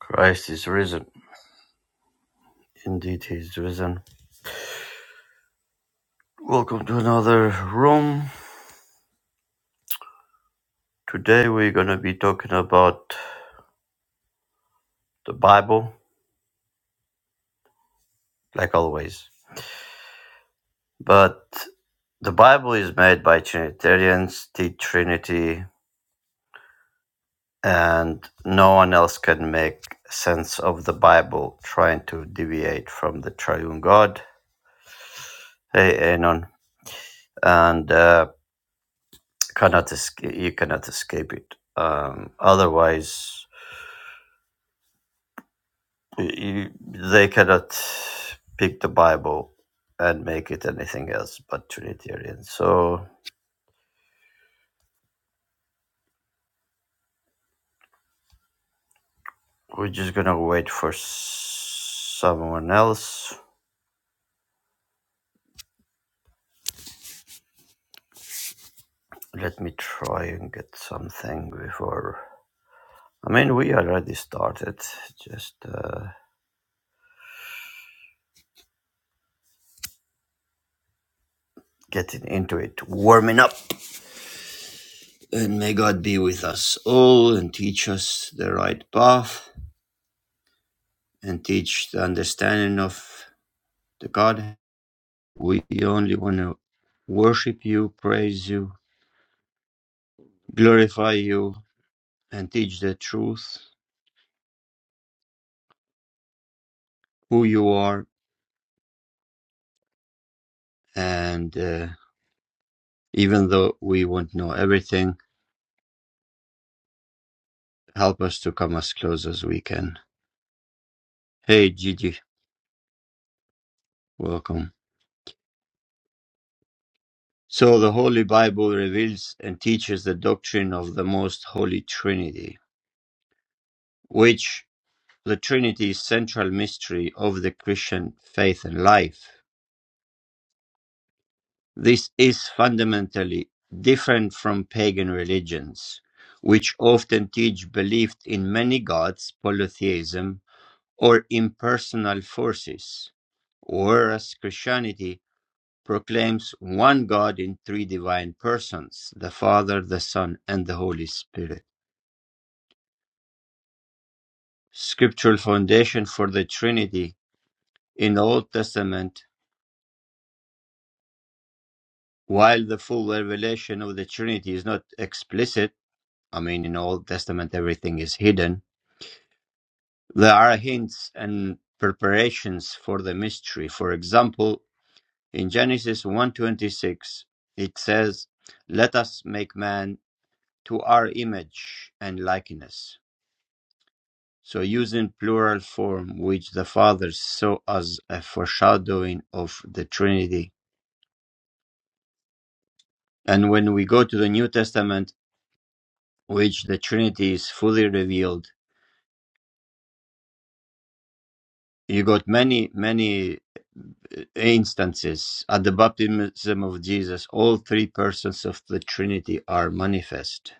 Christ is risen. Indeed, he is risen. Welcome to another room. Today, we're going to be talking about the Bible, like always. But the Bible is made by Trinitarians, the Trinity, and no one else can make sense of the Bible trying to deviate from the triune God. Hey, Anon. And uh, cannot escape, you cannot escape it. Um, otherwise, You, they cannot pick the Bible and make it anything else but Trinitarian. So we're just gonna wait for s- someone else. Let me try and get something before. I mean, we already started, just uh, getting into it, warming up. And may God be with us all and teach us the right path and teach the understanding of the God We only want to worship you, praise you, glorify you, and teach the truth, who you are. And uh, even though we won't know everything, help us to come as close as we can. Hey, Gigi, welcome. So, the Holy Bible reveals and teaches the doctrine of the Most Holy Trinity, which the Trinity is central mystery of the Christian faith and life. This is fundamentally different from pagan religions, which often teach belief in many gods, polytheism, or impersonal forces, whereas Christianity proclaims one God in three divine persons the Father, the Son, and the Holy Spirit. Scriptural foundation for the Trinity in the Old Testament, while the full revelation of the Trinity is not explicit, I mean, in the Old Testament everything is hidden There are hints and preparations for the mystery. For example, in Genesis 1:26, it says, "Let us make man to our image and likeness." So using plural form, which the Father saw as a foreshadowing of the Trinity. And when we go to the New Testament, which the Trinity is fully revealed, you got many, many instances, at the baptism of Jesus, all three persons of the Trinity are manifest.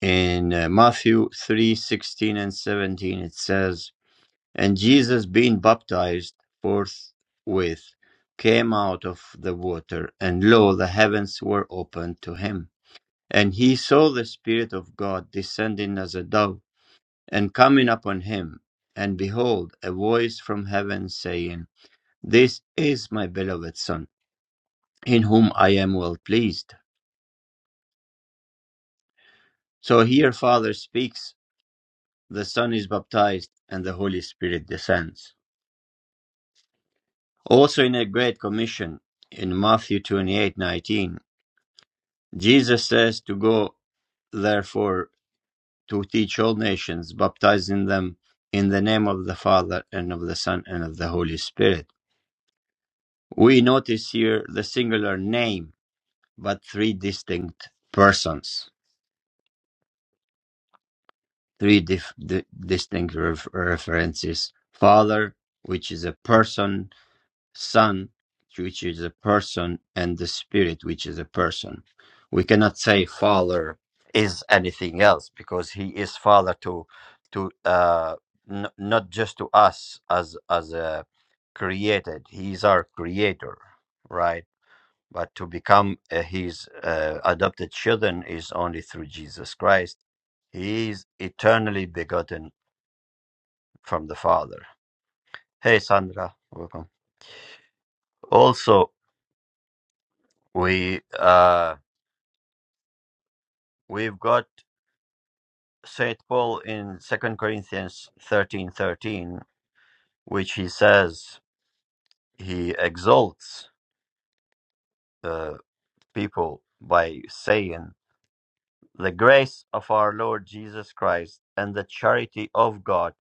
In uh, Matthew three sixteen and 17, it says, And Jesus, being baptized forthwith, came out of the water, and lo, the heavens were opened to him. And he saw the Spirit of God descending as a dove and coming upon him. And behold, a voice from heaven saying, This is my beloved Son in whom I am well pleased. So here Father speaks, the Son is baptized, and the Holy Spirit descends. Also in a great commission in Matthew 28:19, Jesus says to go therefore to teach all nations, baptizing them in the name of the Father and of the Son and of the Holy Spirit. We notice here the singular name, but three distinct persons. three dif- di- distinct ref- references Father, which is a person, Son, which is a person, and the Spirit, which is a person. We cannot say Father is anything else because He is Father to to uh, n- not just to us as as a created. He is our Creator, right? But to become uh, His uh, adopted children is only through Jesus Christ he is eternally begotten from the Father. Hey, Sandra, welcome. Also, we uh, we've got Saint Paul in Second Corinthians thirteen thirteen, which he says he exalts uh, people by saying, "The grace of our Lord Jesus Christ and the charity of God."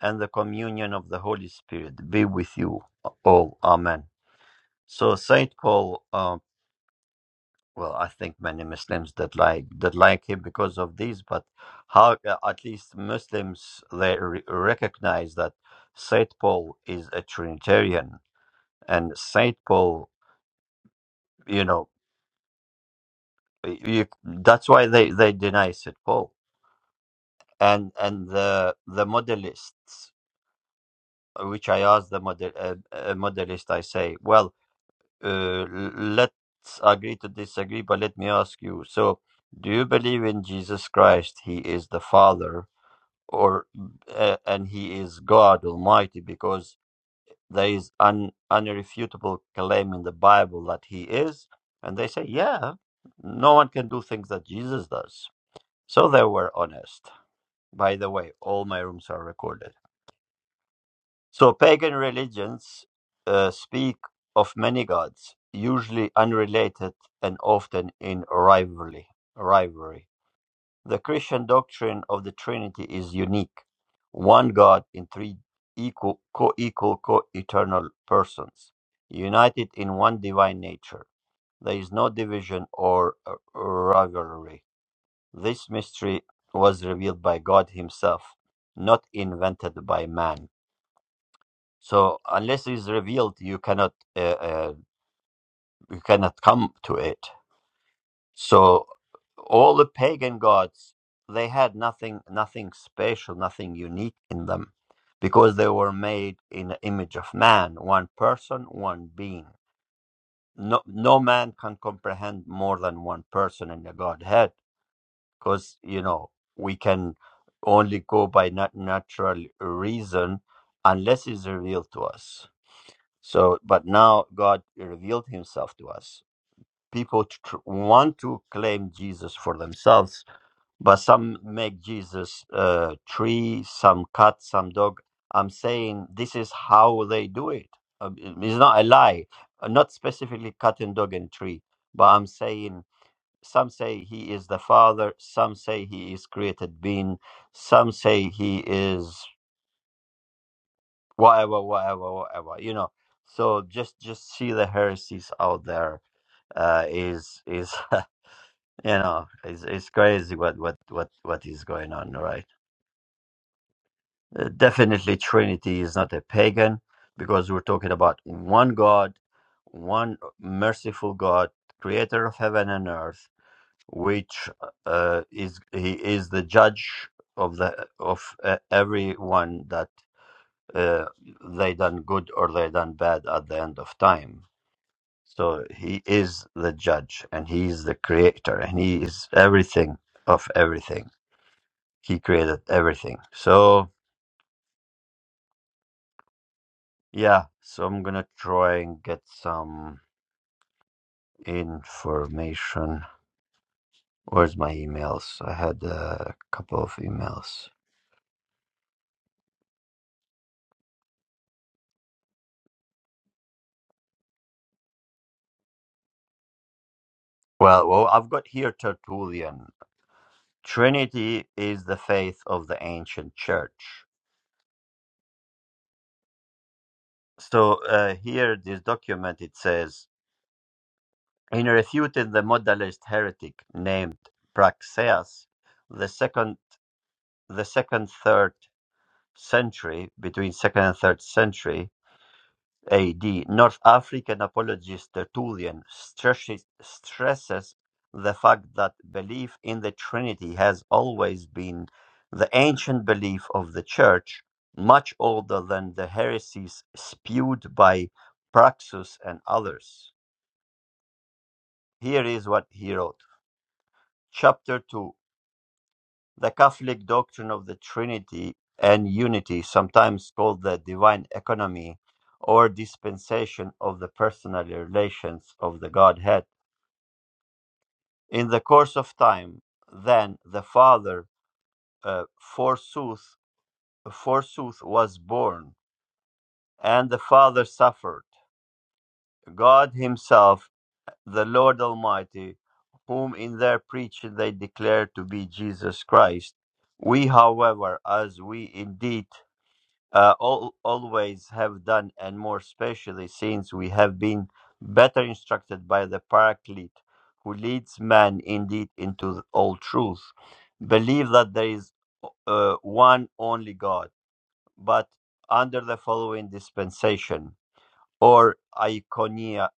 And the communion of the Holy Spirit be with you all. Amen. So Saint Paul um, Well, I think many Muslims that like that like him because of these, but how uh, at least Muslims they re- recognize that Saint Paul is a Trinitarian, and Saint Paul, you know, y- you, that's why they they deny Saint Paul, and and the the modelists, which I asked the model uh, uh, modelist, I say, well, uh, l- let's agree to disagree, but let me ask you, so. Do you believe in Jesus Christ? He is the Father, or uh, and he is God Almighty because there is an unrefutable claim in the Bible that he is, and they say, yeah, no one can do things that Jesus does. So they were honest. By the way, all my rooms are recorded. So pagan religions uh, speak of many gods, usually unrelated and often in rivalry. Rivalry. The Christian doctrine of the Trinity is unique one God in three equal, co equal, co eternal persons, united in one divine nature. There is no division or uh, rivalry. This mystery was revealed by God Himself, not invented by man. So, unless it's revealed, you cannot, uh, uh, you cannot come to it. So all the pagan gods, they had nothing, nothing special, nothing unique in them, because they were made in the image of man, one person, one being. No, no man can comprehend more than one person in the Godhead, because you know we can only go by nat- natural reason unless it's revealed to us. So, but now God revealed Himself to us. People tr- want to claim Jesus for themselves, but some make Jesus uh, tree, some cat, some dog. I'm saying this is how they do it. Um, it- It's not a lie. Uh, Not specifically cat and dog and tree, but I'm saying some say he is the father, some say he is created being, some say he is whatever, whatever, whatever. You know. So just just see the heresies out there. Uh, is is you know is is crazy what what what what is going on right Uh, definitely, Trinity is not a pagan because we're talking about one God, one merciful God, creator of heaven and earth, which uh, is he is the judge of the of uh, everyone that uh, they done good or they done bad at the end of time. So he is the judge and he is the creator and he is everything of everything. He created everything. So Yeah, so I'm gonna try and get some information. Where's my emails? I had a couple of emails. Well, well, I've got here Tertullian. Trinity is the faith of the ancient church. So uh, here, this document it says in refuting the modalist heretic named Praxeas, the second, the second third century between second and third century AD, North African apologist Tertullian stresses, stresses the fact that belief in the Trinity has always been the ancient belief of the Church, much older than the heresies spewed by Praxus and others. Here is what he wrote. Chapter 2 The Catholic doctrine of the Trinity and unity, sometimes called the divine economy or dispensation of the personal relations of the Godhead. In the course of time, then the Father, uh, forsooth, forsooth was born, and the Father suffered. God Himself, the Lord Almighty, whom in their preaching they declare to be Jesus Christ. We, however, as we indeed uh, all, always have done, and more especially since we have been better instructed by the Paraclete, who leads man indeed into the- all truth. Believe that there is uh, one only God, but under the following dispensation or iconia,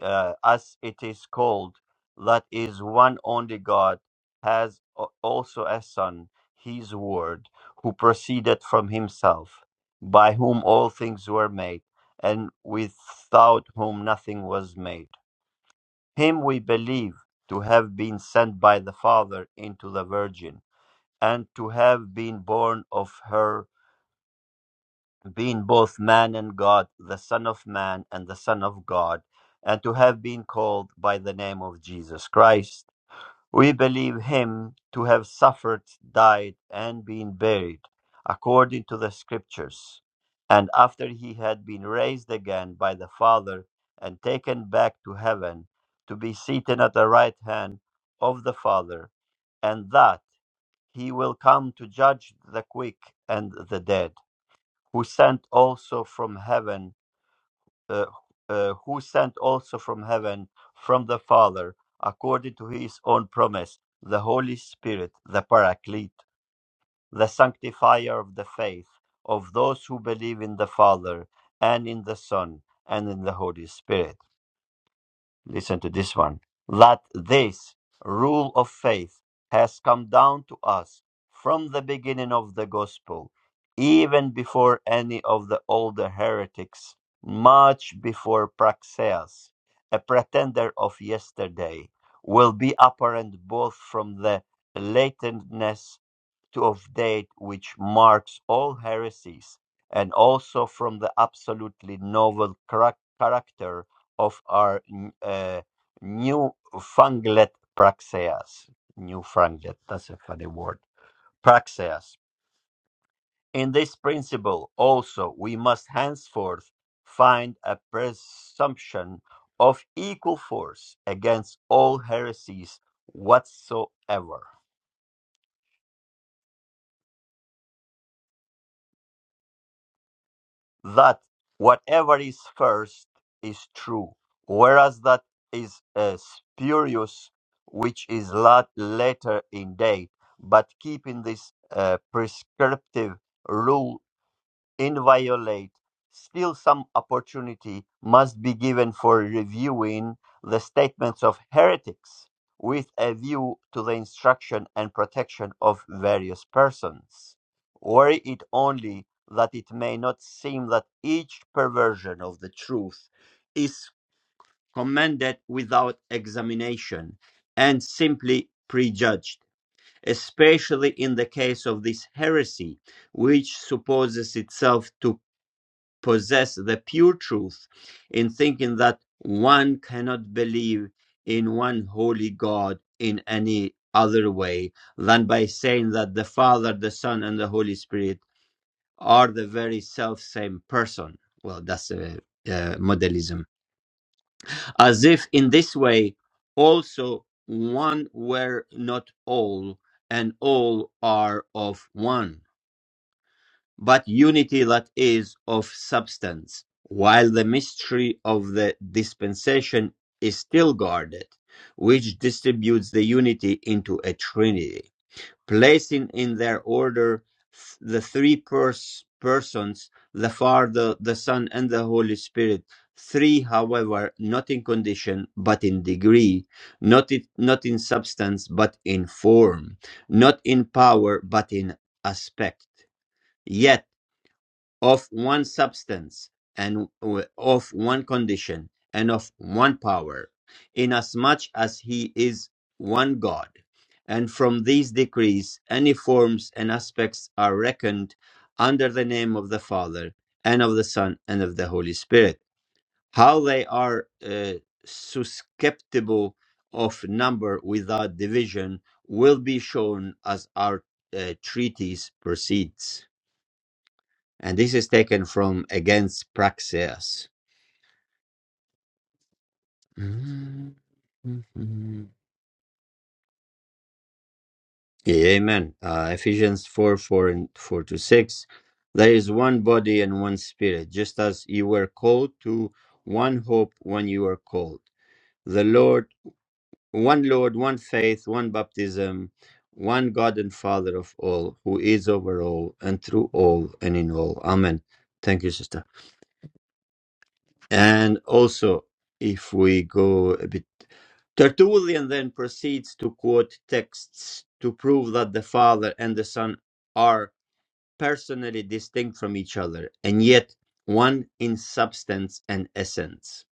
uh, as it is called, that is one only God, has a- also a Son, his Word, who proceeded from himself, by whom all things were made, and without whom nothing was made. Him we believe to have been sent by the Father into the Virgin, and to have been born of her being both man and God, the Son of Man and the Son of God, and to have been called by the name of Jesus Christ. We believe him to have suffered, died, and been buried, according to the Scriptures. And after he had been raised again by the Father and taken back to heaven, to be seated at the right hand of the Father, and that he will come to judge the quick and the dead who sent also from heaven, uh, uh, who sent also from heaven from the Father, according to his own promise, the Holy Spirit, the Paraclete, the sanctifier of the faith of those who believe in the Father and in the Son and in the Holy Spirit Listen to this one. That this rule of faith has come down to us from the beginning of the gospel, even before any of the older heretics, much before Praxeas, a pretender of yesterday, will be apparent both from the lateness to of date which marks all heresies, and also from the absolutely novel charac- character of our n- uh, newfangled praxeas. Newfangled, that's a funny word. Praxeas. In this principle, also, we must henceforth find a presumption of equal force against all heresies whatsoever. that whatever is first is true, whereas that is uh, spurious, which is lot later in date. But keeping this uh, prescriptive rule inviolate, still some opportunity must be given for reviewing the statements of heretics with a view to the instruction and protection of various persons. Were it only that it may not seem that each perversion of the truth is commended without examination and simply prejudged, especially in the case of this heresy, which supposes itself to possess the pure truth in thinking that one cannot believe in one holy God in any other way than by saying that the Father, the Son, and the Holy Spirit are the very self same person. Well, that's uh, uh, modelism. As if in this way, also one were not all, and all are of one but unity that is of substance, while the mystery of the dispensation is still guarded, which distributes the unity into a trinity, placing in their order the three pers- persons, the Father, the Son, and the Holy Spirit. Three, however, not in condition, but in degree, not, it, not in substance, but in form, not in power, but in aspect. Yet of one substance and w- of one condition and of one power, inasmuch as he is one God. And from these decrees, any forms and aspects are reckoned under the name of the Father and of the Son and of the Holy Spirit. How they are uh, susceptible of number without division will be shown as our uh, treatise proceeds. And this is taken from Against Praxeas. Mhm. Amen. Uh, Ephesians 4 4 and 4 to 6. There is one body and one spirit, just as you were called to one hope when you were called. The Lord, one Lord, one faith, one baptism, one God and Father of all, who is over all and through all and in all. Amen. Thank you, sister. And also, if we go a bit Tertullian then proceeds to quote texts to prove that the Father and the Son are personally distinct from each other, and yet one in substance and essence.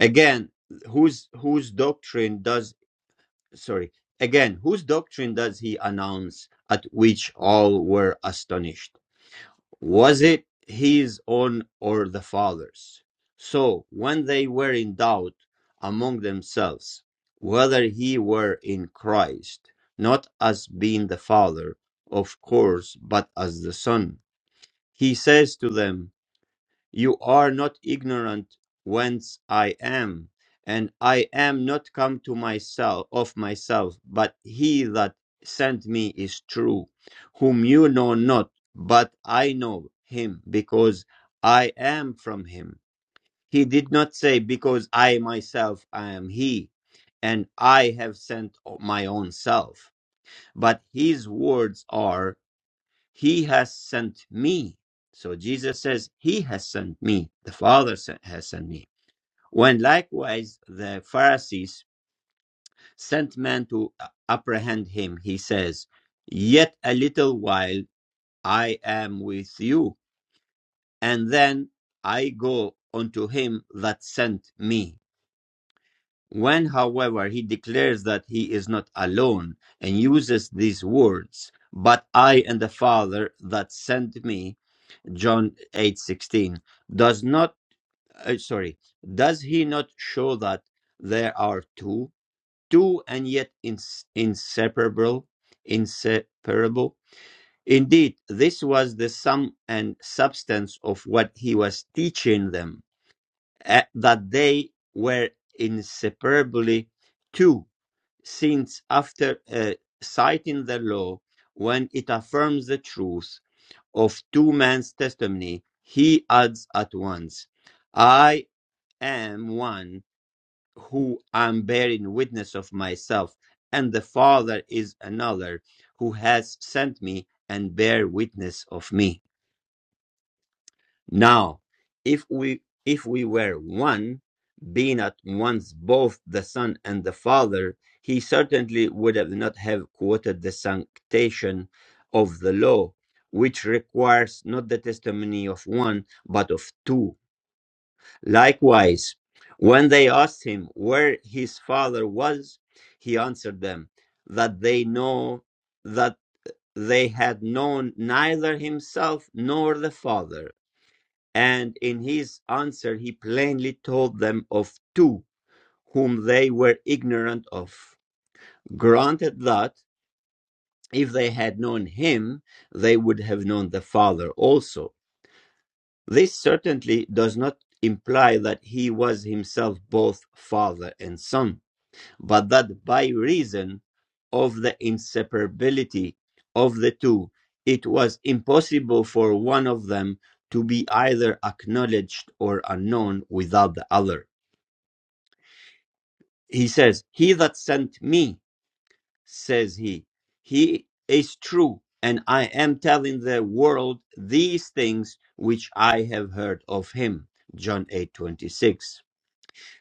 Again, whose whose doctrine does sorry, again, whose doctrine does he announce at which all were astonished? was it his own or the father's? So when they were in doubt among themselves whether he were in Christ, not as being the Father, of course, but as the Son, he says to them, you are not ignorant whence I am, and I am not come to myself of myself, but he that sent me is true, whom you know not, but I know him, because I am from him. He did not say, Because I myself I am he, and I have sent my own self. But his words are he has sent me. So Jesus says, He has sent me. The Father se- has sent me. When likewise the Pharisees sent men to uh, apprehend him, he says, Yet a little while I am with you, and then I go unto him that sent me. When, however, he declares that he is not alone and uses these words, But I and the Father that sent me, John 8:16 does not uh, sorry does he not show that there are two two and yet ins- inseparable inseparable indeed this was the sum and substance of what he was teaching them eh, that they were inseparably two since after uh, citing the law when it affirms the truth of two men's testimony, he adds at once, I am one who am bearing witness of myself, and the Father is another who has sent me and bear witness of me. Now, if we if we were one, being at once both the Son and the Father, he certainly would have not have quoted the sanctation of the law, which requires not the testimony of one, but of two. Likewise, when they asked him where his father was, he answered them that they know that they had known neither himself nor the Father and in his answer, he plainly told them of two whom they were ignorant of. Granted that if they had known him, they would have known the Father also. This certainly does not imply that he was himself both Father and Son. but that by reason of the inseparability of the two, it was impossible for one of them to be either acknowledged or unknown without the other. He says, He that sent me, says he, he is true, and I am telling the world these things which I have heard of him. John eight twenty six.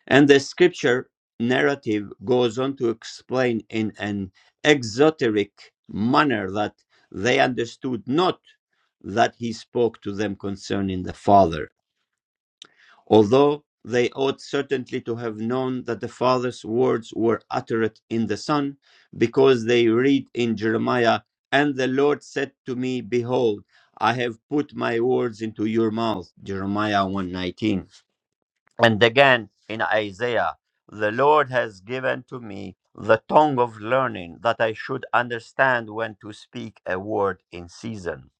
And the scripture narrative goes on to explain in an exoteric manner that they understood not that he spoke to them concerning the Father, although they ought certainly to have known that the Father's words were uttered in the Son, because they read in Jeremiah, And the Lord said to me, Behold, I have put my words into your mouth. Jeremiah one nineteen. And again in Isaiah, the Lord has given to me the tongue of learning that I should understand when to speak a word in season.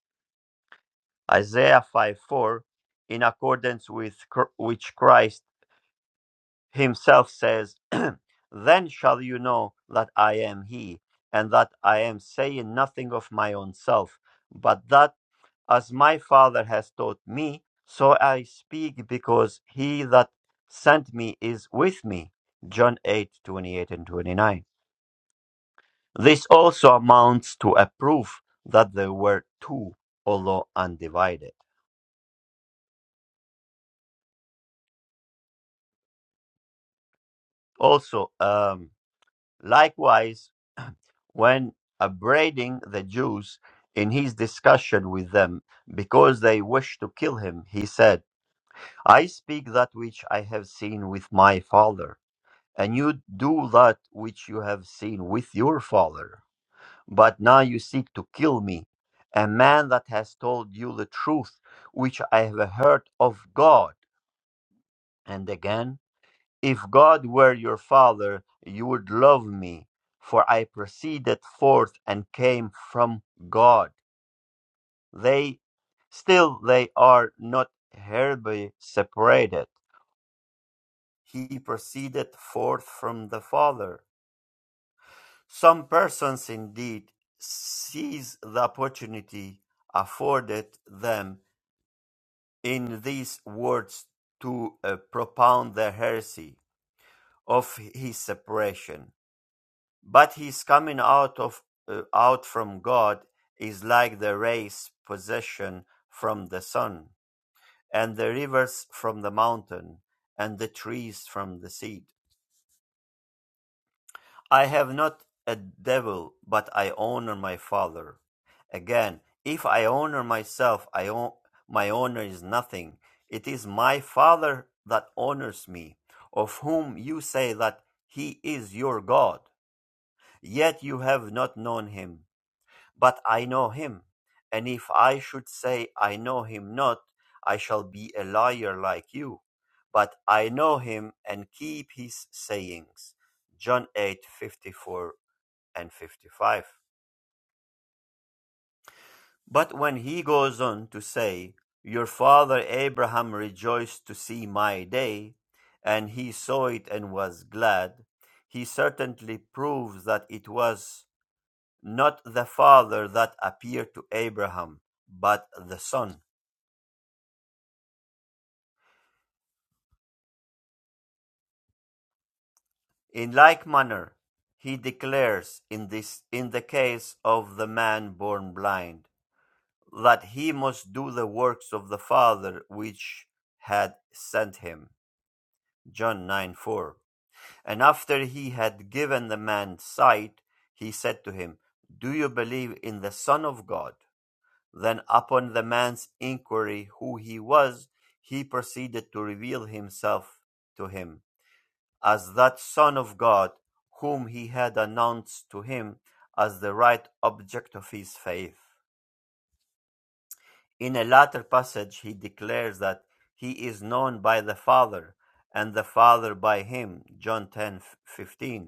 Isaiah 5 4, in accordance with cr- which Christ himself says, Then shall you know that I am He, and that I am saying nothing of my own self, but that as my Father has taught me, so I speak, because he that sent me is with me. John 8 28 and 29. This also amounts to a proof that there were two, although undivided. Also, um, likewise, when upbraiding the Jews in his discussion with them because they wished to kill him, he said, I speak that which I have seen with my father, and you do that which you have seen with your father. But now you seek to kill me, a man that has told you the truth which I have heard of God. And again, if God were your father, you would love me, for I proceeded forth and came from God. They still they are not hereby separated. He proceeded forth from the Father. Some persons indeed seize the opportunity afforded them in these words to uh, propound the heresy of his separation But his coming out of uh, out from God is like the rays possession from the sun, and the rivers from the mountain, and the trees from the seed. I have not a devil, but I honor my Father. Again, if I honor myself, I o- my honor is nothing. It is my Father that honors me, of whom you say that he is your God. Yet you have not known him but I know him. And if I should say, I know him not, I shall be a liar like you. But I know him and keep his sayings. John 8:54 and 55. But when he goes on to say, Your father Abraham rejoiced to see my day, and he saw it and was glad, he certainly proves that it was not the Father that appeared to Abraham, but the Son. In like manner, he declares in this in the case of the man born blind that he must do the works of the Father which had sent him. John 9 4. And after he had given the man sight, he said to him, Do you believe in the Son of God? Then upon the man's inquiry who he was, he proceeded to reveal himself to him as that Son of God whom he had announced to him as the right object of his faith. In a later passage, he declares that he is known by the Father and the Father by him, John 10 15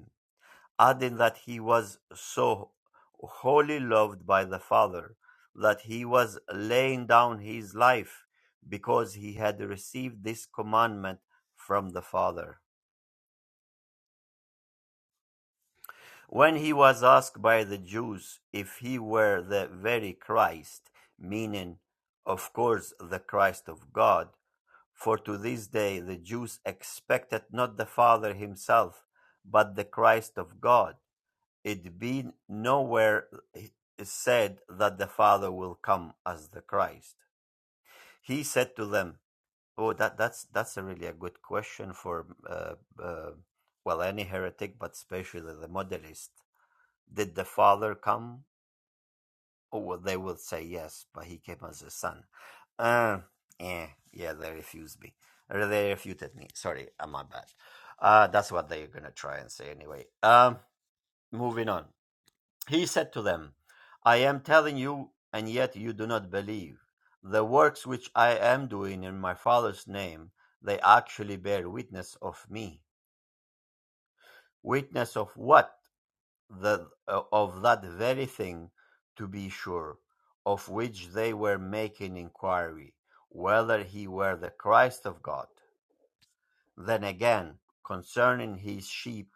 adding that he was so wholly loved by the Father that he was laying down his life because he had received this commandment from the Father. When he was asked by the Jews if he were the very Christ, meaning, of course, the Christ of God, for to this day the Jews expected not the Father himself, but the Christ of God. It be nowhere said that the Father will come as the Christ. He said to them, "Oh, that that's that's a really a good question for uh, uh, well any heretic, but especially the modalist. Did the Father come? Oh, well, they will say yes, but he came as a son. Uh, yeah, yeah, they refused me. They refuted me. Sorry, uh, my bad. Uh, that's what they're gonna try and say anyway. Um, moving on. He said to them, I am telling you, and yet you do not believe. The works which I am doing in my Father's name, they actually bear witness of me. Witness of what? The, uh, of that very thing, to be sure, of which they were making inquiry, whether he were the Christ of God. Then again, concerning his sheep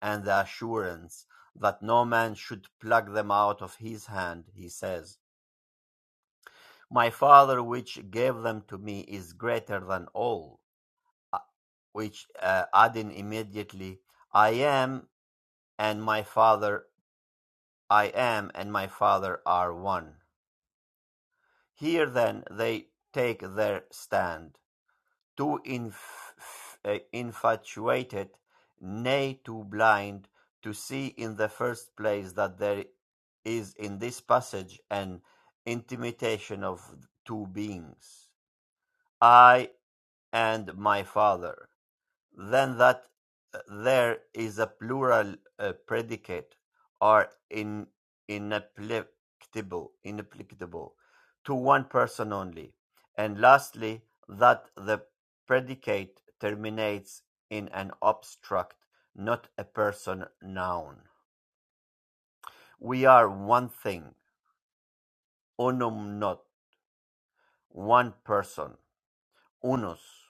and the assurance that no man should pluck them out of his hand, he says, My Father which gave them to me is greater than all, uh, which uh, adding immediately, I am and my Father, I am and my Father are one. Here then they take their stand, too inf- uh, infatuated, nay, too blind, to see in the first place that there is in this passage an intimation of two beings. I and my father, then that uh, there is a plural uh, predicate are in, inapplicable, inapplicable to one person only. And lastly, that the predicate terminates in an obstruct, not a person noun. We are one thing, unum not, one person, unus.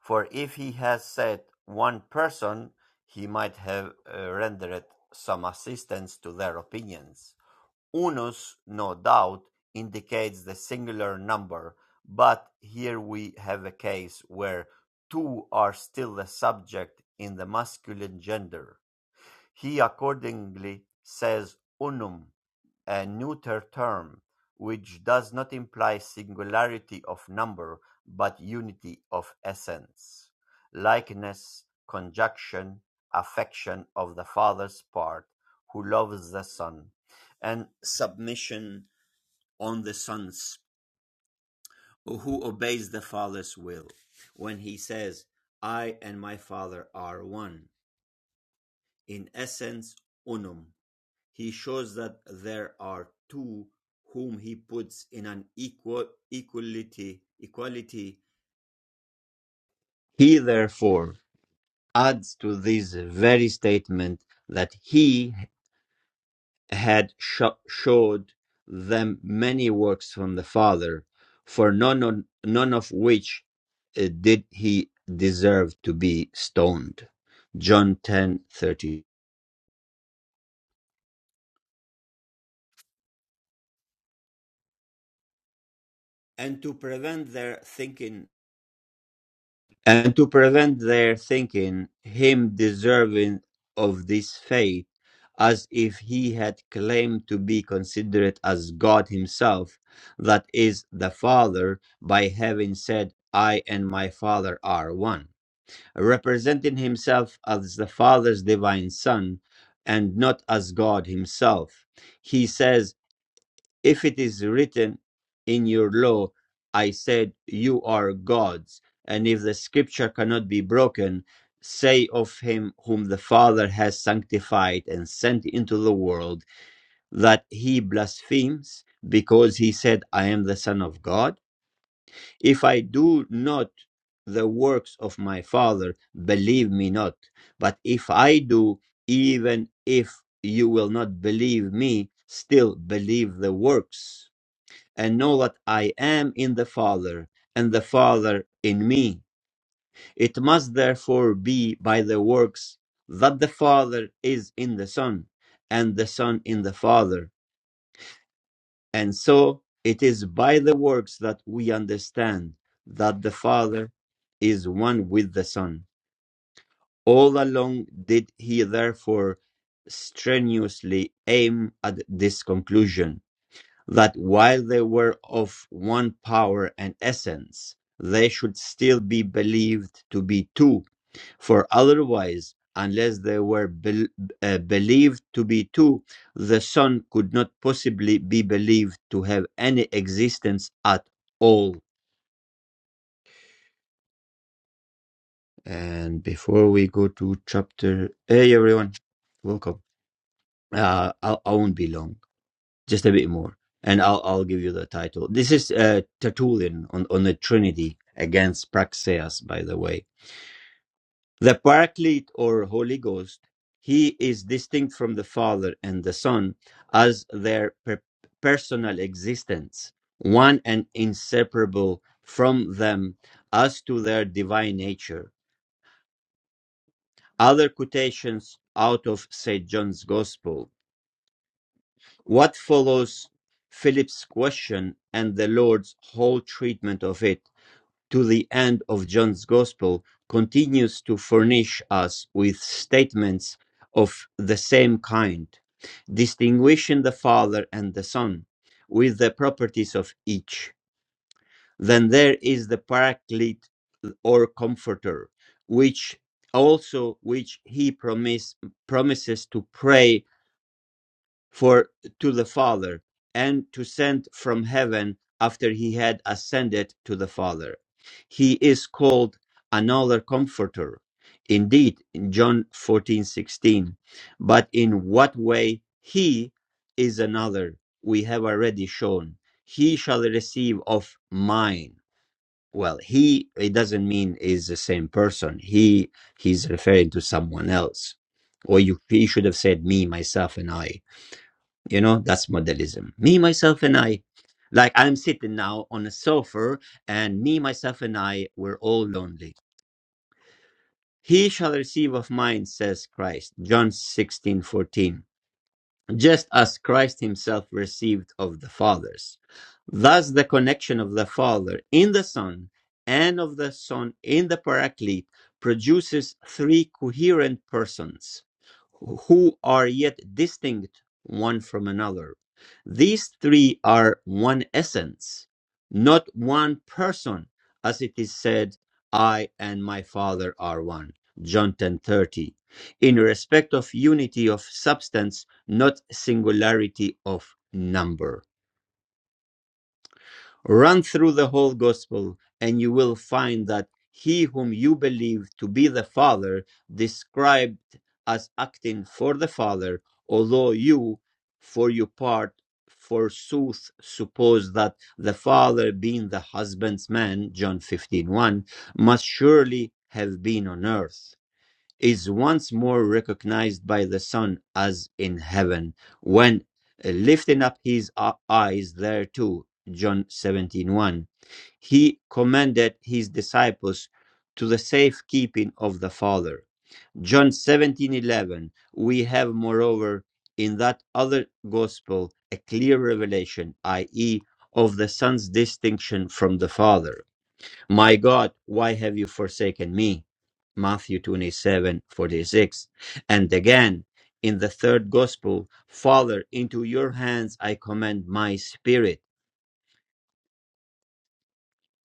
For if he has said one person, he might have uh, rendered some assistance to their opinions. Unus, no doubt, indicates the singular number, but here we have a case where two are still the subject in the masculine gender. He accordingly says unum a neuter term, which does not imply singularity of number but unity of essence, likeness, conjunction, affection of the Father's part, who loves the Son, and submission on the Son's, who obeys the Father's will. When he says, I and my Father are one, in essence, unum He shows that there are two whom he puts in an equal equality. equality. He therefore adds to this very statement that he had sho- showed them many works from the Father, for none of, none of which uh, did he deserve to be stoned. John ten thirty. And to prevent their thinking and to prevent their thinking him deserving of this fate, as if he had claimed to be considered as God himself, that is, the Father, by having said, I and my Father are one, representing himself as the Father's divine Son and not as God himself. He says, if it is written in your law, I said, You are gods, and if the scripture cannot be broken, say of him whom the Father has sanctified and sent into the world that he blasphemes, because he said, I am the Son of God. If I do not the works of my Father, believe me not. But if I do, even if you will not believe me, still believe the works and know that I am in the Father, and the Father in me. It must therefore be by the works that the Father is in the Son, and the Son in the Father. And so it is by the works that we understand that the Father is one with the Son. All along did he therefore strenuously aim at this conclusion that while they were of one power and essence, they should still be believed to be two, for otherwise, unless they were bel uh, believed to be two, the Son could not possibly be believed to have any existence at all. And before we go to chapter, hey everyone, welcome. Uh, I, I won't be long just a bit more and i'll i'll give you the title this is uh, tertullian on, on the trinity against praxeas by the way the paraclete or holy ghost he is distinct from the father and the son as their per- personal existence one and inseparable from them as to their divine nature other quotations out of st john's gospel What follows Philip's question and the Lord's whole treatment of it to the end of John's Gospel continues to furnish us with statements of the same kind, distinguishing the Father and the Son with the properties of each. Then there is the Paraclete or Comforter, which also which he promise, promises to pray for to the Father, and to send from heaven after he had ascended to the Father. He is called another comforter. Indeed, in John fourteen sixteen. But in what way he is another, we have already shown. He shall receive of mine. Well, he it doesn't mean is the same person. He he's referring to someone else. Or you he should have said me, myself, and I you know, that's modelism. Me, myself, and I. Like I'm sitting now on a sofa, and me, myself, and I, we're all lonely. He shall receive of mine, says Christ. John 16 14 just as Christ himself received of the fathers. Thus, the connection of the Father in the Son and of the Son in the Paraclete produces three coherent persons who are yet distinct one from another. These three are one essence, not one person, as it is said, I and my Father are one. John 10:30. In respect of unity of substance, not singularity of number. Run through the whole gospel, and you will find that he whom you believe to be the Father described as acting for the Father, although you, for your part, forsooth suppose that the Father, being the husbandman, John 15 one, must surely have been on earth is once more recognized by the Son as in heaven, when uh, lifting up his uh, eyes there too, John 17 one, he commanded his disciples to the safekeeping of the Father. John 17:11. we have, moreover, in that other gospel, a clear revelation, i.e., of the Son's distinction from the Father my God, why have you forsaken me? Matthew 27 46, And again, in the third gospel, Father, into your hands I commend my spirit.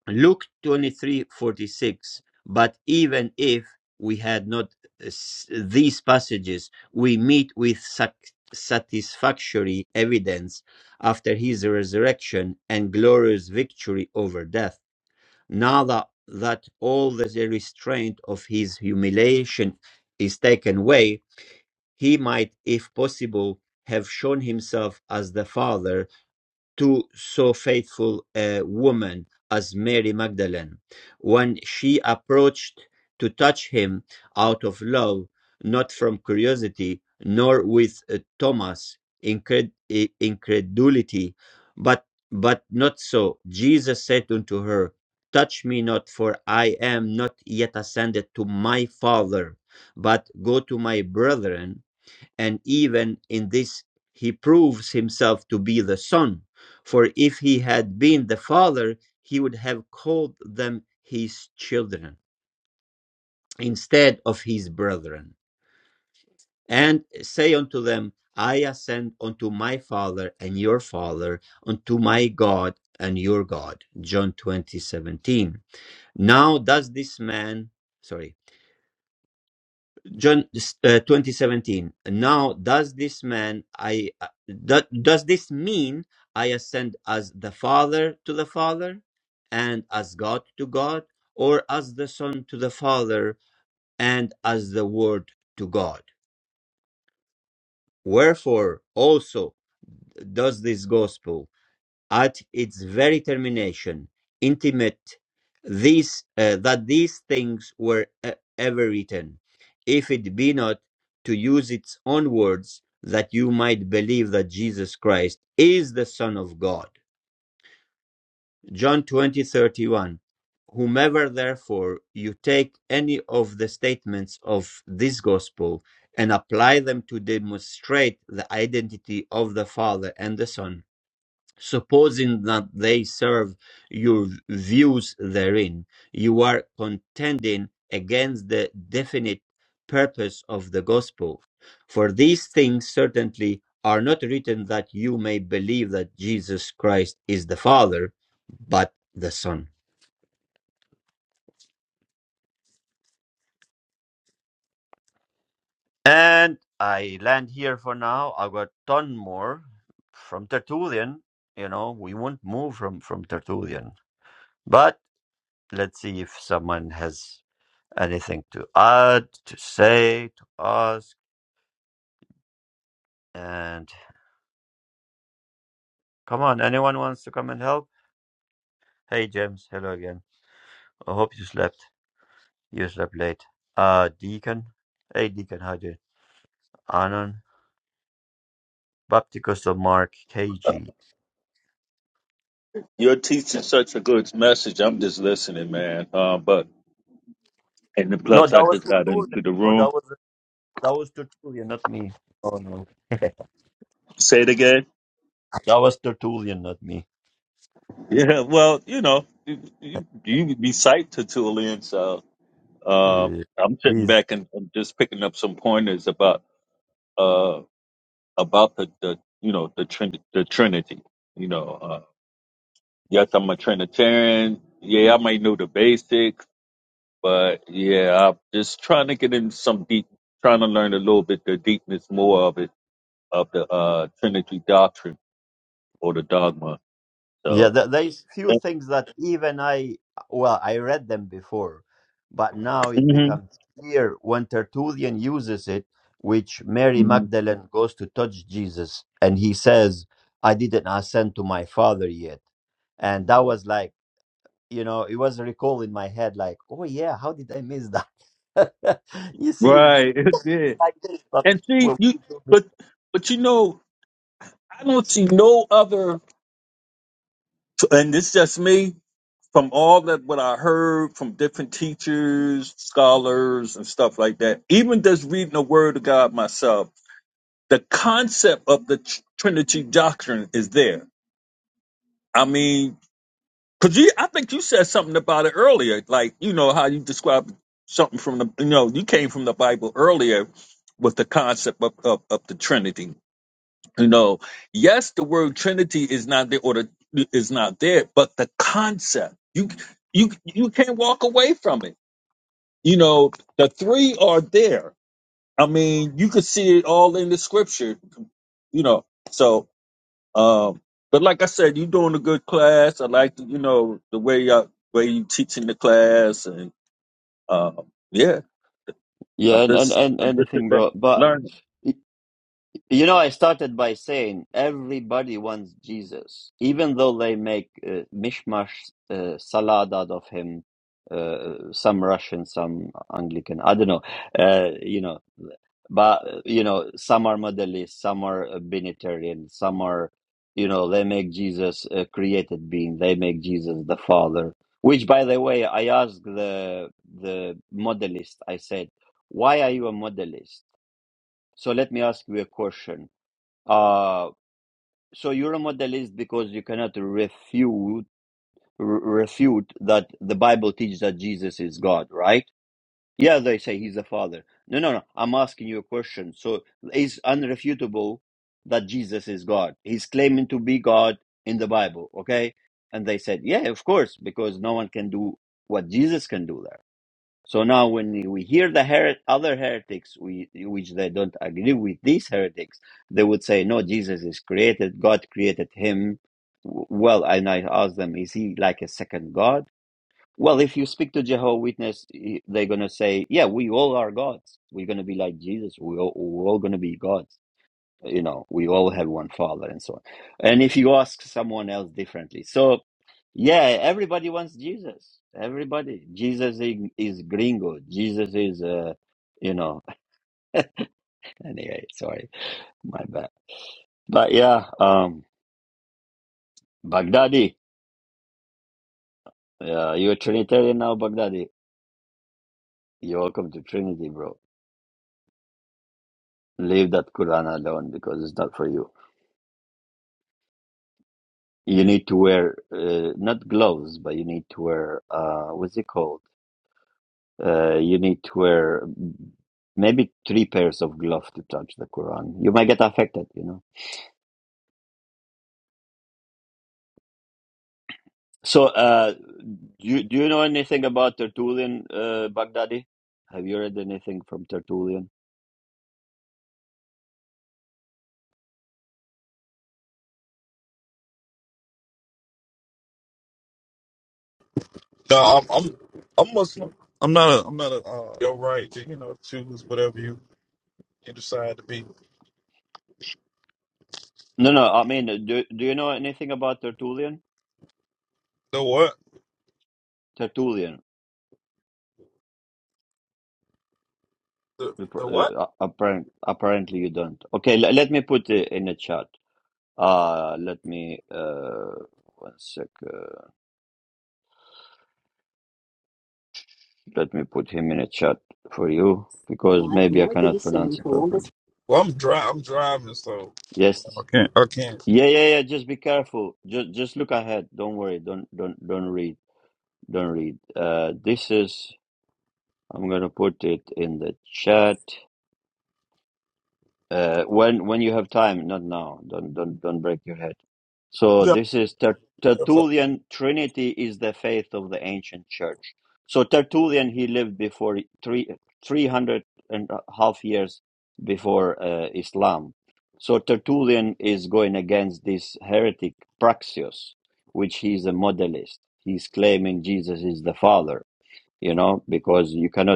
Luke 23 46. But even if we had not uh, s- these passages, we meet with sac- satisfactory evidence after his resurrection and glorious victory over death. now that, that all the the restraint of his humiliation is taken away, he might, if possible, have shown himself as the father to so faithful a woman as Mary Magdalene when she approached to touch him out of love, not from curiosity, nor with uh, Thomas incred- i- incredulity, but but not so. Jesus said unto her, Touch me not, for I am not yet ascended to my Father, but go to my brethren and even in this he proves himself to be the son for if he had been the father he would have called them his children instead of his brethren and say unto them i ascend unto my father and your father unto my god and your god john 20 17. now does this man sorry John uh, 2017. Now, does this man, I, uh, that, does this mean I ascend as the Father to the Father and as God to God or as the Son to the Father and as the Word to God? Wherefore also does this gospel? at its very termination, intimate these, uh, that these things were e- ever written, if it be not, to use its own words, that you might believe that Jesus Christ is the Son of God. John twenty thirty one. Whomever therefore you take any of the statements of this gospel and apply them to demonstrate the identity of the Father and the Son, supposing that they serve your views therein, you are contending against the definite purpose of the gospel. For these things certainly are not written that you may believe that Jesus Christ is the Father, but the Son. And I land here for now. I got a ton more from Tertullian. You know, we won't move from from Tertullian, but let's see if someone has Anything to add, to say, to ask? And come on, anyone wants to come and help? Hey, James. Hello again. I hope you slept. You slept late. Uh, Deacon. Hey, Deacon. How do you? Anon. Bapticus of Mark KG. You're teaching such a good message. I'm just listening, man. Uh, but and then No, plus, that I was just got Tertullian. into the No, that room. was that was Tertullian, not me. Oh no, that Say it again. was Tertullian, not me. Yeah. Well, you know, you, you, you recite Tertullian, so uh, Uh, I'm sitting he's back and I'm just picking up some pointers about uh about the, the you know the trin- the Trinity. You know, uh, yes, I'm a Trinitarian. Yeah, I might know the basics, but yeah, I'm just trying to get in some deep, trying to learn a little bit the deepness more of it of the uh, Trinity doctrine or the dogma. Yeah, So, there, there's few things that even I, well, I read them before, but now it hmm becomes clear when Tertullian uses it, which Mary hmm Magdalene goes to touch Jesus, and he says, I didn't ascend to my Father yet. And that was like, you know, it was a recall in my head, like, oh yeah, how did I miss that? you see, it's right, it did. like this, but And see, well, you, but but you know, I don't see no other, and it's just me from all that what I heard from different teachers, scholars, and stuff like that. Even just reading the Word of God myself, the concept of the tr- Trinity doctrine is there. I mean, Cause you, I think you said something about it earlier, like you know how you described something from the, you know, you came from the Bible earlier with the concept of, of, of the Trinity. You know, yes, the word Trinity is not there, or the, is not there, but the concept you you you can't walk away from it. You know, the three are there. I mean, you could see it all in the Scripture. You know, so um, but like I said, you doing a good class. I like the, you know the way you way you teaching the class, and um, yeah, Yeah, I'm and and, just and I'm just sitting anything, back bro. But learning. You know, I started by saying everybody wants Jesus, even though they make uh, mishmash uh, salad out of him. Uh, some Russian, some Anglican. I don't know. Uh, you know, but uh, you know, some are modelists, some are uh, Binitarian, some are, you know, they make Jesus a created being. They make Jesus the Father. Which, by the way, I asked the the modelist. I said, "Why are you a modelist?" So let me ask you a question uh, so you're a modalist because you cannot refute re- refute that the Bible teaches that Jesus is God, right? Yeah, they say he's the Father. No, no, no. I'm asking you a question. So it's unrefutable that Jesus is God. He's claiming to be God in the Bible, okay? And they said, yeah, of course, because no one can do what Jesus can do there. So now, when we hear the her- other heretics, we, which they don't agree with these heretics, they would say, "No, Jesus is created. God created him." W- Well, and I ask them, "Is he like a second God?" Well, if you speak to Jehovah Witness, eh, they're gonna say, "Yeah, we all are gods. We're gonna be like Jesus. We all, we're all gonna be gods." you know we all have one father and so on and if you ask someone else differently so yeah everybody wants jesus everybody jesus is gringo jesus is uh you know anyway sorry my bad but yeah um baghdadi uh, you're trinitarian now baghdadi you're welcome to trinity bro leave that quran alone because it's not for you you need to wear uh, not gloves but you need to wear uh what's it called Uh, you need to wear maybe three pairs of gloves to touch the Quran. You might get affected, you know. So, uh, do you, do you know anything about Tertullian, uh, Baghdadi? Have you read anything from Tertullian? No, I'm I'm I'm Muslim. I'm not a I'm not a uh, your right to you know choose whatever you, you decide to be. No, no. I mean, do do you know anything about Tertullian? The what? Tertullian. The the what? Appar- uh, Apparent, apparently, you don't. Okay, l- let me put it in the chat. Uh, let me. Uh, one sec. uh, Let me put him in a chat for you because Drive maybe I cannot northeast on pronounce it Columbus. properly. Well, I'm dri I'm driving, so Yes. I can't. I can't. Yeah, yeah, yeah. Just be careful. Just, just look ahead. Don't worry. Don't, don't, don't read. Don't read. Uh, this is. I'm gonna put it in the chat. uh, when when you have time, not now. Don't don't don't break your head. So Yeah. I'm this is Ter- here for- Tertullian. Trinity is the faith of the ancient church. So Tertullian he lived before three three hundred and a half years before uh, Islam. So Tertullian is going against this heretic Praxius, which he is a modelist. He's claiming Jesus is the Father. You know because you cannot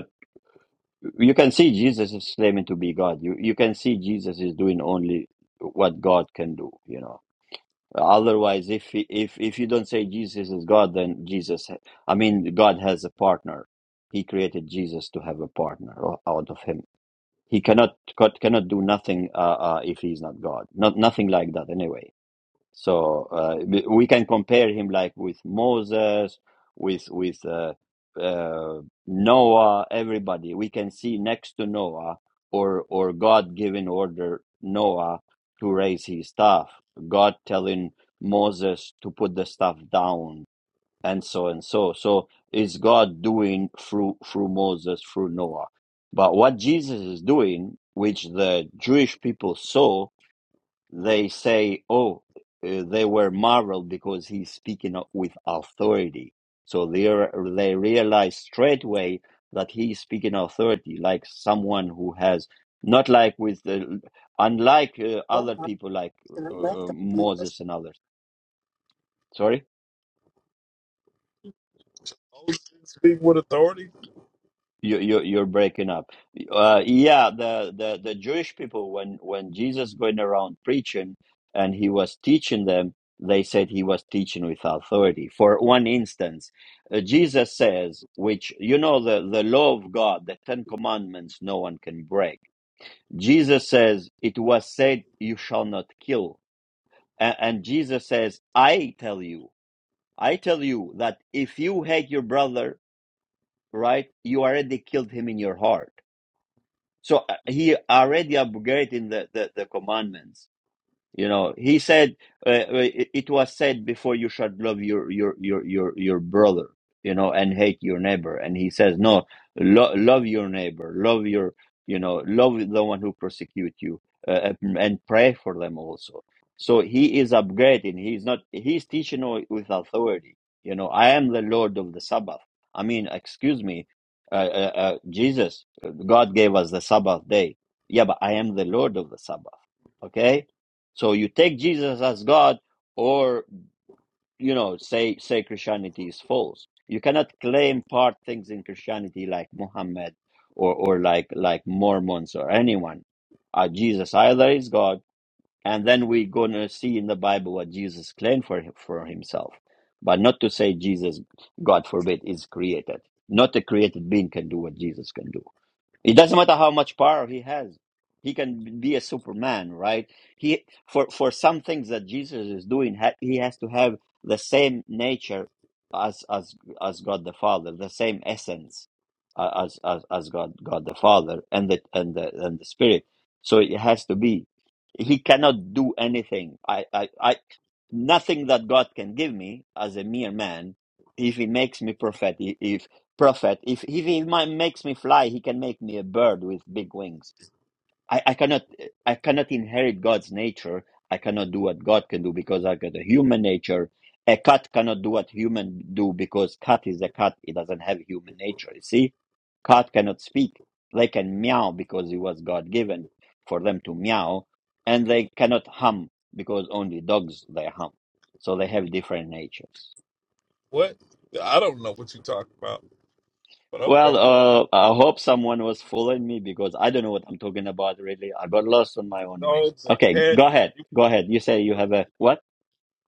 you can see Jesus is claiming to be God. You you can see Jesus is doing only what God can do. You know. Otherwise, if he, if if you don't say Jesus is God, then Jesus, I mean, God has a partner. He created Jesus to have a partner o- out of him. He cannot God cannot do nothing uh, uh, if he's not God. Not nothing like that anyway. So uh, we we can compare him like with Moses, with with uh, uh, Noah, everybody. We can see next to Noah or or God giving order Noah to raise his staff. God telling Moses to put the staff down and so and so. So is God doing through through Moses through Noah? But what Jesus is doing, which the Jewish people saw, they say, oh, uh, they were marveled because he's speaking with authority. So they are, they realize straightway that he's speaking authority, like someone who has not like with the unlike uh, One other mile people like to uh, uh, left on Columbus. Moses and others. Sorry. Oh, you Speak with authority. You you you're breaking up. Uh, yeah, the, the the Jewish people when when Jesus going around preaching and he was teaching them, they said he was teaching with authority. For one instance, uh, Jesus says, which you know the the law of God, the Ten Commandments, no one can break. Jesus says, "It was said, you shall not kill," and, and Jesus says, "I tell you, I tell you that if you hate your brother, right, you already killed him in your heart." So uh, he already abrogating the, the, the commandments. You know, he said uh, uh, it it was said before you should love your your your your your brother, you know, and hate your neighbor. And he says no, lo- love your neighbor, love your you know, love the one who persecute you, uh, and pray for them also. So he is upgrading. He's not. He's teaching wi- with authority. You know, I am the Lord of the Sabbath. I mean, excuse me, uh, uh, uh, Jesus, uh, God gave us the Sabbath day. Yeah, but I am the Lord of the Sabbath. Okay so you take Jesus as God, or you know, say say Christianity is false. You cannot claim part things in Christianity like Muhammad or or like like Mormons or anyone. Uh, Jesus either is God, and then we're gonna see in the Bible what Jesus claimed for him, for himself, but not to say Jesus, God forbid, is created. Not a created being can do what Jesus can do. It doesn't matter how much power he has. He can be a superman, right? He for for some things that Jesus is doing, ha, he has to have the same nature as as as God the Father, the same essence uh, as as as God God the Father and the and the and the Spirit. So it has to be. He cannot do anything. I I, I nothing that God can give me as a mere man, if He makes me prophet, if prophet, if, if He mi- makes me fly, He can make me a bird with big wings. I, I cannot I cannot inherit God's nature. I cannot do what God can do because I got a human nature. A cat cannot do what human do because cat is a cat. It doesn't have human nature. You see, cat cannot speak. They can meow because it was God given for them to meow, and they cannot hum because only dogs they hum. So they have different natures. What? I don't know what you talking about, but okay. Well, uh, I hope someone was following me because I don't know what I'm talking about really. I got lost on my own way. Dogs and Okay, cats. go ahead. You, Go ahead. You say you have a what?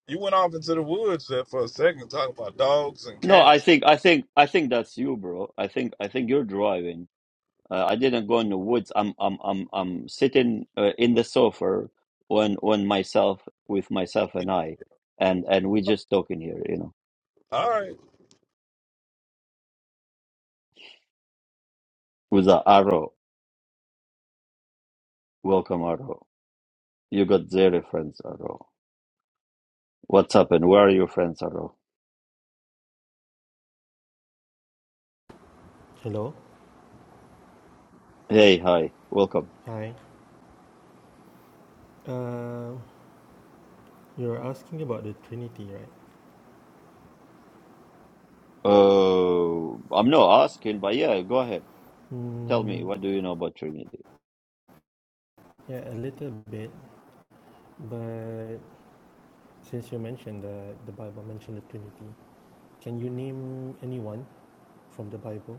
you went off into the woods there for a second talking about dogs and No, I cats. think I think I think that's you, bro. I think I think you're driving. Uh, I didn't go in the woods. I'm I'm I'm I'm sitting uh, in the sofa on on myself with myself and I, and and we just talking here, you know, All right. with the arrow. Welcome, arrow. You got zero friends, arrow. What's happened? Where are your friends, arrow? Hello. Hey, hi, welcome. Hi. Uh, you're asking about the Trinity, right? Uh, I'm not asking, but yeah, go ahead. Tell me, Mm, what do you know about Trinity? yeah, a little bit. But since you mentioned that the Bible mentioned the Trinity, can you name anyone from the Bible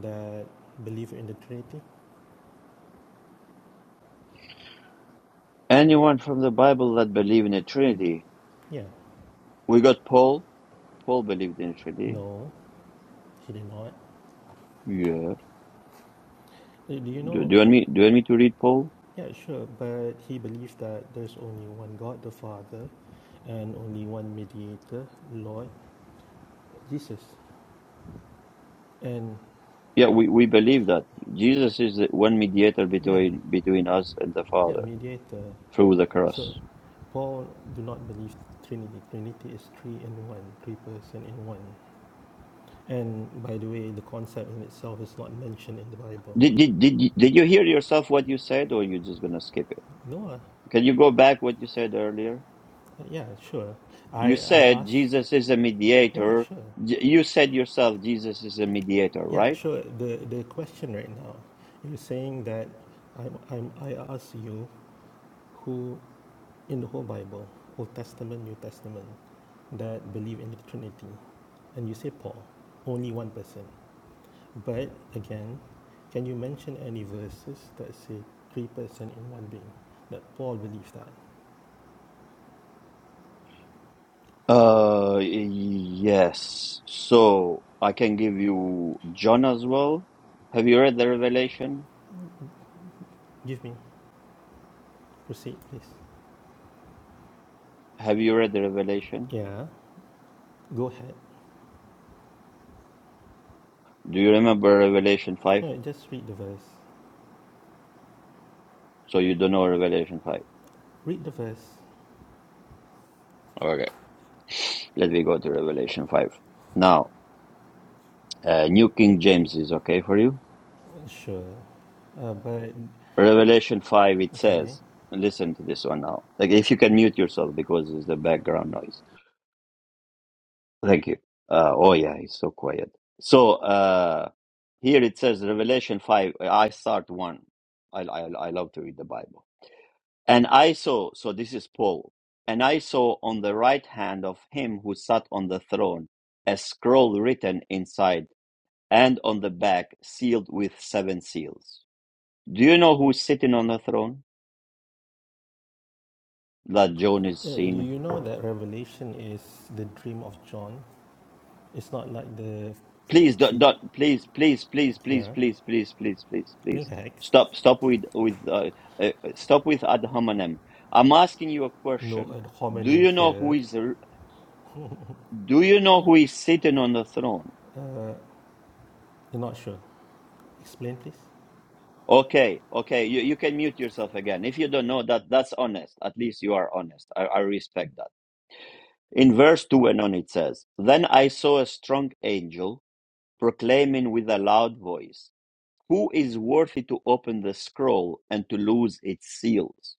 that believe in the Trinity? Anyone from the Bible that believe in a Trinity? Yeah. We got Paul. Paul believed in a Trinity. No, he did not. Yeah. Uh, Do you Do, do know? you want me? Do you want me to read Paul? Yeah, sure. But he believes that there's only one God, the Father, and only one mediator, Lord Jesus. And Yeah, we, we believe that Jesus is the one mediator yeah, between between us and the yeah, Father mediator. through the So cross. Paul do not believe Trinity. Trinity is three in one, three person in one. And by the way, the concept in itself is not mentioned in the Bible. Did did did you, did you hear yourself what you said, or you just gonna skip it? No, ah, Can you go back what you said earlier? yeah, sure. You I I said asked, Jesus is a yeah, mediator. sure, J- You said yourself Jesus is a mediator, yeah, right? sure. The the question right now, you're saying that I'm, I'm I ask you who in the whole Bible, Old Testament, New Testament, that believe in the Trinity, and you say Paul, only one person. But again, can you mention any verses that say three persons in one being? That Paul believed that. Uh, yes. So I can give you John as well. Have you read the Revelation? Give me. Proceed, please. Have you read the Revelation? Yeah. Go ahead. Do you remember Revelation 5? No, just read the verse. So you don't know Revelation 5. Read the verse. Okay. Let me go to Revelation 5. Now, uh, New King James is okay for you? Sure. Uh, but Revelation 5, it okay. says, listen to this one now. Like, if you can mute yourself because it's the background noise. Thank you. Uh, oh, yeah, it's so quiet. So, uh, here it says, Revelation 5, I start one. I, I, I love to read the Bible. And I saw, so this is Paul, and I saw on the right hand of him who sat on the throne a scroll written inside and on the back sealed with seven seals. Do you know who's sitting on the throne that John is Uh, do seeing you know that Revelation is the dream of John? It's not like the please dot feet. dot please please please please Yeah. please please please please please Relax. stop stop with with uh, uh, stop with ad hominem i'm asking you a No question ad do homonym you know who here. is r- do you know who is sitting on the throne Uh, you're not sure. Explain, please. okay okay you, you can mute yourself again if you don't know that that's honest at least you are honest i, I respect that in verse 2 and on it says then i saw a strong angel proclaiming with a loud voice Who is worthy to open the scroll and to loose its seals?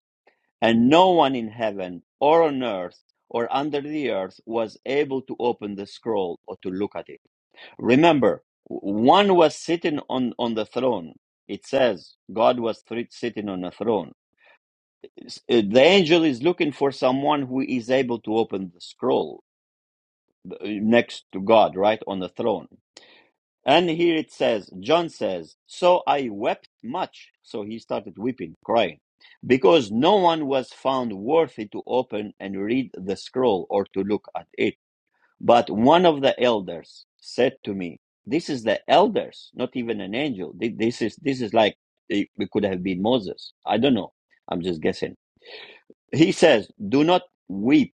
And no one in heaven or on earth or under the earth was able to open the scroll or to look at it. Remember, one was sitting on, on the throne. It says God was thr- sitting on a throne. S- uh, The angel is looking for someone who is able to open the scroll uh, next to God, right, on the throne. And here it says, John says, So I wept much. So he started weeping, crying, because no one was found worthy to open and read the scroll or to look at it. But one of the elders said to me, This is the elders, not even an angel. This is, this is like, eh, it could have been Moses. I don't know. I'm just guessing. He says, Do not weep.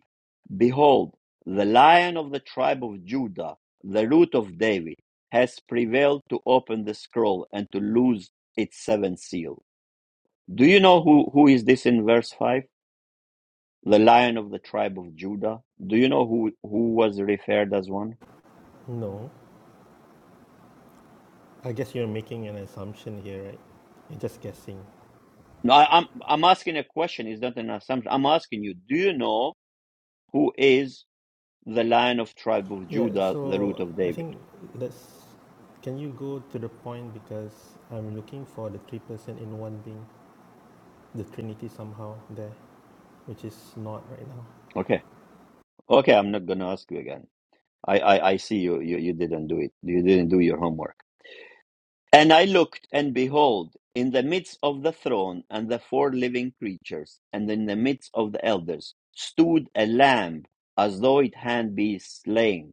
Behold, the lion of the tribe of Judah, the root of David, has prevailed to open the scroll and to loose its seventh seal. Do you know who, who is this in verse 5? The lion of the tribe of Judah. Do you know who, who was referred as one? No. I guess you're making an assumption here, right? You're just guessing. No, I, I'm, I'm asking a question. It's not an assumption. I'm asking you, do you know who is the lion of tribe of Yeah, Judah, the root so of I David? think let's. Can you go to the point because I'm looking for the three person in one being, the Trinity somehow there, which is not right now. Okay. Okay, I'm not going to ask you again. I, I, I see you, you. You didn't do it. You didn't do your homework. And I looked, and behold, in the midst of the throne and the four living creatures, and in the midst of the elders, stood a lamb as though it had been slain,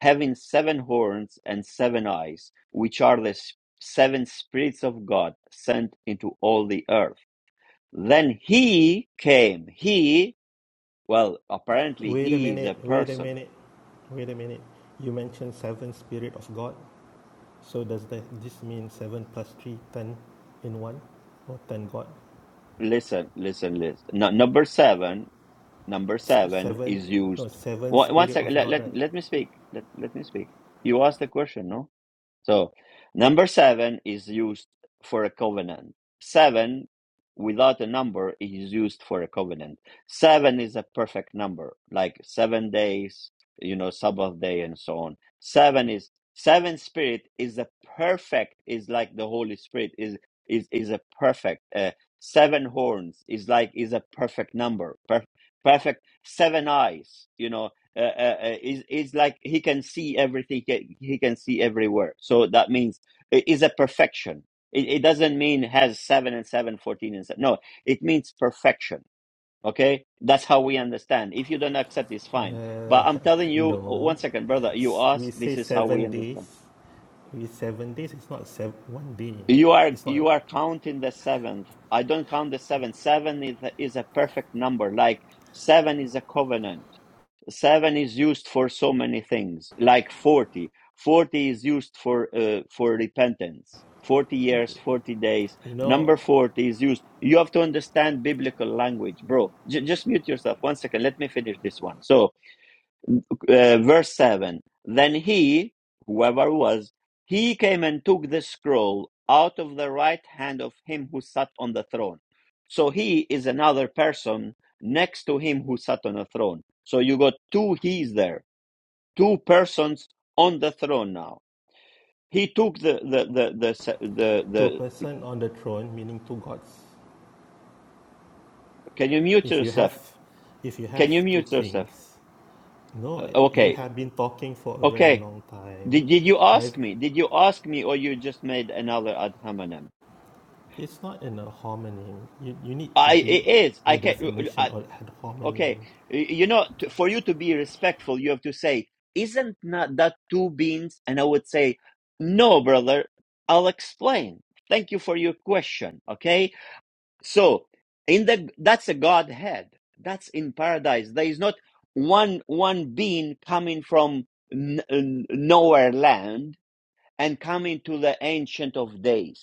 having seven horns and seven eyes, which are the s- seven spirits of God sent into all the earth. Then he came. He, well, apparently Wait a he is a minute, wait a person minute, wait a minute. You mentioned seven spirit of God. So does that this mean seven plus three, ten in one, or ten God? listen, listen, listen. No, number seven number Sp- seven Seven, is no, used. seven One, one spirit second. of Let, God, let right? let me speak. Let let me speak. You asked the question, no? So, number seven is used for a covenant. Seven without a number is used for a covenant. Seven is a perfect number, like seven days, you know, Sabbath day, and so on. Seven is seven spirit is a perfect, is like the Holy Spirit is is is a perfect. Uh, seven horns is like is a perfect number, per- perfect. Seven eyes, you know, uh, uh, uh, is is like he can see everything he he can see everywhere so that means it is a perfection it, it doesn't mean has 7 and 7 14 and 7 no it means perfection okay that's how we understand if you don't accept it's fine Uh, but i'm telling you no, one second brother you ask. we say this is how we seven days. understand We seven days. It's not seven. one day. you are It's not. you are counting the seventh i don't count the seven seven is a, is a perfect number like seven is a covenant seven is used for so many things like 40 40 is used for uh, for repentance 40 years 40 days You know, number 40 is used you have to understand biblical language bro J- just mute yourself one second let me finish this one so uh, verse 7 Then he, whoever was, he came and took the scroll out of the right hand of him who sat on the throne. So he is another person next to him who sat on a throne. So you got two he's there, two persons on the throne now. He took the, the, the, the, s- the, two the person on the throne meaning two gods. can you mute If you have, yourself? if you Can have you two mute yourself? kings, no, Uh, you okay. have been talking for a very Okay. long time. Did, did you ask I've. me? Did you ask me or you just made another ad hominem? It's not an ad homonym. You you need to I read it is. I the can. uh, uh, definition I, of ad homonym. okay, you know, t- for you to be respectful, you have to say, "Isn't not that two beans?" And I would say, "No, brother. I'll explain. Thank you for your question." Okay, so in the that's a Godhead. That's in paradise. There is not one one being coming from n- n- nowhere land and coming to the ancient of days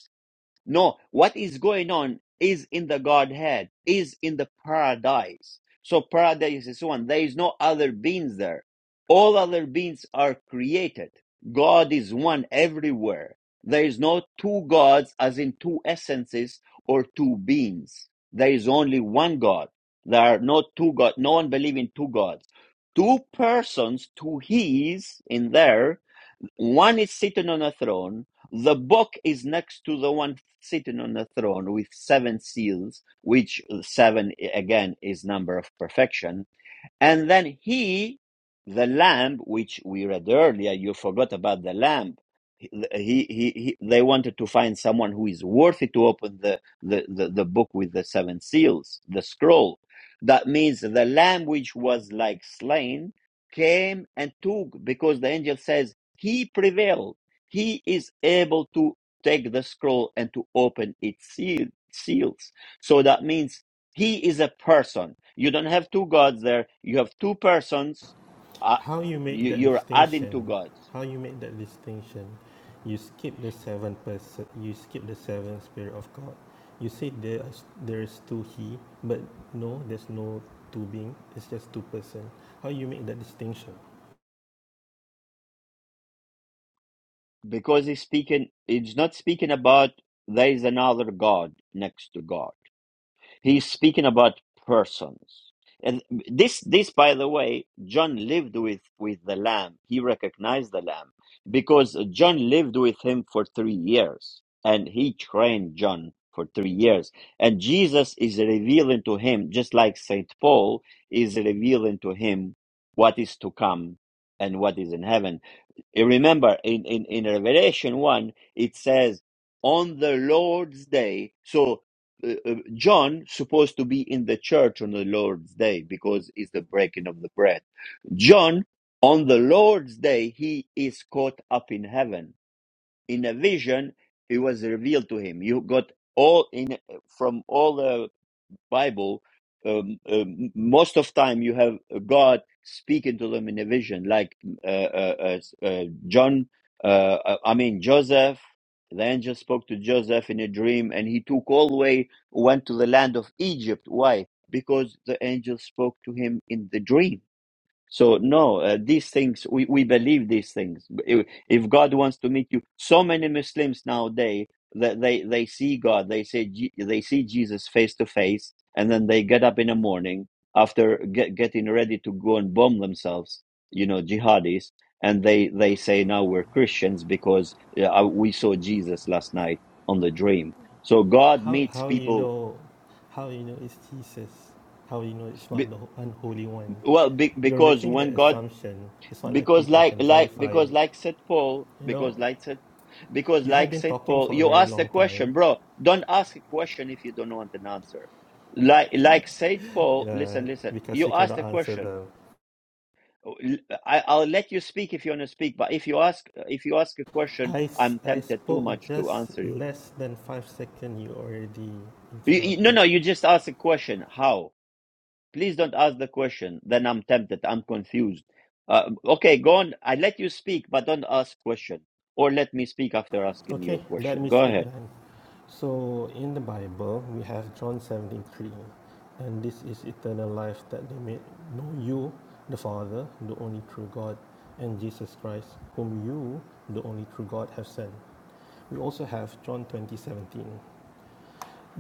no, what is going on is in the Godhead, is in the paradise. So paradise is one. There is no other beings there. All other beings are created. God is one everywhere. There is no two gods as in two essences or two beings. There is only one God. There are no two gods. No one believes in two gods. Two persons, two he's in there, one is sitting on a throne. The book is next to the one sitting on the throne with seven seals, which seven again is number of perfection and then he, the lamb, which we read earlier, you forgot about the lamb. He, he, he, they wanted to find someone who is worthy to open the, the, the, the book with the seven seals, the scroll. That means the lamb which was like slain came and took, because the angel says he prevailed. He is able to take the scroll and to open its seal, seals. So that means he is a person. You don't have two gods there. You have two persons. Uh, how you make you, that you're adding distinction two gods how you make that distinction you skip the seven person you skip the seven spirit of god you say there is there is two he but no there's no two being it's just two person how you make that distinction because he's speaking. It's not speaking about there is another god next to God. He's speaking about persons. And this, this, by the way, John lived with, with the lamb. He recognized the lamb because John lived with him for three years and he trained John for three years. And Jesus is revealing to him, just like St. Paul is revealing to him what is to come and what is in heaven. You remember in, in, in Revelation 1, it says, on the Lord's day. So uh, uh, John supposed to be in the church on the Lord's day because it's the breaking of the bread. John, on the Lord's day, he is caught up in heaven. In a vision, it was revealed to him. You got all in from all the Bible, um, um, most of time you have God speaking to them in a vision, like uh, uh, uh, uh, John. Uh, uh, I mean Joseph. The angel spoke to Joseph in a dream, and he took all the way went to the land of Egypt. Why? Because the angel spoke to him in the dream so no, uh, these things we, we believe these things. If, if God wants to meet you, so many Muslims nowadays that they they see God, they say Je- they see Jesus face to face, and then they get up in the morning after get, getting ready to go and bomb themselves, you know, jihadis, and they they say now we're Christians because uh, uh, we saw Jesus last night on the dream. So God how meets how you people. know how you know it's jesus how you know it's not Be, the unholy one well, be, you're because making the when God assumption it's not like Because people like can like verify because it like said Paul, you know because like said because you have like been said talking Paul, for a you very ask a long time question, bro. Don't ask a question if you don't want an answer. Like like said Paul, uh, listen, listen. because You you ask cannot a answer question. them I, I'll let you speak if you want to speak, but if you ask if you ask a question, I, s- I'm I tempted too spoke much to just answer you. less than five seconds, you already You, you. No, interrupted. no, you just ask a question. How? Please don't ask the question. Then I'm tempted. I'm confused. Uh, okay, go on. I let you speak, but don't ask question. Or let me speak after asking your Okay, let question. me Go speak ahead. then. So, in the Bible, we have John 73, and this is eternal life that they may know you, the Father, the only true God, and Jesus Christ, whom you, the only true God, have sent. We also have John 20 17.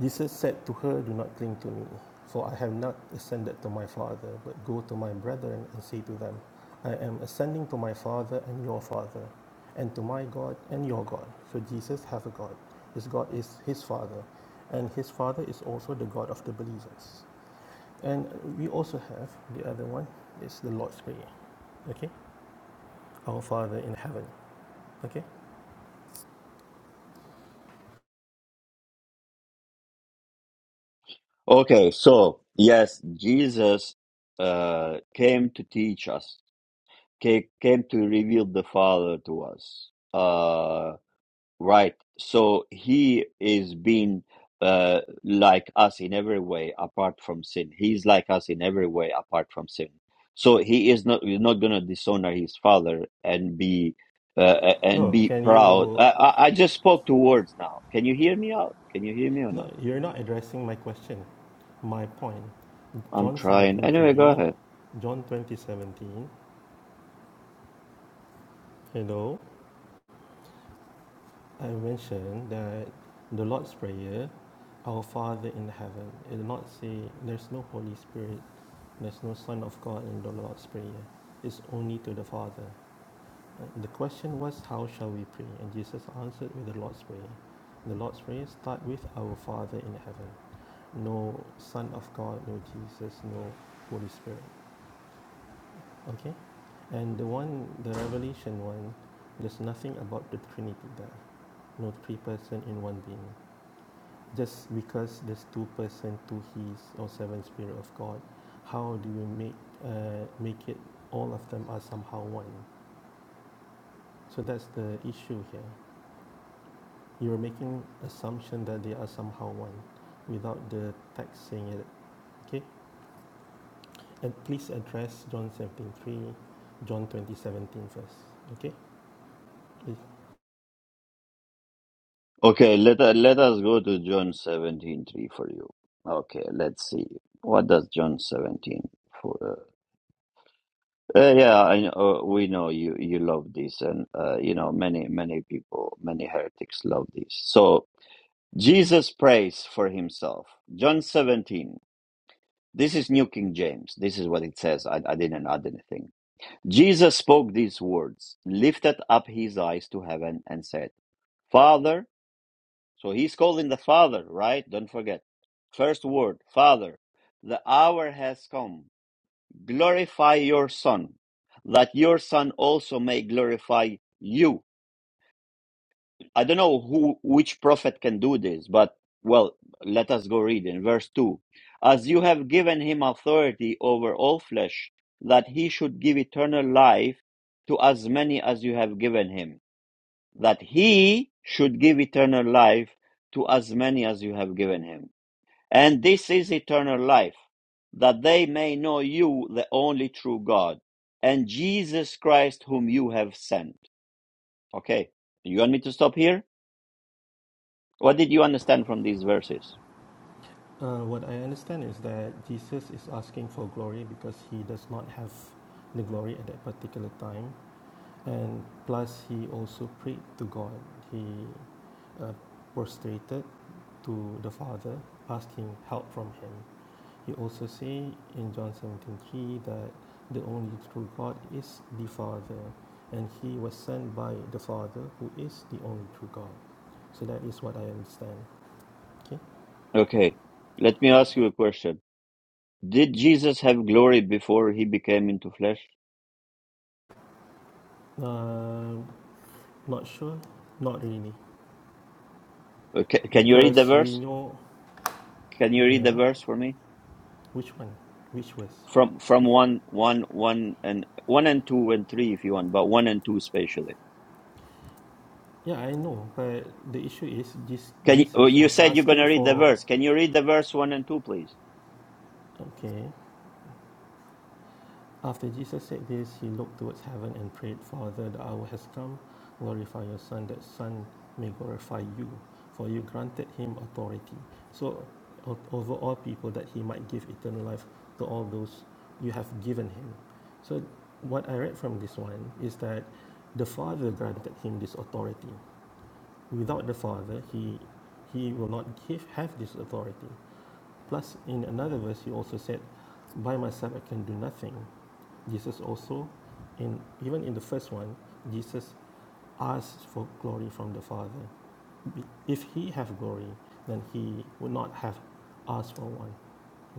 Jesus said to her, Do not cling to me, for I have not ascended to my Father, but go to my brethren and say to them, I am ascending to my Father and your Father, and to my God and your God. So Jesus has a God. His God is his Father, and his Father is also the God of the believers. And we also have the other one, it's the Lord's Prayer, okay? Our Father in heaven, okay? Okay, so yes, Jesus uh, came to teach us, ca- came to reveal the Father to us. Uh, Right. So he is being uh, like us in every way apart from sin. He's like us in every way apart from sin. So he is not he's not going to dishonor his father and be uh, and No, be can proud. you, I, I I just spoke two words now. Can you hear me out? Can you hear me or not? no, you're not addressing my question, my point. I'm John trying. Anyway, go 17:3, ahead. John 20:17. Hello, I mentioned that the Lord's Prayer, Our Father in heaven, it did not say there's no Holy Spirit, there's no Son of God in the Lord's Prayer. It's only to the Father. Uh, The question was, how shall we pray? And Jesus answered with the Lord's Prayer. The Lord's Prayer start with Our Father in heaven. No Son of God, no Jesus, no Holy Spirit. Okay. And the one, the Revelation one, there's nothing about the Trinity there. No three person in one being. Just because there's two person, two He's or seven Spirit of God, how do you make uh, make it all of them are somehow one? So that's the issue here. You're making assumption that they are somehow one, without the text saying it. Okay, and please address John 17:3, John 20:17 first. Okay, if Okay, let us let us go to John 17:3 for you. Okay, let's see. What does John 17 for? Uh, yeah, I know, uh, we know you you love this, and uh, you know many many people, many heretics love this. So Jesus prays for himself. John seventeen. This is New King James. This is what it says. I, I didn't add anything. Jesus spoke these words, lifted up his eyes to heaven, and said, "Father." So he's calling the Father, right? Don't forget. First word, Father. The hour has come glorify your son that your son also may glorify you i don't know who which prophet can do this but well let us go read in verse 2 as you have given him authority over all flesh that he should give eternal life to as many as you have given him that he should give eternal life to as many as you have given him and this is eternal life, that they may know you, the only true God, and Jesus Christ, whom you have sent. Okay, you want me to stop here? What did you understand from these verses? Uh, what I understand is that Jesus is asking for glory because he does not have the glory at that particular time, and plus he also prayed to God. He uh, prostrated to the Father, asking help from Him. He also say in John 17:3 that the only true God is the Father, and He was sent by the Father, who is the only true God. So that is what I understand. Okay, Okay, let me ask you a question. Did Jesus have glory before he became into flesh? uh, not sure, not really. Okay, can you read the because we verse? know Can you read the yeah verse for me? which one which was From from one one one and one and two and three if you want, but one and two especially. yeah i know but the issue is this Can you, oh, jesus you was said you're going to asking read the for verse? Can you read the verse one and two, please? okay after jesus said this he looked towards heaven and prayed father the hour has come glorify your son that son may glorify you for you granted him authority so o- over all people that he might give eternal life to all those you have given him so what i read from this one is that the father granted him this authority Without the Father, he, he will not give, have this authority. Plus, in another verse, he also said, By myself I can do nothing. Jesus also, in, even in the first one, Jesus asks for glory from the Father. If he have glory, then he would not have asked for one.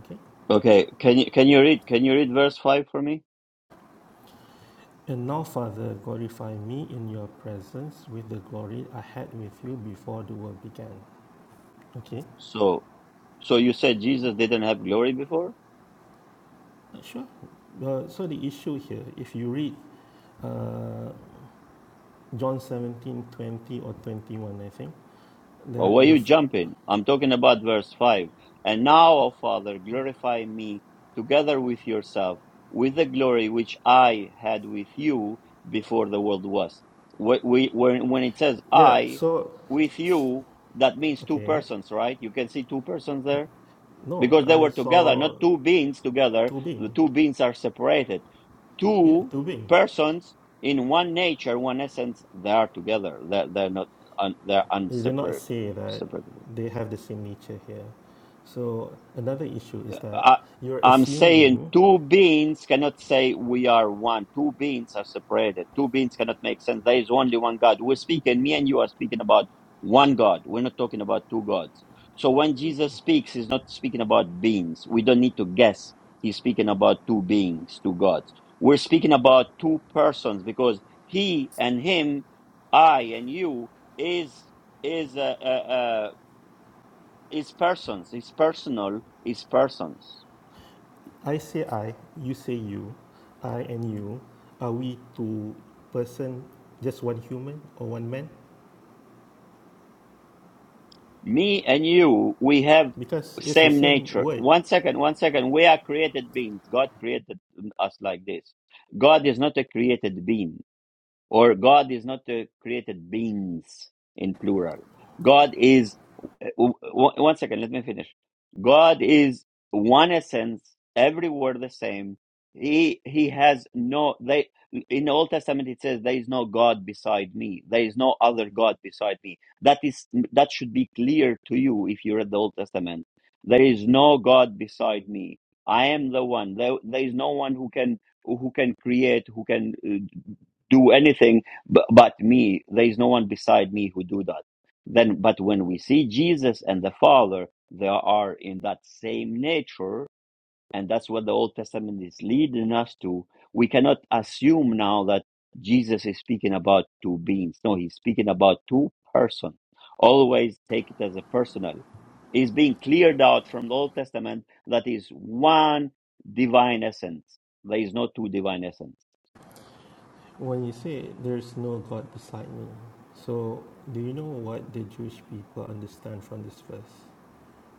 Okay? Okay. Can you can you read can you read verse five for me? And now, Father, glorify me in your presence with the glory I had with you before the world began. Okay, So so you said Jesus didn't have glory before. Uh, sure. Uh, so the issue here, if you read uh, John 17 20 or 21, I think. But The, why the, you jumping? I'm talking about verse five. And now, O Father, glorify me together with yourself with the glory which I had with you before the world was. Wh- We when when it says yeah, I so, with you, that means two okay. persons, right? You can see two persons there. No, because they I were together, saw not two beings together. The Tubing. two beings are separated. Yeah, Two Tubing. persons in one nature, one essence, they are together. They're, they're not, un, they're It did not unseparable. say that they have the same nature here. So another issue is that I, you're I'm saying assuming two beings cannot say we are one. Two beings are separated. Two beings cannot make sense. There is only one God. We're speaking, me and you are speaking about one God. We're not talking about two gods. So when Jesus speaks, he's not speaking about beings. We don't need to guess. He's speaking about two beings, two gods. We're speaking about two persons because he and him, I and you, is is uh, uh, uh, is persons. Is personal. Is persons. I say I, you say you, I and you. Are we two person, just one human or one man? Me and you, we have Because it's the same same nature. word. One second, one second. We are created beings. God created us like this. God is not a created being, or God is not a created beings in plural. God is uh, w- w- one second, let me finish. God is one essence, every word the same. He he has no they in the Old Testament it says there is no God beside me. There is no other God beside me. That is that should be clear to you if you read the Old Testament. There is no God beside me. I am the one. There, there is no one who can who can create, who can uh, do anything but, but me. There is no one beside me who do that then, but when we see Jesus and the Father, they are in that same nature, and that's what the Old Testament is leading us to. We cannot assume now that Jesus is speaking about two beings. No, he's speaking about two persons. Always take it as a personal. It's being cleared out from the Old Testament that is one divine essence. There is no two divine essence. When you say there's no God beside me, so do you know what the Jewish people understand from this verse?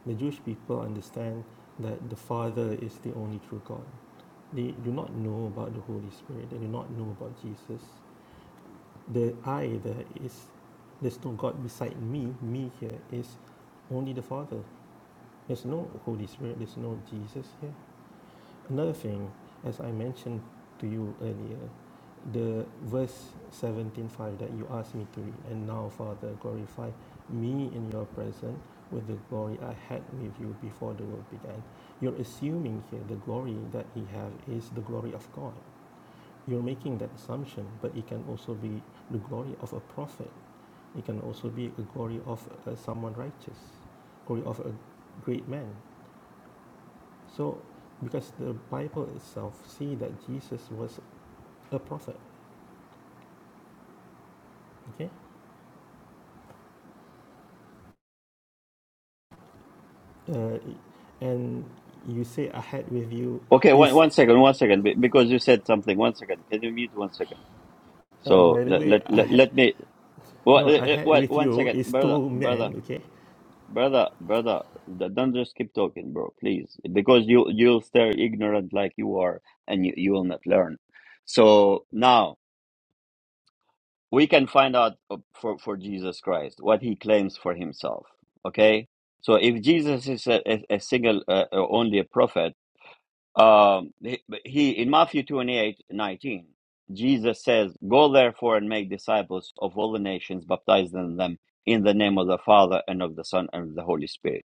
The Jewish people understand that the Father is the only true God. They do not know about the Holy Spirit, they do not know about Jesus. The I there is, there's no God beside me. Me here is only the Father. There's no Holy Spirit, there's no Jesus here. Another thing, as I mentioned to you earlier, the verse 17:5 that you asked me to read, and now, Father, glorify me in your presence with the glory I had with you before the world began. You're assuming here the glory that he have is the glory of God. You're making that assumption, but it can also be the glory of a prophet. It can also be a glory of uh, someone righteous, glory of a great man. So, because the Bible itself see that Jesus was a prophet, okay, uh, and you say I had with you Okay, one, is one second, one second, be- because you said something. One second. Can you mute one second? uh, So by the let, way let, I let, had let me What? no eh, I eh, had What? with One you second, is brother, two brother, men, okay. brother, brother. d- Don't just keep talking, bro. Please, because you you'll stay ignorant like you are, and you, you will not learn. So now we can find out uh, for for Jesus Christ what he claims for himself. Okay. So if Jesus is a, a, a single, uh, uh, only a prophet. Um, he, he- in Matthew 28 19, Jesus says, Go therefore and make disciples of all the nations, baptizing them in the name of the Father and of the Son and of the Holy Spirit.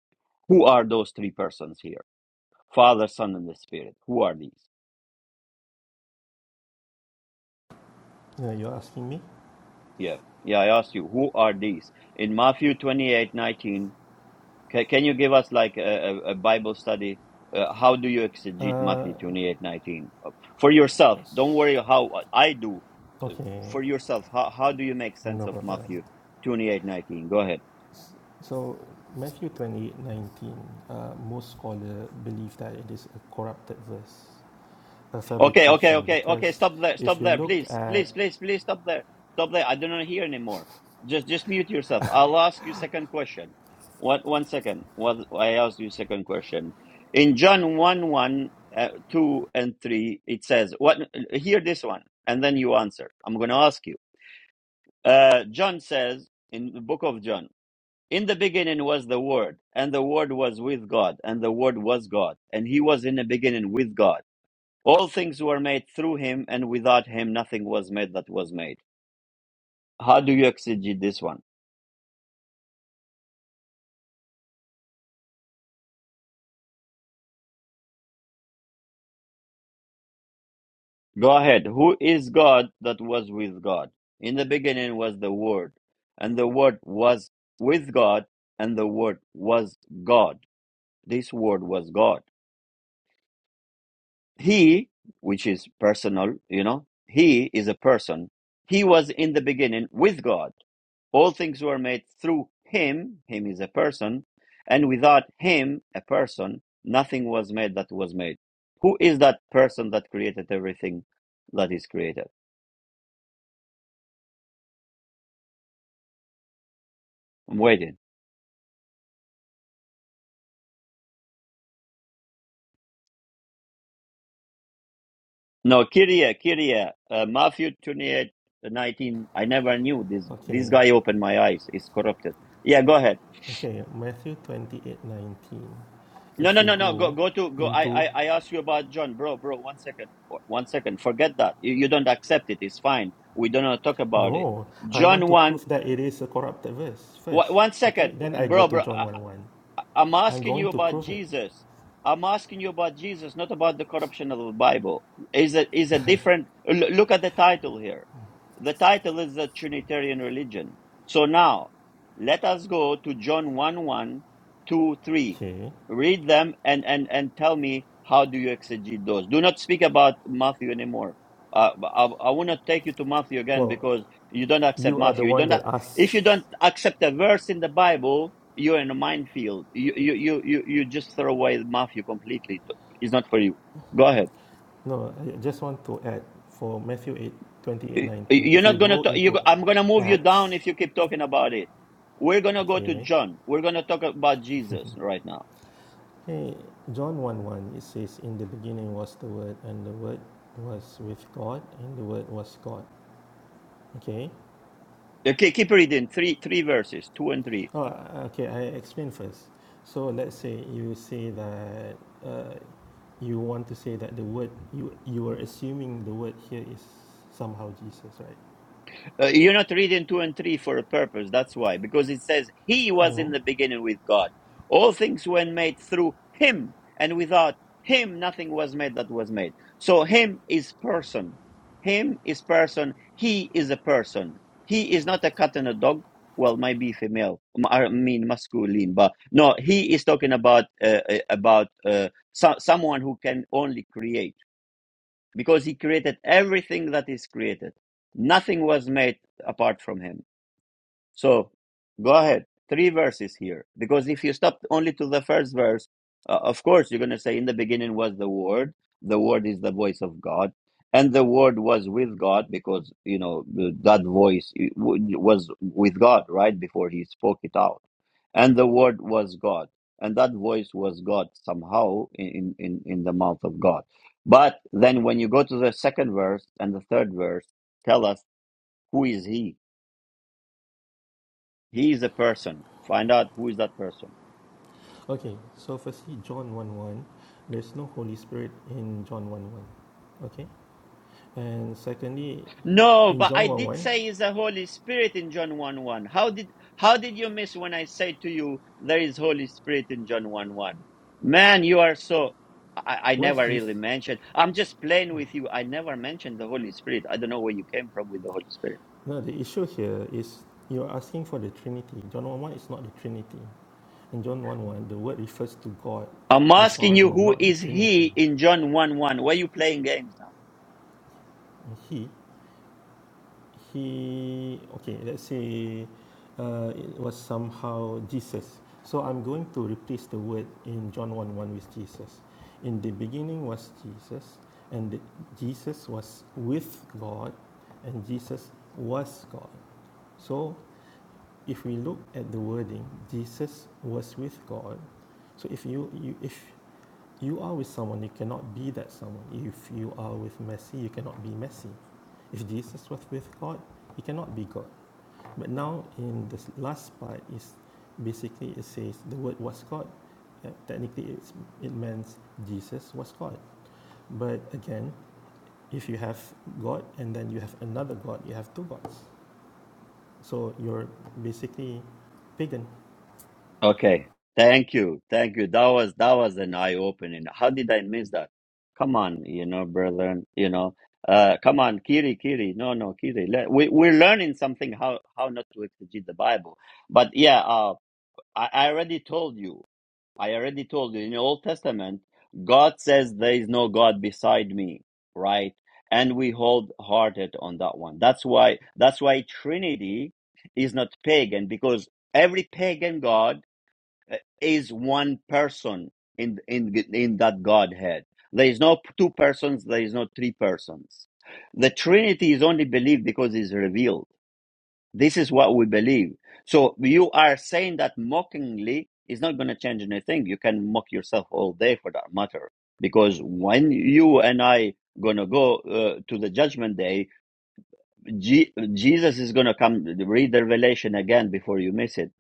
Who are those three persons here? Father, Son, and the Spirit. Who are these? Uh, you're asking me. Yeah. Yeah, I asked you, who are these? In Matthew 28:19? Can, can you give us like a, a a Bible study? Uh, how do you exegete Uh, Matthew 28 19 Uh, for yourself? Don't yes. worry how uh, I do. Uh, okay, for yourself, how, how do you make no sense of problem. Matthew 28 19? Go ahead. So Matthew 28:19, uh, most scholar believe that it is a corrupted verse, a Okay, okay, fabrication, okay, okay. because Stop there, if stop you there, look please, at please, please, please, stop there, stop there. I do not hear anymore. Just, just mute yourself. I'll ask you second question. What? One second. What? I asked you second question. In John one one, uh, two and three, it says what? Hear this one, and then you answer. I'm going to ask you. Uh, John says in the book of John, in the beginning was the Word, and the Word was with God, and the Word was God, and He was in the beginning with God all things were made through him, and without him nothing was made that was made. How do you exegete this one? Go ahead. Who is God that was with God? In the beginning was the Word, and the Word was with God, and the Word was God. This Word was God. He, which is personal, you know, He is a person. He was in the beginning with God. All things were made through him, him is a person, and without him, a person, nothing was made that was made. Who is that person that created everything that is created? I'm waiting. No, Kyria, Kyria, uh, Matthew 28, uh, 19. I never knew this. This okay, guy opened my eyes. It's corrupted. Yeah, go ahead. Okay, Matthew 28 19. No, If no, you no, no. Go, go go to, go. I, into, I, I asked you about John, bro, bro. One second. One second. Forget that. You, you don't accept it. It's fine. We don't talk about it. no, I want John to 1 prove that it is a corrupted verse Wha- first. one Okay, second, then I go bro, to bro. John I, 1 1. I- am I'm asking going you to about prove it. Jesus. I'm asking you about Jesus, not about the corruption of the Bible. Is a is a different. l- Look at the title here. The title is the Trinitarian religion. So now, let us go to John one one, 2 three. Okay, Read them and, and, and tell me how do you exegete those. Do not speak about Matthew anymore. Uh, I, I will not take you to Matthew again well, because you don't accept you are the Matthew. You one don't, that if asks. you don't accept a verse in the Bible, you're in a minefield. You, you, you, you, you just throw away Matthew completely. It's not for you. Go ahead. No, I just want to add for Matthew 8 28 Y- 19. You're If you not gonna. go Talk, you, into I'm gonna move you down Acts, if you keep talking about it. We're gonna go to okay, John. We're gonna talk about Jesus right now. hey, John 1 1, it says, In the beginning was the Word, and the Word was with God, and the Word was God. Okay, Okay, keep reading. Three, three verses, two and three. Oh, uh, okay, I explain first. So let's say you say that uh, you want to say that the word you you are assuming the word here is somehow Jesus, right? Uh, you're not reading two and three for a purpose. That's why, because it says he was in No. the beginning with God. All things were made through him, and without him, nothing was made that was made. So him is person. Him is person. He is a person. He is not a cat and a dog. Well, maybe female. m- I mean masculine, but no. He is talking about uh, uh, about uh, so- someone who can only create because he created everything that is created. Nothing was made apart from him. So go ahead. Three verses here. Because if you stop only to the first verse, uh, of course, you're going to say, In the beginning was the Word. The Word is the voice of God. And the Word was with God because, you know, that voice was with God right before he spoke it out. And the Word was God. And that voice was God somehow in, in, in the mouth of God. But then when you go to the second verse and the third verse, tell us who is he? He is a person. Find out who is that person. Okay. So firstly, John one one, there's no Holy Spirit in John one one. Okay. And secondly, No, in but I John one did one, say is the Holy Spirit in John 1 1. How did how did you miss when I say to you there is Holy Spirit in John 1 1? Man, you are so I, I where's never this? really mentioned. I'm just playing with you. I never mentioned the Holy Spirit. I don't know where you came from with the Holy Spirit. No, the issue here is you're asking for the Trinity. John one one is not the Trinity. In John one one, the word refers to God, I'm the asking Father, you who not the is he Trinity. in John 1 1. Why are you playing games now? He he okay let's say uh, it was somehow jesus so i'm going to replace the word in john 1 1 with jesus in the beginning was jesus and the- jesus was with god and jesus was god so if we look at the wording jesus was with god so if you, you if you are with someone, you cannot be that someone. If you are with Messi, you cannot be Messi. If Jesus was with God, he cannot be God. But now in this last part is basically it says the word was God. Uh, Technically, it's, it means Jesus was God. But again, if you have God and then you have another God, you have two gods. So you're basically pagan. Okay. Thank you. Thank you. That was that was an eye opening. How did I miss that? Come on, you know, brother, you know. Uh come on, Kiri, Kiri. No, no, Kiri. Le- We we're learning something how how not to exegete the Bible. But yeah, uh I, I already told you. I already told you in the Old Testament, God says there is no God beside me, right? And we hold hearted on that one. That's why that's why Trinity is not pagan because every pagan god is one person in in in that Godhead. There is no two persons. There is no three persons. The Trinity is only believed because it's revealed. This is what we believe. So you are saying that mockingly is not going to change anything. You can mock yourself all day for that matter. Because when you and I going to go uh, to the judgment day, Je- Jesus is going to come read the revelation again before you miss it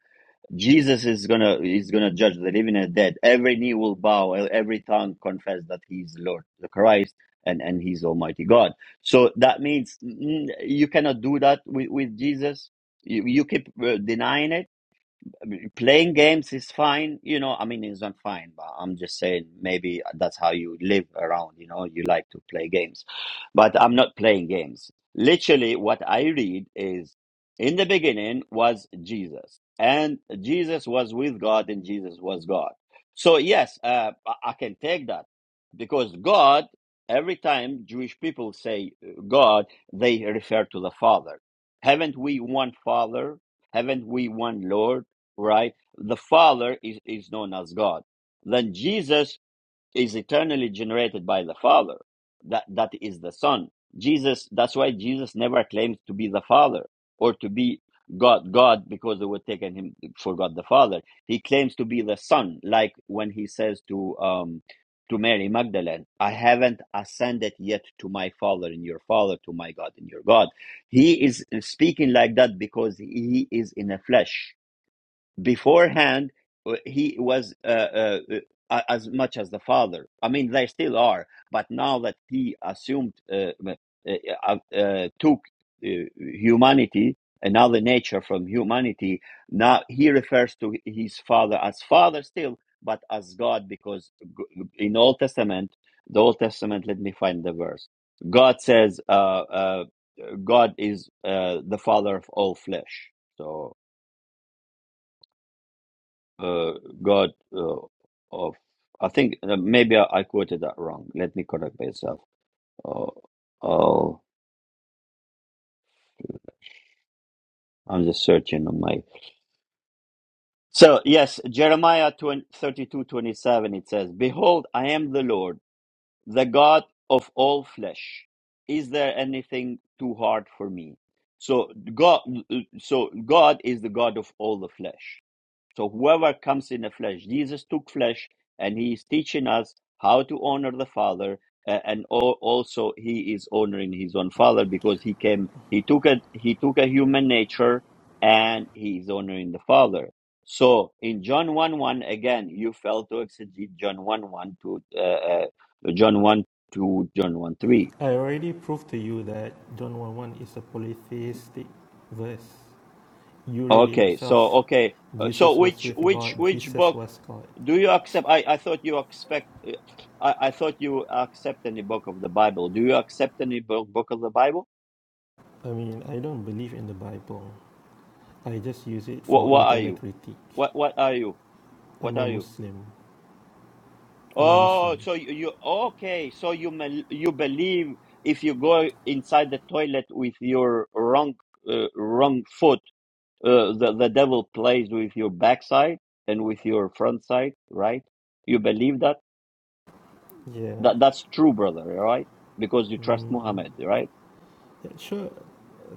Jesus is gonna is gonna judge the living and the dead. Every knee will bow, every tongue confess that He is Lord, the Christ, and and He's Almighty God. So that means mm, you cannot do that with, with Jesus. You, you keep uh, denying it I mean, playing games is fine, you know. I mean, it's not fine, but I'm just saying maybe that's how you live around, you know. You like to play games, but I'm not playing games. Literally, what I read is in the beginning was Jesus, and Jesus was with God, and Jesus was God. So, yes, uh, I I can take that because God, every time Jewish people say uh, God, they refer to the Father. Haven't we one Father? Haven't we one Lord? right? The Father is, is known as God. Then Jesus is eternally generated by the Father. That that is the Son. Jesus, that's why Jesus never claims to be the Father or to be God, God, because they would taken him for God the Father. He claims to be the Son, like when he says to um to Mary Magdalene, I haven't ascended yet to my Father and your Father, to my God and your God. He is speaking like that because he is in the flesh beforehand w- he was uh, uh, uh, as much as the father i mean they still are but now that he assumed uh, uh, uh, uh, took uh, humanity another nature from humanity now he refers to his father as father still but as god because g- in old testament the old testament let me find the verse god says uh, uh, god is uh, the father of all flesh so uh, God uh, of, I think uh, maybe I, I quoted that wrong. Let me correct myself. Oh, oh, I'm just searching on my. So, yes, Jeremiah 20 32 27. it says, Behold, I am the Lord, the God of all flesh. Is there anything too hard for me? So God, so God is the God of all the flesh So whoever comes in the flesh, Jesus took flesh and he is teaching us how to honor the Father. a- And al- also he is honoring his own father because he came, he took a, he took a human nature and he is honoring the father. So in John 1 1, again, you failed to exegete John 1 1 to, uh, uh, John 1 to John 1 3. I already proved to you that John 1 1 is a polytheistic verse. You read it Okay, so yourself. okay, Uh, so Jesus was which with which God. which Jesus book was God. do you accept? I I thought you expect. uh, I I thought you accept any book of the Bible. Do you accept any book book of the Bible? I mean, I don't believe in the Bible. I just use it What for what are internal you? critique. What what are you? What I'm a are you? Muslim. I'm a Oh, Muslim. so you, you okay? So you mel- you believe if you go inside the toilet with your wrong uh, wrong foot, uh, the the devil plays with your backside and with your front side, right? You believe that? Yeah. That that's true, brother, right? Because you trust Mm, Muhammad, right? yeah, sure.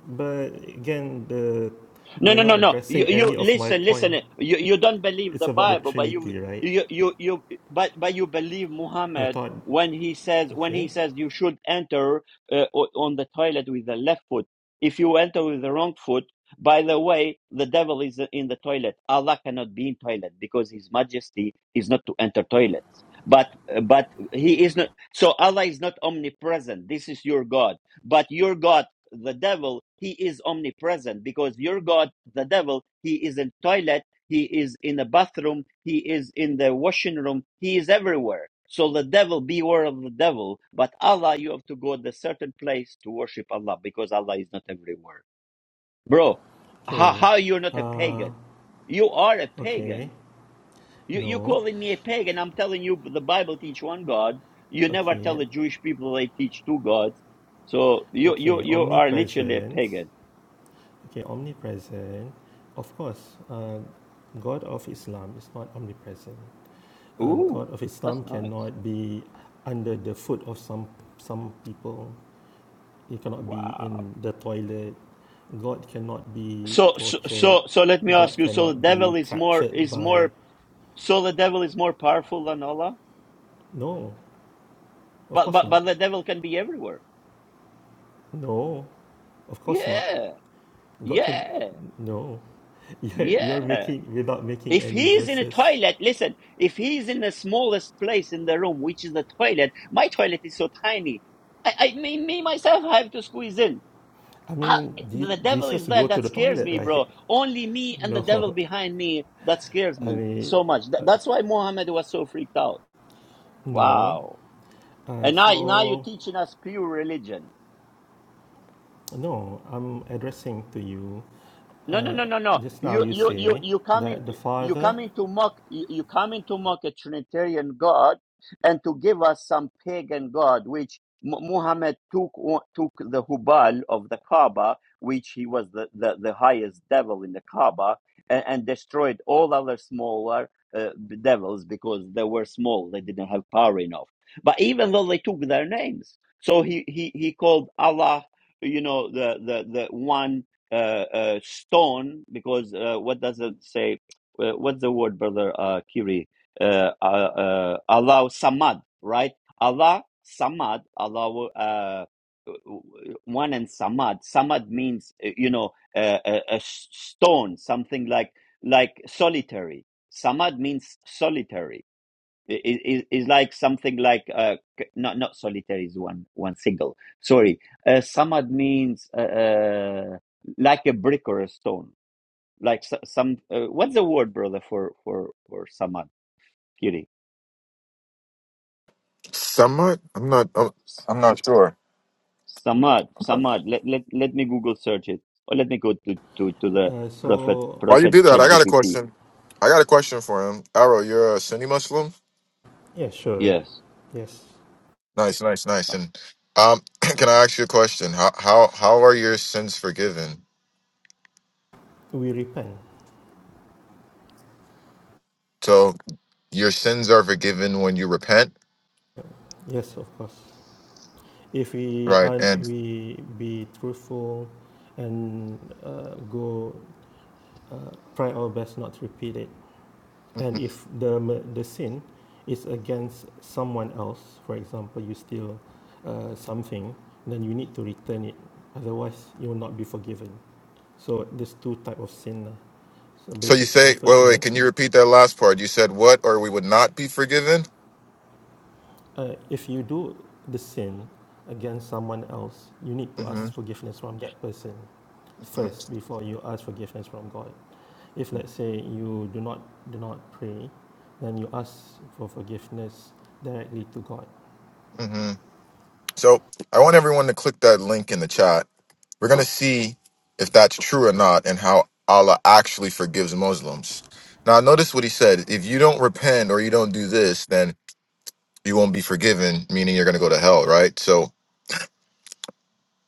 But again, the No, you're no, no, not no. You, addressing you any of my listen, listen. point. You, you don't believe It's the about the Bible, but you, Trinity, right? you, you, you, but, but you believe I Muhammad thought. when he says when Okay. he says you should enter uh, o- on the toilet with the left foot. If you enter with the wrong foot, by the way, the devil is in the toilet. Allah cannot be in toilet because His Majesty is not to enter toilets. But but He is not. So Allah is not omnipresent. This is your God. But your God the devil, he is omnipresent because your God, the devil, he is in toilet, he is in the bathroom, he is in the washing room, he is everywhere. So the devil, beware of the devil. But Allah, you have to go to a certain place to worship Allah because Allah is not everywhere. Bro, how, Okay. how you're not a Uh, pagan? You are a okay. pagan. You, you No. calling me a pagan. I'm telling you, the Bible teach one God. You never tell Okay. the Jewish people they teach two gods. So you, you, Okay. you are literally a pagan. Omnipresence. Okay, omnipresent. Of course, uh, God of Islam is not omnipresent. Uh, Ooh, God of that's Islam nice. cannot be under the foot of some some people. He cannot be Wow. in the toilet. God cannot be So, so, tortured. so, so let me ask God you. So the cannot devil be is more captured is by. more. So the devil is more powerful than Allah. No, of But course but not. but the devil can be everywhere. No, of course not. Yeah, God can. yeah, No, you're, you're yeah. making without making If any he's in a verses. toilet, listen. If he's in the smallest place in the room, which is the toilet, my toilet is so tiny. I, I me, me myself, I have to squeeze in. I I, mean, the devil is Jesus there. go to That the scares toilet, me, bro. right? Only me and the devil No, behind me. That scares me I so much. Th- uh, that's why Muhammad was so freaked out. no. Wow. Uh, And now, now you're so teaching us pure religion. no, I'm addressing to you. No, no, Uh, no, no, no. just now You, you you, you, say you come in, that the you father. come in to mock, you, you come in to mock a Trinitarian God, and to give us some pagan God, which Mu- Muhammad took took the hubal of the Kaaba, which he was the, the, the highest devil in the Kaaba, and, and destroyed all other smaller uh, devils because they were small, they didn't have power enough. But even though they took their names, so he he he called Allah, you know, the the the one uh, uh, stone because uh, what does it say? Uh, what's the word, brother uh, Kiri? Uh, uh, uh, Allah Samad, right? Allah Samad, Allah uh, one and Samad. Samad means uh, you know uh, a, a s- stone, something like like solitary. Samad means solitary i- is is like something like uh c- not not solitaire is one one single sorry uh samad means uh, uh like a brick or a stone like so- some uh, what's the word brother for for for samad kiri Somewhat. I'm not. I'm, S- I'm not sure. samad Okay. samad let, let let me google search it or let me go to to to the Uh, prophet so While you prophet do that, I got a ChatGPT question. I got a question for him. Arrow, you're a Sunni Muslim. yeah, sure. yes Yes, Nice, nice, nice. And um, can I ask you a question? How how how are your sins forgiven? we repent. So your sins are forgiven when you repent, Yes, of course. If we right? are And we be truthful and uh, go uh, try our best not to repeat it. And Mhm. if the, the sin is against someone else, for example, you steal uh, something, then you need to return it. Otherwise, you will not be forgiven. So there's two type of sin. lah. So so you basically, the say, wait, first wait, wait, one, can you repeat that last part? You said what, or we would not be forgiven. uh, if you do the sin against someone else, you need to hmm ask forgiveness from that person hmm first before you ask forgiveness from God. If let's say you do not do not pray, then you ask for forgiveness directly to God. hmm So I want everyone to click that link in the chat We're going to see if that's true or not and how Allah actually forgives Muslims. Now, notice what he said. If you don't repent or you don't do this, then you won't be forgiven, meaning you're going to go to hell, right? So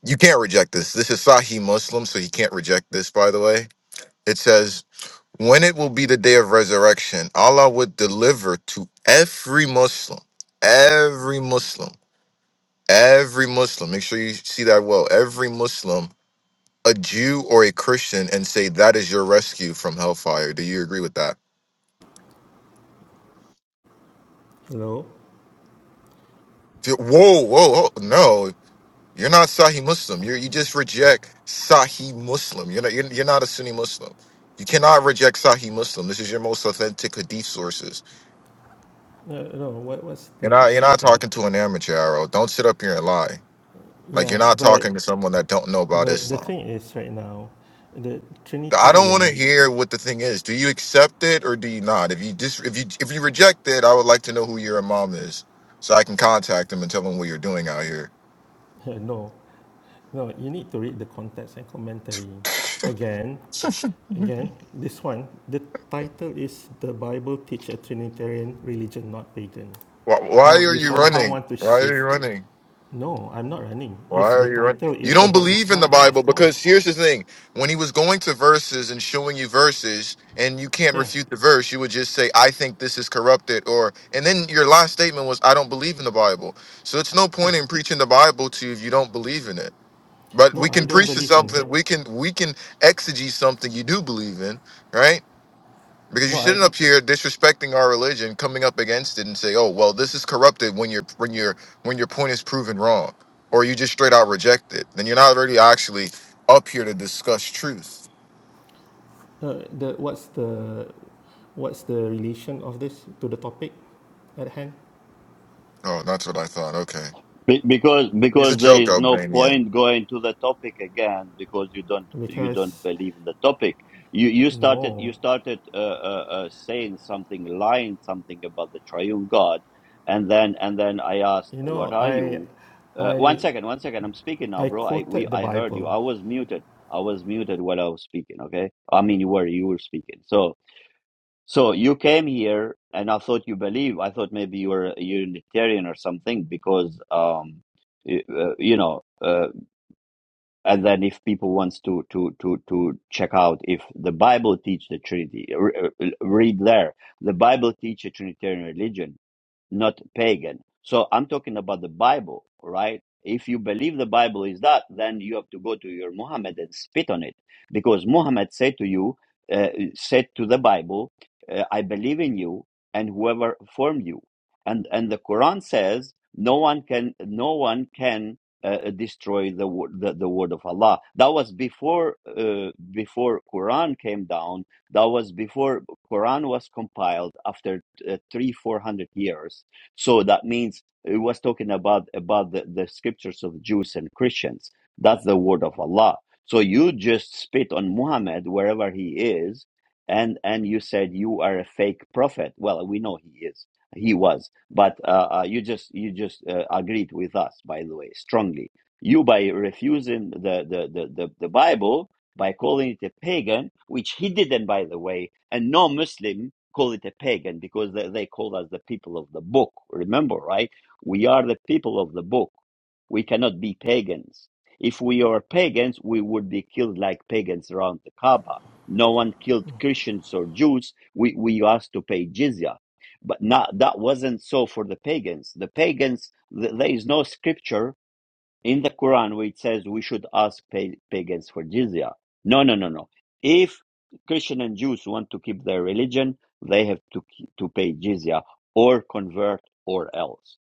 you can't reject this. This is Sahih Muslim, so he can't reject this, by the way. It says, When it will be the day of resurrection, Allah would deliver to every Muslim, every Muslim, every Muslim, make sure you see that well, every Muslim a Jew or a Christian and say that is your rescue from hellfire. Do you agree with that? Hello. Whoa, whoa, whoa. no. You're not Sahih Muslim. You you just reject Sahih Muslim. You're not you're, you're not a Sunni Muslim. You cannot reject Sahih Muslim. This is your most authentic hadith sources. No, no. What what's You're the not you're issue not here? talking to an amateur. Arrow. Don't sit up here and lie. Like you're Yeah, not but talking to someone that don't know about but the Islam. thing is, right now, the I don't want to Trinitarian, hear what the thing is. Do you accept it or do you not? If you just if you if you reject it, I would like to know who your mom is, so I can contact them and tell them what you're doing out here. no, no. You need to read the context and commentary. Again, again. This one, the title is "The Bible Teach a Trinitarian Religion, Not Pagan." Why, why Now are you you somehow running? want to Why are you shift. running? No, I'm not running. Why If are the you running? title You is don't about believe in the Islam, then of Bible course, because here's the thing: when he was going to verses and showing you verses, and you can't yeah, refute the verse, you would just say, "I think this is corrupted," or and then your last statement was, "I don't believe in the Bible." So it's no yeah. point in preaching the Bible to you if you don't believe in it. But we No, I can don't preach to believe in something. it. We can we can exegete something you do believe in, right? Because you're No, I. sitting up here disrespecting our religion, coming up against it, and say, "Oh, well, this is corrupted." When your when your when your point is proven wrong, or you just straight out reject it, then you're not really actually up here to discuss truth. Uh, the what's the what's the relation of this to the topic at hand? Oh, that's what I thought. Okay, Be- because he's a because there joke, is no Albanian. point going to the topic again because you don't you don't Because believe in the topic you you started you no, started uh, uh, uh, saying something lying something about the triune god and then and then i asked you what know, are I, you uh, one I, second one second i'm speaking now I bro i we quoted the i heard you Bible. i was muted i was muted while i was speaking okay i mean you were you were speaking so so you came here, and I thought you believe. I thought maybe you were a Unitarian or something, because um, y- uh, you know. Uh, and then if people wants to to to to check out if the Bible teach the Trinity, re- uh, read there. The Bible teach a Trinitarian religion not pagan. So I'm talking about the Bible, right? If you believe the Bible is that, then you have to go to your Muhammad and spit on it, because Muhammad said to you, uh, said to the Bible, uh, "I believe in you and whoever formed you," and and the Quran says, "No one can, no one can." Uh, destroy the, wo- the the word of Allah. That was before uh, before Quran came down. That was before Quran was compiled after uh, three four hundred years so that means it was talking about about the, the scriptures of jews and christians that's the word of allah so you just spit on muhammad wherever he is and and you said you are a fake prophet well we know he is he was but uh, uh, you just you just uh, agreed with us by the way strongly you by refusing the the the, the, the bible by calling it a pagan which he didn't by the way and no muslim call it a pagan because they, they call us the people of the book. Remember, right? We are the people of the book. We cannot be pagans. If we are pagans, we would be killed like pagans around the Kaaba. No one killed Christians or Jews. We, we asked to pay jizya. But not, that wasn't so for the pagans. The pagans, th- there is no scripture in the Quran where it says we should ask pa- pagans for jizya. No, no, no, no. If Christian and Jews want to keep their religion, they have to k- to pay jizya or convert or else.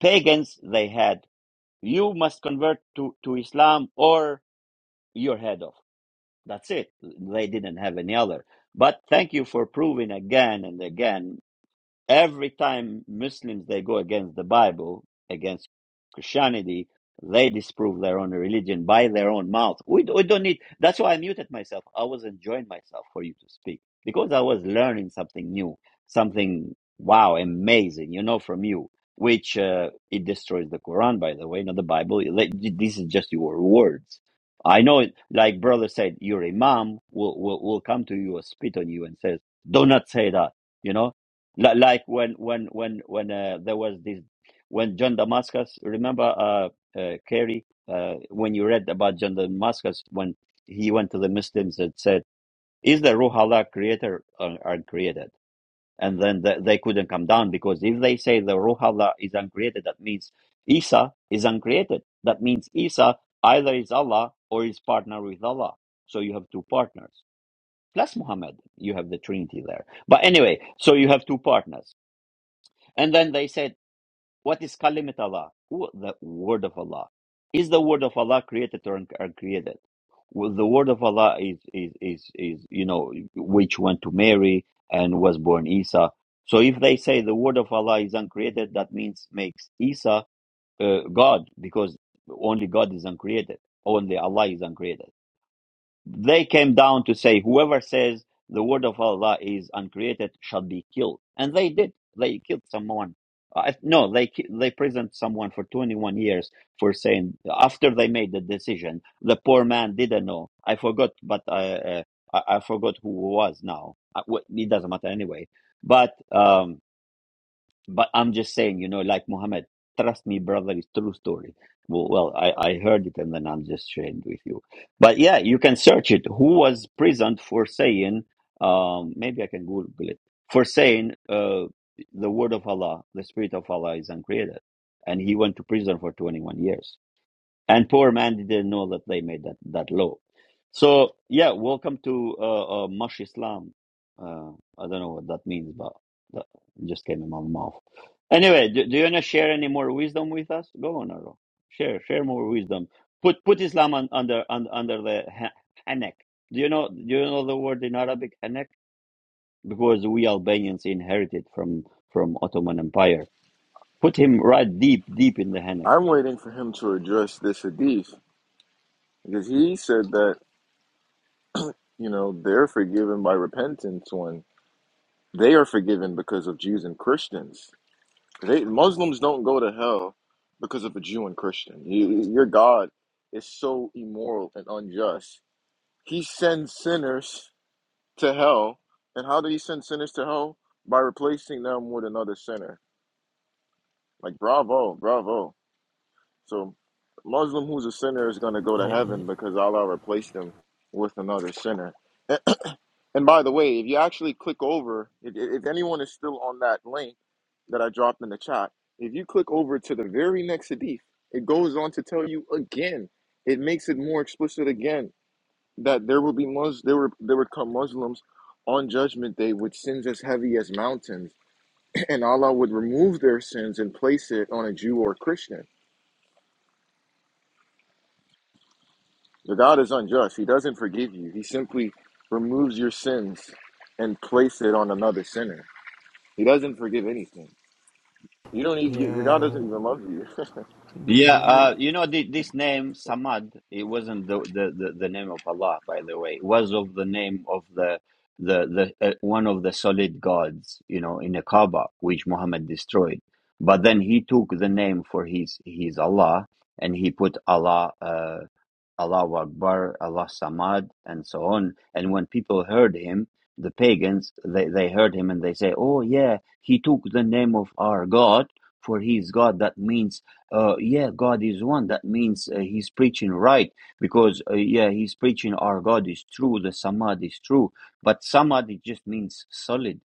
Pagans they had you must convert to to Islam or you're head off. That's it. They didn't have any other. But thank you for proving again and again every time Muslims they go against the Bible, against Christianity, they disprove their own religion by their own mouth. We, we don't need. That's why I muted myself. I was enjoying myself for you to speak because I was learning something new, something wow, amazing, you know, from you. Which uh, it destroys the Quran, by the way, not the Bible. Like, This is just your words. I know, it, like brother said, your imam will, will will come to you, or spit on you, and says, "Do not say that." You know, Li- Like when when when when uh, there was this when John Damascus. Remember, uh, uh, Kerry, uh, when you read about John Damascus when he went to the Muslims and said, "Is the Ruh Allah creator or uncreated?" And then the, they couldn't come down because if they say the Ruh Allah is uncreated, that means Isa is uncreated. That means Isa either is Allah or is partner with Allah. So you have two partners. Plus Muhammad, you have the Trinity there. But anyway, so you have two partners. And then they said, What is Kalimat Allah? Who- The word of Allah. Is the word of Allah created or un- uncreated? Well, the word of Allah is, is, is, is, you know, which went to Mary and was born Isa. So if they say the word of Allah is uncreated, that means makes Isa uh, God because only God is uncreated. Only Allah is uncreated. They came down to say, whoever says the word of Allah is uncreated shall be killed. And they did. They killed someone. Uh, no, they ki- they imprisoned someone for 21 years for saying after they made the decision. The poor man didn't know. I forgot, but I uh, I, I forgot who it was now. Uh, wh- It doesn't matter anyway. But um, but I'm just saying, you know, like Muhammad, trust me, brother, it's true story. Well, well I, I heard it and then I'm just sharing with you. But yeah, you can search it. Who was prisoned for saying, um, maybe I can Google it, for saying uh, the word of Allah, the spirit of Allah is uncreated. And he went to prison for 21 years and poor man didn't know that they made that, that law. So yeah, welcome to uh, uh, Mush Islam. Uh, I don't know what that means, but that just came in my mouth. Anyway, do, do you wanna share any more wisdom with us? Go on, Aro. Share, share more wisdom. Put put Islam on, under un, under the ha- hanek. Do you know do you know the word in Arabic hanek? Because we Albanians inherited from from Ottoman Empire. Put him right deep deep in the hanek. I'm waiting for him to address this hadith because he said that, you know, they're forgiven by repentance when they are forgiven because of Jews and Christians. They, Muslims don't go to hell because of a Jew and Christian. You, your God is so immoral and unjust. He sends sinners to hell. And how did he send sinners to hell? By replacing them with another sinner. Like, bravo, bravo. So, Muslim who's a sinner is going to go to Eh, heaven because Allah replaced them with another sinner. And by the way, if you actually click over, if, if anyone is still on that link that I dropped in the chat, if you click over to the very next hadith, it goes on to tell you again. It makes it more explicit again that there will be Mus- there were there would come Muslims on Judgment Day with sins as heavy as mountains, and Allah would remove their sins and place it on a Jew or Christian. The God is unjust. He doesn't forgive you. He simply removes your sins and place it on another sinner. He doesn't forgive anything. You don't even your God yeah, doesn't even love you. do, Yeah, do uh, you? you know the, this name Samad. It wasn't the, the, the, the name of Allah, by the way. It was of the name of the the the uh, one of the solid gods, you know, in the Kaaba, which Muhammad destroyed. But then he took the name for his his Allah, and he put Allah. Uh, Allahu Akbar, Allah Samad, and so on. And when people heard him, the pagans, they, they heard him and they say, oh yeah, he took the name of our God, for he is God. That means, uh, yeah, God is one. That means uh, he's preaching right because, uh, yeah, he's preaching our God is true, the Samad is true. But Samad, it just means solid.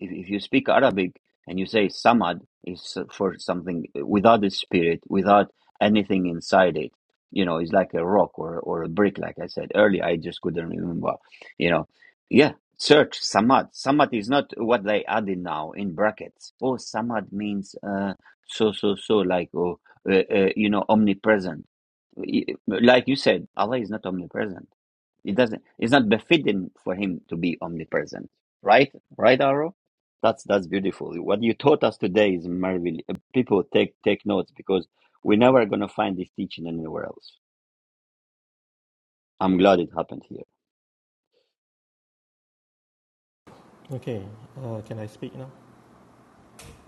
If, if you speak Arabic and you say Samad, is for something without a spirit, without anything inside it you know it's like a rock or or a brick like i said earlier i just couldn't remember you know yeah search samad samad is not what they added now in brackets oh samad means uh so so so like oh uh, uh, you know omnipresent Y- like you said allah is not omnipresent it doesn't it's not befitting for him to be omnipresent right right Aro? that's that's beautiful what you taught us today is marvelous people take take notes because we're never going to find this teaching anywhere else. I'm glad it happened here. Okay, uh, can I speak now?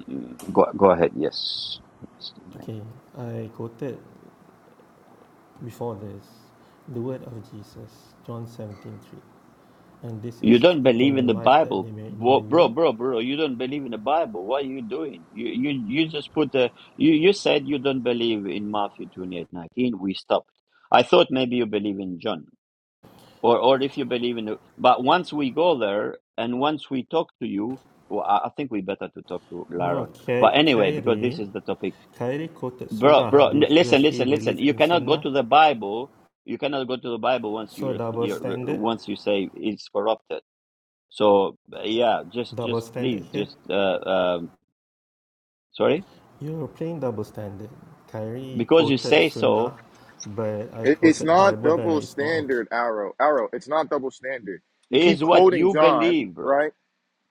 Mm, Go, go ahead. Yes. Yes, you may. Okay, I quoted before this the word of Jesus, John seventeen three, and this You is don't believe eternal in the life that Bible. they may know Bro, bro, you. bro, bro, you don't believe in the Bible. What are you doing? You you, you just put a, you, you said you don't believe in Matthew 28 19. We stopped. I thought maybe you believe in John. Or, or if you believe in, the, but once we go there and once we talk to you, well, I I think we better to talk to No, Laron. Kai- But anyway, because this Kairi, is the topic. Kairi quoted Bro, Sunnah. bro, Do, n- listen, does he listen, listen. believe You in cannot go Sunnah? to the Bible. You cannot go to the Bible once you So ref- double you- standard, once you say it's corrupted. So yeah, just double just standard please, here. just uh, um, sorry, You're playing double standard. Kyrie because you quoted say so Sunnah, but I It, it's quoted not Bible. Then double it's not okay. standard, Arrow. Arrow, it's not double standard. You keep is what quoting you John, believe, bro. right?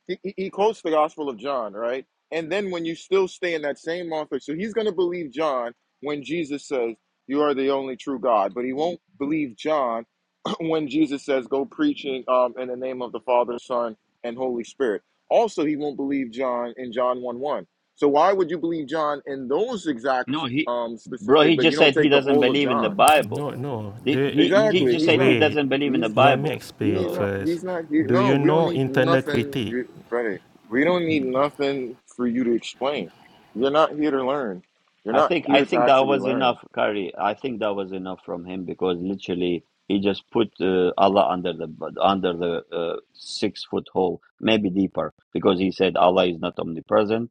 he, he he quotes the Gospel of John, right? And then when you still stay in that same author, so he's going to believe John when Jesus says, "You are the only true God," but he won't believe John when Jesus says, "Go preaching um, in the name of the Father, Son, and Holy Spirit." Also, he won't believe John in John one one. So why would you believe John in those exact No, he, um, bro, specific, he but you just don't said he take the doesn't whole of believe in the John? Bible. No, no. He The, he, he Exactly. just He's said he not. wait. doesn't believe in the He's. Let me Bible. explain He's So. not. first. He's not here. Do No, you we don't know need internal nothing, critique? you, brother. We don't need nothing for you to explain. You're not here to learn. You're I not think I here to think that actually was enough, learn. Kari. I think that was enough from him because literally he just put uh, Allah under the under the uh, six foot hole, maybe deeper, because he said Allah is not omnipresent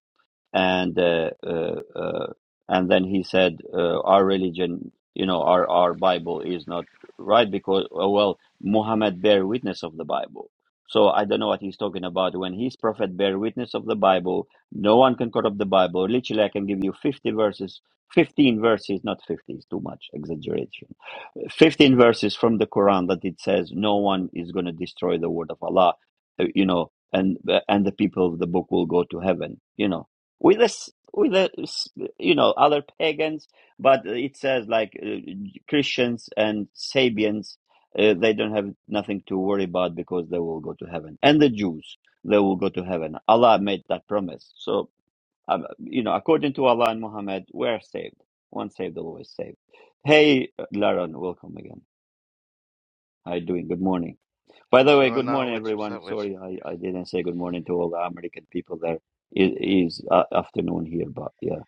and uh, uh, uh, and then he said uh, our religion you know our our bible is not right because oh, well muhammad bear witness of the bible so i don't know what he's talking about when his prophet bear witness of the bible no one can cut up the bible literally i can give you 50 verses 15 verses not 50 is too much exaggeration 15 verses from the Quran that it says no one is going to destroy the word of Allah, uh, you know, and uh, and the people of the book will go to heaven, you know, with this with the s- you know other pagans, but it says like uh, Christians and Sabians. Uh, they don't have nothing to worry about because they will go to heaven, and the Jews they will go to heaven. Allah made that promise, so um, you know, according to Allah and Muhammad, we're saved. Once saved, always saved. Hey, Laron, welcome again. How are you doing? Good morning. By What's the way, going good on morning, with you? What's everyone. up with Sorry, you? I, I didn't say good morning to all the American people there. It is uh, afternoon here, but yeah,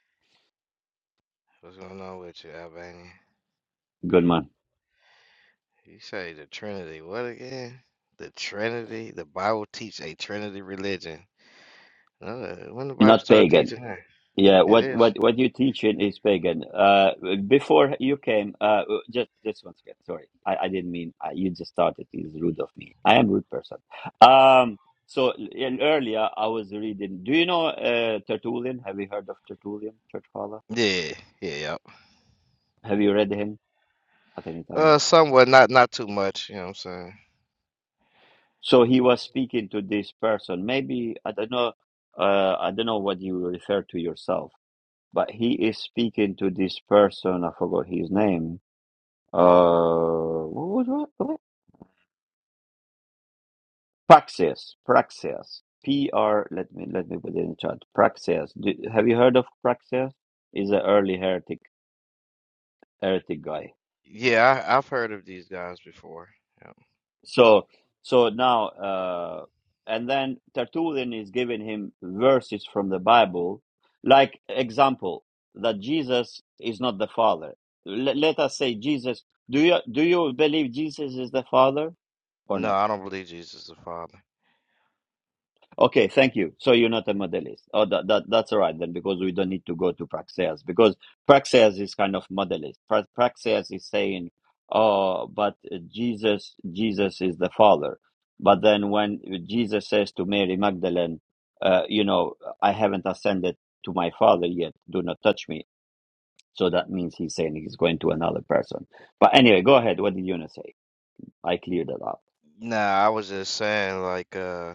What's going on with you, Albania? good man. You say the Trinity. What again? The Trinity? The Bible teach a Trinity religion. Uh, when the Bible Not started pagan. teaching that? Yeah, It what what is. what you teach in is pagan. Uh, before you came, uh, just just once again, sorry, I, I didn't mean I, you just started. It's rude of me. I am rude person. Um, so in, earlier I was reading. Do you know uh, Tertullian? Have you heard of Tertullian, church father? Yeah, yeah, yeah. Have you read him at any time? Uh, somewhat, not not too much. You know what I'm saying? So he was speaking to this person. Maybe I don't know. Uh, I don't know what you refer to yourself, but he is speaking to this person. I forgot his name Uh, what was that? Praxis. Praxis. P R. Let me let me put it in the chat. Praxis. Do, have you heard of Praxis? Is an early heretic heretic guy. Yeah, I, I've heard of these guys before. Yeah. So so now uh, and then Tertullian is giving him verses from the Bible, like example that Jesus is not the Father. Let, let us say Jesus. Do you do you believe Jesus is the Father or No, not? I don't believe Jesus is the Father. Okay, thank you. So you're not a modelist. Oh, that, that that's all right then, because we don't need to go to Praxeas, because Praxeas is kind of modelist. Pra- Praxeas is saying, "Oh, but uh, Jesus, Jesus is the Father." But then when Jesus says to Mary Magdalene, uh, "You know, I haven't ascended to my Father yet. Do not touch me." So that means he's saying he's going to another person. But anyway, go ahead. What did you want to say? I cleared that up. Nah, I was just saying, like, uh,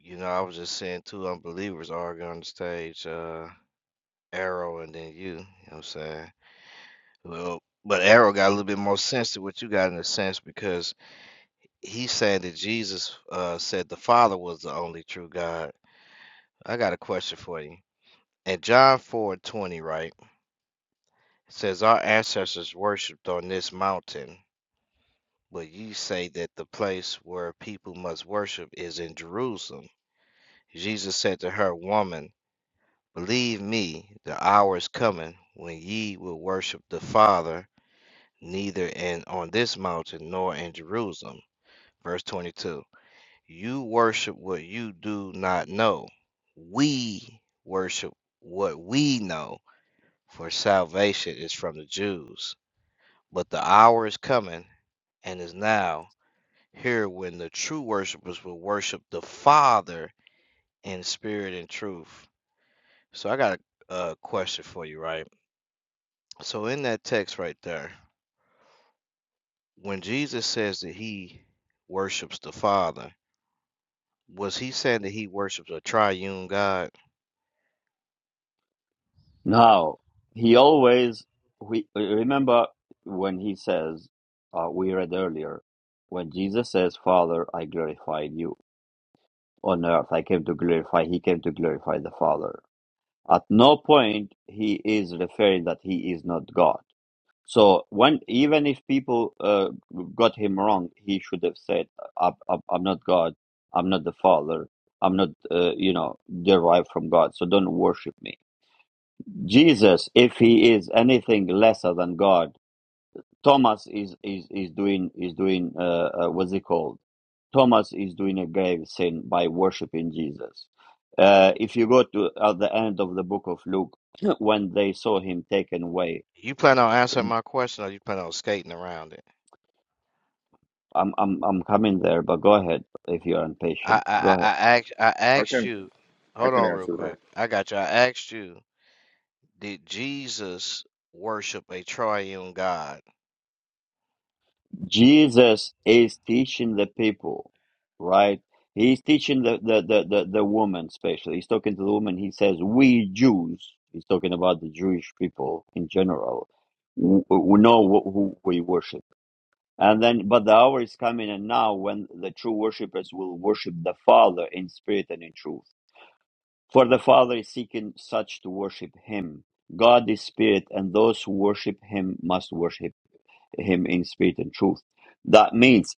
you know, I was just seeing two unbelievers arguing on the stage, uh, Arrow and then you. You know what I'm saying? Well, but Arrow got a little bit more sense to what you got in a sense because he said that Jesus uh, said the Father was the only true God. I got a question for you. In John four twenty, right, it says our ancestors worshipped on this mountain, but you say that the place where people must worship is in Jerusalem. Jesus said to her, Woman, believe me, the hour is coming when ye will worship the Father neither in on this mountain nor in Jerusalem. Verse 22 You worship what you do not know. We worship what we know, for salvation is from the Jews. But the hour is coming and is now here when the true worshipers will worship the Father in spirit and truth. So I got a, a question for you, right? So in that text right there, when Jesus says that he worships the Father, was he saying that he worships a triune God? Now, he always we remember when he says, uh, we read earlier, when Jesus says, "Father, I glorify you on earth. I came to glorify." He came to glorify the Father. At no point he is referring that he is not God. So when even if people uh, got him wrong, he should have said, "I'm, I'm I'm not God. I'm not the Father. I'm not, uh, you know, derived from God. So don't worship me." Jesus, if he is anything lesser than God, Thomas is is is doing is doing uh, uh, what's it called? Thomas is doing a grave sin by worshiping Jesus. Uh, if you go to at the end of the book of Luke, when they saw him taken away, You plan on answering my question, or you plan on skating around it? I'm I'm I'm coming there, but go ahead if you're I impatient. I Go I, ahead. I asked I I asked can. you. I Hold can on, real answer quick. that. I got you. I asked you. Did Jesus worship a triune God? Jesus is teaching the people, right? He's teaching the, the, the, the, the woman, especially. He's talking to the woman. He says, We Jews, he's talking about the Jewish people in general, w- we know wh- who we worship. And then, but the hour is coming and now when the true worshippers will worship the Father in spirit and in truth. For the Father is seeking such to worship him. God is spirit, and those who worship him must worship him in spirit and truth. That means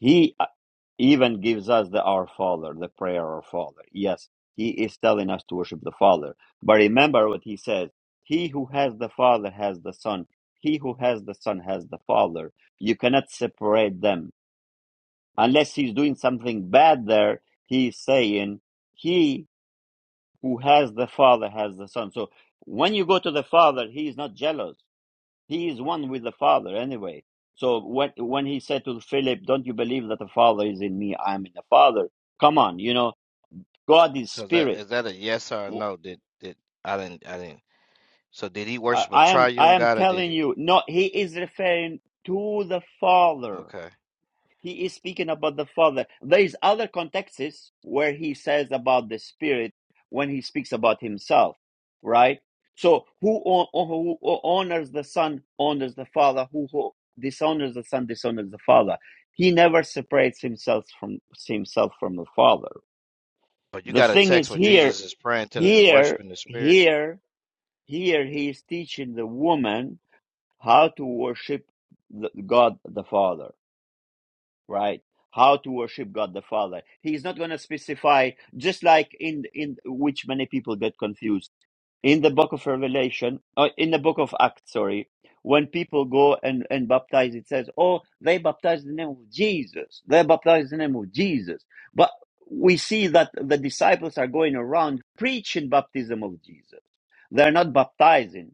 he uh, even gives us the Our Father, the prayer Our Father. Yes, he is telling us to worship the Father. But remember what he says He who has the Father has the Son. He who has the Son has the Father. You cannot separate them. Unless he's doing something bad there, he's saying, He who has the Father has the Son. So when you go to the Father, he is not jealous he is one with the father anyway so when when he said to philip don't you believe that the father is in me i am in the father come on you know god is So is that spirit is that a yes or a no? Did did I didn't I didn't. So did he I I worship a am i triune am God or did telling he? you no he is referring to the father Okay. he is speaking about the father there is other contexts where he says about the spirit when he speaks about himself right so who, o- who honors the son honors the father who, who dishonors the son dishonors the father he never separates himself from himself from the father But you the got a thing text is where here Jesus is praying to the here worshiping the Spirit. here here he is teaching the woman how to worship the, god the father right how to worship god the father he's not going to specify just like in in which many people get confused in the book of revelation uh, in the book of acts sorry when people go and and baptize it says oh they baptize in the name of jesus they baptize in the name of jesus but we see that the disciples are going around preaching baptism of jesus they're not baptizing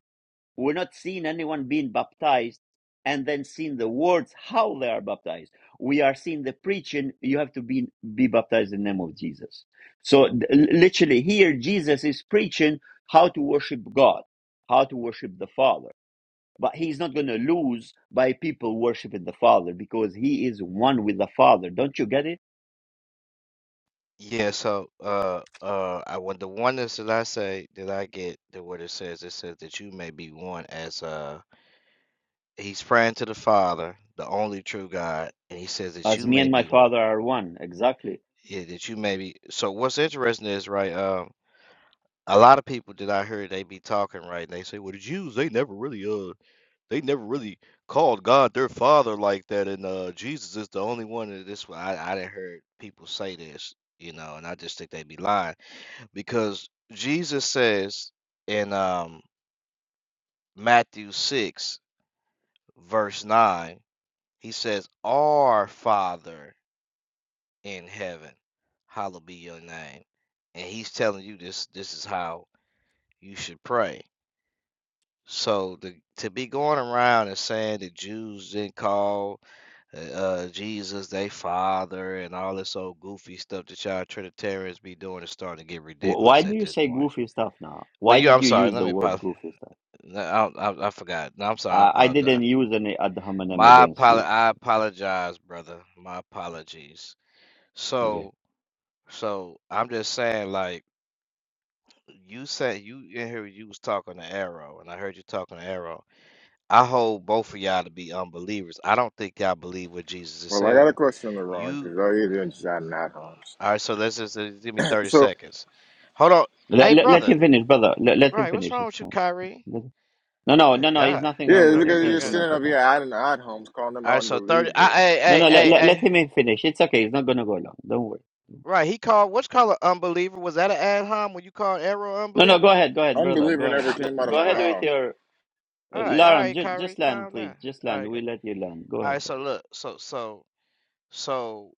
we're not seeing anyone being baptized and then seeing the words how they are baptized. We are seeing the preaching, you have to be, be baptized in the name of Jesus. So literally here, Jesus is preaching how to worship God, how to worship the Father. But he's not going to lose by people worshiping the Father because he is one with the Father. Don't you get it? Yeah. So uh uh, I when the oneness that I say that I get the what it says it says that you may be one as uh He's praying to the Father, the only true God, and he says that As you me may and my be one. Father are one. Exactly. Yeah, that you may be. So what's interesting is right. Um, a lot of people that I heard they be talking right. and They say, "Well, the Jews they never really uh they never really called God their father like that, and uh, Jesus is the only one that this. I I didn't heard people say this, you know, and I just think they be lying because Jesus says in um, Matthew six verse nine, he says, "Our Father." in heaven. Hallowed be your name. And he's telling you this this is how you should pray. So to to be going around and saying that Jews didn't call uh, uh, Jesus their father and all this old goofy stuff that y'all Trinitarians be doing is starting to get Why ridiculous do at you this say point. goofy stuff now? Well, Why you, did I'm you sorry. use Let the me. word apo- goofy stuff? no, I, I, I forgot. No, I'm sorry. I I, I apologize. didn't use any ad hominem My against apolo- you. I so, apologize, brother. My apologies. Okay. So, so I'm just saying, like. you say you in here you was talking to Arrow, and I heard you talking to Arrow. I hold both of y'all to be unbelievers. I don't think y'all believe what Jesus is Well, I got a saying. question, LeRon, You because all you're doing is just adding ad homs. all right? So let's just uh, give me thirty So seconds. Hold on, Let, hey let, let brother, him finish, brother. Let, let him right? What's finish. wrong It's with you, fine. Kyrie? Let- no, no, no, Good no. He's God. nothing yeah, wrong with look Okay, him. at you good, Please do just good. not sitting up attack. here adding ad homs, calling them All an right, so thirty. I, unbeliever. hey, No, hey, no. Let, hey, let, let hey. him finish. It's okay. He's not going to go long. Don't worry. Right, he called. What's called an unbeliever? Was that an ad hom when you called Arrow an No, no. Go unbeliever? ahead. Go ahead, brother. Go Unbeliever ahead. never Go, came out of go my All ahead right, with mouth. your. all Uh, right, all Lauren, right, ju- Kyrie, just land, calm down. please. Just All land. right, We good. let you land. Go All right, ahead. so look, so so so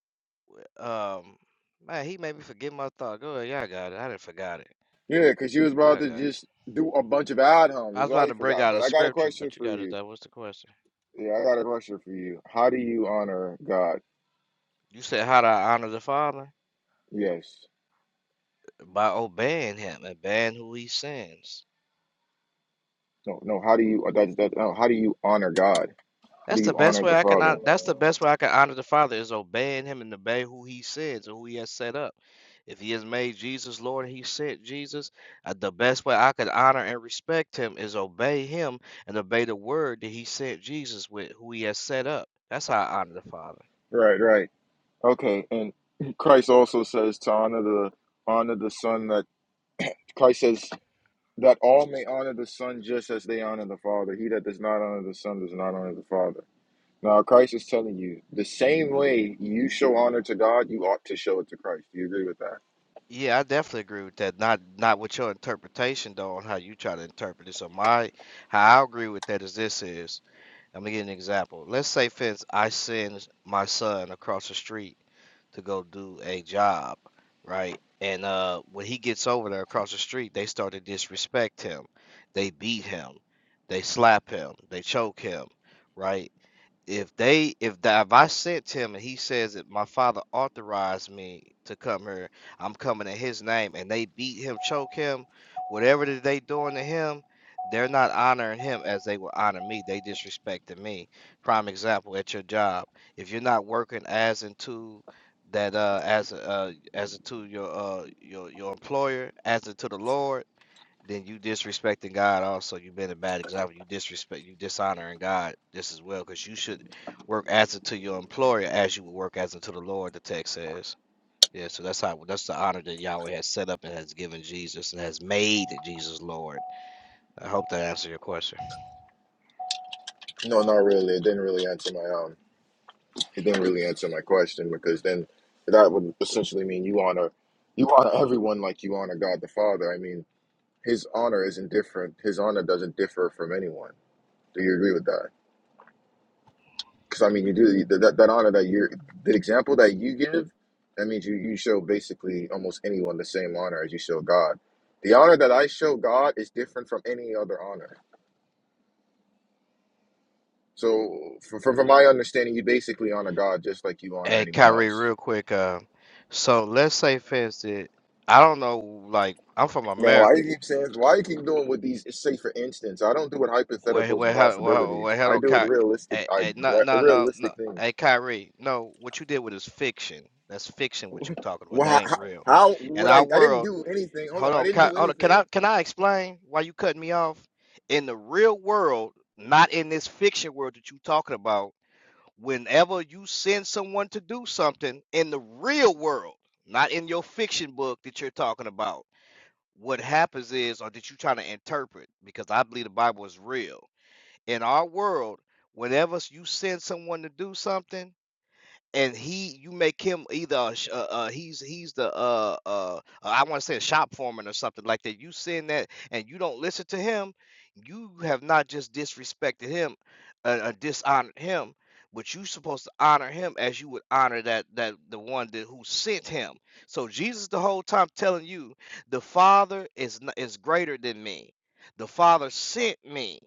Um, man, he made me forget my thought. Go ahead, y'all got it. I didn't forgot it. Yeah, because you was about Y'all to got it. just do a bunch of ad I homs. Is was all about you to bring forgot. out But a I got a scripture, question but you for got it. you. That was the question. Yeah, I got a question for you. How do you honor God? You said, "How do I honor the Father?" Yes. By obeying Him and obeying who He sends. No, no. How do you uh, that's that? No, how do you honor God? How That's do the you best honor way the I can Father? hon- that's the best way I can honor the Father is obeying him and obey who he says or who he has set up. If he has made Jesus Lord he sent Jesus, uh, the best way I could honor and respect him is obey him and obey the word that he sent Jesus with, who he has set up. That's how I honor the Father. Right, right. Okay, and Christ also says to honor the honor the Son. That Christ says that all may honor the Son just as they honor the Father. He that does not honor the Son does not honor the Father. Now Christ is telling you the same way you show honor to God, you ought to show it to Christ. Do you agree with that? Yeah, I definitely agree with that. Not not with your interpretation though on how you try to interpret it. So my how I agree with that is this is I'm gonna give you an example. Let's say, for instance, I send my son across the street to go do a job, right? And uh, when he gets over there across the street, they start to disrespect him. They beat him. They slap him. They choke him, right? if they if the, if I sent him and he says that my father authorized me to come here, I'm coming in his name, and they beat him, choke him, whatever that they doing to him, they're not honoring him as they would honor me. They disrespecting me. Prime example at your job. If you're not working as into that uh as uh as into your uh your your employer as into the Lord then you disrespecting God also. You've been a bad example. You disrespect, you dishonoring God this as well, because you should work as unto your employer as you would work as unto the Lord, the text says. Yeah, so that's how that's the honor that Yahweh has set up and has given Jesus and has made Jesus Lord. I hope that answers your question. No, not really. It didn't really answer my um It didn't really answer my question because then that would essentially mean you honor you honor everyone like you honor God the Father. I mean, His honor isn't different. His honor doesn't differ from anyone. Do you agree with that? Because I mean, you do that, that honor that you're the example that you give. That means you you show basically almost anyone the same honor as you show God. The honor that I show God is different from any other honor. So, from, from my understanding, you basically honor God just like you honor Hey anyone Kyrie, else. real quick. Uh, so let's say, for instance, I don't know. Like, I'm from Man, why America. you keep saying? Why you keep doing with these? Say, for instance, I don't do it Where, hypotheticals where, and hell- where, possibilities. where, I hello, do it Ky. realistic. Hey, I hey, no, no, no, no. realistic things. Hey, Kyrie, no. What you did with is fiction. That's fiction. What you talking about? That Why? ain't How, real. how In would our I? I didn't world, do anything. Hold hold on, I on, didn't Ky, do hold on. Can anything. I, can I explain why you cutting me off? In the real world, not in this fiction world that you talking about. whenever you send someone to do something in the real world, not in your fiction book that you're talking about, what happens is, or that you're trying to interpret, because I believe the Bible is real. In our world, whenever you send someone to do something, and he you make him either a sh- uh, uh he's he's the uh uh uh, I want to say a shop foreman or something like that. You send that and you don't listen to him, you have not just disrespected him, uh, uh dishonored him, but you supposed to honor him as you would honor that that the one that who sent him. So Jesus the whole time telling you the Father is n- is greater than me. The Father sent me.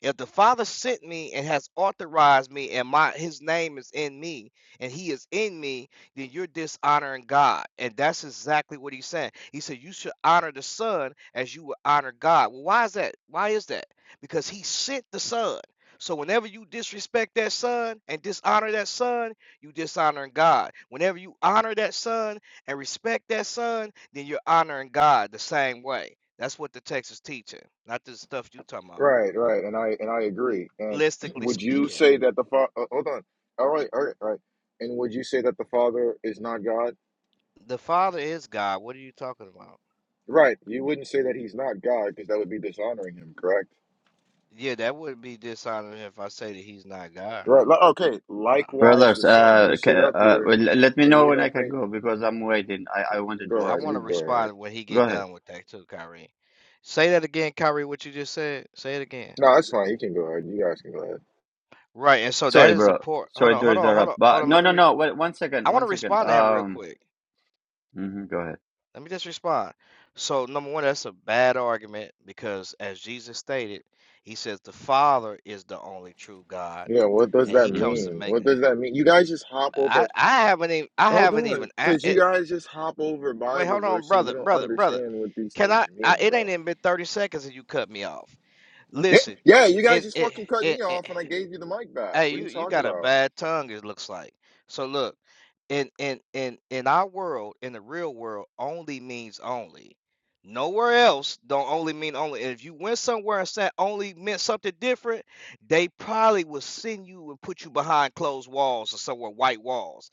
If the Father sent me and has authorized me and my his name is in me, and he is in me, then you're dishonoring God. And that's exactly what he's saying. He said, You should honor the Son as you would honor God. Well, why is that? Why is that? Because he sent the Son. So whenever you disrespect that son and dishonor that son, you dishonoring God. Whenever you honor that son and respect that son, then you're honoring God the same way. That's what the text is teaching, not the stuff you talking about. Right, right, and I and I agree. And Realistically would you speaking, say that the father? Uh, hold on. All right, all right, all right. And would you say that the father is not God? the Father is God. What are you talking about? Right. You wouldn't say that he's not God because that would be dishonoring him. Correct. Yeah, that would be dishonoring if I say that he's not God. Right. li- Okay. Huh. Likewise, Brothers, the son. You uh, sit ca- up uh, here well, let me and know you when I don't can think. go because I'm waiting. I, I wanted Go to I ahead. ask want to You him as go well. ahead. respond when he Go get ahead. done with that too, Kyrie. Say that again, Kyrie. What you just said. Say it again. No, that's fine. You can go ahead. You guys can go ahead. Right, and so that Sorry, is a bro. poor. Hold Sorry on, to hold on, hold on, interrupt. hold But on. Let no, me. no, Re- no. Wait, one second. I want One to second. respond to him real Um, quick. mhm, go ahead. Let me just respond. So number one, that's a bad argument because, as Jesus stated, he says the Father is the only true God, Yeah, what does and that he hmm comes to mean? make. What does that mean? You guys just hop I over. I haven't even I Hold haven't even. on, a- because it, you guys just hop over Wait, Bible hold on, verse and you brother, don't brother, brother. understand what these Can things I? mean, I it bro. ain't even been thirty seconds and you cut me off. Yeah, Listen, yeah, you guys and just it, fucking cut it, me it, off and I gave you the mic back. Hey, What are you you you talking got a about? bad tongue, it looks like. So look, in in in in our world, in the real world, only means only. Nowhere else don't only mean only. And if you went somewhere and said only meant something different, they probably would send you and put you behind closed walls or somewhere white walls.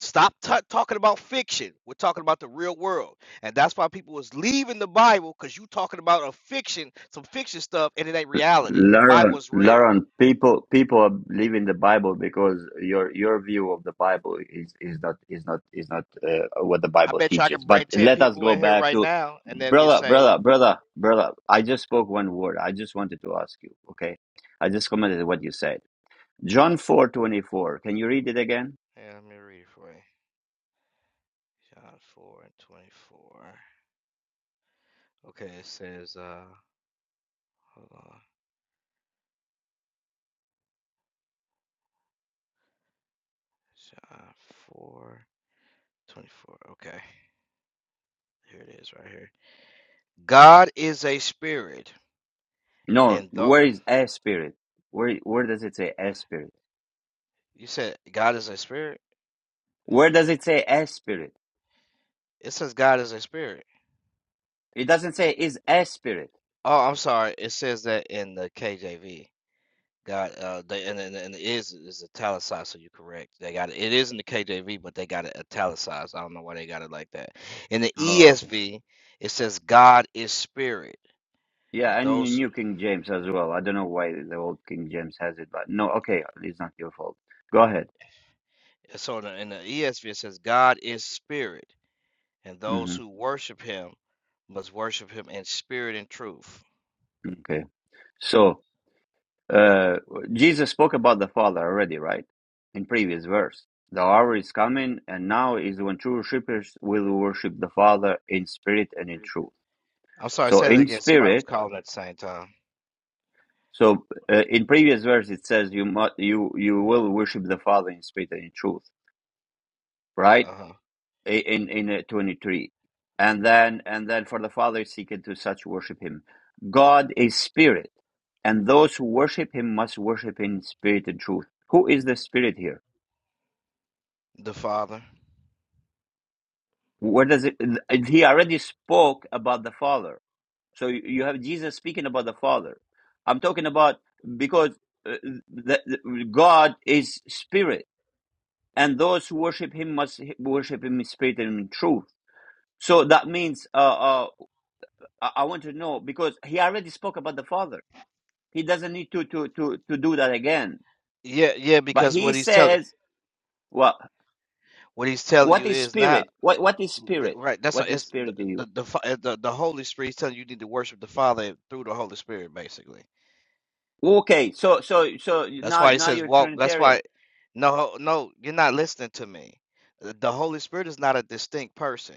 Stop ta talking about fiction. We're talking about the real world, and that's why people was leaving the Bible because you talking about a fiction, some fiction stuff, and it ain't reality. The Bible Lauren, is real. Lauren, people, people are leaving the Bible because your your view of the Bible is is not is not is not uh, what the I Bible bet you I teaches. could bring But 10 let us people go in here back right to now and they'll get brother, brother, saved. brother, brother. I just spoke one word. I just wanted to ask you. Okay, I just commented what you said. John four twenty four. Can you read it again? Yeah, let me read it for you. John 4 and 24. Okay, it says, uh, hold on. John 4 24. Okay, here it is right here. God is a spirit. No. And though Where is a spirit? Where where does it say a spirit? you said God is a spirit, Where does it say a spirit? it says God is a spirit. It doesn't say is a spirit. Oh, I'm sorry. It says that in the KJV. Got uh, they and and and it is is italicized, so you're correct. They got it. It is in the KJV, but they got it italicized. I don't know why they got it like that. In the Oh, okay. ESV, it says God is spirit, Yeah, and and the those who New King James as well. I don't know why the old King James has it, but no, okay, it's not your fault. Go ahead. so in the, in the ESV it says God is spirit, and those hmm who worship Him must worship Him in spirit and truth. Okay. So, uh, Jesus spoke about the Father already, right? In previous verse. The hour is coming, and now is when true worshippers will worship the Father in spirit and in truth. I'm sorry, So, say that in again. Somebody was spirit, calling at the same time. so uh, in previous verse it says you must, you you will worship the Father in spirit and in truth right? Uh huh. I- In in uh, 23. And then and then for the Father seeketh to such worship him. God is spirit, and those who worship him must worship in spirit and truth. Who is the spirit here? The Father. Where does it he already spoke about the Father. So you you have Jesus speaking about the Father. I'm talking about because uh, the, the, God is spirit, and those who worship him must worship him in spirit and in truth. So that means uh, uh, I, I want to know because he already spoke about the Father. He doesn't need to to to to do that again. Yeah, yeah, But because he what he's telling says, "Well, what he's telling what you is is not spirit? What what is Th- spirit? Right, that's What a, is it's the spirit to you?" the, the fa- uh, the the Holy Spirit. He's telling you, you need to worship the Father through the Holy Spirit, basically. Okay, so so so That's now why he now says you're walk. That's Trinitarian. why no, no, you're not listening to me. The the Holy Spirit is not a distinct person.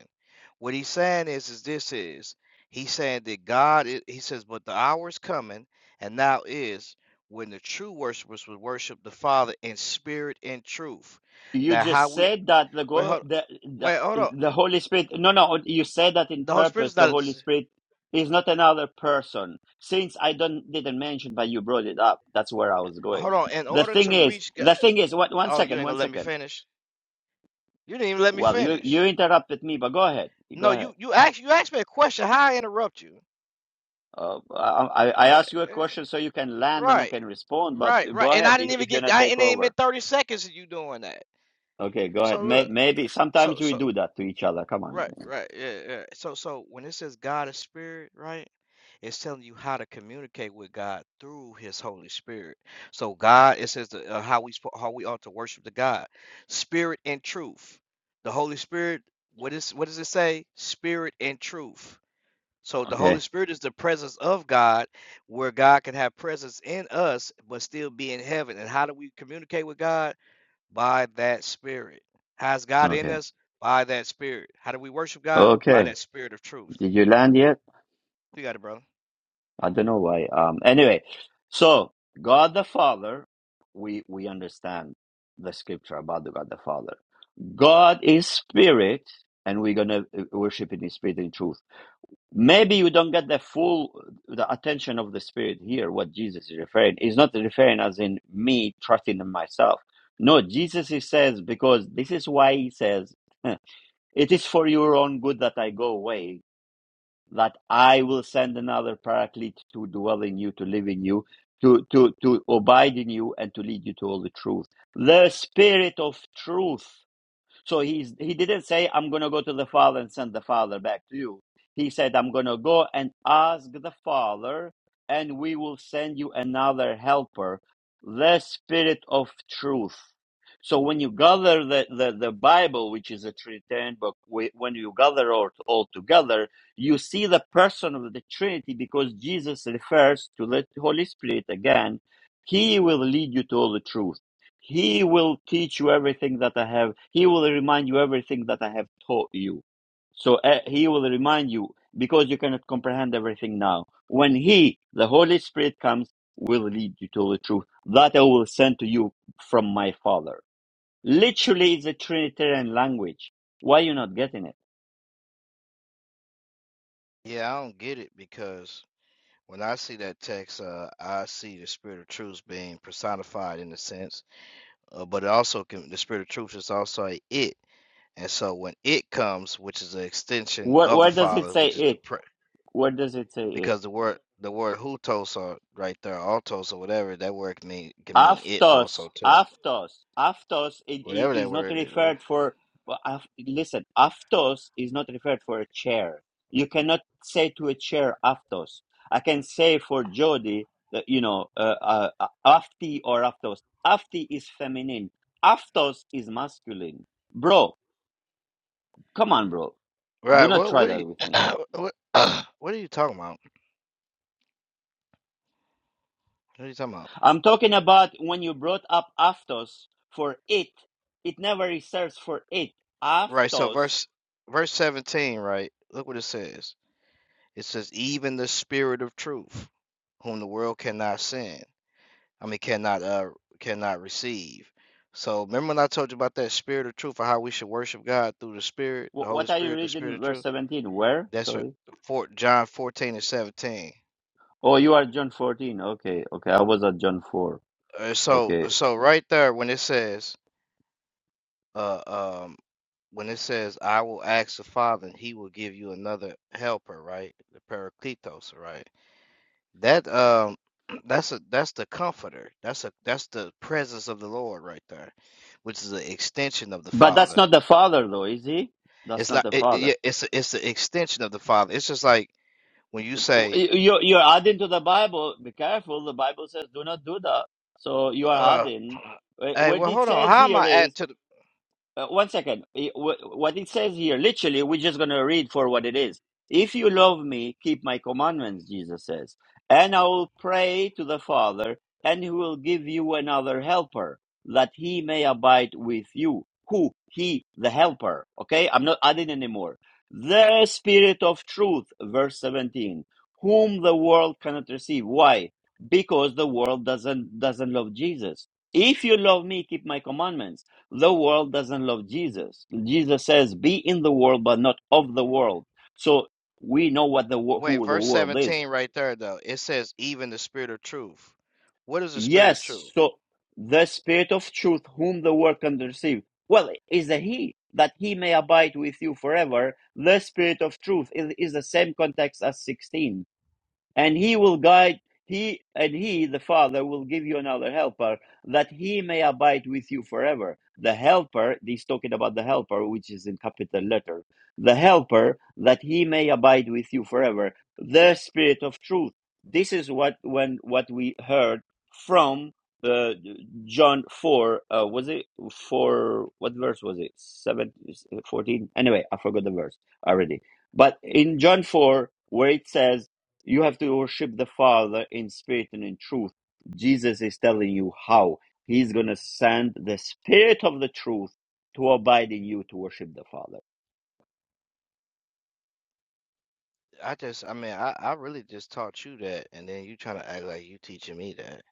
What he's saying is, is this is he's saying that God. i- He says, but the hour is coming, and now is when the true worshipers will worship the Father in spirit and truth. You Now, how just we said that the wait, go hold, the the, wait, hold on. the Holy Spirit. No, no, you said that in The Holy Spirit purpose. is The not. a Holy dis- Spirit is not another person. Since I don't didn't mention, but you brought it up. That's where I was going. Hold on. In The order thing to is, reach God, the thing is, what? One oh, you second, ain't one gonna let me second finish. You didn't even let me Well, you you finish. interrupted me, but go ahead. Go No, ahead. you you asked you asked me a question. How I interrupt you? Uh, I I I Right, asked you a eh, question so you can land and I right, can respond, but right, right. go And ahead I didn't if, even if you're get. gonna I take it ain't been over. thirty seconds of you doing that. Okay, go ahead. So May, look. maybe So sometimes we so do that to each other. Come on. Right, right, yeah, yeah. So, so when it says God is spirit, right, it's telling you how to communicate with God through His Holy Spirit. So, God, it says the, uh, how we spo- how we ought to worship the God, spirit and truth. The Holy Spirit, what is what does it say? Spirit and truth. So, the Holy Okay. Spirit is the presence of God, where God can have presence in us but still be in heaven. And how do we communicate with God? by that spirit. How's God in Okay. us? By that spirit. How do we worship God? By Okay. that spirit of truth. Did you land yet? You got it, brother. I don't know why. Um. Anyway, so God the Father, we we understand the scripture about the God the Father. God is spirit, and we're gonna uh, worship in His spirit and truth maybe you don't get the full the attention of the spirit here what jesus is referring is not referring as in me trusting in myself no jesus he says because this is why he says "Huh, it is for your own good that i go away that i will send another paraclete to dwell in you to live in you to to to abide in you and to lead you to all the truth the spirit of truth so he's he didn't say, I'm gonna go to the Father and send the Father back to you. He said, I'm gonna go and ask the Father, and we will send you another helper, the spirit of truth. So when you gather the, the, the Bible, which is a Trinitarian book, whe- when you gather all, all together, you see the person of the Trinity because Jesus refers to the Holy Spirit again. He will lead you to all the truth he will teach you everything that I have. He will remind you everything that I have taught you. So uh, he will remind you because you cannot comprehend everything now. When he, the Holy Spirit comes, will lead you to the truth that I will send to you from my Father. Literally, it's a Trinitarian language. Why are you not getting it? Yeah, I don't get it because when I see that text, uh, I see the spirit of truth being personified in a sense, uh, but it also can, the spirit of truth is also a it. And so when it comes, which is an extension Where, of the where does it Father, say which is the it? pre- Where does it say it? because the word the word hutos or right there, altos or whatever that word can mean can mean it Aftos, also too. aftos, aftos i- i- Whatever that is not word is. referred for. well, af- Listen, aftos is not referred for a chair. You cannot say to a chair aftos. I can say for Jody, that, you know, uh, uh, uh, afti or aftos. Afti is feminine. Aftos is masculine. Bro, come on, bro. Do Right. not What try what are that you with me. what, what are you talking about? What are you talking about? I'm talking about when you brought up aftos for it. It never reserves for it. Right, so Aftos verse verse 17, right? Look what it says. It says, even the spirit of truth, whom the world cannot send. I mean cannot uh cannot receive. So remember when I told you about that spirit of truth or how we should worship God through the Spirit, the Wh- Holy What are you Spirit, the Spirit reading? of Verse Truth? 17. Where? That's right. Sorry. Four, John 14 and 17. Oh, you are John 14. Okay. Okay. I was at John 4. Uh, so Okay. so right there when it says uh um when it says I will ask the Father and he will give you another helper, right? The Parakletos, right? That um that's a that's the comforter. That's a that's the presence of the Lord right there, which is an extension of the But that's Father. not the Father, though, is he? That's It's not not the it, it, yeah, Father. it's a, it's the extension of the Father. It's just like when you say you- You're, you're adding to the Bible. Be careful. The Bible says do not do that. So you are uh adding. Wh- hey, What well it hold on. says How am here I adding is to the Uh, one second. It- wh- What it says here, literally, we're just going to read for what it is. If you love me, keep my commandments, Jesus says, and I will pray to the Father, and he will give you another helper, that he may abide with you. Who? He, the helper. Okay? I'm not adding anymore. The Spirit of truth, verse 17, whom the world cannot receive. Why? Because the world doesn't doesn't love Jesus. If you love me, keep my commandments the world doesn't love Jesus. Jesus says, "Be in the world, but not of the world." So we know what the wo- wait, who the verse world is. 17 right there though. It says even the spirit of truth. What is the spirit of truth? Yes. So the Spirit of Truth, whom the world can receive, well, is a He that He may abide with you forever. The Spirit of Truth is, is the same context as sixteen and he will guide he and he the father will give you another helper that he may abide with you forever the helper he's talking about the helper which is in capital letter the helper that he may abide with you forever the spirit of truth this is what when what we heard from uh, john 4 uh, was it 4 what verse was it 7 14 anyway i forgot the verse already but in john 4 where it says you have to worship the Father in spirit and in truth. Jesus is telling you how. He's going to send the spirit of the truth to abide in you to worship the Father. I just, I mean, I, I really just taught you that, and then you trying to act like you teaching me that.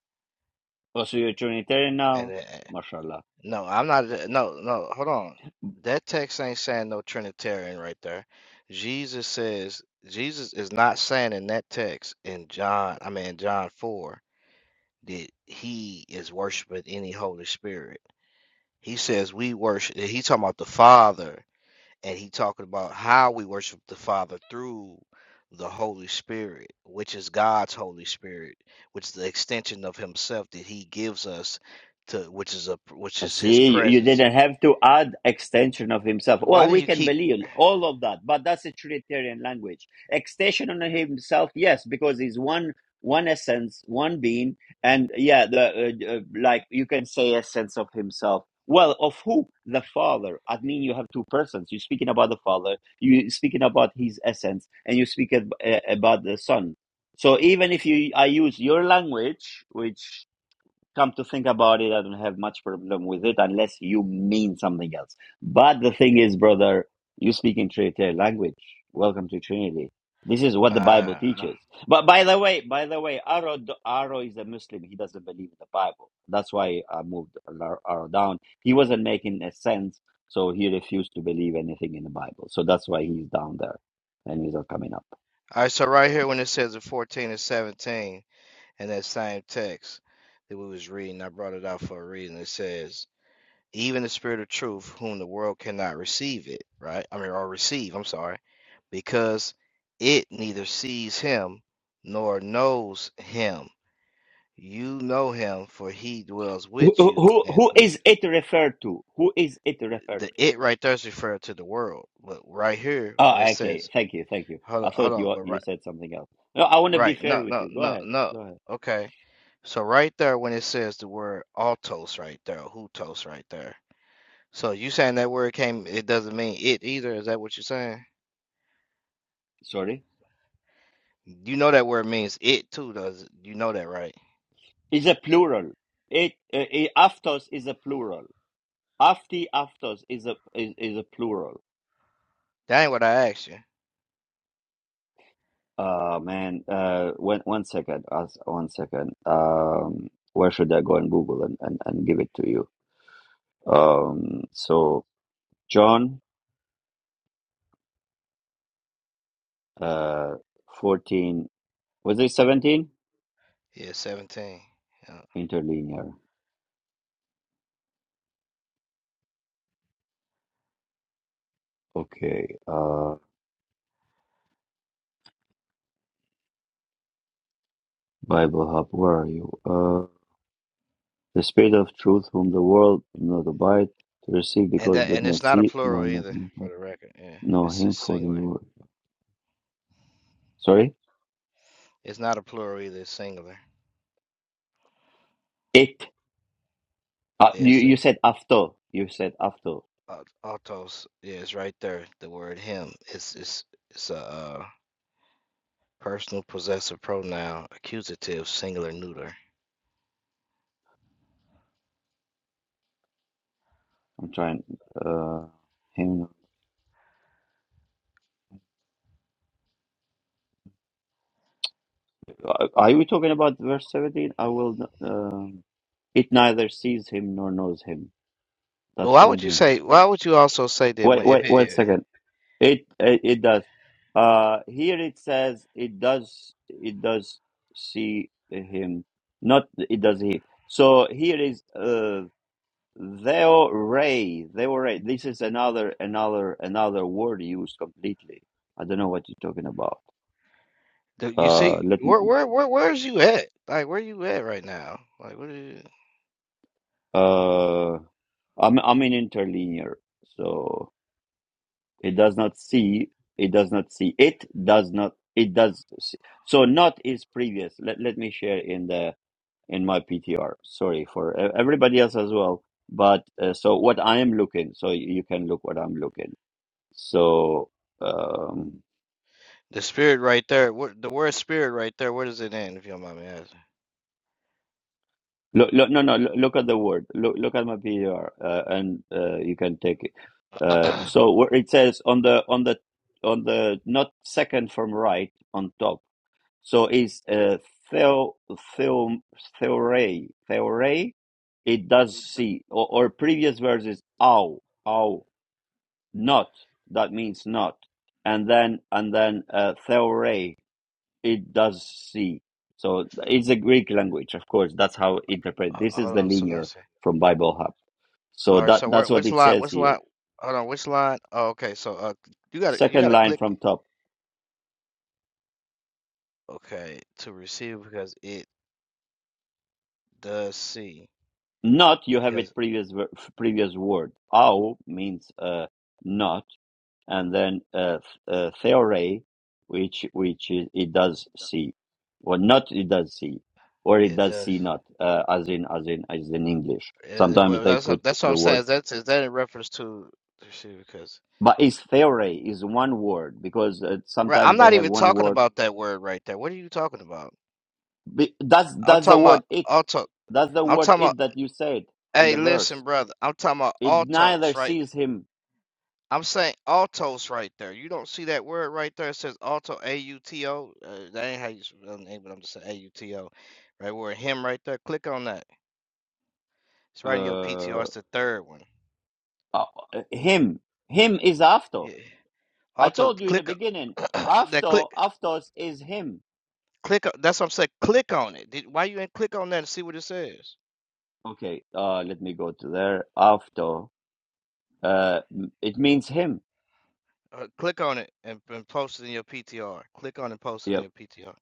Oh, so you're Trinitarian And now? then, eh, MashaAllah. no, I'm not. th- No, no, hold on. That text ain't saying no Trinitarian right there. Jesus says Jesus is not saying in that text in John, I mean in John four, that he is worshiping any Holy Spirit. He says we worship. He talking about the Father. and he talking about how we worship the Father through the Holy Spirit, which is God's Holy Spirit, which is the extension of Himself that He gives us to, which is a which is His See, you, you presence. didn't have to add extension of himself. Why Well, do we you can keep? believe all of that, but that's a Trinitarian language. Extension on himself, yes, because he's one one essence, one being, and yeah, the uh, uh, like you can say essence of himself. Well, of who? The Father. I mean, you have two persons. You're speaking about the Father. You're speaking about His essence, and you speak ab- uh, about the Son. So even if you, I use your language, which Come to think about it, I don't have much problem with it unless you mean something else. But the thing is, brother, you speak in Trinitarian language. Welcome to Trinity. This is what the Bible Uh, all teaches. But by the way, by the way, Aro, Aro is a Muslim. He doesn't believe in the Bible. That's why I moved Aro Aro down. He wasn't making a sense, so he refused to believe anything in the Bible. So that's why he's down there and he's not coming up. right, so right here when it says in fourteen and seventeen in that same text that we was reading, I brought it out for a reason. It says. even the spirit of truth, whom the world cannot receive it, right? I mean, or receive, I'm sorry, because it neither sees him nor knows him. You know him, for he dwells Who, with you. who, And who is it referred to? Who is it referred the to? it right there is referred to the world. But right here, Oh, when it okay. says, Thank you. Thank you. hold I on, hold thought on, you but you right, said something else. No, I want to be right, fair no, with no, you. Go no, ahead. no, Go ahead. okay. So right there, when it says the word autos right there, hutos right there So you saying that word came, it doesn't mean it either. Is that what you're saying? Sorry. You know that word means it too, does it? You know that, right? Is a plural. It, uh, it aftos is a plural. Afti aftos is a is, is a plural. That ain't what I asked you. Uh man. Uh, one one second. Us one second. Um, where should I go and Google and, and, and give it to you? Um, so John, uh, fourteen. Was it seventeen? Yeah, 17. Yeah. Interlinear. Okay. Uh. Bible Hub, where are you? Uh, the Spirit of Truth, whom the world did not abide to receive, And because that did and it's not not a see, no, plural not either, not for know. the record. Yeah, no it's a him for the singular. Lord. Sorry, It's not a plural either, it's singular. it. Uh, Yeah, you you sing said after. You said after. aut- autos. Yeah, it's right there. The word him. It's it's it's a uh, personal possessive pronoun, accusative, singular, neuter. I'm trying. Uh, him. Are are we talking about verse seventeen? I will. Um, it neither sees him nor knows him. Well, That's Why would you seventeen. say? Why would you also say that Wait, when if wait, wait a it, second. It it, it does. Uh, here it says it does it does see him. Not it does he. So here is uh theo ray theo ray. This is another another another word used completely. I don't know what you're talking about. Do you Uh, see let me. where where where where's you at? Like where you at right now? Like what is Uh, I'm I'm in interlinear, so it does not see. It does not see. It does not. It does. See. So not is previous. Let let me share in the in my PTR. Sorry for e- everybody else as well. But uh, so what I am looking, so you you can look what I'm looking. So um, the spirit right there? What the word spirit right there? Where does it end? If you don't mind me asking. look, look, no, no, look, look at the word. Look, look at my PTR, uh, and uh, you can take it. Uh, so where it says on the on the on the not second from right on top. So is uh, theo theo theoray theoray. It does see or, or previous verses. Ow ow not that means not and then and then uh, theore it does see so it's a greek language of course that's how interpret Uh, this is Hold the on. So linear let's see. from bible hub so All right. that So where? that's what Which it lot? says Which here lot? Hold on. Which lot? Oh, okay. So uh, you gotta you second gotta line from click. top Okay, to receive because it does see Not you have because it previous ver- previous word. Au means uh, not, and then uh, uh, theore, which which is, it does see, or not it does see, or it it does does. see not, uh, as in as in as in English. It, it, Sometimes well, they that's what, put that's what I'm the saying. Is words, that is that in reference to to receive because but is theore is one word because uh, right? I'm sometimes they not have even one talking word. about that word right there. What are you talking about? Be- That's I'm that's the talking about word it. auto. That's the I'm word talking it about. that you said in Hey, the listen, verse. brother. I'm talking about It autos, neither right? sees him. I'm saying autos right there. You don't see that word right there. It says auto, A U T O. Uh, that ain't how you spell the name, but I'm just saying A U T O. Right where him right there. Click on that. It's right in your Uh, PTR. It's the third one. uh, him. Him is after. Yeah. I Auto. told you in the Click. beginning. o- that click. After, aftos is him. Click. o- That's what I'm saying. Click on it. Did, why you ain't click on that and see what it says? Okay. Uh, let me go to there. After. Uh, m- it means him. Uh, click on it and, and post it in your PTR. Click on and post it in Yep. your PTR.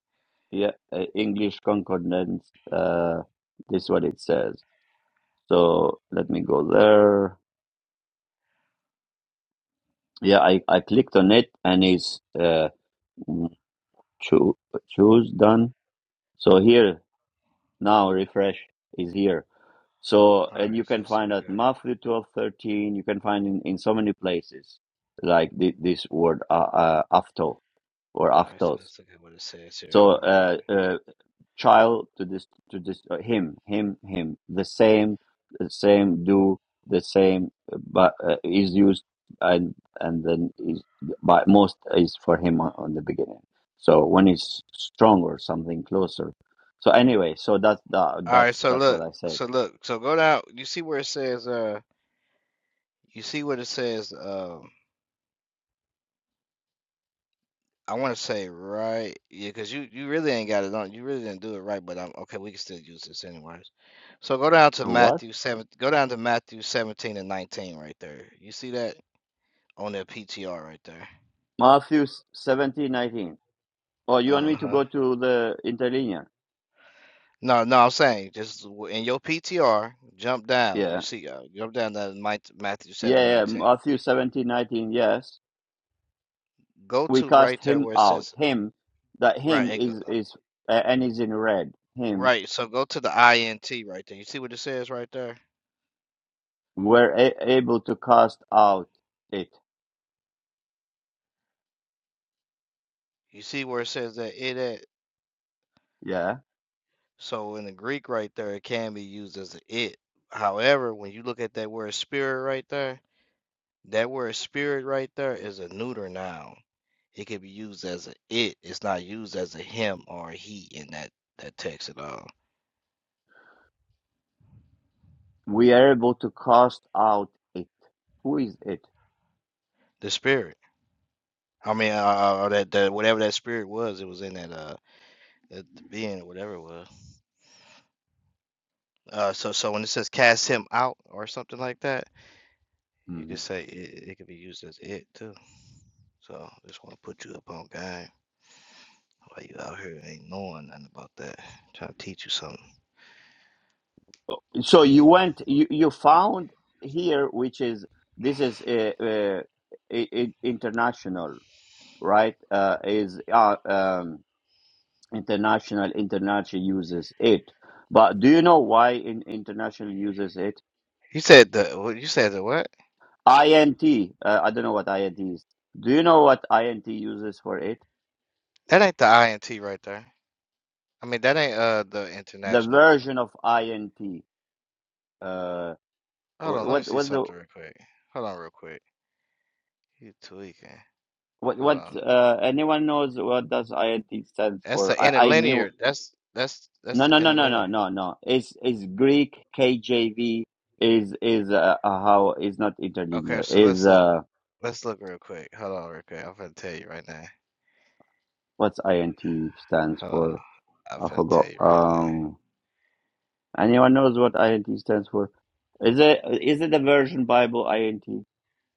Yeah. Uh, English concordance. Uh, this is what it says. So let me go there. Yeah, I, I clicked on it and it's uh, choo- choose done. So here now refresh is here. So, All right. and you So can let's see what find we at got. Matthew 12 13. you can find in, in so many places, like the, this word, uh, uh, afto or All right, so aftos. let's look at what it says here. So, Hold on. uh, uh, child to this, to this, uh, him, him, him, the same, the same do, the same, uh, but uh, is used and, and then is, but most is for him on, on the beginning. So when it's strong or something closer. So anyway, so that's, that, All right, that's, so that's what look, I said. so look, so go down. You see where it says, uh, you see what it says. Um, I want to say right, yeah, because you you really ain't got it on. You really didn't do it right, but I'm okay. We can still use this anyways. So go down to What? Matthew seven. Go down to Matthew seventeen and nineteen right there. You see that on their PTR right there. Matthew 17 19. Oh, you want Uh me to huh. go to the interlinear? No, no, I'm saying just w- in your PTR, jump down. You Yeah. see, uh, jump down to Mike- Matthew seven and Yeah, yeah. nineteen Matthew 17 19. Yes. go We to cast right there him where it says out. Him, that Right, him and go, is, is uh, and is in red. Him. right. So go to the INT right there. You see what it says right there? We're a- able to cast out it. You see where it says that it at? Yeah. So in the Greek right there, it can be used as a it. However, when you look at that word spirit right there, that word spirit right there is a neuter noun. It can be used as a it. It's not used as a him or a he in that that text at all. We are able to cast out it. Who is it? The spirit. I mean, uh, uh, uh, that, that whatever that spirit was, it was in that uh that being or whatever it was. Uh, so so when it says cast him out or something like that, you can Mhm. say it, it can be used as it too. So just want to put you up on game while you out here ain't knowing nothing about that. I'm Trying to teach you something. So you went, you, you found here, which is, this is uh, uh, i i international. right, uh, is uh, um, international international uses it. But do you know why in, international uses it? You said the what? You said the what? INT. Uh, I don't know what INT is. Do you know what INT uses for it? That ain't the INT right there. I mean that ain't uh the The international. version uh, of INT. Uh, Hold wh- on, let me what see what the something real quick. Hold on real quick. You tweaking? what Hold what on. uh, anyone knows what does INT stand That's for? the I, I knew. interlinear. That's that's that's No the no no no interlinear. no no no. It's it's Greek KJV is is uh, uh, how is not Okay, interlinear so let's is look. uh Let's look real quick. Hold on real quick. I'm gonna tell you right now. What's INT stands Hold on. for? I'm I finna tell forgot. you right now. Um, anyone knows what INT stands for? Is it is it the version Bible INT,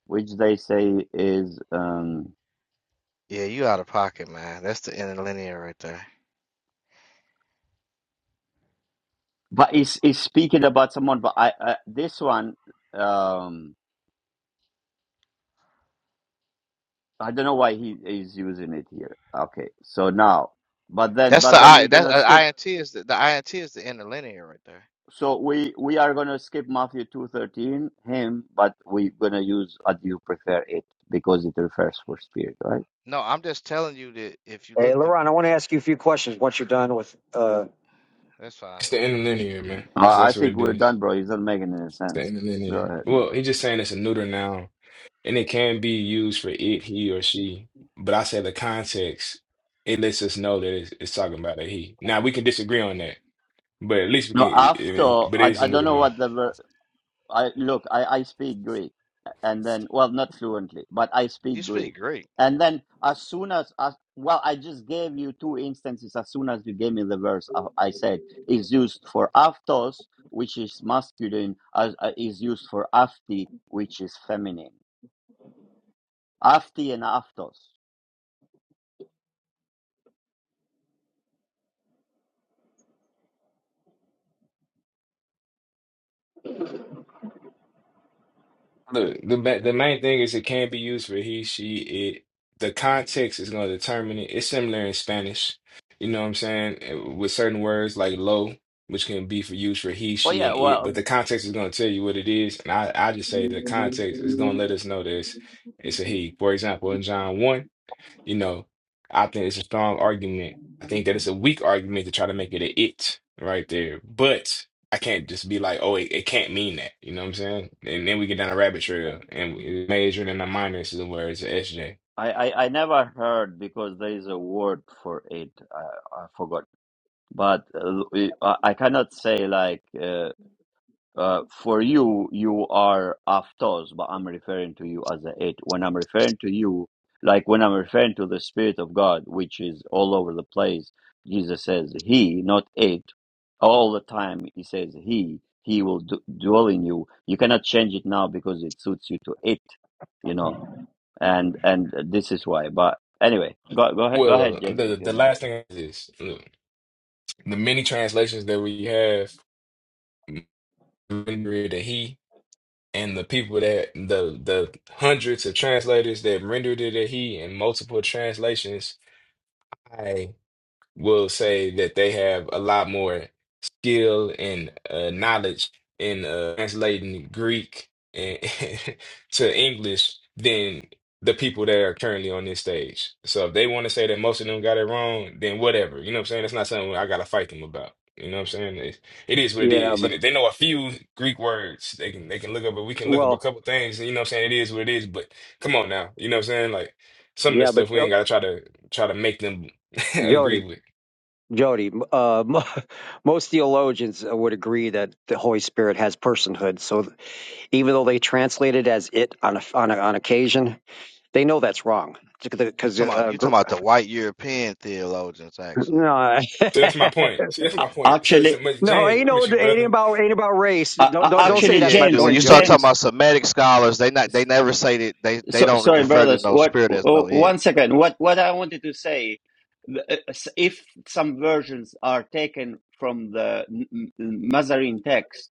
which they say is um, Yeah, you out of pocket, man. That's the interlinear right there. but is is speaking about someone? But I, I this one um, I don't know why he is using it here. Okay, so now, but then That's the but then I. we're That's gonna uh, skip. INT is the, the INT is the interlinear right there. So we we are gonna skip Matthew two thirteen him, but we're gonna use as you prefer it because it refers for spirit, right? No, I'm just telling you that if you Hey, look, the Laron, I want to ask you a few questions once you're done with. Uh, that's fine. It's the interlinear, man. That's I I that's what think it we're is. done, bro. He's not making any It's the sense. Go interlinear. ahead. Well, he's just saying it's a neuter noun, and it can be used for it, he, or she. But I say the context, it lets us know that it's, it's talking about a he. Now we can disagree on that, but at least we can. No, It, after it- but it I, is a I don't neuter know noun. what the ver- I look. I, I speak Greek, and then well, not fluently, but I You speak speak Greek. Greek. And then as soon as as well, I just gave you two instances. As soon as you gave me the verse, I, I said is used for aftos, which is masculine, as uh, is used for afti, which is feminine. Afti and aftos. Look, the ma- the main thing is it can be used for he, she, it. The context is going to determine it. It's similar in Spanish, you know what I'm saying, eh, with certain words like lo, which can be for use for he, Oh she, yeah, and it. well But the context is going to tell you what it is, and I I just say the context is going to let us know this. It's it's a he. For example, in John one. You know, I think it's a strong argument. I think that it's a weak argument to try to make it a it right there. But I can't just be like, oh, it, it can't mean that. You know what I'm saying? And then we get down a rabbit trail and we- major and a minor is where it's a SJ. I, I, I never heard because there is a word for it. I, I forgot. But uh, we- I I cannot say like uh, uh, for you you are aftos, but I'm referring to you as a it. When I'm referring to you, like when I'm referring to the Spirit of God, which is all over the place, Jesus says He, not it. All the time He says He. He will d- dwell in you. You cannot change it now because it suits you to it. You know and and this is why. But anyway, go go ahead, go ahead, Well, James, the if you the know. last thing is this. Look, the many translations that we have rendered a he and the people that the the hundreds of translators that rendered it a he in multiple translations. will say that they have a lot more skill and uh, knowledge in uh, translating Greek and to English than the people that are currently on this stage. So if they want to say that most of them got it wrong, then whatever. You know what I'm saying? That's not something I gotta fight them about. You know what I'm saying? It, it is what it yeah, is. You but know, They know a few Greek words. They can they can look up, but we can look up a well, couple things. You know what I'm saying? It is what it is. But come on now. You know what I'm saying? Like some of the yeah, but stuff we ain't Jo- gotta try to try to make them Jody, agree with. Jody, uh, m- most theologians uh, would agree that the Holy Spirit has personhood. So even though they translate it as it on a, on a, on occasion, they know that's wrong You because uh, talking about uh, you gr- talking about the white European theologians actually. no, So that's my point. See, Yeah. that's my point. So it's Actually, but no, James, ain't what no, with you, ain't brother. about ain't about race. uh, Don't uh, don't Well, don't you say actually, that's yeah, my dude. James, When point, you start Jody. talking James, about Semitic scholars, they not they never say that they they so, don't sorry, refer to brothers. no What? spirit as Oh, no it. one second. What? What I wanted to say, the- uh, s- if some versions are taken from the M- M- Mazarin text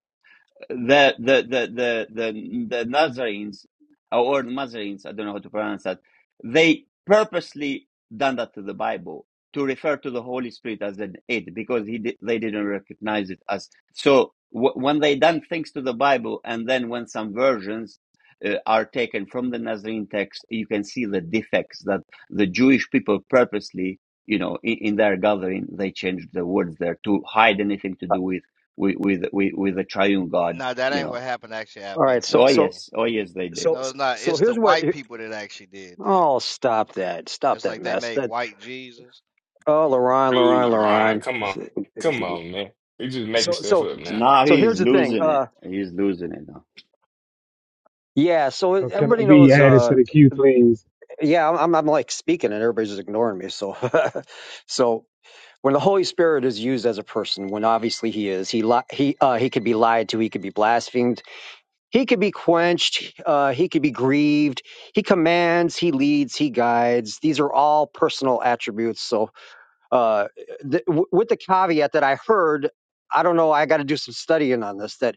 the the the the the, the Nazarenes or Nazarenes, I don't know how to pronounce that. They purposely done that to the Bible to refer to the Holy Spirit as an it because he di- they didn't recognize it as so. W- when they done things to the Bible, and then when some versions uh, are taken from the Nazarene text, you can see the defects that the Jewish people purposely, you know, in, in their gathering, they changed the words there to hide anything to do with with with with, with the triune God No, that you ain't what know. happened actually at All right, Albania so Oh so Albania. yes, oh yes, they did. so No, so it's not. so It's the here's what. white people that actually did that. Oh, stop that! Stop It's that like they mess. made That. white Jesus. Oh, Lorraine, There You Dude, Lorraine, got it. LeRon, Lorraine. come on. Come on, man. You just making So, stuff so, up now. Now so he's here's the thing. losing it. Uh, He's losing it now. yeah. So So can I everybody be knows. added Uh, to the queue, please? yeah, I'm, I'm like speaking, and everybody's just ignoring me. So, so when the Holy Spirit is used as a person, when obviously he is, he li- he uh, he could be lied to, he could be blasphemed, he could be quenched, uh, he could be grieved. He commands, he leads, he guides. These are all personal attributes. So, uh, th- w- with the caveat that I heard, I don't know, I got to do some studying on this. That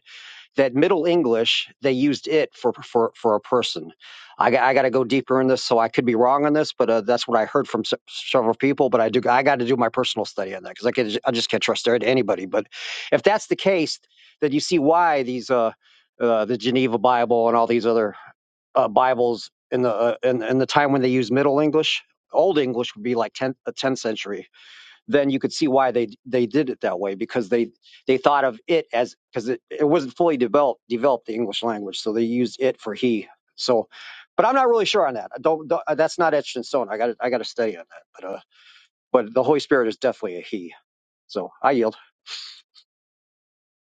that Middle English they used it for for for a person. I got I got to go deeper in this, so I could be wrong on this, but uh, that's what I heard from se- several people. But I do I got to do my personal study on that because I can I just can't trust anybody. But if that's the case, then you see why these uh, uh the Geneva Bible and all these other uh, Bibles in the uh, in, in the time when they used Middle English, Old English would be like 10th, 10th century then you could see why they they did it that way because they they thought of it as because it, it wasn't fully developed developed the English language, so they used it for he. So, but I'm not really sure on that. I don't, don't uh, that's not etched in stone. I got I got to study on that. But uh, but the Holy Spirit is definitely a he. So I yield.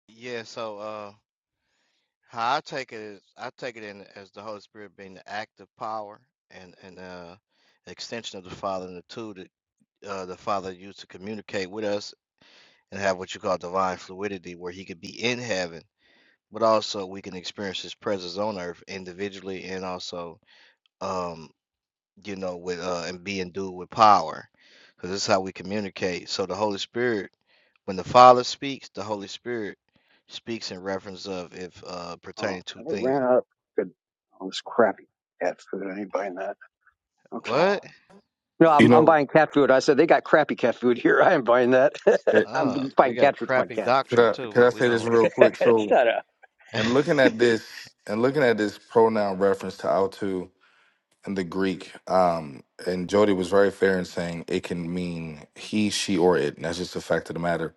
Yeah, so uh How I take it is, I take it in as the Holy Spirit being the active power and and uh, extension of the Father, and the two that uh, the Father used to communicate with us and have what you call divine fluidity, where He could be in heaven, but also we can experience His presence on earth individually and also, um, you know, with uh, and be endued with power, because this is how we communicate. So the Holy Spirit, when the Father speaks, the Holy Spirit speaks in reference of if uh, Oh, pertaining I to things. ran out. Of good. All this crappy cat food. I ain't buying that. Okay. What? No, You I'm I'm know, buying cat food. I said they got crappy cat food here. I ain't buying that. eh, I'm Uh, they buying got cat food for my crappy cats. could doctrine I too, could but I we say this don't. real quick? So, Shut up. and looking at this and looking at this pronoun reference to autu in the Greek, um, and Jody was very fair in saying it can mean he, she, or it. And that's just a fact of the matter.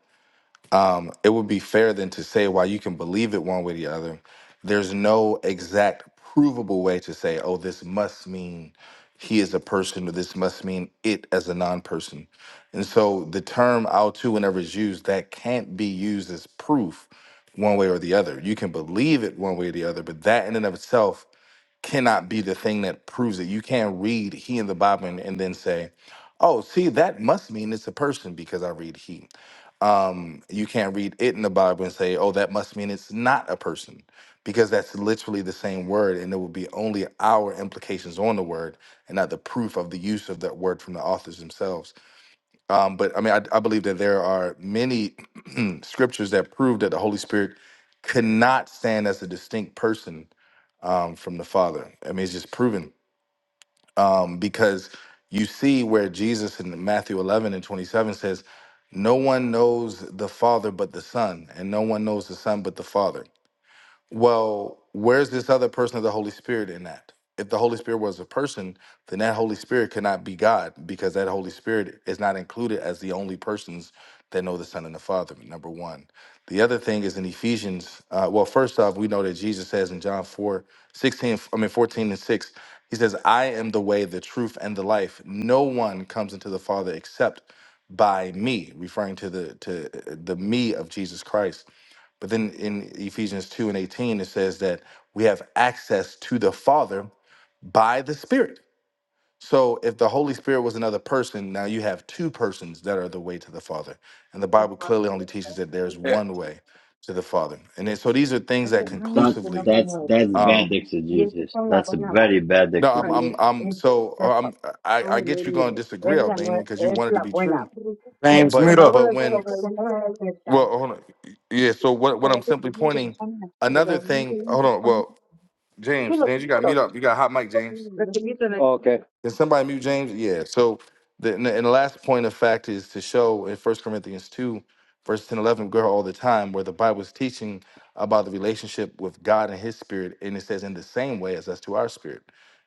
um, it would be fair then to say while you can believe it one way or the other, there's no exact provable way to say, oh, this must mean he is a person or this must mean it as a non-person. And so the term I'll too, whenever it's used, that can't be used as proof one way or the other. You can believe it one way or the other, but that in and of itself cannot be the thing that proves it. You can't read he in the Bible and, and then say, oh, see, that must mean it's a person because I read he um, you can't read it in the Bible and say, oh, that must mean it's not a person, because that's literally the same word, and it would be only our implications on the word and not the proof of the use of that word from the authors themselves. Um, but I mean, I, I believe that there are many scriptures that prove that the Holy Spirit could not stand as a distinct person um, from the Father. I mean, it's just proven um, because you see where Jesus in Matthew 11 and 27 says, No one knows the Father but the Son, and no one knows the Son but the Father well, where's this other person of the Holy Spirit in that? If the Holy Spirit was a person, then that Holy Spirit cannot be God because that Holy Spirit is not included as the only persons that know the Son and the Father, number one. The other thing is in Ephesians, uh, well, first off, we know that Jesus says in John 4 16. I mean 14 and 6, he says, I am the way, the truth, and the life. No one comes into the Father except by me, referring to the to uh, the me of Jesus Christ. But then in Ephesians 2 and 18, it says that we have access to the Father by the Spirit. So if the Holy Spirit was another person, now you have two persons that are the way to the Father. And the Bible clearly only teaches that there's Yeah. one way to the Father. And then, so these are things that Tengo años que That's conclusively, no that's como esto. that's bad um, Y estos exegesis. son las That's a buenas más. very bad no, I'm, ¿Cuál es? I'm, exegesis. I'm, Este, so uh, I'm, sepa. I, I No, me get you going to miro. disagree, Es la, Albanian, nue- because you es wanted to la be buena. true. De James, But, mute up todos but los when, chocolates que well, están. hold on. Yeah. So what, what I'm Chocolates simply que yo pointing, están así, de another los niños que thing, no hold se on. ponen. Well, Sí, James, los James, you got mute chiquitos. up. You got hot mic, James. Los chiquitos. los- Okay, Can somebody mute James? Yeah. So the and the, and the last point of fact is to show in First Corinthians two, verse 10, 11, girl all the time, where the Bible is teaching about the relationship with God and His Spirit, and it says in the same way as us to our spirit.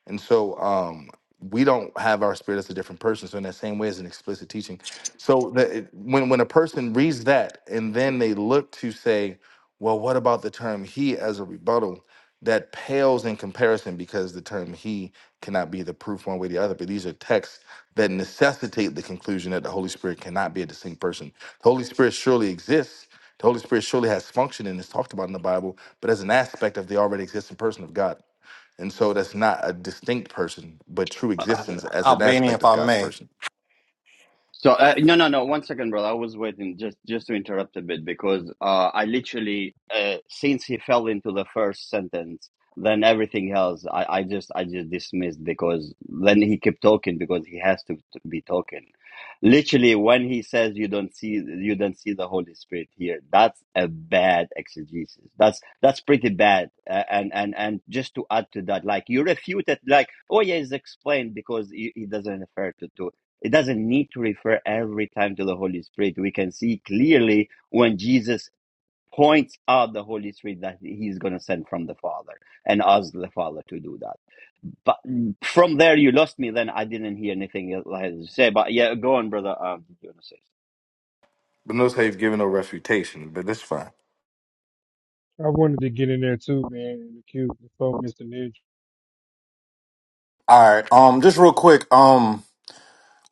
And so um, we don't have our spirit as a different person. So in that same way as an explicit teaching. So that it, when when a person reads that and then they look to say, well, what about the term He as a rebuttal? that pales in comparison because the term he cannot be the proof one way or the other. But these are texts that necessitate the conclusion that the Holy Spirit cannot be a distinct person. The Holy Spirit surely exists. The Holy Spirit surely has function and is talked about in the Bible, but as an aspect of the already existing person of God. And so that's not a distinct person, but true Uh, existence as an Albania aspect if of I God's may. person. So uh, no, no, no. One second, brother. I was waiting just just to interrupt a bit because uh, I literally uh, since he fell into the first sentence, then everything else I, I just I just dismissed because then he kept talking because he has to, to be talking. Literally, when he says you don't see you don't see the Holy Spirit here, that's a bad exegesis. That's that's pretty bad. Uh, and and and just to add to that, like you refute it, like oh yeah, it's explained because he, he doesn't refer to to. It doesn't need to refer every time to the Holy Spirit. We can see clearly when Jesus points out the Holy Spirit that he's going to send from the Father and asks the Father to do that. But mm, from there, you lost me. Then I didn't hear anything else I had to say. But yeah, go on, brother. Um, you wanna say? But notice how you've given no refutation, but that's fine. I wanted to get in there too, man, in the queue before Mr. Ninja. All right. Um, just real quick. Um,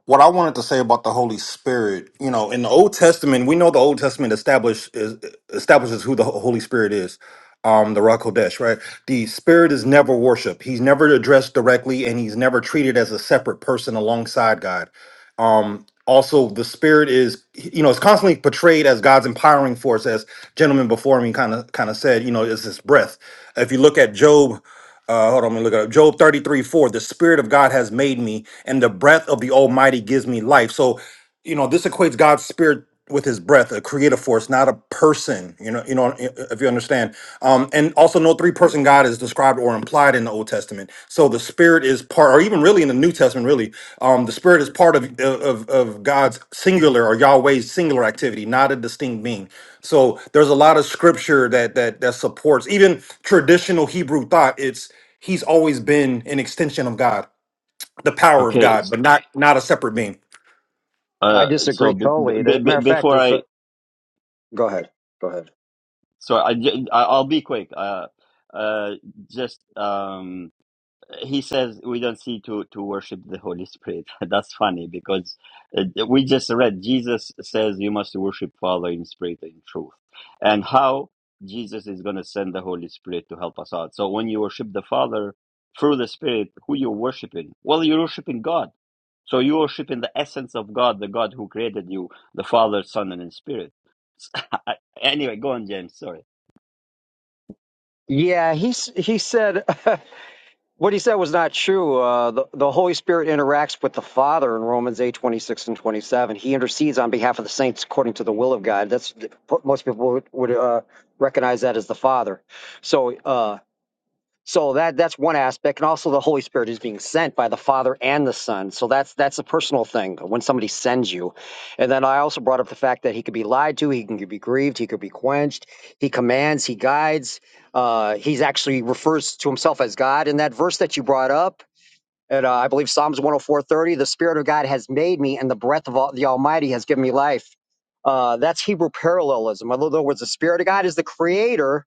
what I wanted to say about the Holy Spirit, you know, in the Old Testament, we know the Old Testament established is, establishes who the Holy Spirit is. Um, the Rock Kodesh, right? The Spirit is never worshipped. He's never addressed directly, and he's never treated as a separate person alongside God. Um, also, the Spirit is, you know, it's constantly portrayed as God's empowering force, as gentlemen before me kind of kind of said, you know, is this breath if you look at Job Uh, hold on, let me look it up. Job 33 4. The Spirit of God has made me, and the breath of the Almighty gives me life. So, you know, this equates God's Spirit with his breath, a creative force, not a person. You know, you know, i- if you understand. Um, and also no three-person God is described or implied in the Old Testament. So the Spirit is part, or even really in the New Testament, really, um, the Spirit is part of, of of God's singular or Yahweh's singular activity, not a distinct being. So there's a lot of scripture that that that supports even traditional Hebrew thought. It's he's always been an extension of God, the power of Okay, God, but not not a separate being. I uh, so disagree b totally. b There, b matter of fact, before is I, the go ahead, go ahead. so I, j- I- I'll be quick. Uh, uh, just um. he says we don't see to to worship the holy spirit that's funny because uh, we just read jesus says you must worship father in spirit and in truth and how jesus is going to send the holy spirit to help us out so when you worship the father through the spirit who you're worshiping well you're worshiping god so you're worshiping the essence of god the god who created you the father son and the spirit anyway go on james sorry Yeah, he s- he said. What he said was not true. Uh, the, the Holy Spirit interacts with the Father in Romans eight twenty six and 27. He intercedes on behalf of the saints according to the will of God. That's Most people would, would uh, recognize that as the Father. So, uh, so that that's one aspect, and also the Holy Spirit is being sent by the Father and the Son. So that's that's a personal thing when somebody sends you. And then I also brought up the fact that he could be lied to, he can be grieved, he could be quenched, he commands, he guides. Uh, he's actually refers to himself as God in that verse that you brought up. And uh, I believe Psalms 104:30, the Spirit of God has made me, and the breath of all, the Almighty has given me life. Uh, that's Hebrew parallelism. In other words, the Spirit of God is the Creator,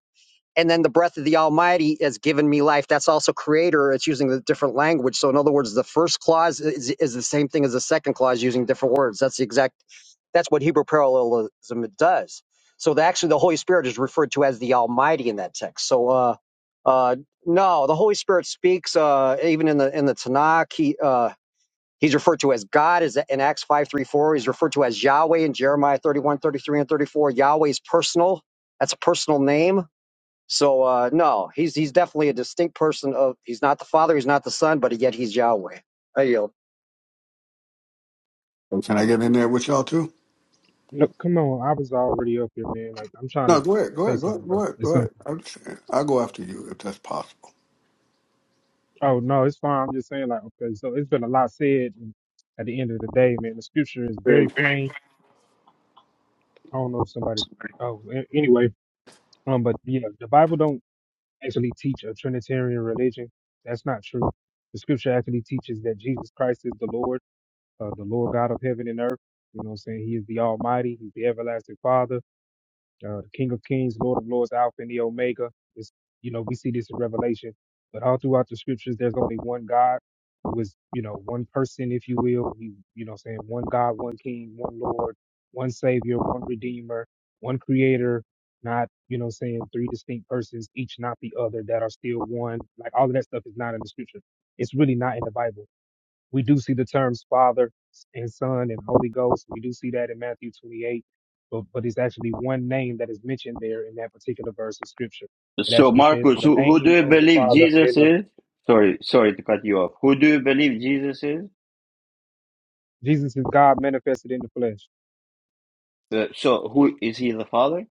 and then the breath of the almighty has given me life that's also creator it's using the different language so in other words the first clause is, is the same thing as the second clause using different words that's the exact that's what hebrew parallelism does so the, actually the holy spirit is referred to as the almighty in that text so uh uh no the holy spirit speaks uh even in the in the tanakh he uh He's referred to as God is in Acts 5:34. He's referred to as Yahweh in Jeremiah 31 33 and 34. Yahweh is personal. That's a personal name so uh, no, he's he's definitely a distinct person of he's not the father, he's not the son, but yet he's Yahweh. I yield. Oh, Can I get in there with y'all too? Look, come on, I was already up here, man. Like I'm trying to No, go ahead, go say ahead, go ahead, something, go bro. ahead, It's go ahead. something. I'm just saying, I'll go after you if that's possible. Oh no, it's fine. I'm just saying, like, okay, so it's been a lot said. And at the end of the day, man, the scripture is very plain. I don't know if somebody. Oh, a- anyway, um, but yeah, the Bible don't actually teach a Trinitarian religion. That's not true. The scripture actually teaches that Jesus Christ is the Lord uh, the Lord God of heaven and earth. You know what I'm saying? He is the Almighty. He's the everlasting Father, uh, the King of Kings, Lord of Lords, Alpha and the Omega. It's, you know, we see this in Revelation, but all throughout the scriptures, there's only one God who is, you know, one person, if you will. He, you know, what I'm saying one God, one King, one Lord, one Savior, one Redeemer, one Creator. Not, you know, what I'm saying three distinct persons, each not the other, that are still one. Like all of that stuff is not in the scripture. It's really not in the Bible we do see the terms Father and Son and Holy Ghost. We do see that in Matthew 28, but, but it's actually one name that is mentioned there in that particular verse of Scripture. It So, actually says, "In Marcus, the who, who do name you of the believe Father Jesus and of is? Sorry, sorry to cut you off. Who do you believe Jesus is? Jesus is God manifested in the flesh." Uh, so, who is he the Father?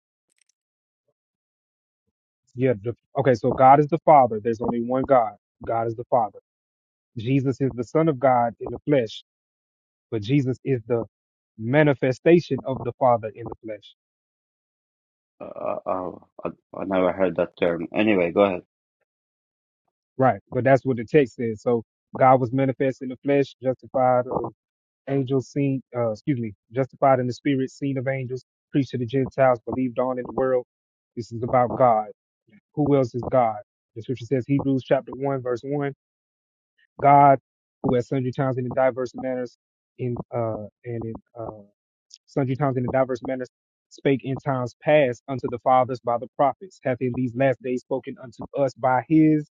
Yeah. The, okay. So God is the Father. There's only one God. God is the Father. Jesus is the Son of God in the flesh, but Jesus is the manifestation of the Father in the flesh. Uh, uh, uh, I, I never heard that term. Anyway, go ahead. Right. But that's what the text says. So God was manifest in the flesh, justified. or angels seen, uh, excuse me, justified in the spirit, seen of angels, preached to the Gentiles, believed on in the world. This is about God. Who else is God? The scripture says Hebrews chapter one, verse one, God, who at sundry times and in diverse manners in uh and in uh sundry times and in diverse manners, spake in times past unto the fathers by the prophets, hath in these last days spoken unto us by his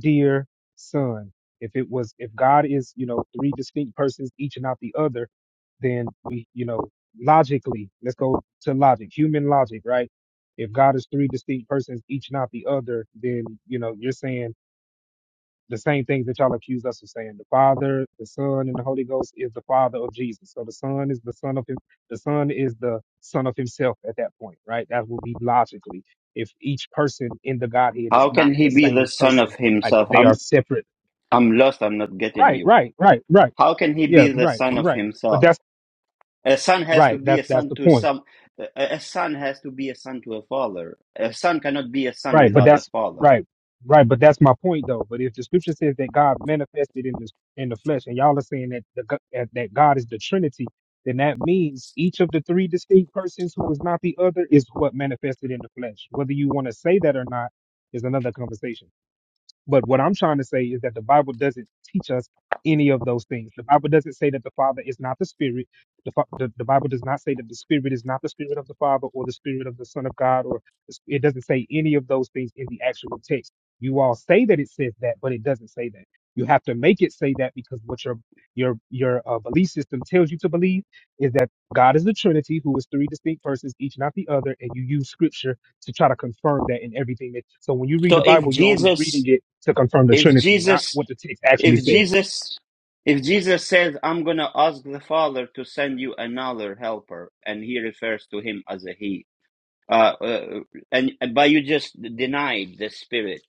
dear son. If it was, if God is, you know, three distinct persons, each and not the other, then we, you know, logically, let's go to logic, human logic, right? If God is three distinct persons, each not the other, then, you know, you're saying the same things that y'all accuse us of saying. The Father, the Son, and the Holy Ghost is the Father of Jesus. So the Son is the Son of him. The Son is the Son of Himself at that point, right? That would be logically if each person in the Godhead is How not can he the be the same Son of person, like Himself? if they are I'm separate. I'm lost. I'm not getting Right, you. right, right, right. How can he Yeah, be the right, Son of right. But Himself? that's A son has to right. be That a that's son the to point. some. A a son has to be a son to a father. A son cannot be a son Right, but without a that's father. right, right. But that's my point, though. But if the scripture says that God manifested in this in the flesh, and y'all are saying that the, go- that that God is the Trinity, then that means each of the three distinct persons who is not the other is what manifested in the flesh. Whether you want to say that or not is another conversation. But what I'm trying to say is that the Bible doesn't teach us any of those things. The Bible doesn't say that the Father is not the Spirit. The, Fa- the, the Bible does not say that the Spirit is not the Spirit of the Father or the Spirit of the Son of God, or it doesn't say any of those things in the actual text. You all say that it says that, but it doesn't say that. You have to make it say that because what your your your uh, belief system tells you to believe is that God is the Trinity, who is three distinct persons, each not the other, and you use Scripture to try to confirm that in everything that. So when you read So, the if Bible, you're only Jesus reading it to confirm the If Trinity, not Jesus, what the text actually if says. Jesus, if Jesus says, "I'm gonna ask the Father to send you another helper," and he refers to him as a he, uh, uh, and but you just denied the Spirit.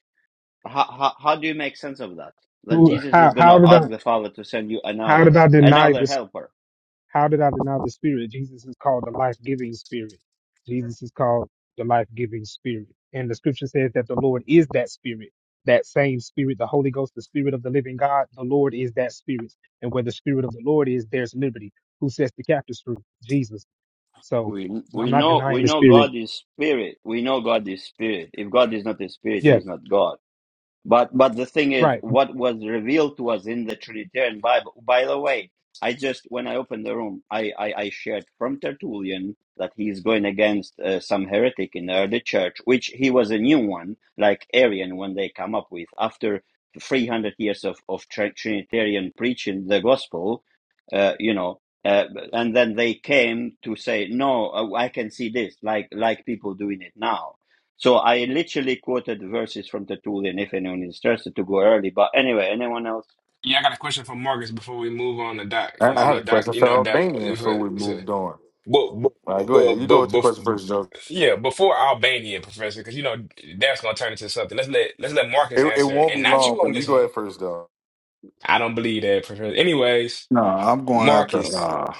How, how how do you make sense of that? That Who? Jesus How? is How gonna did ask I? the Father to send you How another did I deny another this? helper. How did I deny the Spirit? Jesus is called the life-giving Spirit. Jesus is called the life-giving Spirit, and the Scripture says that the Lord is that Spirit. That same Spirit, the Holy Ghost, the Spirit of the Living God, the Lord is that Spirit, and where the Spirit of the Lord is, there's liberty. Who sets the captives free? Jesus. So We I'm we not know denying we the know Spirit. God is spirit. We know God is spirit. If God is not a spirit, He Yeah, is not God. But but the thing is, right. what was revealed to us in the Trinitarian Bible. By the way, I just when I opened the room, I I, I shared from Tertullian that he's going against uh, some heretic in the early church, which he was a new one, like Arian, when they come up with after three hundred years of of tr- Trinitarian preaching the gospel, uh, you know. Uh, and then they came to say, "No, uh, I can see this," like like people doing it now so I literally quoted verses from the Tertullian if anyone is interested to go early. But anyway, anyone else? Yeah, I got a question for Marcus before we move on to Doc. I, You know, I I had know a Doc, question you for know Doc. Albanian if before we it- it's a- moved on. But, but, All right, go but, ahead. You go with but, your but question first, yeah, before Albania, Professor, because you know that's gonna turn into something. Let's let let's let Marcus It, it answer, won't and be not long, you but on you this go one. ahead first, though. I don't believe that, Professor. Anyways, No, I'm going after Marcus. uh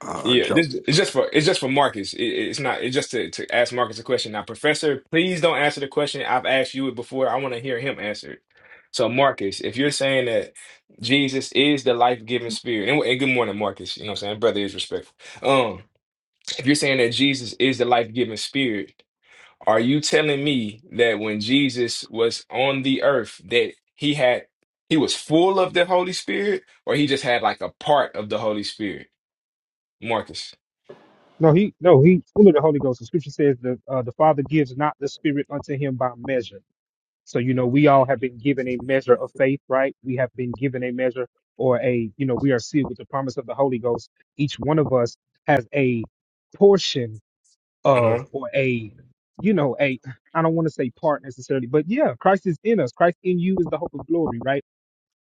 uh Yeah, this Joker. it's just for it's just for Marcus. It, it's not it's just to, to ask Marcus a question. Now, Professor, please don't answer the question. I've asked you it before. I want to hear him answer it. So, Marcus, if you're saying that Jesus is the life-giving spirit, and, and good morning, Marcus. You know what I'm saying? Brother is respectful. Um, if you're saying that Jesus is the life-giving spirit, are you telling me that when Jesus was on the earth that he had he was full of the Holy Spirit, or he just had like a part of the Holy Spirit? Marcus. No, he no, he full of the Holy Ghost. The scripture says the uh, the Father gives not the Spirit unto him by measure. So you know we all have been given a measure of faith, right? We have been given a measure or a you know we are sealed with the promise of the Holy Ghost. Each one of us has a portion of or a you know a I don't want to say part necessarily, but yeah, Christ is in us. Christ in you is the hope of glory, right?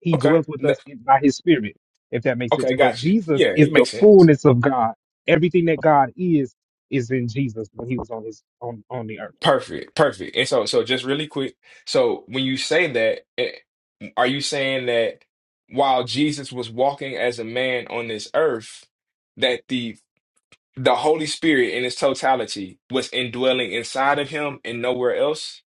He Okay. dwells with No, us in- by his spirit, if that makes sense. okay, But got you. Jesus Yeah, is it the makes sense. fullness of God. Everything that God is is in Jesus when he was on his on, on the earth. Perfect, perfect. And so, so just really quick. So, when you say that, eh, are you saying that while Jesus was walking as a man on this earth, that the the Holy Spirit in its totality was indwelling inside of him and nowhere else?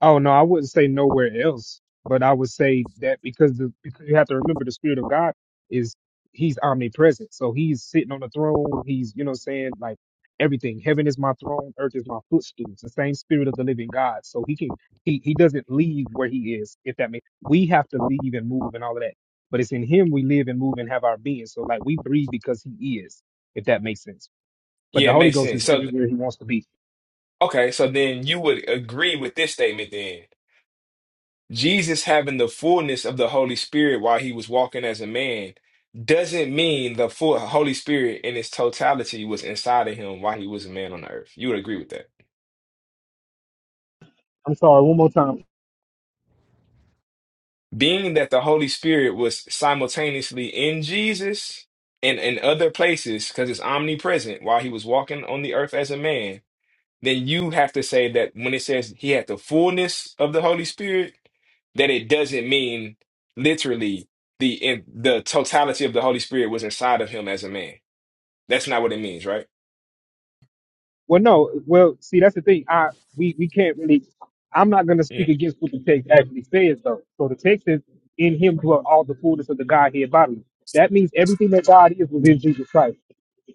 Oh no, I wouldn't say nowhere else, but I would say that because the because you have to remember the spirit of God is he's omnipresent. So he's sitting on the throne, he's you know what I'm saying like everything. Heaven is my throne, earth is my footstool. It's the same spirit of the living God. So he can he he doesn't leave where he is, if that makes we have to leave and move and all of that. But it's in him we live and move and have our being. So like we breathe because he is, if that makes sense. But Yeah, the it Holy makes Ghost is sense. So, everywhere he wants to be. okay, so then you would agree with this statement then. Jesus having the fullness of the Holy Spirit while he was walking as a man doesn't mean the full Holy Spirit in its totality was inside of him while he was a man on the earth. You would agree with that. I'm sorry, one more time. Being that the Holy Spirit was simultaneously in Jesus and in other places because it's omnipresent while he was walking on the earth as a man then you have to say that when it says he had the fullness of the Holy Spirit, that it doesn't mean literally the in, the totality of the Holy Spirit was inside of him as a man. That's not what it means, right? Well, no. Well, see, that's the thing. I we we can't really. I'm not going to speak against what the text actually says, though. So the text is, "In Him dwelt all the fullness of the Godhead bodily." That means everything that God is was in Jesus Christ.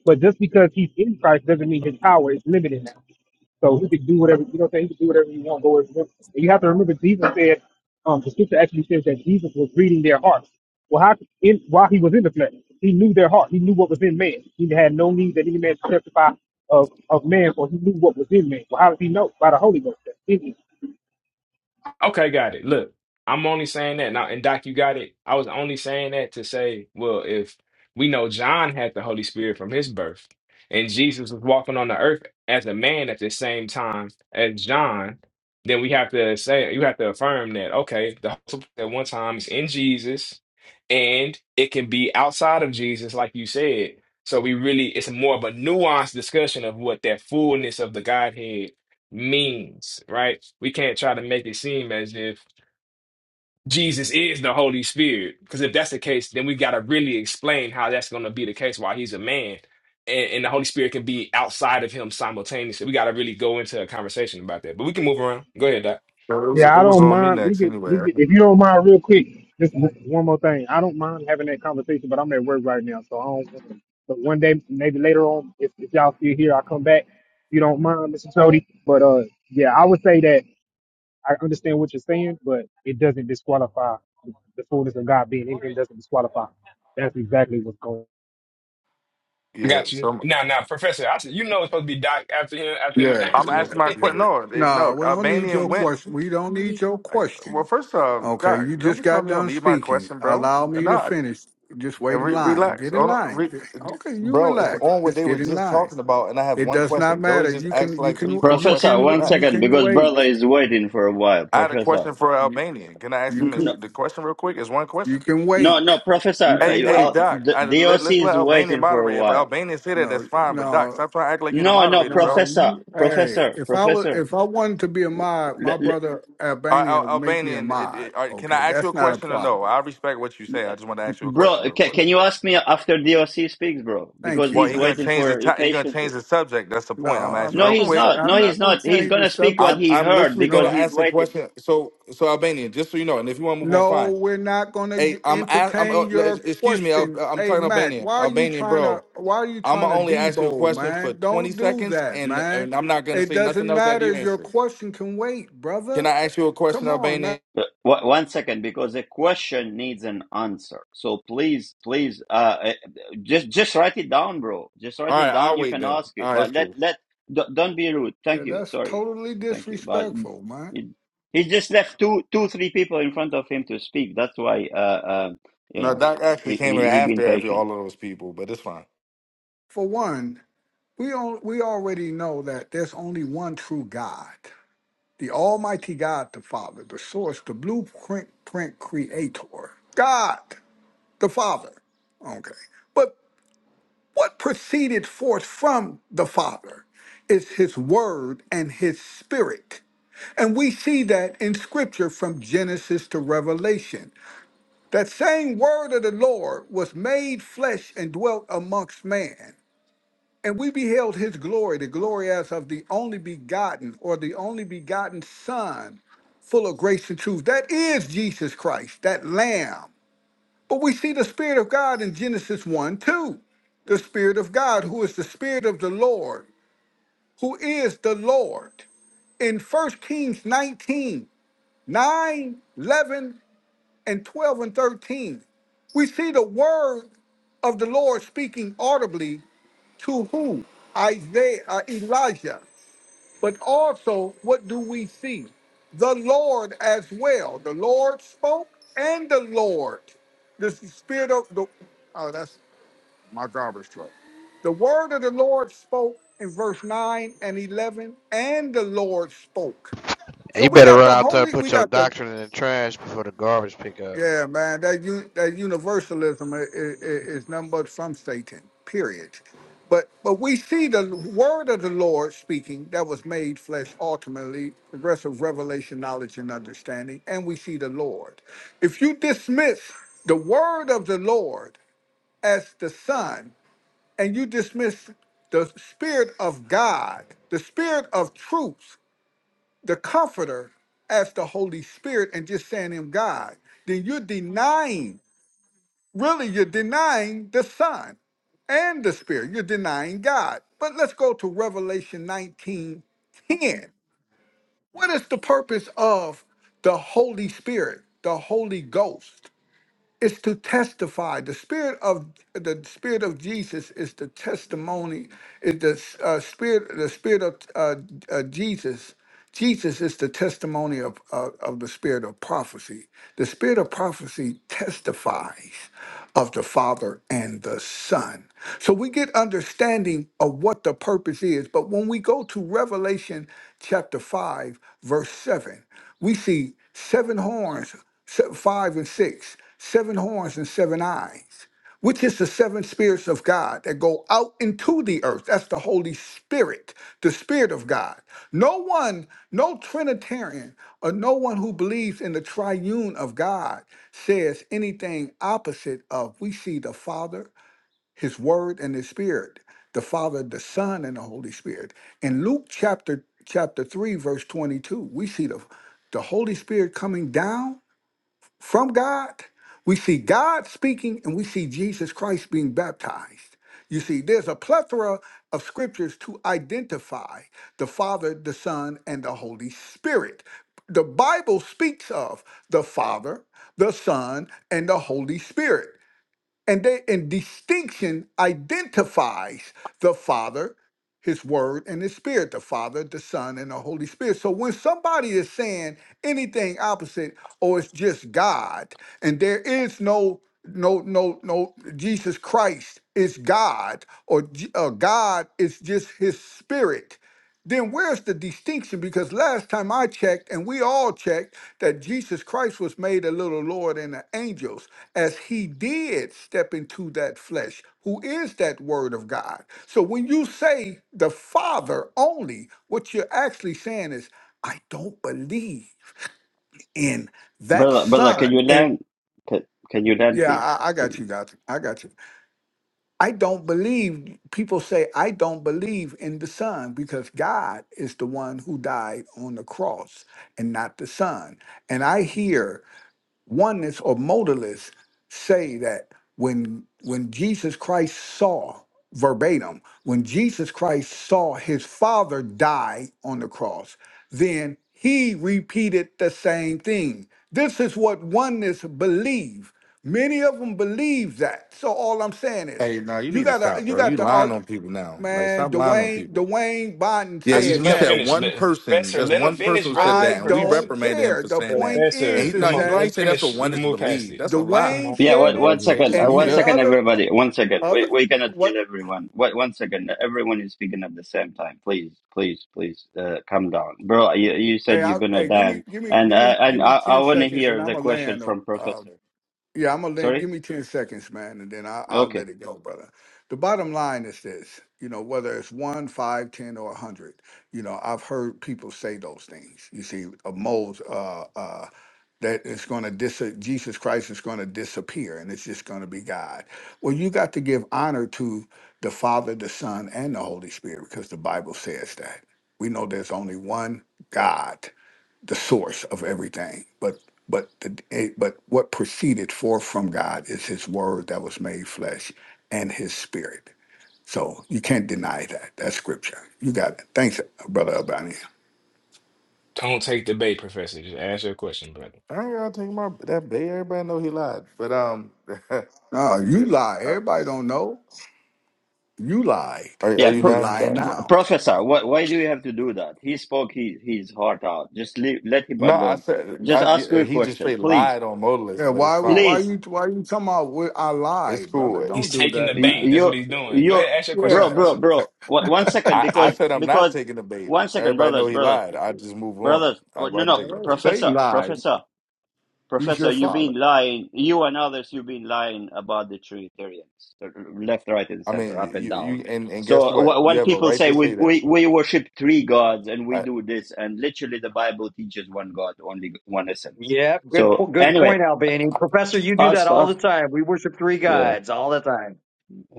But just because He's in Christ doesn't mean His power is limited now. So he could do whatever, you know what I'm saying? He could do whatever he want, go wherever he wants. And you have to remember, Jesus said, um, the scripture actually says that Jesus was reading their hearts. Well, how, in, while he was in the flesh, he knew their heart. He knew what was in man. He had no need that any man should testify of, of man, for he knew what was in man. Well, how did he know? By the Holy Ghost. Okay, got it. Look, I'm only saying that now, and Doc, you got it. I was only saying that to say, well, if we know John had the Holy Spirit from his birth, and Jesus was walking on the earth as a man at the same time as John, then we have to say, you have to affirm that, okay, the Holy Spirit at one time is in Jesus, and it can be outside of Jesus, like you said. So we really, it's more of a nuanced discussion of what that fullness of the Godhead means, right? We can't try to make it seem as if Jesus is the Holy Spirit, because if that's the case, then we got to really explain how that's going to be the case while he's a man and, and the Holy Spirit can be outside of him simultaneously. We got to really go into a conversation about that, but we can move around. Go ahead, Doc. No, It was it Yeah, I was don't on me mind. We next could, anyway. we I could, can- if you don't mind, real quick, just w- one more thing. I don't mind having that conversation, but I'm at work right now, so I don't. want to. But one day, maybe later on, if, if y'all still here, I'll come back. If you don't mind, Mr. Cody. But uh, yeah, I would say that I understand what you're saying, but it doesn't disqualify the fullness of God being in him. Doesn't disqualify. That's exactly what's going. I Yeah, got so you. I'm, Now, now, Professor, I said, you know it's supposed to be Doc after him, after me, Yeah, I'm after yeah, me. asking my yeah. question. No, it, No, no, we don't need your Albanian went. question. We don't need your I, well, question. first off, Okay, Doc, you don't just be got telling me you don't done need my speaking. question, bro. Allow I'm me to not. finish. Just wait And in Re- line. relax. Get in Oh, no, line. re- Okay, you bro, it's relax. on what Just they were get in just line. talking about, and I have It one does not question. Jody matter. just You asked can you like three, can four you Professor, questions. can one you Relax. second, can because wait. brother is waiting for a while. I had a Professor. question for You, Albanian. Can I ask you him his, can. No, the question real quick? It's one You question. can no, wait. no You Professor. Hey, I- can hey, wait. I'll, Doc. the, I, the let, OC us let is Albanian waiting for a moderate. If while. Albanian say that, that's No, fine. But Doc, no, stop trying to act like you the No, no, moderator, no. bro. Professor. You, hey, Professor, if I was, Professor. if I wanted to be a L- mod, my l- brother All right, Albania Al- would make me a Albanian, it, mod. it, all right, can I Okay, ask you that's a not a question or no? problem. I respect what you say. I just want to ask you a question bro, real ca quick. Okay. can you ask me after DOC speaks, bro? Thank Because you, Well, he's he gonna man. waiting change the for it ti- he gonna change patiently. the subject. That's the No, point. I'm gonna I'm ask No, real not gonna he's quick. say. not. No, I'm he's not gonna not. He's change the gonna speak what subject. I'm he I'm heard literally You gonna because know, he's ask a waiting. question. So so Albanian, just so you know, and if you want to move on, No, fine. we're not going Hey, to I'm ask, am uh, entertain le- your excuse me. Al- question. I'm Hey, talking Mac, Albanian. why are you Albanian, trying to bro. why are you I'm trying gonna to only ask you a debo, question for man? 20 Don't do seconds, that, and, man. and I'm not gonna It say nothing doesn't else after matter. you Your answer. question can wait, Can brother. I ask you a question, Come on, man. Albanian? Uh, one one second, because a question needs an answer. So please, please, uh, uh, just just write it down, bro. Just write All it right, I'll down. You wait can then. ask it, All right, but it's let cool. let don't don't be rude. Yeah, Thank you. That's Sorry, totally thank you. But disrespectful, man. he, he just left two two three people in front of him to speak. That's why uh, uh you No, know Doc actually he came in he, he been after every all patient, of those people, but it's fine. For one, we on, we already know that there's only one true God, the Almighty God, the Father, the Source, the Blueprint Print Creator, God, the Father. Okay. but. What proceeded forth from the Father is his word and his spirit. And we see that in scripture from Genesis to Revelation. That same word of the Lord was made flesh and dwelt amongst man. And we beheld his glory, the glory as of the only begotten or the only begotten Son, full of grace and truth. That is Jesus Christ, that Lamb but we see the Spirit of God in Genesis 1 2. The Spirit of God, who is the Spirit of the Lord, who is the Lord. In First Kings 19 9 11 and 12 and 13, we see the word of the Lord speaking audibly to who? Isaiah, uh, Elijah. But also, what do we see? The Lord as well. The Lord spoke and the Lord. The Spirit of the, oh, that's my garbage truck. The word of the Lord spoke in verse 9 and 11, and the Lord spoke. So you we better got run the out there and holy, we put your got the, doctrine in the trash before the garbage pick up. yeah, man, that, u- that universalism is, is nothing but from Satan, period. But, but we see the word of the Lord speaking that was made flesh ultimately, progressive revelation, knowledge, and understanding. And we see the Lord. If you dismiss the word of the Lord as the Son and you dismiss the Spirit of God, the Spirit of truth, the Comforter, as the Holy Spirit, and just saying Him God, then you're denying, really, you're denying the Son and the Spirit. You're denying God. But let's go to Revelation 19 10. What is the purpose of the Holy Spirit, the Holy Ghost? It's to testify. The spirit of the spirit of Jesus is the testimony. Is the uh, spirit the spirit of uh, uh, Jesus? Jesus is the testimony of, of of the spirit of prophecy. The spirit of prophecy testifies of the Father and the Son. So we get understanding of what the purpose is. But when we go to Revelation chapter 5, verse 7, we see seven horns, se- five and six seven horns and seven eyes, which is the seven spirits of God that go out into the earth. That's the Holy Spirit, the Spirit of God. No one, no Trinitarian, or no one who believes in the triune of God says anything opposite of we see the Father, His Word, and His Spirit, the Father, the Son, and the Holy Spirit. In Luke chapter chapter 3, verse 22, we see the, the Holy Spirit coming down from God. We see God speaking and we see Jesus Christ being baptized. You see, there's a plethora of scriptures to identify the Father, the Son, and the Holy Spirit. The Bible speaks of the Father, the Son, and the Holy Spirit. And they and distinction identifies the Father, His Word, and His Spirit, the Father, the Son, and the Holy Spirit. So when somebody is saying anything opposite, or it's just God, and there is no no no no Jesus Christ is God, or J- uh, God is just His Spirit then where's the distinction? Because last time I checked, and we all checked, that Jesus Christ was made a little lower than the angels, as he did step into that flesh, who is that word of God. So when you say the Father only, what you're actually saying is, I don't believe in that brother brother. Can you Son. And learn? Can, can you learn, yeah, please? I, I Thank got you. you, got you. I got you. I don't believe, people say, I don't believe in the Son because God is the one who died on the cross and not the Son. And I hear oneness or modalists say that when when Jesus Christ saw verbatim, when Jesus Christ saw his father die on the cross, then he repeated the same thing. This is what oneness believe. Many of them believe that. So all I'm saying is, Hey, no, you you need to got to stop, you bro. got You the lying art on people now. Like, man. stop lying on Dwayne people. Dwayne Biden Yeah, I said, you, said you let him said that. finish. one Let, person. professor, That's let him one finish, person who said brother. I that, and we Professor. don't reprimanded him care. for The saying that. point And Professor, is, he is no, come he on, man. lied. that Let He him said that's what finish. We one can is move past believed. it. That's a lie. Come Dwayne on, Yeah, said one, it, one brother. Hey, second. just Uh, and mute one and second, up. other everybody. One second. other We, we cannot hear what? everyone. What, one second. Everyone is speaking at the same time. Please, please, please, uh, calm down. Bro, you, you Hey, said you're I, going to hey, give me dance. give me And give me uh, give and me I, I ten want to seconds, and hear I'm the a question land from of. Professor. Yeah, I'm gonna let, give Sorry? me ten seconds, man, and then I, I'll Okay. let it go, brother. The bottom line is this: you know, whether it's one, five, ten, or a hundred, you know, I've heard people say those things. You see, a mold uh, uh, that it's going to dis- Jesus Christ is going to disappear, and it's just going to be God. Well, you got to give honor to the Father, the Son, and the Holy Spirit because the Bible says that. We know there's only one God the source of everything. But but the eh, but what proceeded forth from God is His Word that was made flesh and His Spirit. So you can't deny that. That's scripture. You got it. Thanks, brother Albani. Don't take the bait, Professor. Just ask your question, brother. I ain't gotta take my that bait. Everybody know he lied. But um, No, you lie. are, Everybody don't know. You lied, are Yeah, you and you're pro, done, lying Doc? pro, now. Professor, why, why do you have to do that? He spoke his, his heart out. Just leave, let him No, I alone. said Just ask I, your he just question. straight Please. lied on Yeah. modalist, but it's Why would fine. why Please. you why you come out with I It's lied, brother? cool. He's Don't do taking the that, Y- bait. man. That's what You, he's doing. Go you, ahead, ask your question, bro, Yeah. bro, Professor. bro. Wha- One second, I, I because said I'm not because taking the bait. one second, Everybody know brothers, he brothers, lied. I just move on. brothers. I Oh, no, wasn't no, taking pr- the Uh, bait. Satan professor, lied. professor, He's professor. your You've father. been lying. You and others, you've been lying about the Trinitarians, uh, left, right, and I center, mean, you, up and you down. you- and and So guess what? wh- You when have a people right say to we, say that. we we worship three gods and we I, do this, and literally the Bible teaches one God, only one essence. Yeah, good So po- good anyway, point, Albany. Professor, you do that ask all the us. time. We worship three Yeah. gods all the time.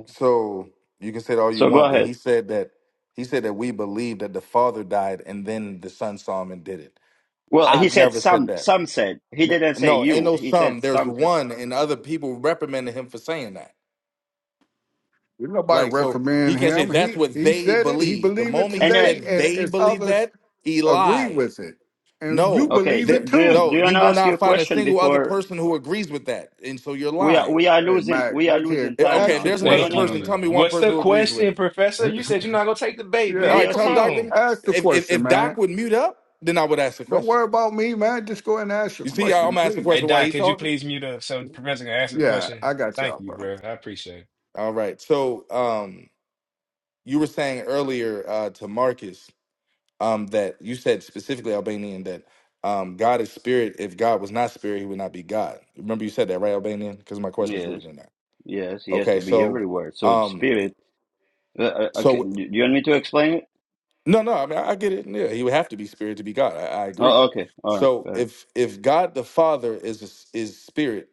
so you can say it all you So go want, but ahead. he said that he said that we believe that the father died and then the son saw him and did it. Well, he I've said never said some. that. Some said he No, didn't say no, ain't you. no He some. said There's some said. one, and other people reprimanded him for saying that. Didn't nobody Like, so he reprimand can not say him. that's He what he they said it. He believe. The believed it moment he Anyway, today, said and they as believe others that, he agree lied. with it, and you No, okay. believe Do, it do there, you too. do no, you want you to will ask your not find a question single other before person who agrees with that. And so you're we are lying. we are Hey, losing Mac, we are look losing here. Eh, time Okay, Ask if now? your Do, there's do you another want Thank question, person, brother. tell you. me one What's person the who agrees with question, it. Professor? You said you're not gonna take the bait, to yeah, All man. right, Come tell DLC? Doc. on. Then, ask the if, if, question, if man. Doc would mute up, then I would ask the Don't question. worry about me, man. Just go ahead and ask your You see, I- I'm question, gonna ask the Hey, question while please. Doc, he could you talking. please mute up so the Professor can ask the Yeah, question? I got Thank y'all, you, bro. bro. I appreciate it. All right. So, um, you were saying earlier uh, to Marcus. um, that you said specifically Albanian that um, God is spirit. If God was not spirit, he would not be God. Remember you said that, right, Albanian? Because my question is Yes, rooted in that. yes. He has to Okay, be so everywhere. So um, spirit. Uh, uh, okay. so Do you want me to explain it? no, no, I mean I, I get it. Yeah, he would have to be spirit to be God. I, I agree. Oh, okay. All right. So all right. if if God the Father is a s- is spirit,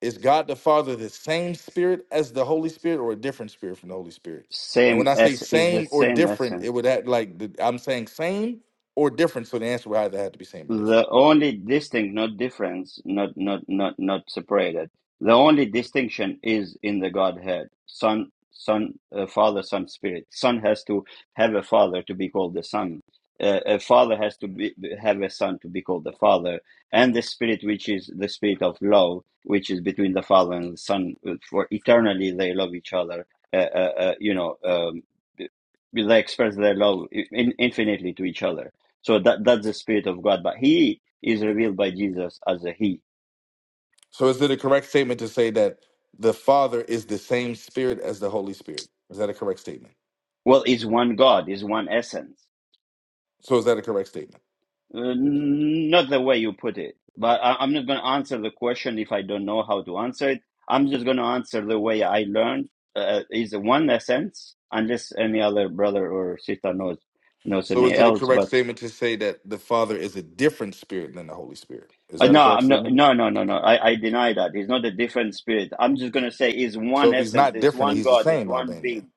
is God the Father the same spirit as the Holy Spirit or a different spirit from the Holy Spirit? And when Same I say as is the same or same different, it essence. would act like the, I'm saying same or different. So the answer would either have to be same or different. The only distinct, not difference, not not not not separated. The only distinction is in the Godhead. Son, Son, uh, Father, Son, Spirit. Son has to have a father to be called the Son. Uh, a father has to be, have a son to be called the Father, and the Spirit, which is the Spirit of love, which is between the Father and the Son. uh, For eternally, they love each other. Uh, uh, uh, you know, um, they express their love in, infinitely to each other so that that's the spirit of God. But He is revealed by Jesus as a He. So is it a correct statement to say that the Father is the same Spirit as the Holy Spirit? Is that a correct statement? Well, it's one God, it's one essence. So is that a correct statement? Uh, not the way you put it. But I, I'm not going to answer the question if I don't know how to answer it. I'm just going to answer the way I learned. Uh, is one essence, unless any other brother or sister knows knows So any is it a else. correct But statement to say that the Father is a different Spirit than the Holy Spirit? Is uh, that a no, correct I'm not. statement? No, no, no, no. I, I deny that. It's not a different spirit. I'm just going to say it's So one if he's essence. not It's different, one he's the God. It's same one Albanian. being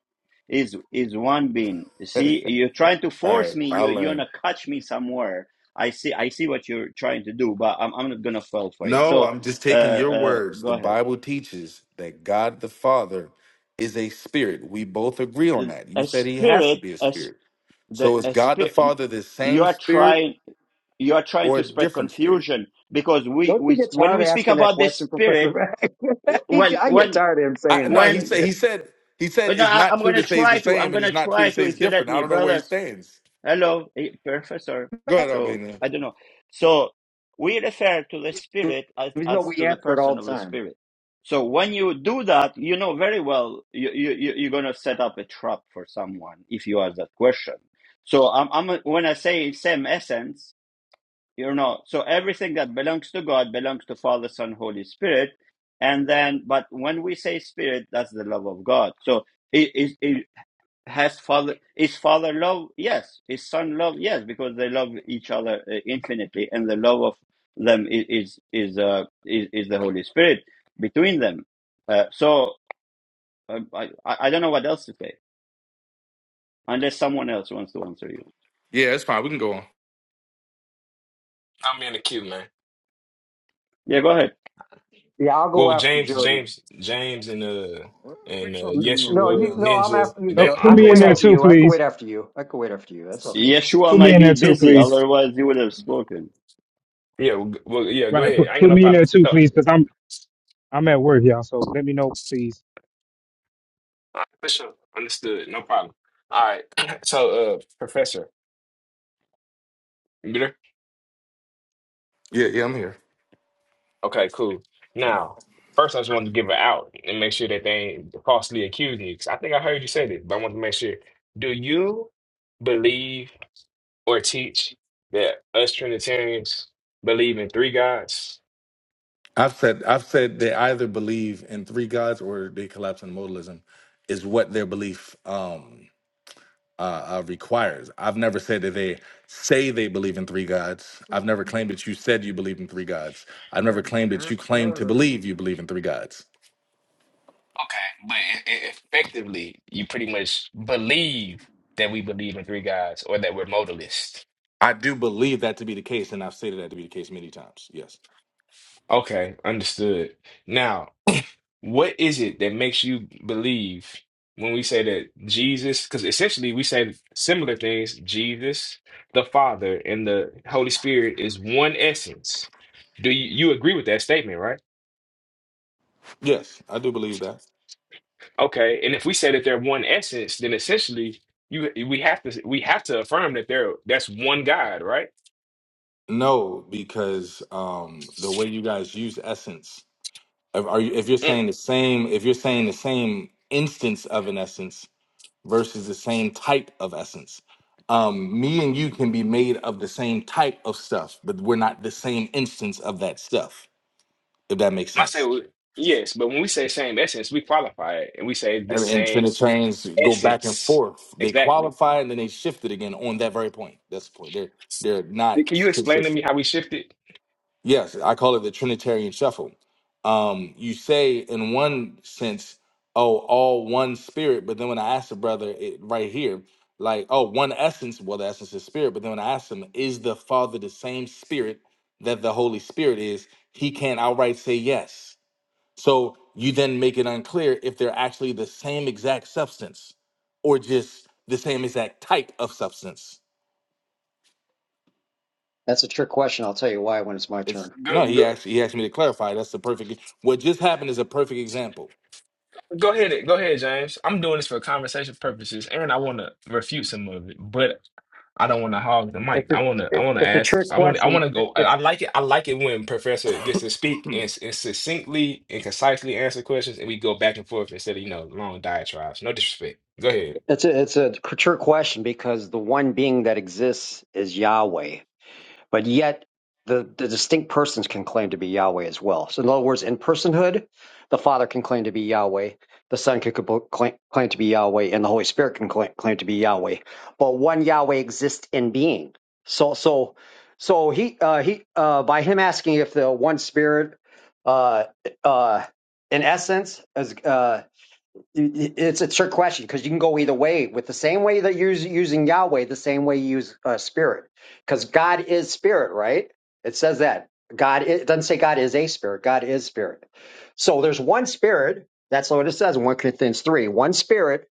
is is one being All see you're trying to force right, me you I'll you're learn. gonna catch me somewhere i see i see what you're trying to do but i'm, I'm not gonna fall for it No, so I'm just uh taking your uh words. go The ahead Bible teaches that God the Father is a spirit. We both agree on that. You a said he has to spirit be a as spirit. the So is a God the spirit Father the you same are spirit trying you are trying or a to spread different spirit? confusion because we Don't you we get when tired we of speak asking that about this question, spirit Professor? He- when I get when tired of him I saying no, that he thing. said when he said he said no, it's I, not I'm true gonna to say it's the try to. I'm same and gonna it's not true try to to, say it's if you let different. I me, don't know where he brothers stands. Hello, eh, professor. Go ahead, So Albania. I don't know. So we refer to the spirit as, Even though as we to the answer it person all the of the time. spirit. So when you do that, you know very well you, you, you- you're going to set up a trap for someone if you ask that question. So I'm, I'm when I say same essence, you know, so everything that belongs to God belongs to Father, Son, Holy Spirit. And then, but when we say spirit, that's the love of God. So its has father is father love yes is son love yes because they love each other uh, infinitely and the love of them is is is, uh, is, is the holy spirit between them uh, so uh, I, I I don't know what else to say unless someone else wants to answer you Yeah, it's fine. We can go on. I'm in the queue, man. yeah go ahead Yeah, I'll go Well, after James, Jody. James, James, and uh, and uh, What's up to you, No, you Yeshua, and no, man? I'm Ninja. after you, And They, on. So Jody. I put I don't think me can they in wait there spoke after too, you. yet. I can wait please. after you. I can wait after you. That's okay. yeshua Put me might in be there too, busy please. otherwise you would have spoken Yeah, well, g- well, yeah. Go Right, ahead. put I ain't got put no me in problem. there too, So, all please, because I'm I'm at work, y'all. So let me know, please. right, for sure. Understood. No problem. All right. So, uh, Professor. You there? Yeah, yeah, I'm here. Okay, cool. Now, first, I just wanted to give it out and make sure that they ain't falsely accusing you. 'Cause I think I heard you say this, but I want to make sure. Do you believe or teach that us Trinitarians believe in three gods? I've said I've said they either believe in three gods or they collapse in modalism, is what their belief um, uh, uh, requires. I've never said that they say they believe in three gods. I've never claimed that you said you believe in three gods. I've never claimed that you claim to believe you believe in three gods. Okay, but e- e- effectively, you pretty much believe that we believe in three gods or that we're modalist. I do believe that to be the case, and I've stated that to be the case many times. Yes. Okay, understood. Now. What is it that makes you believe when we say that Jesus, because essentially we say similar things, Jesus, the Father, and the Holy Spirit is one essence. Do you, you agree with that statement, right? Yes, I do believe that. Okay, and if we say that they're one essence, then essentially you we have to we have to affirm that they're that's one God, right? No, because um the way you guys use essence, if- are you if you're Mm. saying the same, if you're saying the same instance of an essence versus the same type of essence, um, me and you can be made of the same type of stuff, but we're not the same instance of that stuff. If that makes I say sense. well, yes, but when we say same essence, we qualify it and we say the And, and same Trinitarians go back and essence. forth. They Exactly. qualify and then they shift it again on that very point. That's the point. They're they're Can not you explain to consistent. me how we shifted? Yes, I call it the Trinitarian shuffle. Um, you say in one sense, oh, all one spirit, but then when I ask the brother it, right here, like, oh, one essence, well, the essence is spirit, but then when I ask him, is the Father the same spirit that the Holy Spirit is, he can't outright say yes. So you then make it unclear if they're actually the same exact substance or just the same exact type of substance That's a trick question. I'll tell you why when it's my It's turn. Go, no, he go, asked he asked me to clarify. That's the perfect what just happened is a perfect example. go ahead, go ahead, James. I'm doing this for conversation purposes, and I want to refute some of it, but I don't want to hog the mic. It's a, I want to, I it- want to it's a ask, trick I want, I question. want to go. I, I like it. I like it when Professor gets to speak Hmm. and, s- and succinctly and concisely answer questions, and we go back and forth instead of you know long diatribes. No disrespect. Go ahead. It's a, it's a trick question because the one being that exists is Yahweh, but yet the, the distinct persons can claim to be Yahweh as well. So, in other words, in personhood, the Father can claim to be Yahweh, the Son can cabo- claim, claim to be Yahweh, and the Holy Spirit can claim, claim to be Yahweh. But one Yahweh exists in being. So, so, so he uh, he uh, by him asking if the one Spirit, uh, uh, in essence, is. Uh, It's a trick question because you can go either way with the same way that you're using Yahweh, the same way you use uh, spirit. Because God is spirit, right? It says that. God, it doesn't say God is a spirit, God is spirit. So there's one spirit. That's what it says in 1 Corinthians 3 one spirit.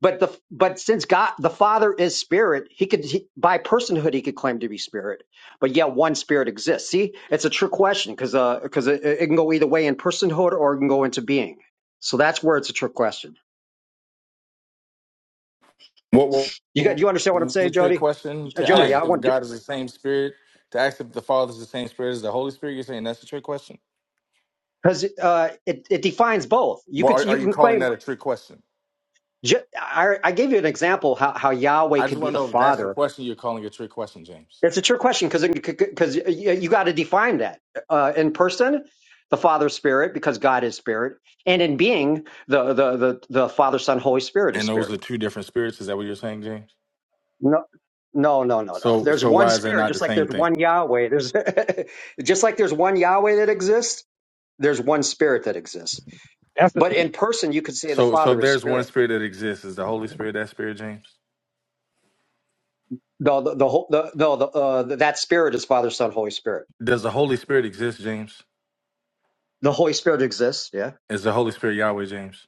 But the but since God the Father is spirit, he could he, by personhood he could claim to be spirit, but yet one spirit exists. See, it's a trick question because because it, it can go either way in personhood or it can go into being. So that's where it's a trick question. What, what, You got what you understand what I'm was saying, it your Jody? question Uh, to Jody, ask Yeah. I if want God is the same spirit? To ask if the Father is the same spirit as the Holy Spirit? You're saying that's a trick question? because uh, it it defines both. You Well, could are, are you you can calling that claim. a trick question? ju- I, I gave you an example how how Yahweh I just could be want to the know if that's the Father. question you're calling a trick question, James. It's a trick question because because you, you got to define that uh, in person, the Father Spirit because God is Spirit, and in being the the the the Father Son Holy Spirit is And those are Spirit. two different spirits. Is that what you're saying, James? No. No, no, no, no. So There's so one why is that spirit, not the just like same there's thing? one Yahweh. There's just like there's one Yahweh that exists. There's one spirit that exists That's But in person, you could say the So so if Father is there's one Spirit. spirit that exists, is the Holy Spirit that spirit, James? No, the, the, whole- the no, the, uh, that Spirit is Father, Son, Holy Spirit. Does the Holy Spirit exist, James? The Holy Spirit exists. Yeah. Is the Holy Spirit Yahweh, James?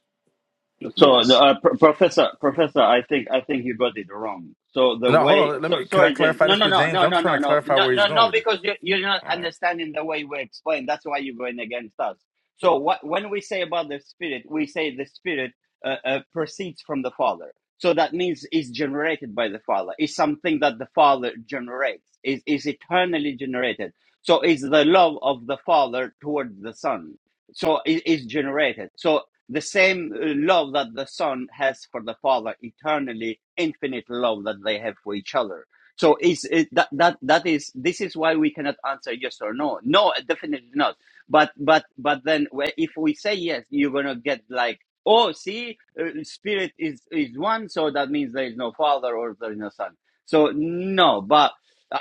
So, the, Yes. uh, pr- professor, professor, I think I think you got it wrong. So the No, hold way, on. Let so me. Can I sorry, Jen. clarify No, this no, with no, James? no, I'm just no, no, trying to no, clarify no, where he's no, going no, with it. because you, you're not All right. understanding the way we explain. That's why you're going against us. So what when we say about the spirit, we say the spirit uh, uh, proceeds from the Father. So that means is generated by the Father. Is something that the Father generates. Is is eternally generated. So is the love of the Father towards the Son so it is generated. So the same uh, love that the son has for the father eternally infinite love that they have for each other so is it, that that that is this is why we cannot answer yes or no no definitely not but but but then wh- if we say yes you're gonna get like oh see uh, spirit is is one so that means there is no father or there is no son so no but i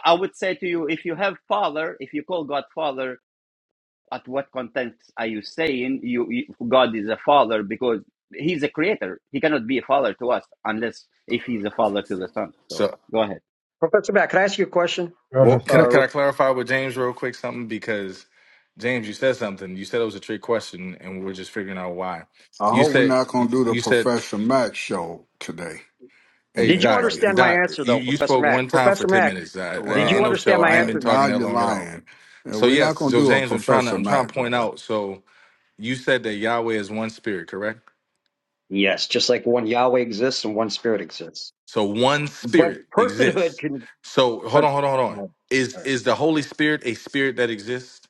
I would say to you if you have father if you call god father at what context are you saying you, you God is a father because he's a creator. He cannot be a father to us unless if he's a father to the son. So So, go ahead. Professor Mack, can I ask you a question? well, can I the. can Uh, I clarify with James real quick something because James, you said something. You said it was a trick question, and we're just figuring out why. I You hope we're said not gonna you do the you said, Professor Mac show today. In "Hey did it, you Doc, right understand my here. Doc, answer you, though, you Professor spoke one Mack? time for Professor ten Mack, minutes. I, I did you ain't no Right, understand show. my I ain't right. been answer? Now talking that you're long at all." lying. And So we're yes, not going so to do a James, I'm trying to Professor I'm trying to Mac, point brother. out. So you said that Yahweh is one spirit, correct? Yes, just like one Yahweh exists and one Spirit exists. So one But spirit personhood exists. can, So hold but on, hold on, hold on. All Is right. is the Holy Spirit a spirit that exists?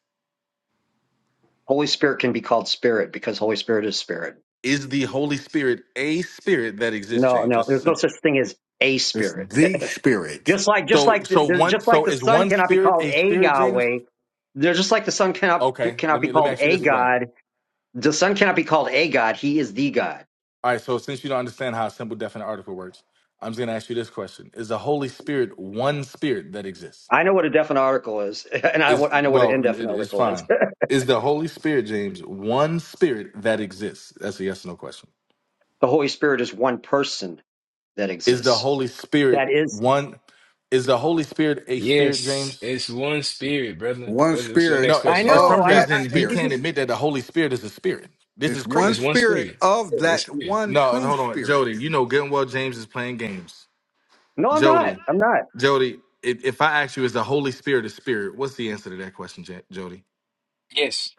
Holy Spirit can be called Spirit because Holy Spirit is Spirit. Is the Holy Spirit a spirit that exists, No, James? no, That's the there's no simple. such thing as a It's Spirit. the spirit, Just like just So like the, so they're- one just like so the is Son one cannot be spirit called a a spirit, James? Yahweh, they're just like the Son cannot Okay, cannot let be me let me called ask you a this way. God. The Son cannot be called a God. He is the God. All right, so since you don't understand how a simple definite article works, I'm just gonna ask you this question. Is the Holy Spirit one spirit that exists? I know what a definite article is, and I Is I know what an well, it, indefinite it's article is. fine. Is the Holy Spirit, James, one spirit that exists? That's a yes or no question. The Holy Spirit is one person that Is the exists. Holy Spirit That is. one? Is the Holy Spirit a spirit, Yes, James? it's one spirit, brother. one What's, what's your spirit No, next eh, I for question? know. some of I don't. that I, reason he he can't just. spirit. admit that the Holy Spirit is a spirit. This It's is one It's crazy. one spirit spirit. of Yeah, It's that spirit. one No, and true hold on, spirit. Jody. You know good and well James is playing games. No, I'm not. Jody, I'm not. Jody, if, if I ask you, is the Holy Spirit a spirit? What's the answer to that question, Ja- Jody? Yes.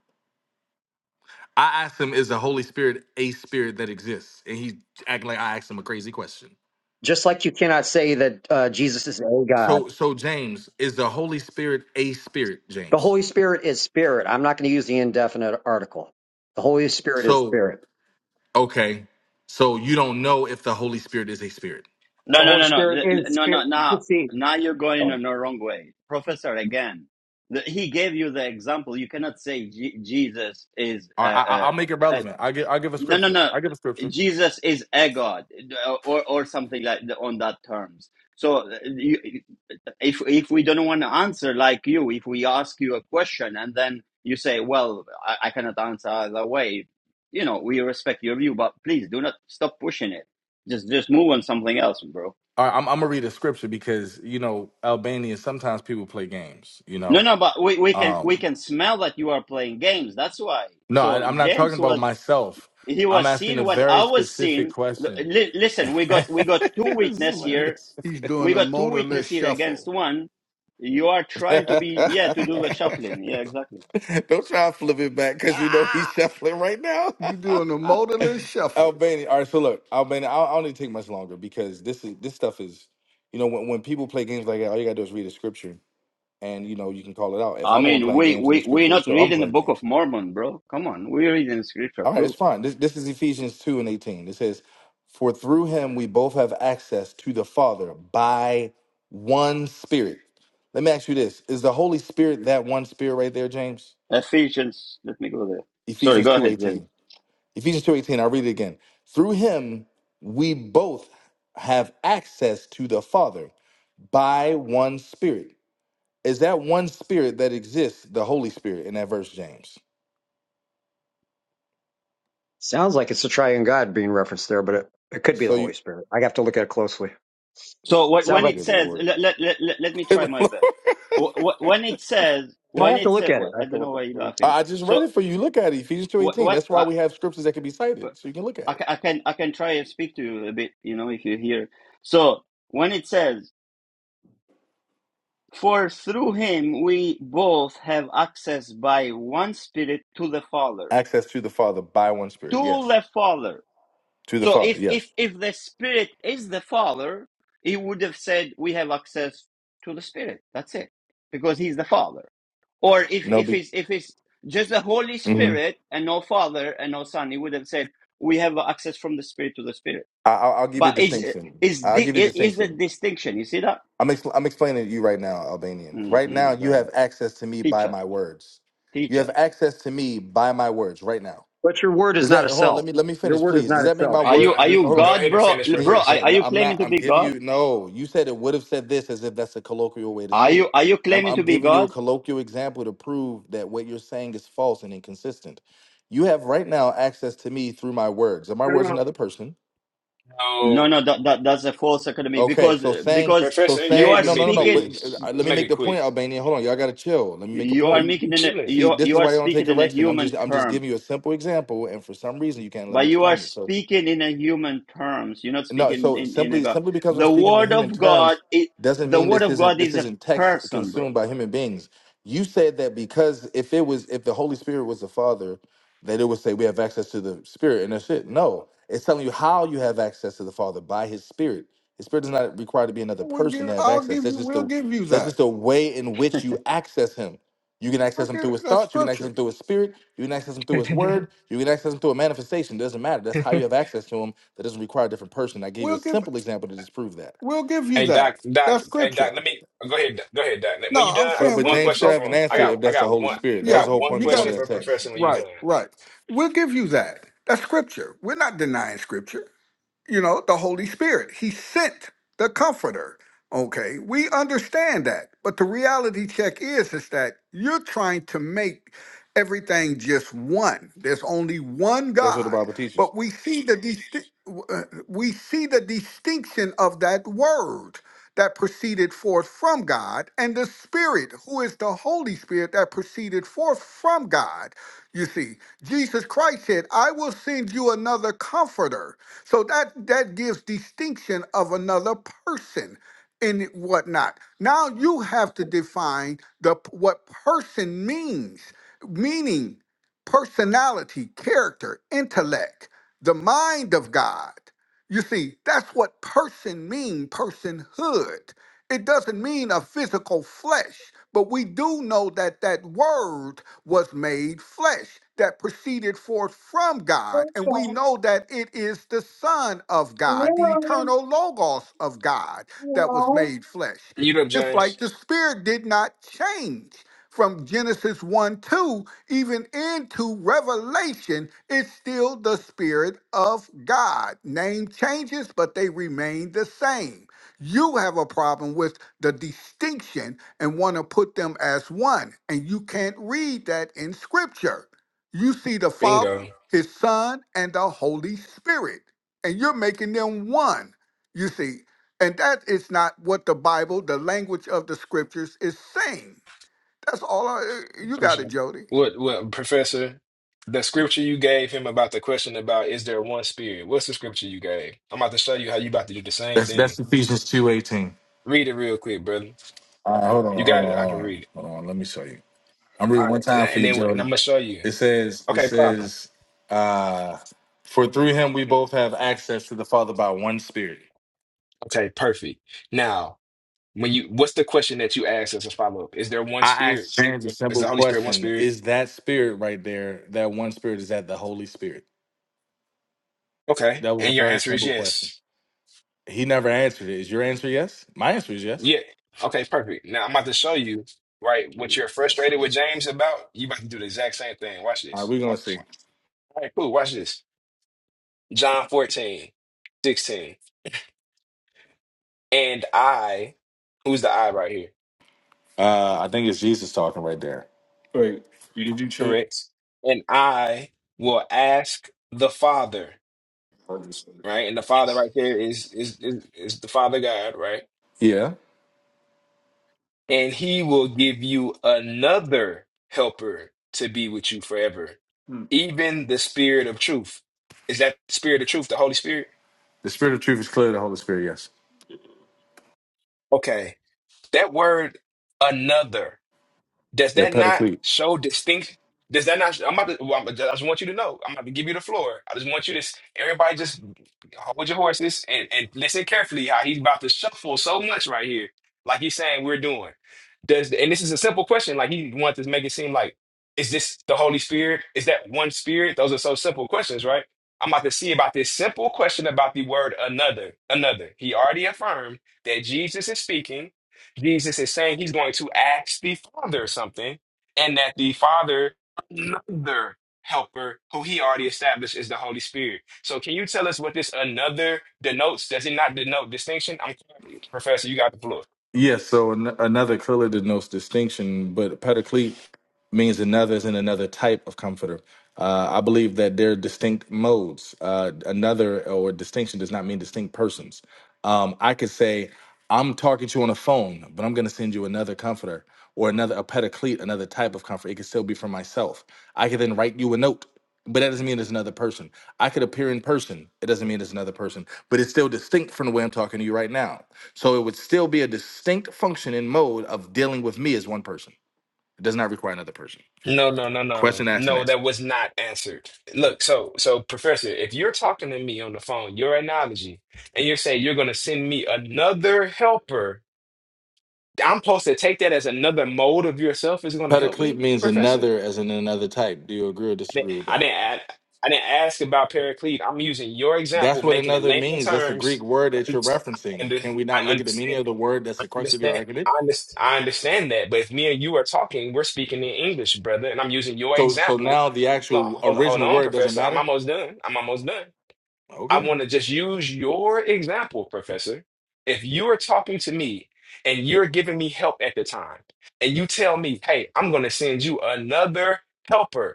I asked him, is the Holy Spirit a spirit that exists? And he acting like I asked him a crazy question. Just like you cannot say that uh, Jesus is a God. So, so James, is the Holy Spirit a spirit, The James? Holy Spirit is spirit. I'm not going to use the indefinite article. The Holy Spirit is So spirit. Okay, so you don't know if the Holy Spirit is a spirit. No, The no, Holy no, no, Spirit L- l- is no, no. spirit, Now, the seed. now you're going Oh, in the wrong way, Professor. Again, the, he gave you the example. You cannot say Je- Jesus is. All right, I, I- Uh, I'll make it uh, relevant. I give I give a No, no, scripture. no. I give a scripture. Jesus is a God, or or something like on that terms. So, uh, you, if if we don't want to answer like you, if we ask you a question and then you say, "Well, I, I cannot answer either way," you know, we respect your view, but please do not stop pushing it. Just just move on something else, bro. All right, I'm, I'm gonna read a scripture because you know Albanians sometimes people play games. You No, know, no, but we, we can we um, can smell that you are playing games. That's why. no, I, So I'm not James talking about was myself. he I'm was asking seeing a what very I was specific seeing. L- question. li- listen, we got this we got two is witness here hilarious. He's doing We the got two motorless witnesses here against shuffle. one. You are trying to be yeah to do the shuffling. Yeah, exactly. Don't try to flip it back because you know he's ah, shuffling right now. you doing the motorless shuffle. Albania. All right, so look, Albania. I, I don't need to take much longer because this is this stuff is, you know, when, when people play games like that, all you gotta do is read a scripture, and you know you can call it out. If I I'm the one mean, playing we games in the we we're scripture, will not show I'm reading the playing Book of games. Mormon, bro. Come on, we're reading Scripture All right, it's too. fine. This this is Ephesians two and eighteen. It says, "For through him we both have access to the Father by one Spirit." Let me ask you this: Is the Holy Spirit that one Spirit right there, James? Ephesians. Let me go there. Sorry, Ephesians go two ahead, Jen. eighteen. Ephesians 2:18, I'll read it again. Through him we both have access to the Father by one spirit. Is that one spirit that exists, the Holy Spirit in that verse, James? sounds like it's the Triune God being referenced there, but it, it could be the So you Holy Spirit. I have to look at it closely. So what, Sounds Oh when like it good says, Lord. let, let let let let me try Good my Lord. best. Wh- wh- When it says, I when have to it look says, at it. I I have to don't look know why you're at it. laughing. I I just So read it for you. Look at it. Ephesians what 2:18. what That's why I, we have scriptures that can be cited. So you can look I at ca- it. I can I can try and speak to you a bit, you know, if you hear. So when it says For through him we both have access by one spirit to the Father. Access to the Father by one spirit. To Yes. the Father. To the So Father, if yes. if if the Spirit is the Father, he would have said we have access to the Spirit. That's it. Because he's the Father. Or if No if be it's if it's just the Holy Mhm. Spirit and no Father and no Son, he would have said we have access from the Spirit to the Spirit. I, I'll I'll give you a But is distinction. is I'll the give you a is the distinction. distinction? You see that? I'm ex- I'm explaining to you right now, Albanian. Right now, hmm Go you ahead. have access to me Teach by us. my words. You Teach us. have access to me by my words right now. But your word is Does not that a hold on? Let cell. me let me Your finish, word is please. Does not a that make my cell. Are And you word? go, are you Hold go on. God, ahead and bro? finish, L- Can Bro, you Professor. are, can't? are No, you I'm not. claiming to I'm be giving God? you no. You said it would have said this as if that's a colloquial way to Are say you it, are you and I'm claiming to I'm be giving you a God? colloquial example to prove that what you're saying is false and inconsistent. You have right now access to me through my words, and my words another person. No. No, no, that, that that's a false economy Okay, because so saying, because so Professor, you saying, are engage no, with me, no, no, no. speaking But please. uh, let Let's me make make it the quick. point, Albania. Hold on, y'all gotta chill. Let me make a you are point. We making we in a chilling. you See, are- this you is are why you don't take speaking in a correction. I'm human just, I'm just term, giving you a simple example, and for some reason you can't let but me you are explain it. So speaking in a human terms. You're not no, speaking so in in a simply God. simply because I'm The speaking in word human of God terms is doesn't the mean word this of isn't God this is a isn't text person, bro. consumed by human beings. You said that because if it was if the Holy Spirit was the Father, that it would say we have access to the Spirit and that's it. No, it's telling you how you have access to the Father by His Spirit. His Spirit is not required to be another We'll person to give, have I'll give access. That's you, just we'll the give you that's that. just the way in which you access Him. You can access him Okay, through his that's thoughts. You can access scripture. him through his spirit. You can access him through his word. You can access him through a manifestation. doesn't matter. That's how you have access to him. That doesn't require a different person. I gave you We'll a give, simple example to disprove that. we'll give you Hey Doc, that. Doc, That's hey scripture. Doc. Let me go ahead. Doc. Go ahead, Doc. No, When you done, I'm I got But saying but we'll. one James should question for have an Okay. him. I answer Hey, got if I that's the got Holy one. Spirit. I That was yeah, got the whole one point of you me got going question to it. that for text. Professor. When you Right, done, right. We'll give you that. That's scripture. We're not denying scripture you know, the Holy Spirit. He sent the comforter. Okay, we understand that. But the reality check is is that you're trying to make everything just one. There's only one That's what the God. Bible teaches. But we see the disti- w- uh, we see the distinction of that word that proceeded forth from God and the spirit who is the Holy Spirit that proceeded forth from God. You see, Jesus Christ said, "I will send you another comforter." So that that gives distinction of another person and whatnot. Now you have to define the what person means, meaning personality, character, intellect, the mind of God. You see, that's what person mean, personhood. It doesn't mean a physical flesh, but we do know that that word was made flesh that proceeded forth from God. And we know that it is the Son of God, the eternal Logos of God that was made flesh. you up, Just like James. the Spirit did not change from Genesis 1 2, even into Revelation, it's still the Spirit of God. Name changes, but they remain the same. You have a problem with the distinction and want to put them as one, and you can't read that in scripture. You see the Father, Bingo. His Son, and the Holy Spirit, and you're making them one, you see. And that is not what the Bible, the language of the scriptures, is saying. That's all I, you got Appreciate it, it. Jody. What what Professor? The scripture you gave him about the question about is there one spirit? What's the scripture you gave? I'm about to show you how you about to do the same That's that's thing. Ephesians two eighteen. Read it real quick, brother. All right, hold on, You hold got on, it. I hold can on, read it. hold on. Let me show you. I'm All reading right, one and, time for and you, then and I'm Joey. gonna show you. It says it Okay, problem. says, uh, for through him we both have access to the Father by one Spirit. Okay, perfect. Now, when you, what's the question that you asked as a follow up? Is there one I spirit? asked James a Is simple the Holy Spirit one question. spirit? Is that spirit right there, that one spirit, is that the Holy Spirit? Okay, That was a and your very answer is simple question. yes. He never answered it. Is your answer yes? My answer is yes. Yeah. Okay, perfect. Now I'm about to show you, right, All what you're frustrated with James about. You about to do the exact same thing. Watch right, this. we're going to see. Watch. All right, cool. Watch this. John 14:16. And I, who's the I right here? Uh, I think it's Jesus talking right there. Wait, you- did you change? Correct. And I will ask the Father, right? And the Father right there is is is, is the Father God, right? Yeah. and he will give you another helper to be with you forever, Hmm. even the spirit of truth. Is that spirit of truth, the Holy Spirit? The spirit of truth is clearly the Holy Spirit, yes. Okay. That word, another. Does The that not paraclete. show distinction? Does that not? I'm about to. well, I'm- I just want you to know. I'm about to give you the floor. I just want you to. s- Everybody, just hold your horses and, and listen carefully. How he's about to shuffle so much right here, like he's saying we're doing. Does and this is a simple question. Like he wants to make it seem like, is this the Holy Spirit? Is that one Spirit? Those are so simple questions, right? I'm about to see about this simple question about the word another. Another. He already affirmed that Jesus is speaking. Jesus is saying he's going to ask the Father something, and that the Father, another helper who he already established is the Holy Spirit. So, can you tell us what this another denotes? Does it not denote distinction? I'm sorry, Professor, you got the floor. Yes, so an- another clearly denotes distinction, but paraclete means another is in another type of comforter. Uh, I believe that they're distinct modes. Uh, another or distinction does not mean distinct persons. Um, I could say, I'm talking to you on the phone, but I'm going to send you another comforter or another a pedicleat, another type of comfort. It could still be for myself. I could then write you a note, but that doesn't mean it's another person. I could appear in person. It doesn't mean it's another person, but it's still distinct from the way I'm talking to you right now. So it would still be a distinct function and mode of dealing with me as one person. It does not require another person. No, no, no, Question no. asked and No, answered. that was not answered. Look, so so Professor, if you're talking to me on the phone, your analogy, and you're saying you're gonna send me another helper, I'm supposed to take that as another mode of yourself is gonna help Pedoclete me, means Professor? another as in another type. Do you agree or didn't- disagree with I that? didn't add, I didn't ask about Paraclete. I'm using your example, That's what making it another layman means. That's a terms. Greek word I that you're understand. I referencing. under- Can we not I look at the meaning understand. of the word that's I the crux of your understand. argument? I understand. I understand that. But if me and you are talking, we're speaking in English, brother, and I'm using your So so example. now the No, actual hold, hold original on, word doesn't Professor. I'm matter? almost done. I'm almost done. I Okay. want to just use your example, Professor. If you are talking to me and you're giving me help at the time, and you tell me, "Hey, I'm going to send you another helper,"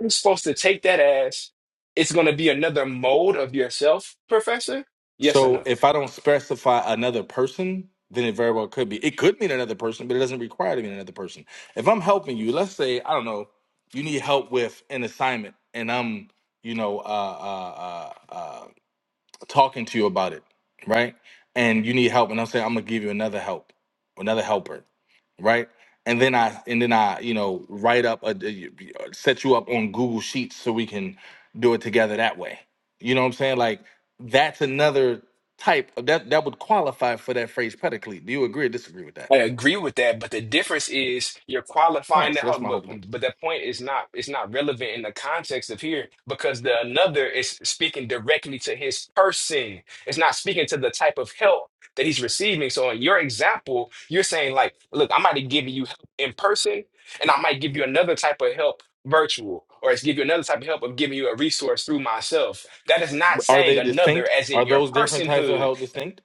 I'm supposed to take that as it's going to be another mode of yourself, professor? Yes or So no? if I don't specify another person, then it very well could be. It could mean another person, but it doesn't require to mean another person. If I'm helping you, let's say I don't know, you need help with an assignment, and I'm you know uh, uh, uh, uh, talking to you about it, right? And you need help, and I'm saying I'm gonna give you another help, another helper right? And then I and then I you know write up a, a- set you up on Google Sheets so we can do it together that way. You know what I'm saying? Like that's another type of that that would qualify for that phrase predicate. Do you agree or disagree with that? I agree with that, but the difference is you're All right, qualifying that. so hold that's on, my whole But point. but but that point is not it's not relevant in the context of here because the another is speaking directly to his person. It's not speaking to the type of help that he's receiving. So in your example, you're saying like, look, I might be giving you help in person, and I might give you another type of help virtual, or it's give you another type of help of giving you a resource through myself. That is not Are saying they another distinct? as Are in your those different types of personhood help distinct?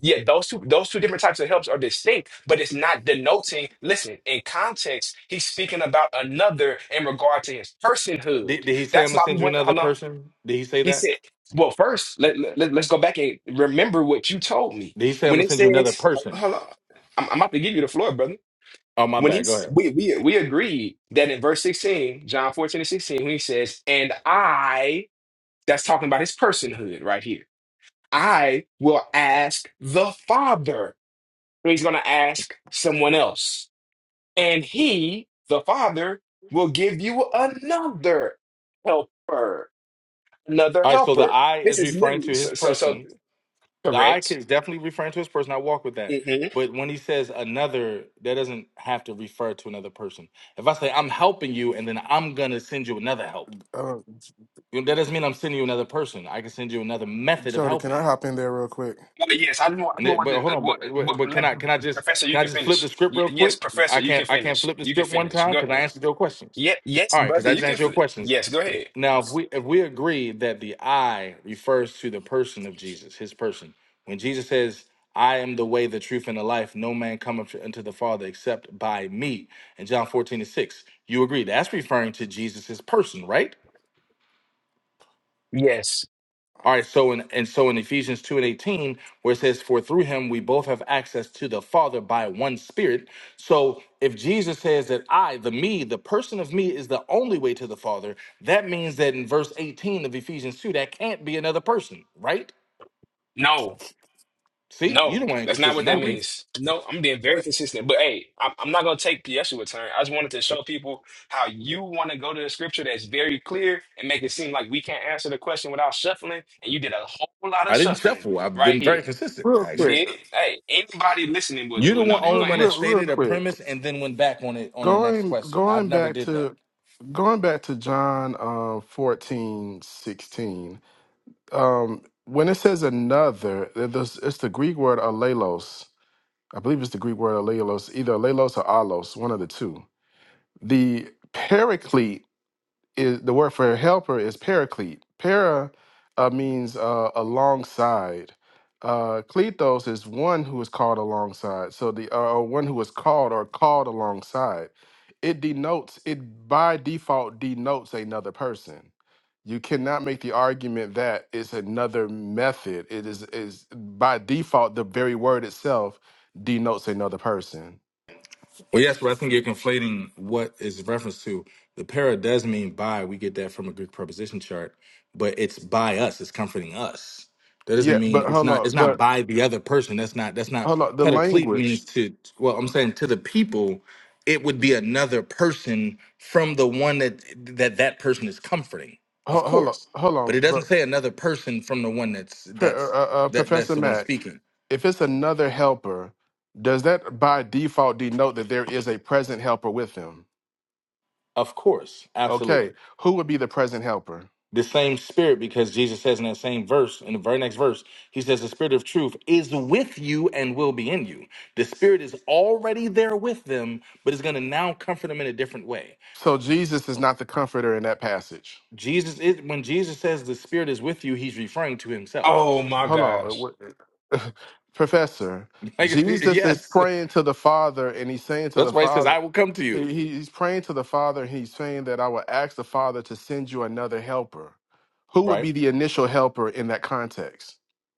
yeah, those two those two different types of helps are distinct, All but right. it's not denoting. Listen, in context, he's speaking about another in regard to his personhood. Did, did he say I'm That's gonna why we send you went. another Hold on. person? Did he say He that? said, "Well, first, let, let let's go back and remember what you told me Did he say I'm when gonna it send you another says, person? hold on, I'm, I'm about to give you the floor, brother." Oh my When bad. Go he's ahead. we we we agreed that in verse 16, John 14 and 16, when he says, "And I," that's talking about his personhood right here. I will ask the Father so he's going to ask someone else. And he, the Father, will give you another helper, another All right. So the helper. I This is is referring literally to his so, so, so person The I can correct. is definitely referring to his person. I walk with that. hmm But when he says another, that doesn't have to refer to another person. If I say I'm helping you and then I'm gonna send you another help, Uh, you know, that doesn't mean I'm sending you another person. I can send you another method of Jody, can I helping. hop in there real quick? yes, I know. I And know it, what, but the, hold on, but, what, but what, but can let- I can I just Professor, you can I can just flip the finish. script Y- real yes, quick? Professor, I you can't can I can't finish. flip the You can script one finish. time Go because I ahead. answered your questions. Yeah. yes, All right, because brother, I you just can. answered your Fin- questions. yes, go ahead. Now, if we if we agree that the I refers to the person of Jesus, his person, when Jesus says, "I am the way, the truth, and the life; no man cometh unto the Father except by me," in John fourteen and six, you agree that's referring to Jesus' person, right? Yes. All right, so in and so in Ephesians 2 and 18, where it says, For through him we both have access to the Father by one spirit. So if Jesus says that I, the me, the person of me is the only way to the Father, that means that in verse 18 of Ephesians 2, that can't be another person, right? No. See, you the No, one that's not inconsistent, what that Can not we, me. means. No, I'm being uh, very consistent. But hey, I'm, I'm not going to take Yeshua's turn. I just wanted to show people how you want to go to the scripture that's very clear and make it seem like we can't answer the question without shuffling. And you did a whole lot of I didn't shuffling shuffle. I've right been very here. consistent, real You quick, actually. did? Hey, anybody listening would, You're the would one know that. real, Go only one ahead, that real, Yeshua. real stated a quick. premise and then went back on it on the next Going, question. I've going never back did that. to going back to John um, 14 16. Um, when it says another, it- it's it's the Greek word alelos. I believe it's the Greek word alelos, either alelos or alos, one of the two. The paraclete is the word for helper is paraclete. Para uh, means uh, alongside. Uh, kletos is one who is called alongside. So the uh, or one who is called or called alongside. It denotes it by default denotes another person. You cannot make the argument that it's another method. It is is by default the very word itself denotes another person. Well, yes, but I think you're conflating what is reference to. The para does mean by. We get that from a Greek preposition chart, but it's by us. It's comforting us. That Yeah, doesn't mean but it's hold not. on, It's not but by the other person. That's not. That's not. hold on. The Pedoclete language. means to. Well, I'm saying to the people, it would be another person from the one that that that person is comforting, of Hold, hold on, course. hold But on, it bro. doesn't say another person from the one that's P- uh, uh, that's uh, that that's Professor the one Mack, speaking. if it's another helper, does that by default denote that there is a present helper with them? Of course, Okay, absolutely. who would be the present helper? the same spirit because Jesus says in that same verse, in the very next verse, he says, The spirit of truth is with you and will be in you. The spirit is already there with them, but is going to now comfort them in a different way. So Jesus is not the comforter in that passage. Jesus is when Jesus says the spirit is with you, he's referring to himself. Oh my Hold on, uh, gosh. what- Professor. Like, Jesus is yes, praying to the Father, and he's saying to the that's why he says, Father, I will come to you, he- he's praying to the Father, and he's saying that I will ask the Father to send you another helper. Who would right? be the initial helper in that context?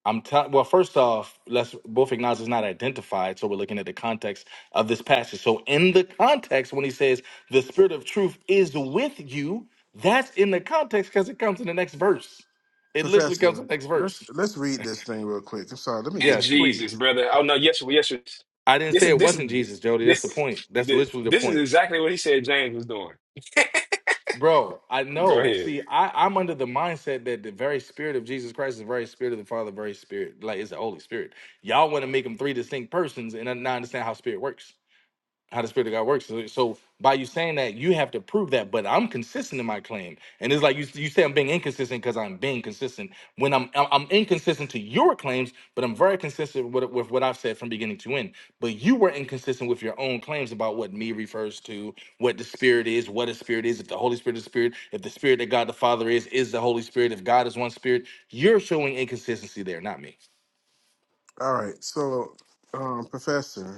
I'm telling. Well, first off, let's both acknowledge it's not identified, so we're looking at the context of this passage. So, in the context, when he says the Spirit of Truth is with you, that's in the context because it comes in the next verse. It literally comes Professor, in the next let's verse. let's read this thing real quick. I'm sorry. Let me get. It's Yes, Jesus, please. brother. Oh no, Yeshua, Yeshua. I didn't This say is it this is wasn't Jesus, Jody. That's the this point. That's literally the this is point, exactly what he said James was doing. bro. I Go know. ahead. See, I, I'm under the mindset that the very Spirit of Jesus Christ is the very Spirit of the Father, very Spirit, like it's the Holy Spirit. Y'all want to make them three distinct persons, and I now understand how Spirit works. how the spirit of God works. So, so by you saying that, you have to prove that. But I'm consistent in my claim, and it's like you you say I'm being inconsistent because I'm being consistent. When I'm I'm I'm inconsistent to your claims, but I'm very consistent with, with what I've said from beginning to end. But you were inconsistent with your own claims about what me refers to, what the spirit is, what a spirit is. If the Holy Spirit is spirit, if the spirit that God the Father is is the Holy Spirit, if God is one spirit, you're showing inconsistency there, not me. All right. So, um, Professor,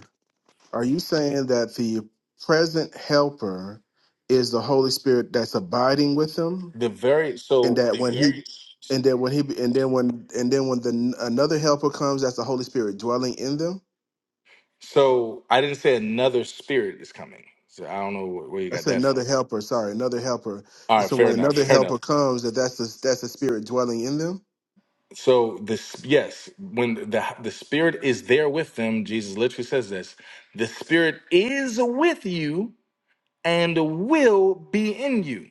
are you saying that the present Helper is the Holy Spirit that's abiding with him, The very and so that when he, and that when he, and then when, and then when the another Helper comes, that's the Holy Spirit dwelling in them? So I didn't say another spirit is coming. So I don't know wh- where you got That's that another from. helper. Sorry, another helper. All And right, so fair when enough, another fair helper enough. comes, that that's the that's the spirit dwelling in them. So this, yes, when the the spirit is there with them, Jesus literally says this: the spirit is with you and will be in you.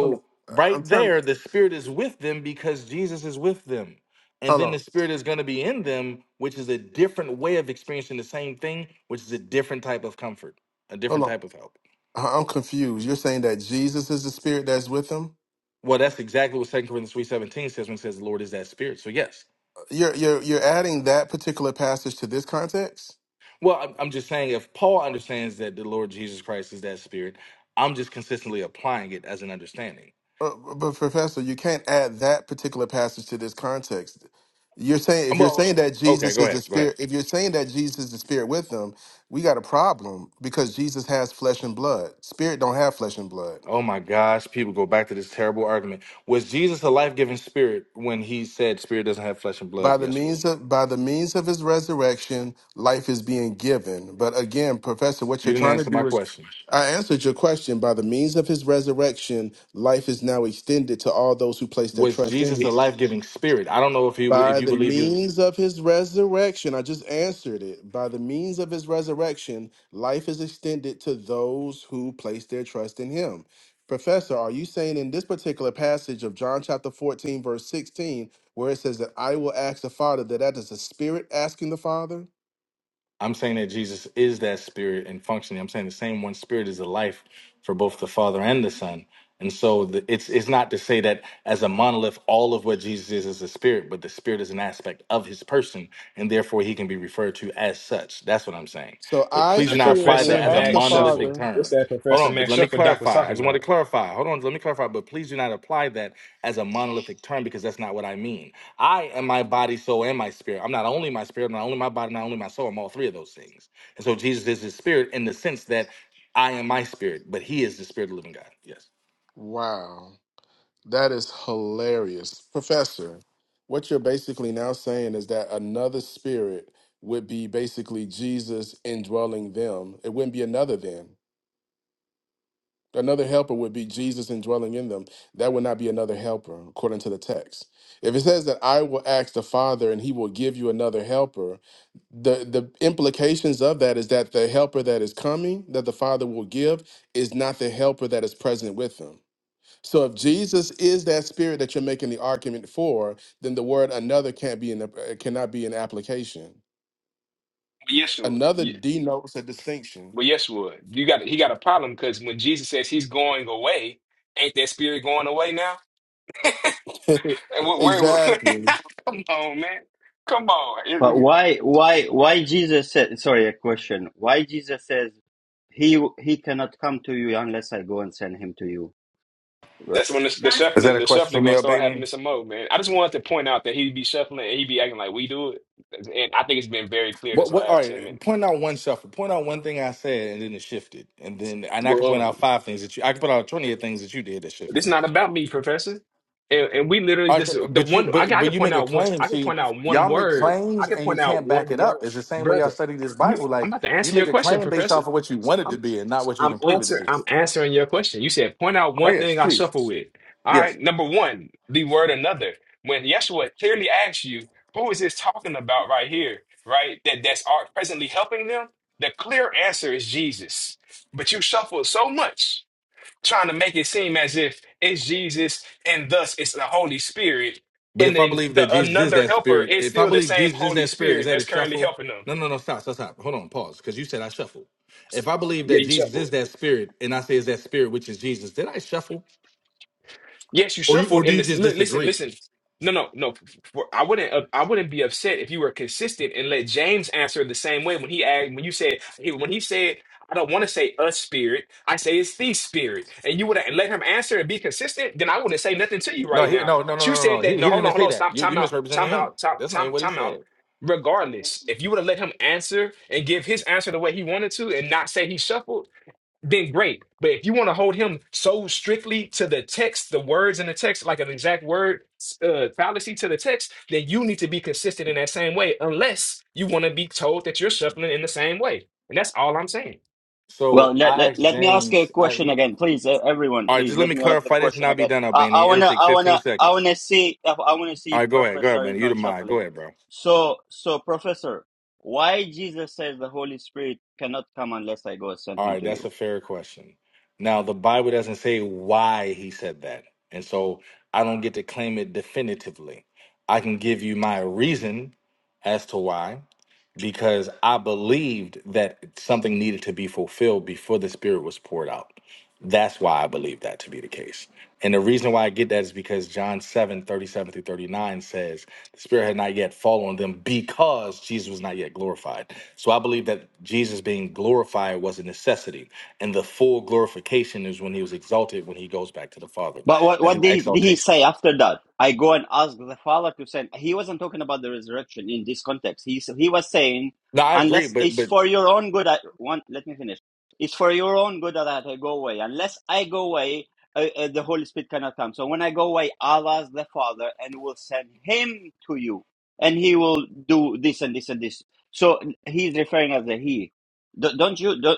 Hold on. I'm right trying. there, the spirit is with them because Jesus is with them. And Hold then on. the spirit is going to be in them, which is a different way of experiencing the same thing, which is a different type of comfort, a Hold different on. type of help. I- I'm confused. You're saying that Jesus is the spirit that's with them. Well, that's exactly what Second Corinthians 3.17 says when it says the Lord is that spirit. So yes. You're you're you're adding that particular passage to this context. Well, I'm I'm just saying if Paul understands that the Lord Jesus Christ is that spirit, I'm just consistently applying it as an understanding. Uh, but Professor, you can't add that particular passage to this context. You're saying Um, if you're Well, saying that okay, Jesus go is the ahead. Go ahead. spirit, if you're saying that Jesus is the spirit with them, we got a problem because Jesus has flesh and blood. Spirit don't have flesh and blood. Oh my gosh, people go back to this terrible argument. Was Jesus a life-giving spirit when he said spirit doesn't have flesh and By blood? the Yes, you means of by the means of his resurrection, life is being given. But again, Professor, what you're didn't trying to answer do my is question. I answered your question. By the means of his resurrection, life is now extended to all those who place their Was trust in Jesus him. a life-giving spirit? I don't know if he was, if By you the believe he was. means of his resurrection, I just answered it. By the means of his resurrection, life is extended to those who place their trust in him. Professor, are you saying in this particular passage of John chapter 14, verse 16, where it says that I will ask the Father, that that is the Spirit asking the Father? I'm saying that Jesus is that spirit and functioning. I'm saying the same one spirit is the life for both the Father and the Son. And so the, it's it's not to say that as a monolith, all of what Jesus is is a spirit, but the spirit is an aspect of his person, and therefore he can be referred to as such. That's what I'm saying. So But I, please The do not Spirit, apply will Professor that as a ask the Max Shuffle. monolithic Father. What's term. that Hold Professor on, but Max let me Shuffle Doc was clarify. I talking just want about? to clarify. Hold on, let me clarify. But please do not apply that as a monolithic term because that's not what I mean. I am my body, soul, and my spirit. I'm not only my spirit, not only my body, not only my soul. I'm all three of those things. And so Jesus is his spirit in the sense that I am my spirit, but he is the spirit of the living God. Yes. Wow. That is hilarious. Professor, what you're basically now saying is that another spirit would be basically Jesus indwelling them. It wouldn't be another then. Another helper would be Jesus indwelling in them. That would not be another helper, according to the text. If it says that I will ask the Father and he will give you another helper, the the implications of that is that the helper that is coming that the father will give is not the helper that is present with them so if Jesus is that spirit that you're making the argument for, then the word another can't be in the, uh, cannot be an application. But Yeshua. Another Ye- denotes a distinction. Well, Yeshua. You got he got a problem because when Jesus says he's going away, ain't that spirit going away now? And wh- where, exactly. come on, man. Come on. But It- why why why Jesus said sorry a question? Why Jesus says he he cannot come to you unless I go and send him to you? Well, that's when the, the Is that shuffling, a the question for shuffling me, gonna start happening Albanian? some more, man. I just wanted to point out that he'd be shuffling and he'd be acting like we do it. And I think it's been very clear What, this what, all last ten right, minutes. point out one shuffle. Point out one thing I said and then it shifted. And then, and I can point Well. out five things that you, I can point out 20 of things that you did that It's shifted. not about me, Professor. And, and we literally All right, just so, the but you one I, but can- I but could you point make a out one claim. I could See, point out one y'all make word. I claims could and you point out can't one back it word. up. It's the same way y'all Brother, study this you Bible. I'm Like about to you answer your make a question, claim based off Professor. of what you want it to I'm be and not what you I'm can prove it to answer be. I'm answering your question. You said point out Oh one yes, thing I please. suffer with. All Yes. right, number one, the word another. When Yeshua clearly asks you, who is this talking about right here, right? That that's are presently helping them? The clear answer is Jesus. But you shuffle so much trying to make it seem as if it's Jesus and thus it's the Holy Spirit. But And if I then believe the that Jesus is another that helper spirit, is if I still the believe same Jesus is Holy that spirit, is Spirit that a that's currently shuffle? helping them. No, no, no, stop, stop, stop. Hold on, pause. Because you said I shuffle. If I believe Yeah, that you Jesus shuffle. is that spirit and I say is that spirit, which is Jesus, did I shuffle? Yes, you Or you or shuffled do in you this. just Look, listen, disagree? listen. No, no, no. For- I wouldn't. Uh, I wouldn't be upset if you were consistent and let James answer the same way when he asked. When you said he, when he said, "I don't want to say us spirit. I say it's the spirit," and you would have let him answer and be consistent. Then I wouldn't say nothing to you No, right he, now. no, no, no, But you no, no. said He, he that. No, didn't hold even on, hold say on. that. Stop. You, you Time out. misrepresenting Time him. out. Time. That's not even Time. what he Time said. out. Regardless, if you would have let him answer and give his answer the way he wanted to, and not say he shuffled then great. But if you want to hold him so strictly to the text, the words in the text, like an exact word uh, fallacy to the text, then you need to be consistent in that same way, unless you want to be told that you're shuffling in the same way. And that's all I'm saying. well, So let, I let, asked let me ask a James. I question no, again, please, e- everyone. all right. Please Just let let me me ask the clarify this, and question I'll be again. done, I, I Albania. It'll wanna, take I 15 wanna, I seconds. wanna see, If, I wanna see All if right, go ahead, go ahead, Professor man. is You the not mind. Go shuffling. ahead, bro. So, so Professor, why Jesus says the Holy Spirit cannot come unless I go send All him right, to you? that's a fair question. Now the Bible doesn't say why he said that, and so I don't get to claim it definitively. I can give you my reason as to why, because I believed that something needed to be fulfilled before the Spirit was poured out. That's why I believe that to be the case. And the reason why I get that is because John 7 37 through 39 says, The Spirit had not yet fallen on them because Jesus was not yet glorified. So I believe that Jesus being glorified was a necessity. And the full glorification is when he was exalted, when he goes back to the Father. But what, That's what an did he exaltation. say after that? I go and ask the Father to send. He wasn't talking about the resurrection in this context. He he was saying, No, I agree, unless but it's but for your own good. I, one, let me finish. It's for your own good that I go away. Unless I go away, uh, uh, the Holy Spirit cannot come. So when I go away, I'll ask the Father and will send Him to you, and He will do this and this and this. So he's referring as a He. Do- Don't you do,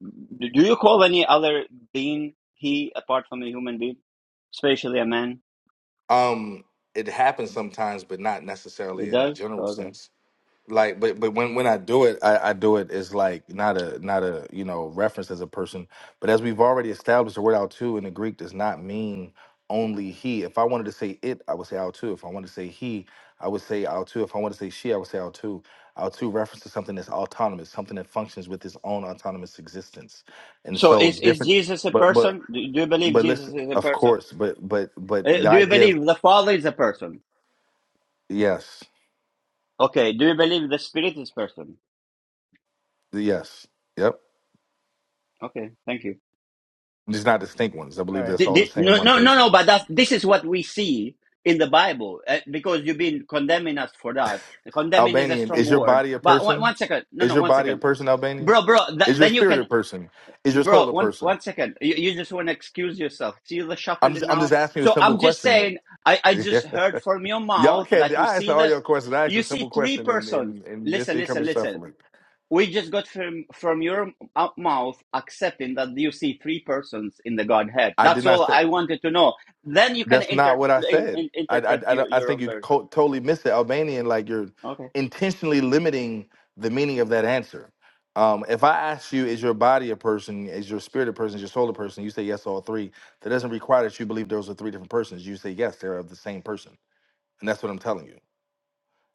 do you call any other being He apart from a human being? Especially a man. um it happens sometimes, but not It necessarily in the does? general Okay. sense like but but when when i do it I, I do it as like not a not a you know reference as a person but as we've already established the word out too in the greek does not mean only he if i wanted to say it i would say out too if i wanted to say he i would say out too if i wanted to say she i would say out too out too references something that's autonomous something that functions with its own autonomous existence and So so is, is different Jesus a but but person? Do, do you believe but Jesus listen is a of person? course but but but Uh, the do you idea of believe the Father is a person? yes Okay. Do you believe the Spirit is person? yes yep Okay. Thank you. just not distinct ones i believe Hey, that's Did, all the did, same no, one no, no, person no. But that's, this is what we see in the Bible uh, because you've been condemning us for that. Condemning is a Albanian, strong is your word. body a But one, person? one second. No, Is no, your one body a second. person, Albanian? Bro, bro, th- Is your then you can spirit a person? Is your Bro, soul a one person? one second. You, you just want to excuse yourself. See the I'm shuffling just, I'm now. just asking you a So I'm simple just question here. saying. I I Yeah. just heard from your Y'all mouth can't. that you I asked see all the, your questions. I asked you a see simple three question, and persons. and, and this Listen, ain't listen, coming listen. shuffling. We just got from from your m- mouth accepting that you see three persons in the Godhead. I did That's not all say. I wanted to know. Then you can That's not inter- what I in, said. in- I I, I, interpret your don't- I your think own you version. co- totally missed the Albanian. Like you're Okay. intentionally limiting the meaning of that answer. Um, if I ask you, is your body a person? Is your spirit a person? Is your soul a person? You say yes, all three. That doesn't require that you believe those are three different persons. You say yes, they're of the same person, and that's what I'm telling you.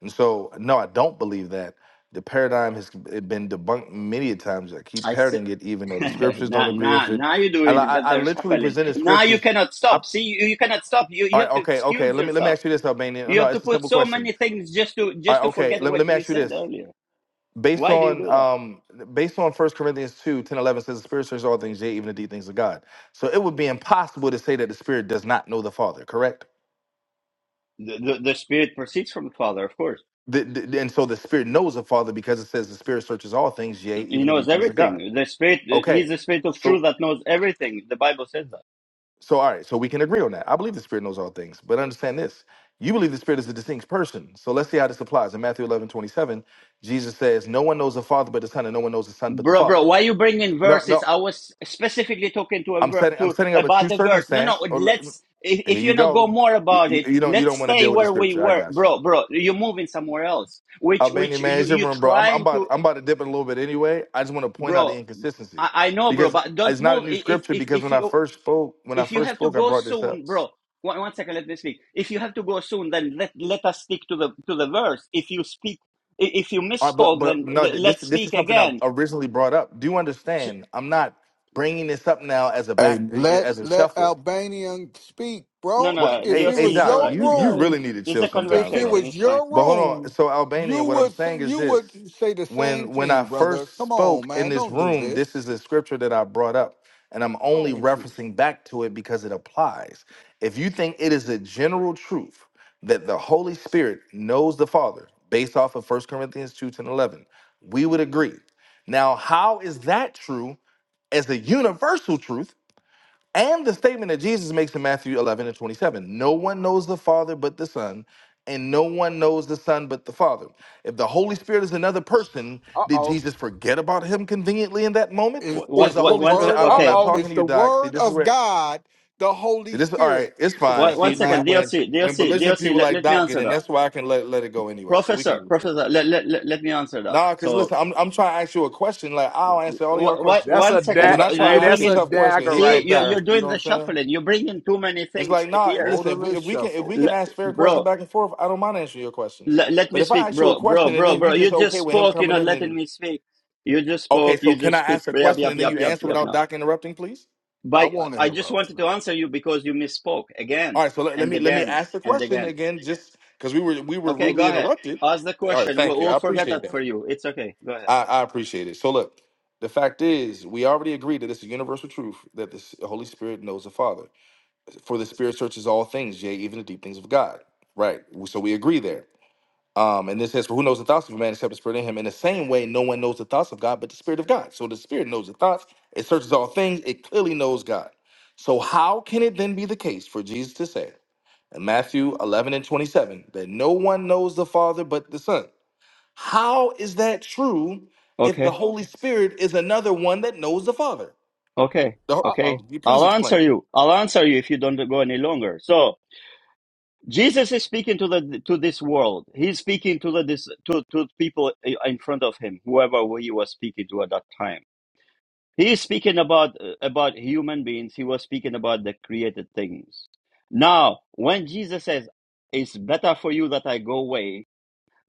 And so, no, I don't believe that. The paradigm has been debunked many a times. I keep I see. parroting it, even though the scriptures don't now, agree now, with it. now you're I, doing it. I, That- I That's literally happening. presented Now you scriptures. cannot stop. See, you, you cannot stop. You, All you right, have to okay, okay. excuse Let me let me yourself. ask you this, Albanian. Oh, You no, have to it's a put simple so question. many things just to All just right, to okay. forget Let me let what me you ask you said this. earlier. Based Why do you on do that? um based on First Corinthians 2 10 11 says the spirit searches all things, yea, even the deep things of God. So it would be impossible to say that the spirit does not know the Father, correct? The, the, the spirit proceeds from the Father, of course. The, the- and so the spirit knows the Father because it says the spirit searches all things, yea, He even the knows deep things of God. everything. The spirit, he's Okay. the spirit of truth So that knows everything. The Bible says that. So, all right, so we can agree on that. I believe the Spirit knows all things, but understand this. You believe the Spirit is a distinct person. So let's see how this applies. In Matthew 11 27, Jesus says, No one knows the Father but the Son, and no one knows the Son but the Bro, Father. bro, why you bringing No, verses? no, I was specifically talking to a I'm ver- setting I'm to setting up a about true the verse. No, no, circumstance. Oh, look, let's. If, here if you you not go go. more You, about you- it, you don't you let's don't want to stay deal with the where we scripture. I were, got you. bro, bro. You're moving somewhere else, which Albania which man, you it's your you room, bro. I'm, I'm trying about to, I'm about to dip it a little bit anyway. I just want to point out bro. the inconsistency I, I know, bro, because but don't it's not a move. new I- If scripture. if Because if when I you first spoke, when I if you first have to spoke, I go brought this up. soon, bro. One, one second, let me speak. If you have to go soon, then let let us stick to the to the verse. If you speak, i- if you Uh, but misspoke, but then no, le- th- this let's this speak is something I again. originally brought up. Do you So, understand? I'm not bringing this up now as a Hey, back eh, eh, let as a let shuffle. Albanian speak, No, bro. Well, no, If hey, it DOC, hey, was is all Doc, right. your you It's you all right. room, really need to It's chill a If sometimes, it bro. conversation. was It's fine. your But hold on. room, So you Albanian, what I'm would s- saying is you would this: say the same when when I thing, brother. first Come on, spoke in man, this don't do room, this this. is a scripture that I brought up, and I'm What's only wrong with you? referencing back to it because it applies. If you think it is a general truth that the Holy Spirit knows the Father based off of First Corinthians two ten eleven, we would agree. Now, how is that true as a universal truth? And the statement that Jesus makes in Matthew 11 and 27 No one knows the Father but the Son, and no one knows the Son but the Father. If the Holy Spirit is another person, uh did oh, Jesus forget about him conveniently in that moment? It, What? Or is What? it's the the what Holy one Spirit, se- word I- of I'm uh not okay. oh, talking it's to you, the Doc. See, word this is of where, God, the see, Holy this, all Spirit, right, it's fine. What? One Professor See, second. when, Matt. when, DLC. when DLC. belligerent DLC. people Let, like let me Doc get answer in, that. that's why I can let, let it go anyway. So we can Professor. move on. Professor. Let, let, let, let me answer that. Nah, because So, listen, I'm, I'm trying to ask you a question. Like, I'll answer all of y'all what? what questions. that's one a But second. da- when bro. I try hey, to You ask bring that's a a in. tough question, dagger here See, right comes you're Doc. there. you're You doing know what the I'm saying? shuffling. You bring in too many It's things like, nah, here, listen, if we Motorless if we can if we shuffle. L- can ask fair bro. questions back and forth, I don't mind answering your questions. L- let But me if I speak, ask you a bro, bro, question and bro, then you bro. just You just okay with him spoke. You're coming not in letting and me speak. You just okay, spoke. You so can I just keep ask a yap, question yap, and then yap, you yap, answer yap. Now. without Doc interrupting, please? I By won't I just interrupt, wanted brother. to answer you because you misspoke again All right, so let, let and me let me again ask the and question again. again, just because we were we were Okay, go rudely ahead. interrupted. Ask the All right, question. We'll, thank you. I we'll forget appreciate that that. for you. It's okay. Go ahead. I, I appreciate it. So look, the fact is, we already agreed that it's a universal truth that the S- Holy Spirit knows the Father. For the Spirit searches all things, yea, even the deep things of God. Right. So we agree there. Um, and it says, For who knows the thoughts of a man except the spirit in him? In the same way, no one knows the thoughts of God but the Spirit of God. So the Spirit knows the thoughts, it searches all things, it clearly knows God. So how can it then be the case for Jesus to say in Matthew 11 and 27 that no one knows the Father but the Son? How is that true if the Okay. Holy Spirit is another one that knows the Father? Okay. The, ho- Uh oh. Okay. Could you please I'll answer explain. you. I'll answer you if you don't go any longer. So Jesus is speaking to the to this world. He's speaking to the this to to people in front of him, whoever he was speaking to at that time. He is speaking about uh, about human beings. He was speaking about the created things. Now, when Jesus says, "It's better for you that I go away,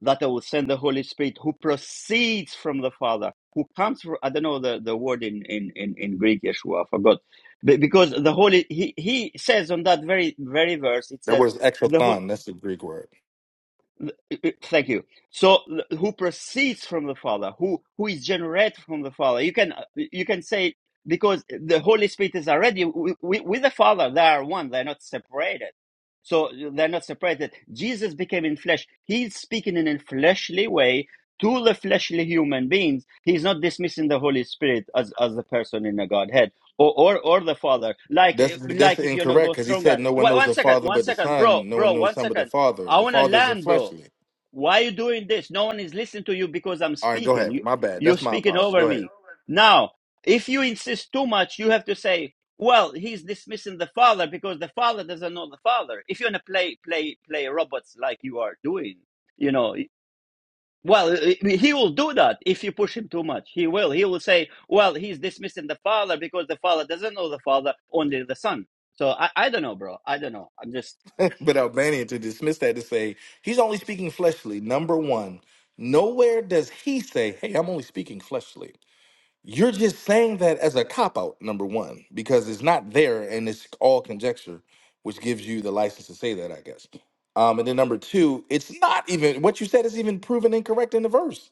that I will send the Holy Spirit, who proceeds from the Father, who comes from," I don't know the, the word in, in, in, in Greek, Yeshua, I forgot, Be- because the Holy he, he says on that very very verse, it That says. was the whole, exothon, that's the Greek word. Thank you. So, who proceeds from the Father, who who is generated from the Father? You can you can say because the Holy Spirit is already with, with the Father. They are one. They're not separated. So they're not separated. Jesus became in flesh. He's speaking in a fleshly way to the fleshly human beings. He's not dismissing the Holy Spirit as as the person in the Godhead or or, or the Father. Like That's that's like if you know incorrect go because he stronger. said no one knows one the second, father one but the second, bro, son. No one bro, knows the one son but the second. father. I The want to father isn't land, bro. fleshly. Why are you doing this? No one is listening to you because I'm All right, go speaking. ahead. You, My bad. you're That's my speaking apology. over Go ahead. me. Now, if you insist too much, you have to say, well, he's dismissing the father because the father doesn't know the father. If you're going to play, play, play robots like you are doing, you know, well, he will do that if you push him too much. He will. He will say, well, he's dismissing the father because the father doesn't know the father, only the son. So I, I don't know, bro. I don't know. I'm just but Albanian to dismiss that to say he's only speaking fleshly. Number one, nowhere does he say, "Hey, I'm only speaking fleshly." You're just saying that as a cop out. Number one, because it's not there and it's all conjecture, which gives you the license to say that, I guess. Um, and then number two, it's not even what you said is even proven incorrect in the verse.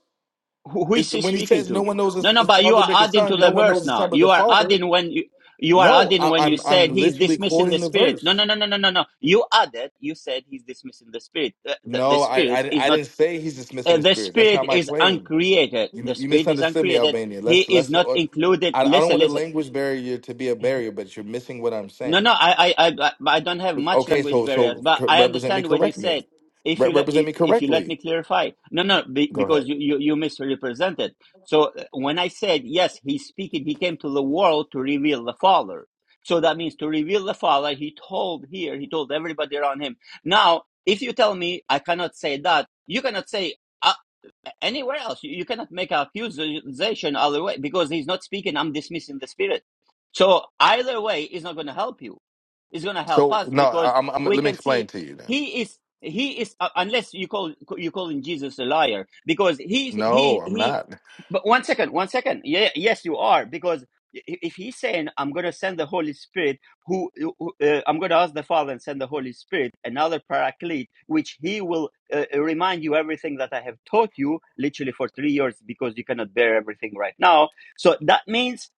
Who, who is It's- he when he speaking says no to? one knows his, No, no, his but you father are but the adding to son, no the one verse knows the now. son but You the are father. adding when you, you are No, adding I, when you I'm said I'm he's literally dismissing the quoting the spirit. No, no, verse. no, no, no, no, no. You added. You said he's dismissing the spirit. Uh, The, the No, I, spirit I is I not. didn't say he's dismissing Uh, the the spirit. That's spirit not my is claim. uncreated. You The you spirit is misunderstood me, uncreated. Albania. He Let's is let's. not Or, included. I I don't Listen, want the listen. language barrier to be a barrier, but you're missing what I'm No, no, saying. I, I, I, I but I don't have much Okay, language so barriers, so but co- I represent me, understand what you correct me, said. If Re- you let, represent if, me if you let me correctly. clarify, no, no, be, Go because ahead. you, you, you misrepresented. So uh, when I said yes, he's speaking, he came to the world to reveal the Father. So that means to reveal the Father. He told here, he told everybody around him. Now, if you tell me I cannot say that, you cannot say anywhere else. You cannot make an accusation other way because he's not speaking. I'm dismissing the spirit. So either way it's not going to help you. It's going to help So us no, because I- I'm, I'm we let me can explain see to you then. he is he is uh, unless you call you calling Jesus a liar because he No, he I'm he. not. But one second, one second. Yeah, yes, you are because if he's saying I'm going to send the Holy Spirit who who- uh, I'm going to ask the Father and send the Holy Spirit, another paraclete, which He will uh, remind you everything that I have taught you, literally for three years, because you cannot bear everything right now. So that means,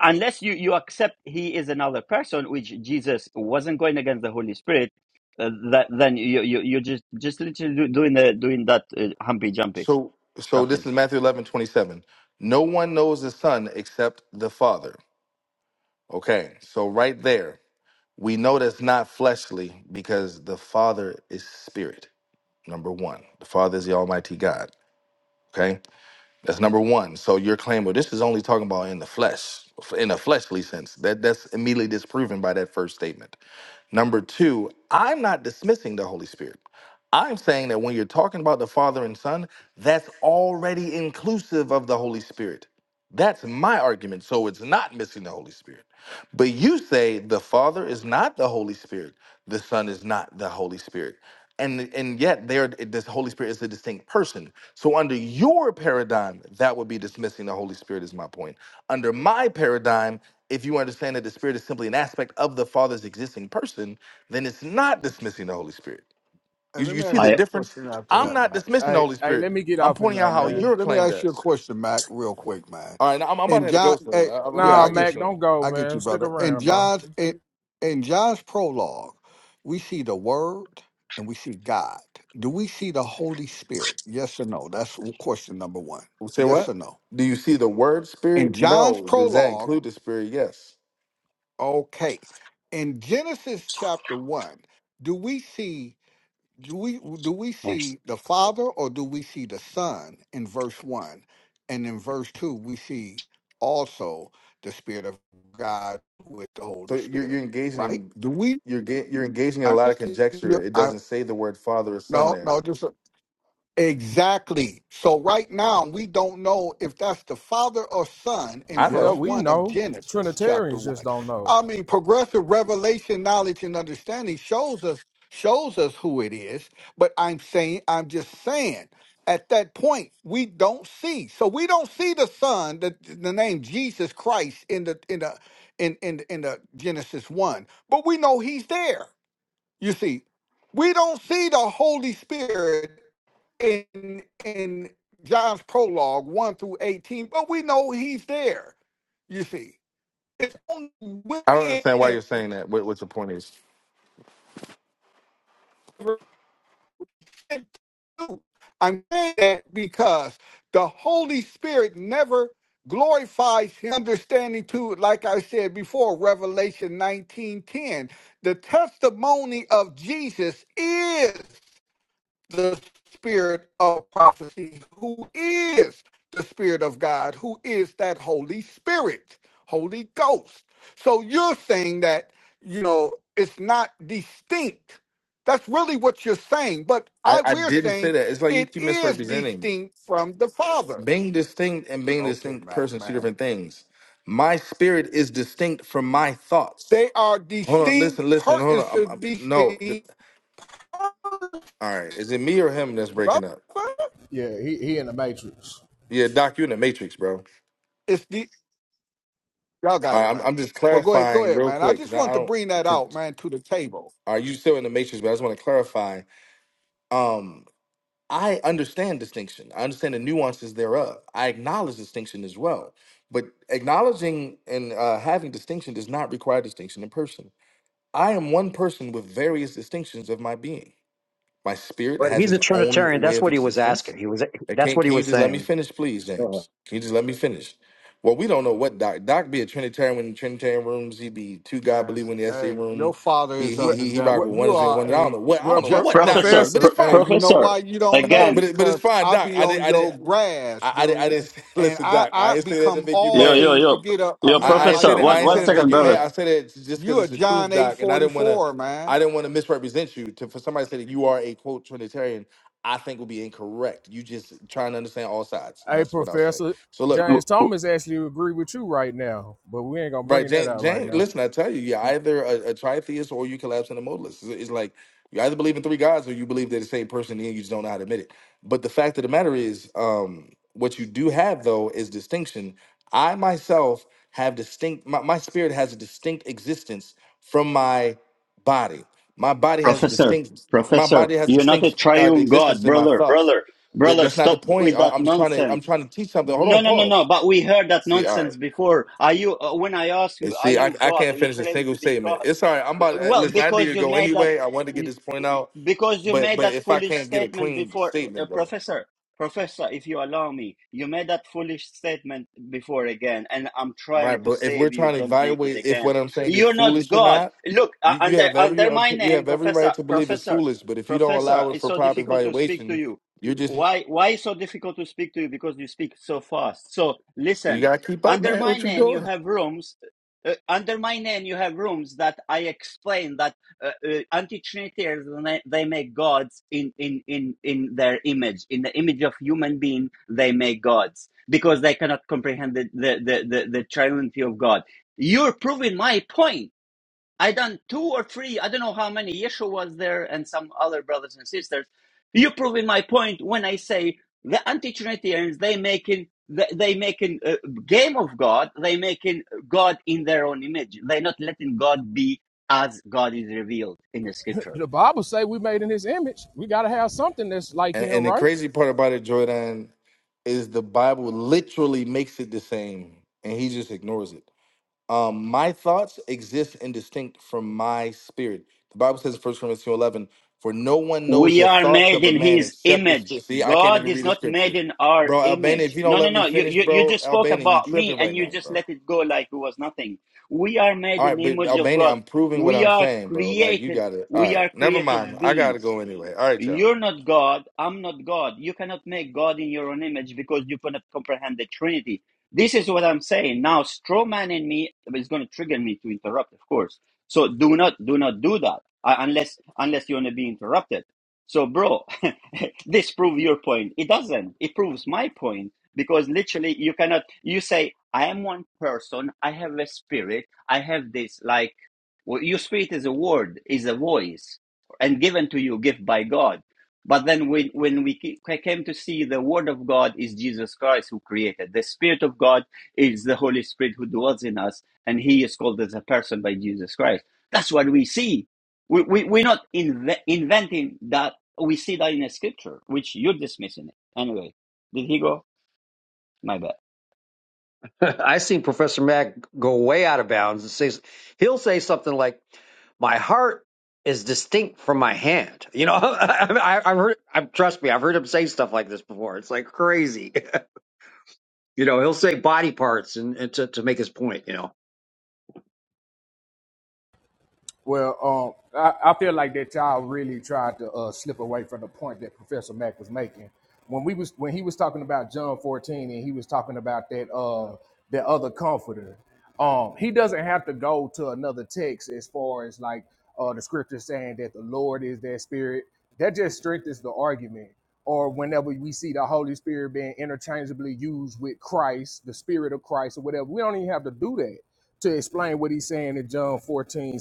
unless you you accept He is another person, which Jesus wasn't going against the Holy Spirit, uh, that, then you you you are just just literally doing the doing that uh, humpy jumpy So so this shuffling. is Matthew 11 27. No one knows the Son except the Father. Okay, so right there, we know that's not fleshly because the Father is spirit. Number one, the Father is the Almighty God. Okay, that's number one. So your claim, well, this is only talking about in the flesh, in a fleshly sense. That that's immediately disproven by that first statement. Number two, I'm not dismissing the Holy Spirit. I'm saying that when you're talking about the Father and Son, that's already inclusive of the Holy Spirit. That's my argument. So it's not missing the Holy Spirit. But you say the Father is not the Holy Spirit, the Son is not the Holy Spirit. And, and yet there this Holy Spirit is a distinct person. So under your paradigm, that would be dismissing the Holy Spirit is my point. Under my paradigm, if you understand that the Spirit is simply an aspect of the Father's existing person, then it's not dismissing the Holy Spirit. And You, let you me see ask the you a I difference? question after I'm not that, dismissing the Hey, Holy hey, Spirit. let me get I'm off in pointing there, out how Let me man. your let me claim ask you a does. question, Mac, real quick, man. All right, now I'm, I'm about to And have to John, go soon. eh, I, I really yeah, Nah, I got to go get Mac, you, soon. don't go, I get you, man. Stick brother. In around, bro. John's in, in John's prologue, we see the Word and we see God. Do we see the Holy Spirit? Yes or no? That's question number one. Say Yes what? or no? Do you see the word In Spirit? John's No. Does that prologue, include the Spirit? Yes. okay. In Genesis chapter one, do we see? do we do we see the father or do we see the son in verse 1 and in verse 2 we see also the spirit of god with the So holy you're, spirit you're engaging right in do we you're ga- you're engaging in a I, lot of conjecture. It I- doesn't say the word Father or Son no there. no just Exactly. So right now we don't know if that's the father or son in I Yeah, verse know. we 1 of know. Genesis chapter Trinitarians 1. just don't know. I mean progressive revelation knowledge and understanding shows us shows us who it is, but I'm saying I'm just saying at that point we don't see. So we don't see the son the, the name Jesus Christ in the in the in in in the Genesis 1, but we know he's there. You see, we don't see the Holy Spirit in in John's prologue, one through eighteen, but we know he's there. You see, it's only when I don't understand why you're saying that. What, what's the point is? verse 52. I'm saying that because the Holy Spirit never glorifies his understanding to, like I said before, Revelation 19:10. The testimony of Jesus is the spirit of prophecy, who is the spirit of God, who is that Holy Spirit, Holy Ghost. So you're saying that, you know, it's not distinct. That's really what you're saying. But I, I I we're didn't say saying that. It's like you it keep is misrepresenting me. distinct from the Father. Being distinct and being a Okay, distinct Mac, person, is two Mac. different things. My spirit is distinct from my thoughts. They are Hold on, distinct. listen, Per, listen, hold on. it's I'm, a I'm, no, th- distinct all right. Is it me or him that's breaking up? brother. Yeah, he he in the matrix. Yeah, Doc, you in the Matrix, bro. it's the. Y'all got All right, it, I'm, man. I'm just Well, go ahead, go clarifying ahead, real man. I quick because just I, I want to don't. bring that Because out, man, to the table, are you still in the Matrix? But I just want to clarify. Um, I understand distinction. I understand the nuances thereof. I acknowledge distinction as well. But acknowledging and uh, having distinction does not require distinction in person. I am one person with various distinctions of my being. My spirit But has he's a its own Trinitarian. way That's of what he was existence. asking. He was. Uh, That's Can, what he can you was just let me saying. finish, please, Uh-huh. James? Can you just let me finish? Well, we don't know what Doc. Doc be a Trinitarian in Trinitarian rooms. He be two God man. believing in the SA Hey, your room. father He is he Well, of the he he rock well, devil. with one You is and are one. I don't a, know what I well don't know pro- ju- what Doc professor is, but Professor, it's pr- hey, fine. you know professor why you don't know? But but again. it, but it's Because fine, I Doc. be I didn't on I your didn't grass, I, I didn't I dude, didn't say, and listen, I Doc. I I didn't say that become to make you all Yo mad. yo things to yo get a, a yo I, man I ain't say professor. like that you I One ain't to one say that to make second, you brother. mad. I understand. said that just because You a it's the John truth, eight Doc. And I forty didn't want to four, man. I didn't want to misrepresent you. To for somebody to say that you are a quote Trinitarian, I think would be incorrect. You just trying to understand all sides, and hey, that's what I'll say. Professor So look. W- James w- Thomas actually agree with you right now, but we ain't gonna Right, bring that Jan, out right Jan, now. listen, I tell you, you're either a, a tritheist or you collapse into modalist. It's, it's like you either believe in three gods or you believe they're the same person and you just don't know how to admit it. But the fact of the matter is, um, what you do have though is distinction. I myself have distinct, my, my spirit has a distinct existence from my body. My body has Professor, distinct, my Professor, body has a you're not a distinct uh, triune God, existence in my brother, thoughts. brother, That, brother. that's not the Stop point. with I, that I'm just trying to, I'm nonsense. trying to teach something. Hold No, on, no, no, no. pause. But we heard that See, all right. nonsense before. Are you? uh, When I ask And you, are see, I, you I God? Are can't you finish a claim single to be statement. God? It's all right. I'm about to uh, Well, listen. I need because to you go made that. anyway. I wanted to get this point out, Because you but made but that if I foolish can't get a statement clean before, uh, statement, bro, Professor. Professor, if you allow me, you made that foolish statement before again, and I'm trying right? to But if we're save you. trying to Don't make it evaluate if again. what I'm saying is You're not foolish or God. not, Look, uh, you, you under have under every uh, my you name, have every Professor, right to believe it's Professor, foolish. But if you don't Professor. allow it It's for so proper difficult to speak to evaluation, you. you just Why? Why it's so difficult to speak to you? Because you speak so fast. So you listen. gotta keep up, Under man. my What you name, you doing? have rooms. Uh, under my name, you have rooms that I explain that uh, uh, anti-trinitarians they they make gods in, in in in their image in the image of human being they make gods because they cannot comprehend the the the, the, the triunity of god you're proving my point I done two or three, I don't know how many. Yeshua was there and some other brothers and sisters. You proving my point when I say the anti-Trinitarians they making they they making a game of God. They making God in their own image. They're not letting God be as God is revealed in the Scripture. The Bible say we made in His image. We gotta have something that's like And, Him, and the right? crazy part about it, Jordan, is the Bible literally makes it the same, and he just ignores it. Um, my thoughts exist and distinct from my spirit. The Bible says in First Corinthians two 11, for no one knows We the are thoughts made of a in man his except the image. spirit. See, I can't God even is read the not made scripture. in our Bro, Albania, if image. you don't No, no, let me no. You, finish, you, you bro, just spoke Albania, you about me tripping and right you now, just bro. let it go like it was nothing. We are made All in right, the but image of Albania, God. I'm proving what We I'm are saying, bro. Like you created. gotta all We right. are Never mind. created I gotta beings. go anyway. All right, y'all. You're not God. I'm not God. You cannot make God in your own image because you cannot comprehend the Trinity. This is what I'm saying. Now, straw man in me is going to trigger me to interrupt, of course. So do not, do not do that uh, unless, unless you want to be interrupted. So, bro, this proves your point. It doesn't. It proves my point because literally you cannot, you say, I am one person. I have a spirit. I have this, like, well, your spirit is a word, is a voice and given to you gift by God. But then when, when we came to see the word of God is Jesus Christ who created. The spirit of God is the Holy Spirit who dwells in us and he is called as a person by Jesus Christ. That's what we see. We, we, we're not inve- inventing that. We see that in a scripture, which you're dismissing it. Anyway, did he go? My bad. I've seen Professor Mack go way out of bounds and says he'll say something like, "My heart is distinct from my hand." You know, I, I've heard. i trust me, I've heard him say stuff like this before. It's like crazy. You know, he'll say body parts and, and to to make his point. You know, Well, um, I, I feel like that y'all really tried to uh, slip away from the point that Professor Mack was making when we was when he was talking about John 14 and he was talking about that uh that other comforter. Um, he doesn't have to go to another text as far as like uh the scripture saying that the Lord is that spirit. That just strengthens the argument. Or whenever we see the Holy Spirit being interchangeably used with Christ, the Spirit of Christ, or whatever, we don't even have to do that to explain what he's saying in John 14:17,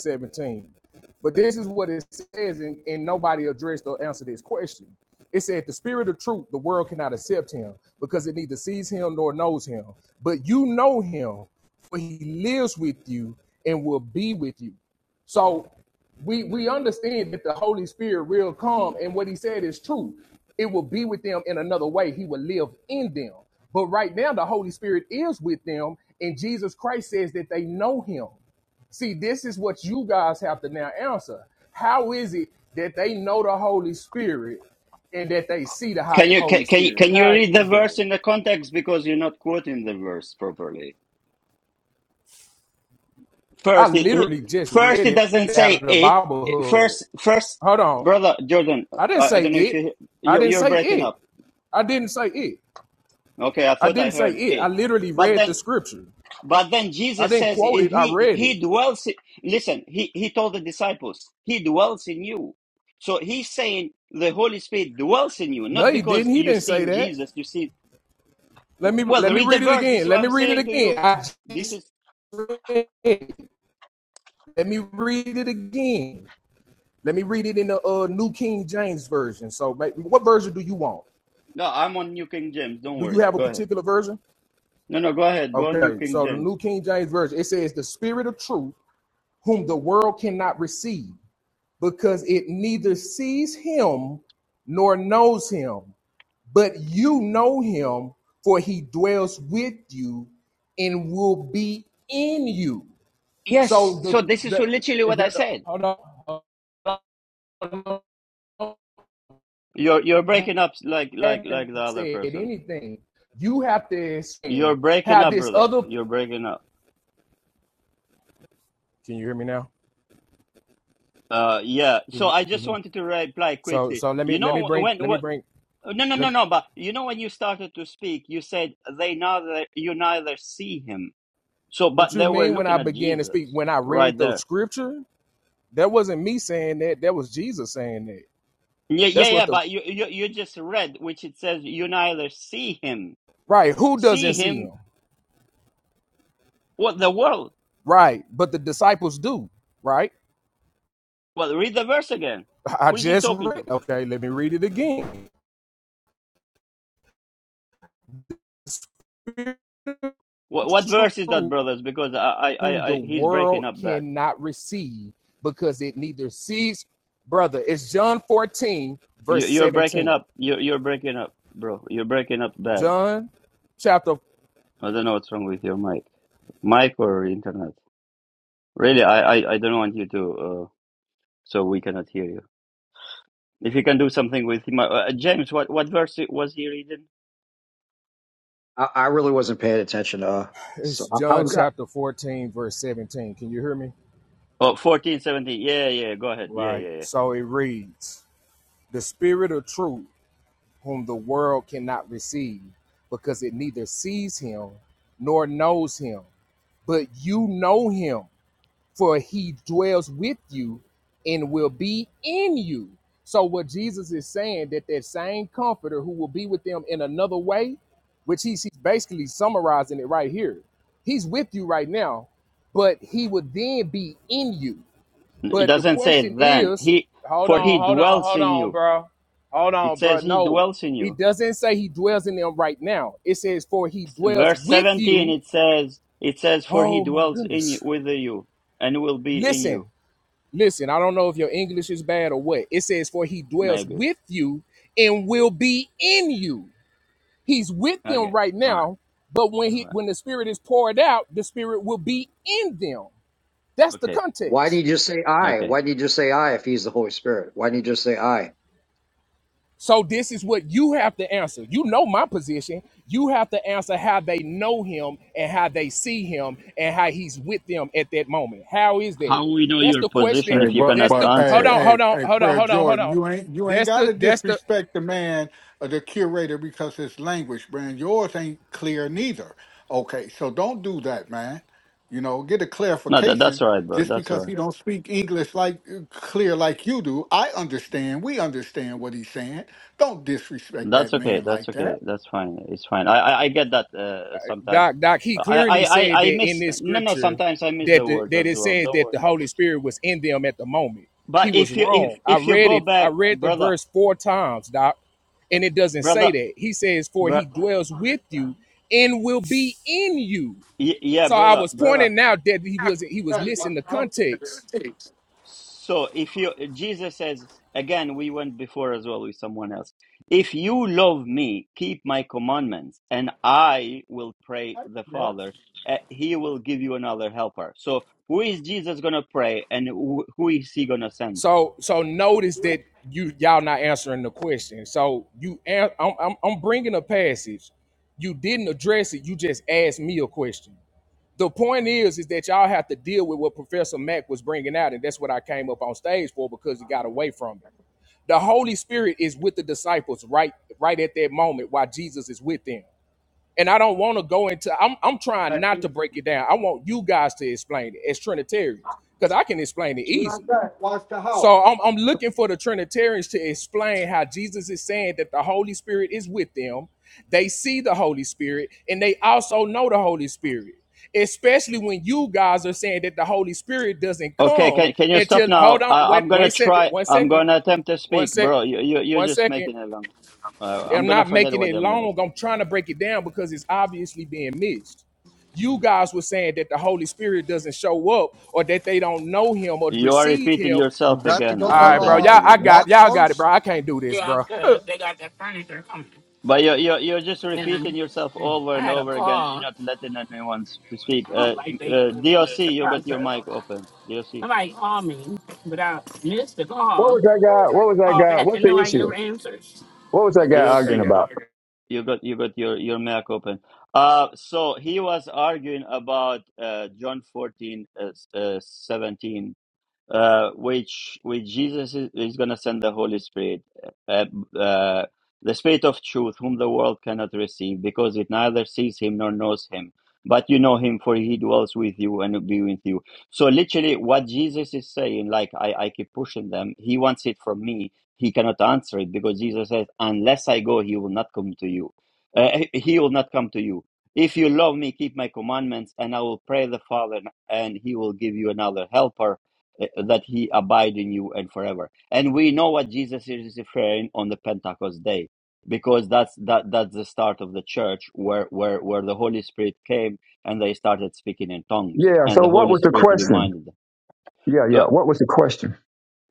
But this is what it says, and, and nobody addressed or answered this question. It said, The spirit of truth, the world cannot accept him because it neither sees him nor knows him. But you know him, for he lives with you and will be with you. So we we understand that the Holy Spirit will come, and what He said is true. It will be with them in another way. He will live in them. But right now, the Holy Spirit is with them, and Jesus Christ says that they know Him. See, this is what you guys have to now answer. How is it that they know the Holy Spirit and that they see the Can you, can, Holy can you, Spirit? can you How read the is verse that? in the context? Because you're not quoting the verse properly. I First, it, it- literally just first read it it doesn't out of say the it. It- Bible. First, first, Hold on, brother Jordan, I didn't I, I say don't know if it. you I you're, didn't you're say breaking it. up. I didn't say it. Okay, I I thought I didn't say heard it. I it, literally but read the then, scripture. but then I Jesus didn't says quote it. I he read it. he dwells. i- Listen, he he told the disciples he dwells in you. So he's saying the Holy Spirit dwells in you, not No, he because didn't. He you've didn't say seen that. Jesus. You see, Let me let well, me read the read it verse. This is again. Let what me I'm read it saying to again. you. I This just is read it. Let me read it again. Let me read it in the uh, New King James version. So, what version do you want? no, I'm on New King James. Don't Do you worry. have a Go ahead. particular version? No, no, go ahead. Go on New Okay. King So the James. New King James version it says, "The Spirit of Truth, whom the world cannot receive, because it neither sees him nor knows him." but you know him, for he dwells with you and will be in you. Yes, So so the this is the, literally is what I said. hold on, hold on, You're you're you breaking up like like like haven't the other said person. anything. You have to You're explain breaking how up, this brother. other. You're breaking up. Can you hear me now? Uh, yeah. Can So you, I just can you? wanted to reply So quickly. so let You me let me know bring when let me what? bring No, no, no, let, no. But you know when you started to speak, you said they neither you neither see him. So, but what you they were mean when looking I at began to Jesus speak when I read right the there. scripture. That wasn't me saying that. That was Jesus saying that. Yeah, That's yeah, what yeah. the But you you you just read which it says you neither see him, right. Who see doesn't see him. him? What the world? Right. But the disciples do, right? Well, read the verse again. I Who is he just talking read. to? Okay, let me read it again. Spirit What, what verse is that, truth, brothers? Because I, I, whom I, the I he's breaking world up bad. cannot receive because it neither sees, brother. It's John 14, You, verse you're breaking 17. up. You're, you're breaking up, bro. You're breaking up bad. John chapter I don't know what's wrong with your mic, mic or internet. Really, I, I, I don't want you to. Uh, so we cannot hear you. If you can do something with my, uh, uh, James, what, what verse was he reading? I, I really wasn't paying attention. Uh, it's so I, I John was. chapter 14, verse 17. Can you hear me? Oh, fourteen, seventeen. Yeah, yeah. Go ahead. Yeah, Right. yeah, So it reads, The spirit of truth, whom the world cannot receive, because it neither sees him nor knows him but you know him, for he dwells with you and will be in you. So what Jesus is saying that that same comforter who will be with them in another way, which he's he's basically summarizing it right here. He's with you right now, but he would then be in you. yeah. It But the doesn't say question then. is, He, hold for he on, hold on, dwells hold in on, you. bro. Hold It on, bro. says he No, dwells in you. it doesn't say he dwells in them right now. It says, for he dwells verse with 17 you. it says it says for he Oh my dwells in you goodness with you and will be in Listen, you listen. I don't know if your English is bad or what. It says, For he dwells maybe with you and will be in you. He's with them okay right all right now, but when all he right when the spirit is poured out, the spirit will be in them. That's the okay Why did he context. just say I? okay Why did he just say I if he's the Holy Spirit? Why did he just say I? So this is what you have to answer. You know my position. You have to answer how they know him and how they see him and how he's with them at that moment. How is that? how we know That's your the position question. Hey, if you but cannot That's the but hey, hold answer it on, hey, hold on, hey, hold on, prayer hold on, hold Jordan, on. you ain't you ain't That's the gotta that's the disrespect the man or the curator because his language, man. Yours ain't clear neither. Okay, so don't do that, man. You know, get a no that, clarification that's all right bro just that's because all right he don't speak English like uh, clear like you do. I understand. We understand what he's saying. Don't disrespect that that's okay man that's like okay that. that's fine it's fine i i, I get that uh, sometimes Doc, Doc, he I, I clearly i said i that miss in this no no scripture sometimes i miss that the the, words that as it well says don't that worry the Holy Spirit was in them at the moment. He but was if you if wrong. I if you read go it. I back read the brother verse four times, Doc, and it doesn't brother say that. He says, "For bro, he dwells with you and will be in you." y- yeah So I brother was brother pointing out that he was he was missing the context. So if you Jesus says again, we went before as well with someone else. If you love me, keep my commandments, and I will pray the Father. uh, he will give you another helper. So who is Jesus gonna pray, and who, who is he gonna send? So so notice that you y'all not answering the question. So you an- I'm I'm, I'm bringing a passage. You didn't address it. You just asked me a question. the point is is that y'all have to deal with what professor mack was bringing out and that's what i came up on stage for because he got away from it the holy spirit is with the disciples right right at that moment while jesus is with them and i don't want to go into i'm, I'm trying not to break it down i want you guys to explain it as trinitarians because i can explain it easily Watch the house. so I'm, I'm looking for the Trinitarians to explain how Jesus is saying that the Holy Spirit is with them. They see the Holy Spirit and they also know the Holy Spirit. Especially when you guys are saying that the Holy Spirit doesn't Okay, come can can you stop until hold now? on, I, wait, I'm wait gonna a second, try. one I'm second, gonna attempt to one speak, sec, bro. You you you're one just second. making it long. Uh, I'm I'm gonna not forget making what it I'm gonna long. say. I'm trying to break it down because it's obviously being missed. You Hmm. guys were saying that the Holy Spirit doesn't show up or that they don't know him or You are receive repeating him You yourself got to again. go all No, to you right, don't bro. need to uh, Y'all, do I that. got Mark's y'all got it, first. bro. I can't do this, bro. But you're, you're, you're just repeating yourself over and over again. You're not letting anyone s- to speak. Uh, uh, DOC, you got your mic open. DOC, What was that guy? What was that guy? What's the issue? What was that guy arguing DOC, about? you got you got your, your mic open. Uh, so he was arguing about uh, John 14, uh, s- uh, 17. uh, which which Jesus is, is going to send the Holy Spirit, uh, uh, the Spirit of Truth, whom the world cannot receive, because it neither sees him nor knows him. But you know him, for he dwells with you and will be with you. So literally, what Jesus is saying, like I, I keep pushing them, he wants it from me. He cannot answer it because Jesus says, "Unless I go, he will not come to you. Uh, he he will not come to you." If you love me, keep my commandments, and I will pray the Father, and he will give you another helper uh, that he abide in you and forever. And we know what Jesus is referring on the Pentecost day, because that's that that's the start of the church where where where the Holy Spirit came and they started speaking in tongues, Yeah. and So the what Holy was the Spirit question? reminded Yeah, yeah. them. What was the question?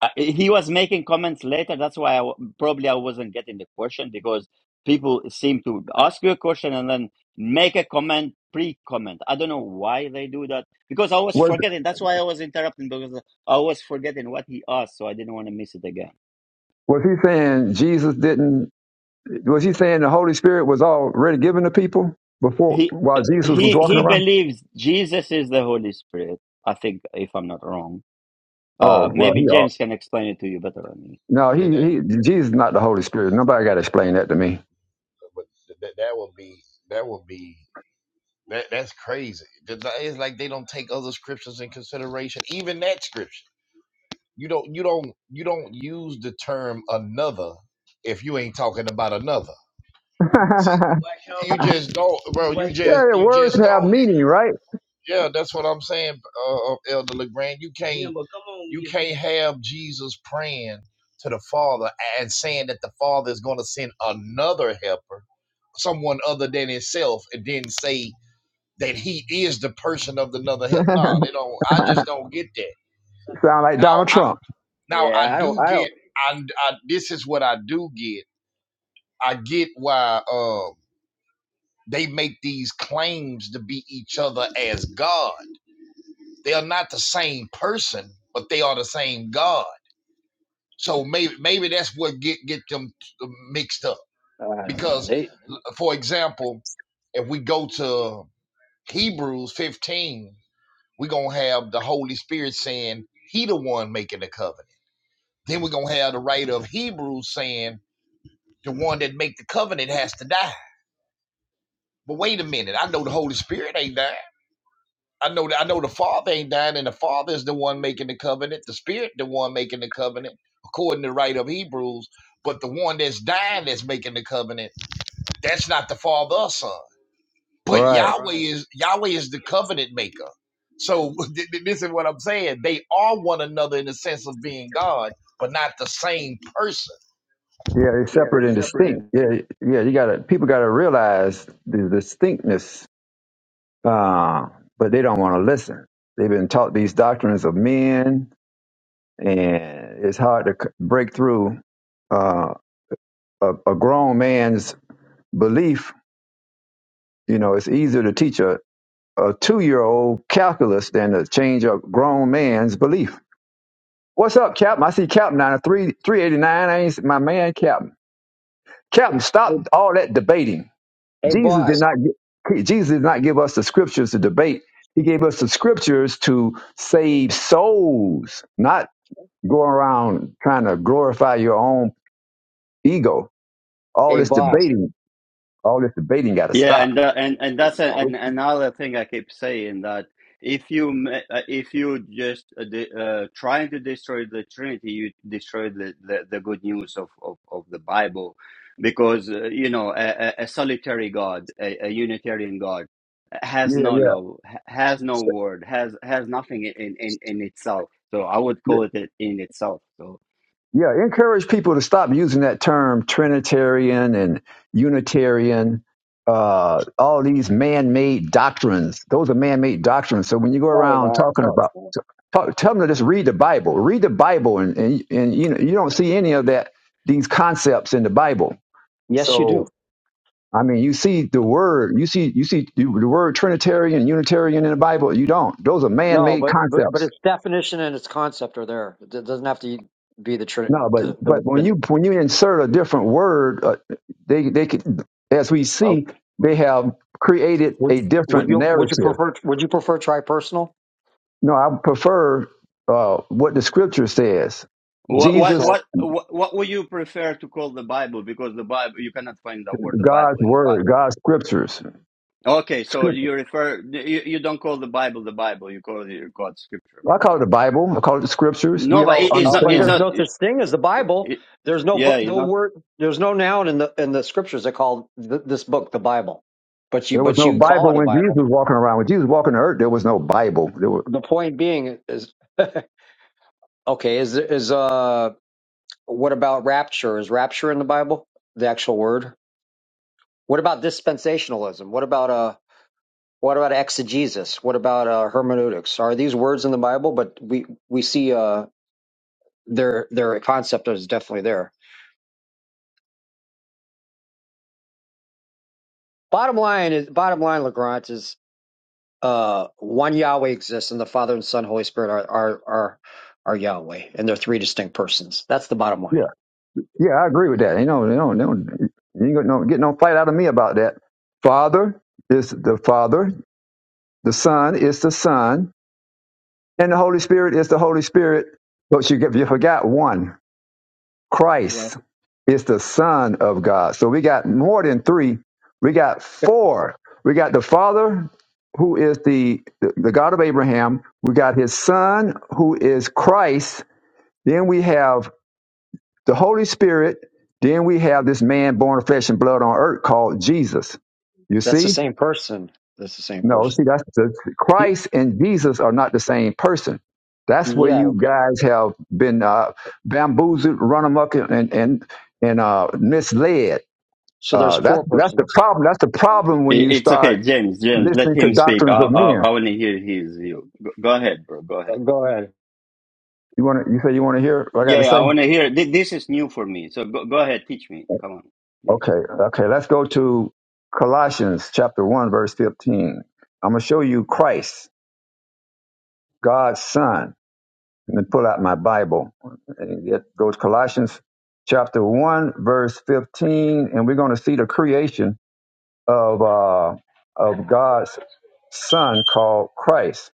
I- he was making comments later. That's why I w- probably I wasn't getting the question because people seem to ask you a question and then make a comment, pre-comment. I don't know why they do that because I was Was forgetting. That's why I was interrupting because I was forgetting what he asked, so I didn't want to miss it again. was he saying Jesus didn't? Was he saying the Holy Spirit was already given to people before He while Jesus was he walking he around? believes Jesus is the Holy Spirit. I think if I'm not wrong, uh, Oh well, maybe he all. James can explain it to you better than me. No, he Yeah, that he. Jesus is not the Holy Spirit. Nobody got to explain that to me. but that that would be that would be that that's crazy. Th- It's like they don't take other scriptures in consideration. Even that scripture, you don't you don't you don't use the term another if you ain't talking about another. yeah, See, you just don't, bro. You just yeah, you words just have don't. meaning, right? Yeah, that's what I'm saying, uh, uh, Elder Legrand. You can't, you can't have Jesus praying to the Father and saying that the Father is going to send another helper, someone other than Himself, and then say that He is the person of another help. No, they don't. I just don't get that. Sound like Now, Donald I, Trump, now Yeah, I I do don't. I get. I, I this is what I do get. I get why um, they make these claims to be each other as God They are not the same person, but they are the same God. So maybe maybe that's what get get them mixed up. don't. I don't know. Because, They, uh, for example, if we go to Hebrews 15, we're going to have the Holy Spirit saying, He the one making the covenant. Then we're going to have the writer of Hebrews saying, The one that make the covenant has to die. But wait a minute, I know the Holy Spirit ain't dying. I know that I know the Father ain't dying, and the Father is the one making the covenant, the Spirit the one making the covenant, according to the right of Hebrews. But the one that's dying that's making the covenant, that's not the Father or Son. But right? Yahweh Right. is Yahweh is the covenant maker. So th- th- this is what I'm saying. They are one another in the sense of being God, but not the same person. Yeah, it's Yeah, separate they're and separate. distinct. And, Yeah, yeah. You got to people got to realize the distinctness uh, but they don't want to listen. They've been taught these doctrines of men, and it's hard to c- break through uh, a, a grown man's belief. You know, it's easier to teach a, a two year old calculus than to change a grown man's belief. What's up, Captain? I see Captain down at three three eighty nine. I ain't s- my man, Captain. Captain, stop all that debating. Hey, Jesus did boss. not gi- Jesus did not give us the scriptures to debate. He gave us the scriptures to save souls, not go around trying to glorify your own ego. All Hey, this boss. debating, all this debating got to Yeah, stop. and tha- and and that's a, Are we- an, another thing I keep saying that if you ma- uh, if you just uh, de- uh, trying to destroy the Trinity, you destroy the, the, the good news of, of, of the Bible, because uh, you know a, a a solitary God, a, a Unitarian God, has Yeah, no love, ha- has no yeah. word, has has nothing in, in, in itself. So I would call it it in itself. So Yeah, encourage people to stop using that term Trinitarian and Unitarian, uh, all these man made doctrines. Those are man made doctrines. So when you go well, around talking about, talk, tell them to just read the Bible. Read the Bible, and, and, and you, know, you don't see any of that, these concepts in the Bible. yes, you So, do. I mean, you see the word, you see, you see the the word Trinitarian, Unitarian in the Bible. You don't. Those are man No, made but, but but concepts. its definition and its concept are there. It do- doesn't have to be the tri- No, but the, but the, when the you when you insert a different word, uh, they they could, as we uh, see, they have created would a would different you would you narrative. prefer would you prefer tripersonal? No, I prefer uh, what the scripture says. what what Jesus, So, what what what would you prefer to call the Bible? Because the Bible you cannot find the word the God's Bible in the Bible. word, God's scriptures. Okay, so Script, you refer you, you don't call the Bible the Bible, you call it God's scripture, I right? call it the Bible. I call it the scriptures. No, We but all it, it's uh, not but it's there's understand. not no it, such thing as the Bible. it, There's no yeah, bu- it's no not word. There's no noun in the in the scriptures that call th- this book the Bible. But you There was but no you call Bible it a when Jesus Bible. was walking around. When Jesus was walking the earth, there was no Bible. There were. The point being is okay. Is is uh What about rapture? Is rapture in the Bible? The actual word? What about dispensationalism? What about uh what about exegesis? What about uh, hermeneutics? Are these words in the Bible? But we we see uh their their concept is definitely there. Bottom line is bottom line, Legrand is uh one Yahweh exists, and the Father and Son, Holy Spirit are are are are Yahweh, and they're three distinct persons. That's the bottom line. Yeah, I agree with that. You know, you know, no, you ain't gonna no, get no fight out of me about that. Father is the Father, the Son is the Son, and the Holy Spirit is the Holy Spirit. But you get you forgot one. Well, Christ is the Son of God. So we got more than three. We got four. We got the Father, who is the the God of Abraham. We got His Son, who is Christ. Then we have the Holy Spirit, then we have this man born of flesh and blood on earth called Jesus. You That's the see? same person. That's the same No, see, person. that's the, Y- Christ and Jesus are not the same person. That's where Yeah. you guys have been uh, bamboozled, run amok, and and and uh, misled. So there's Uh, that's four that's the persons. problem. That's the problem when it, you it's start okay, James, James, listening let to him speak. doctrines I of I, men. I want to hear his view. Go, go ahead, bro. Go Uh, ahead. Go ahead. You want to? You say you want to hear what I got to Yeah, yeah, I say? want to hear thi- this is new for me. So go, go ahead, teach me. Come on, please. Okay, okay. Let's go to Colossians chapter one, verse fifteen. I'm gonna show you Christ. God's son. Let me pull out my Bible and get those Colossians chapter 1, verse 15, and we're going to see the creation of, uh, of God's son called Christ.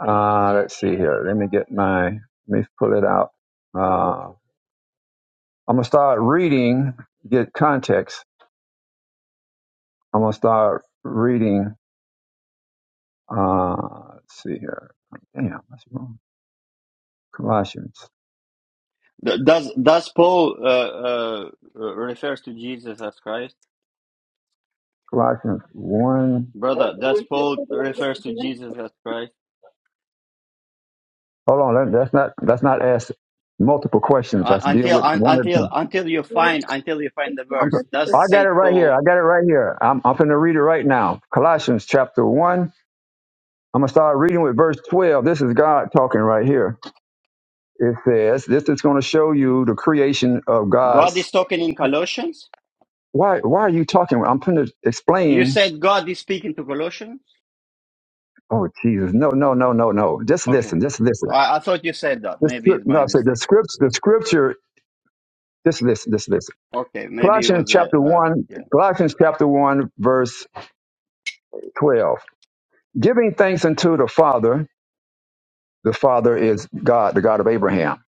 Uh, let's see here. Let me get my, let me pull it out. Uh, I'm going to start reading, get context. I'm going to start reading, uh, let's see here. Damn, that's wrong. Colossians. Th- Does does Paul uh, uh, refers to Jesus as Christ? Colossians 1. Brother, does Paul refers to Jesus as Christ? Hold on. Let, that's not. That's not ask multiple questions. Uh, Let's deal until with un, one of until them. until you find until you find the I'm, verse. Does I got it Saint right here. Paul I got it right here. I'm. I'm going to read it right now. Colossians chapter one. I'm going to start reading with verse 12. This is God talking right here. It says, "This is going to show you the creation of God God's." is talking in Colossians? Why? Why are you talking? I'm going to You explain. said God is speaking to Colossians. Oh Jesus! No! No! No! No! No! Just Okay, listen. Just listen. I, I thought you said that. The Maybe script, it's no, my I say the mistake. scripts. The scripture. Just listen. Just listen. Okay, maybe it Colossians was a chapter uh, one. yeah. Colossians chapter one verse 12. Giving thanks unto the Father, the Father is God, the God of Abraham.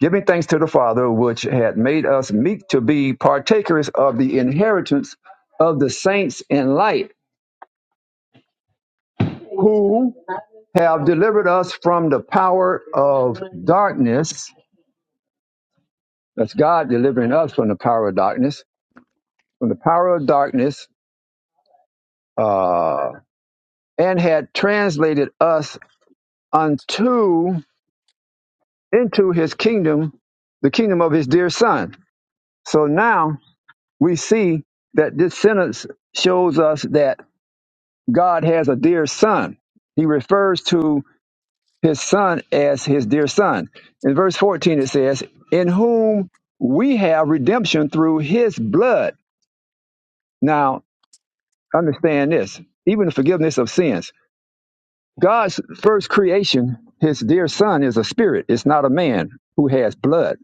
Giving thanks to the Father, which had made us meet to be partakers of the inheritance of the saints in light, who have delivered us from the power of darkness. That's God delivering us from the power of darkness, from the power of darkness, uh, and had translated us unto into his kingdom, the kingdom of his dear son So now we see that this sentence shows us that God has a dear son. He refers to his son as his dear son. In verse 14, it says, In whom we have redemption through his blood. Now, understand this even the forgiveness of sins. God's first creation, his dear son, is a spirit, it's not a man who has blood.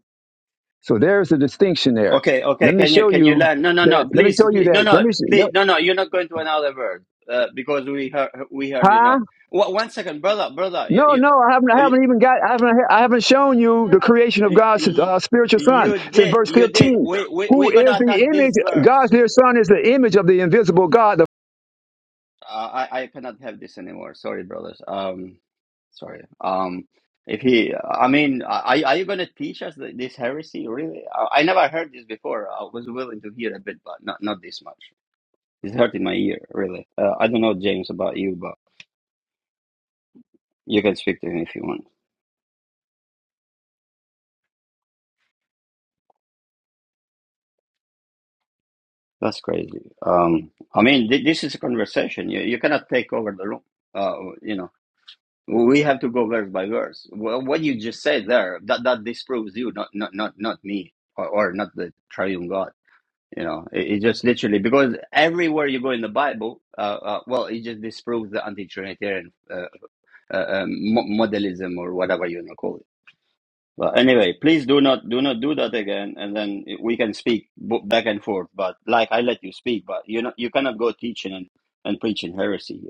So there's the distinction there. Okay, okay. Let me Can you show can you you learn? No, no, no. that. Let me Please, show you please no, that. Let no, me, please, Let, no, no. You're not going to another verse uh, because we heard we heard huh? enough. Wha- one second, brother, brother. No, You you, no, I haven't. I uh, you, haven't even got. I haven't. I haven't shown you the creation of God's you uh, spiritual Son. you It's in did verse you did. fifteen. We we Who we're gonna is attack the image? this God's verse. dear Son is the image of the invisible God. The- Uh, I I cannot have this anymore. Sorry, brothers. Um, sorry. Um, if he, I mean, are are you gonna teach us th- this heresy? Really? I, I never heard this before. I was willing to hear a bit, but not not this much. It's hurting my ear, really. Uh, I don't know, James, about you, but you can speak to him if you want. That's crazy. Um, I mean, th- this is a conversation. You you cannot take over the room. Uh, you know. We have to go verse by verse. Well, what you just said there, that that disproves you, not not not not me, or, or not the triune God. You know, it, it just literally because everywhere you go in the Bible, uh, uh, well, it just disproves the anti-Trinitarian uh, uh, um, modelism or whatever you want to call it. But anyway, please do not do not do that again, and then we can speak bo- back and forth. But like I let you speak, but you know you cannot go teaching and, and preaching heresy here.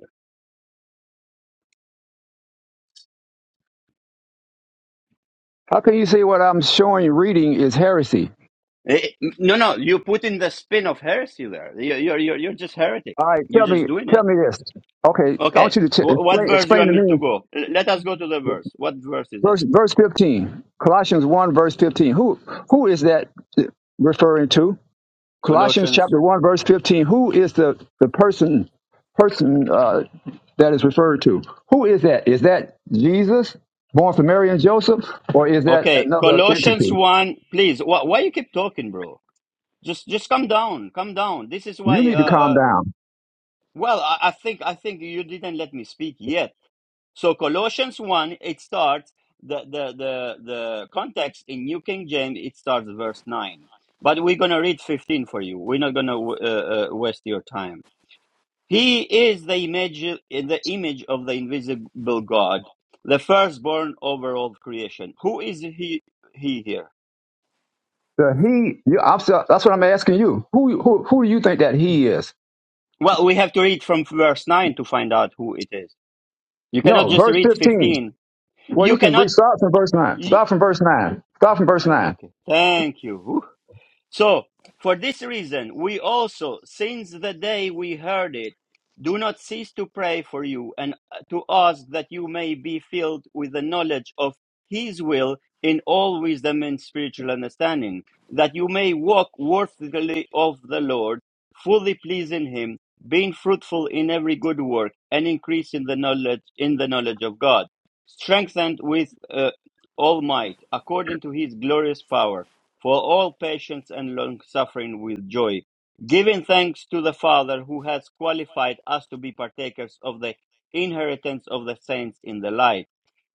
How can you say what I'm showing you reading is heresy? Eh, no, no, you put in the spin of heresy there. You- You're, you're, you're just heretic. All right, You're tell me. just doing it. Tell me this. Okay, I want Okay. you to ch- Wh- what explain. verse do you Explain want to me to me go? L- Let us go to the verse. What verse is it? verse verse fifteen. Colossians one verse fifteen. Who who is that referring to? Colossians Colossians. chapter 1, verse 15. Who is the, the person person uh, that is referred to? Who is that? Is that Jesus, born from Mary and Joseph, or is that Okay. another Colossians entity? 1. Please. Wh- why you keep talking, bro? Just, just come down. Come down. This is You why, uh, need to calm uh down. well, I, I think, I think you didn't let me speak yet. So Colossians 1, it starts the the the the context in New King James. It starts verse nine, but we're gonna read 15 for you. We're not gonna uh, uh, waste your time. He is the image the image of the invisible God, the firstborn over all creation. Who is he he here? The he, you, I'm, so- that's what I'm asking you. Who, who, who do you think that he is? Well, we have to read from verse nine to find out who it is. You cannot No, just verse read 15. 15. Well, You you can cannot. read, start from verse 9. You, Start from verse 9. Start from verse 9. okay. Thank you. So, for this reason, we also, since the day we heard it, do not cease to pray for you and uh, to ask that you may be filled with the knowledge of His will in all wisdom and spiritual understanding, that you may walk worthily of the Lord, fully pleasing Him, being fruitful in every good work, and increase in the knowledge in the knowledge of God, strengthened with uh, all might, according to His glorious power for all patience and long suffering with joy, giving thanks to the Father who has qualified us to be partakers of the inheritance of the saints in the light.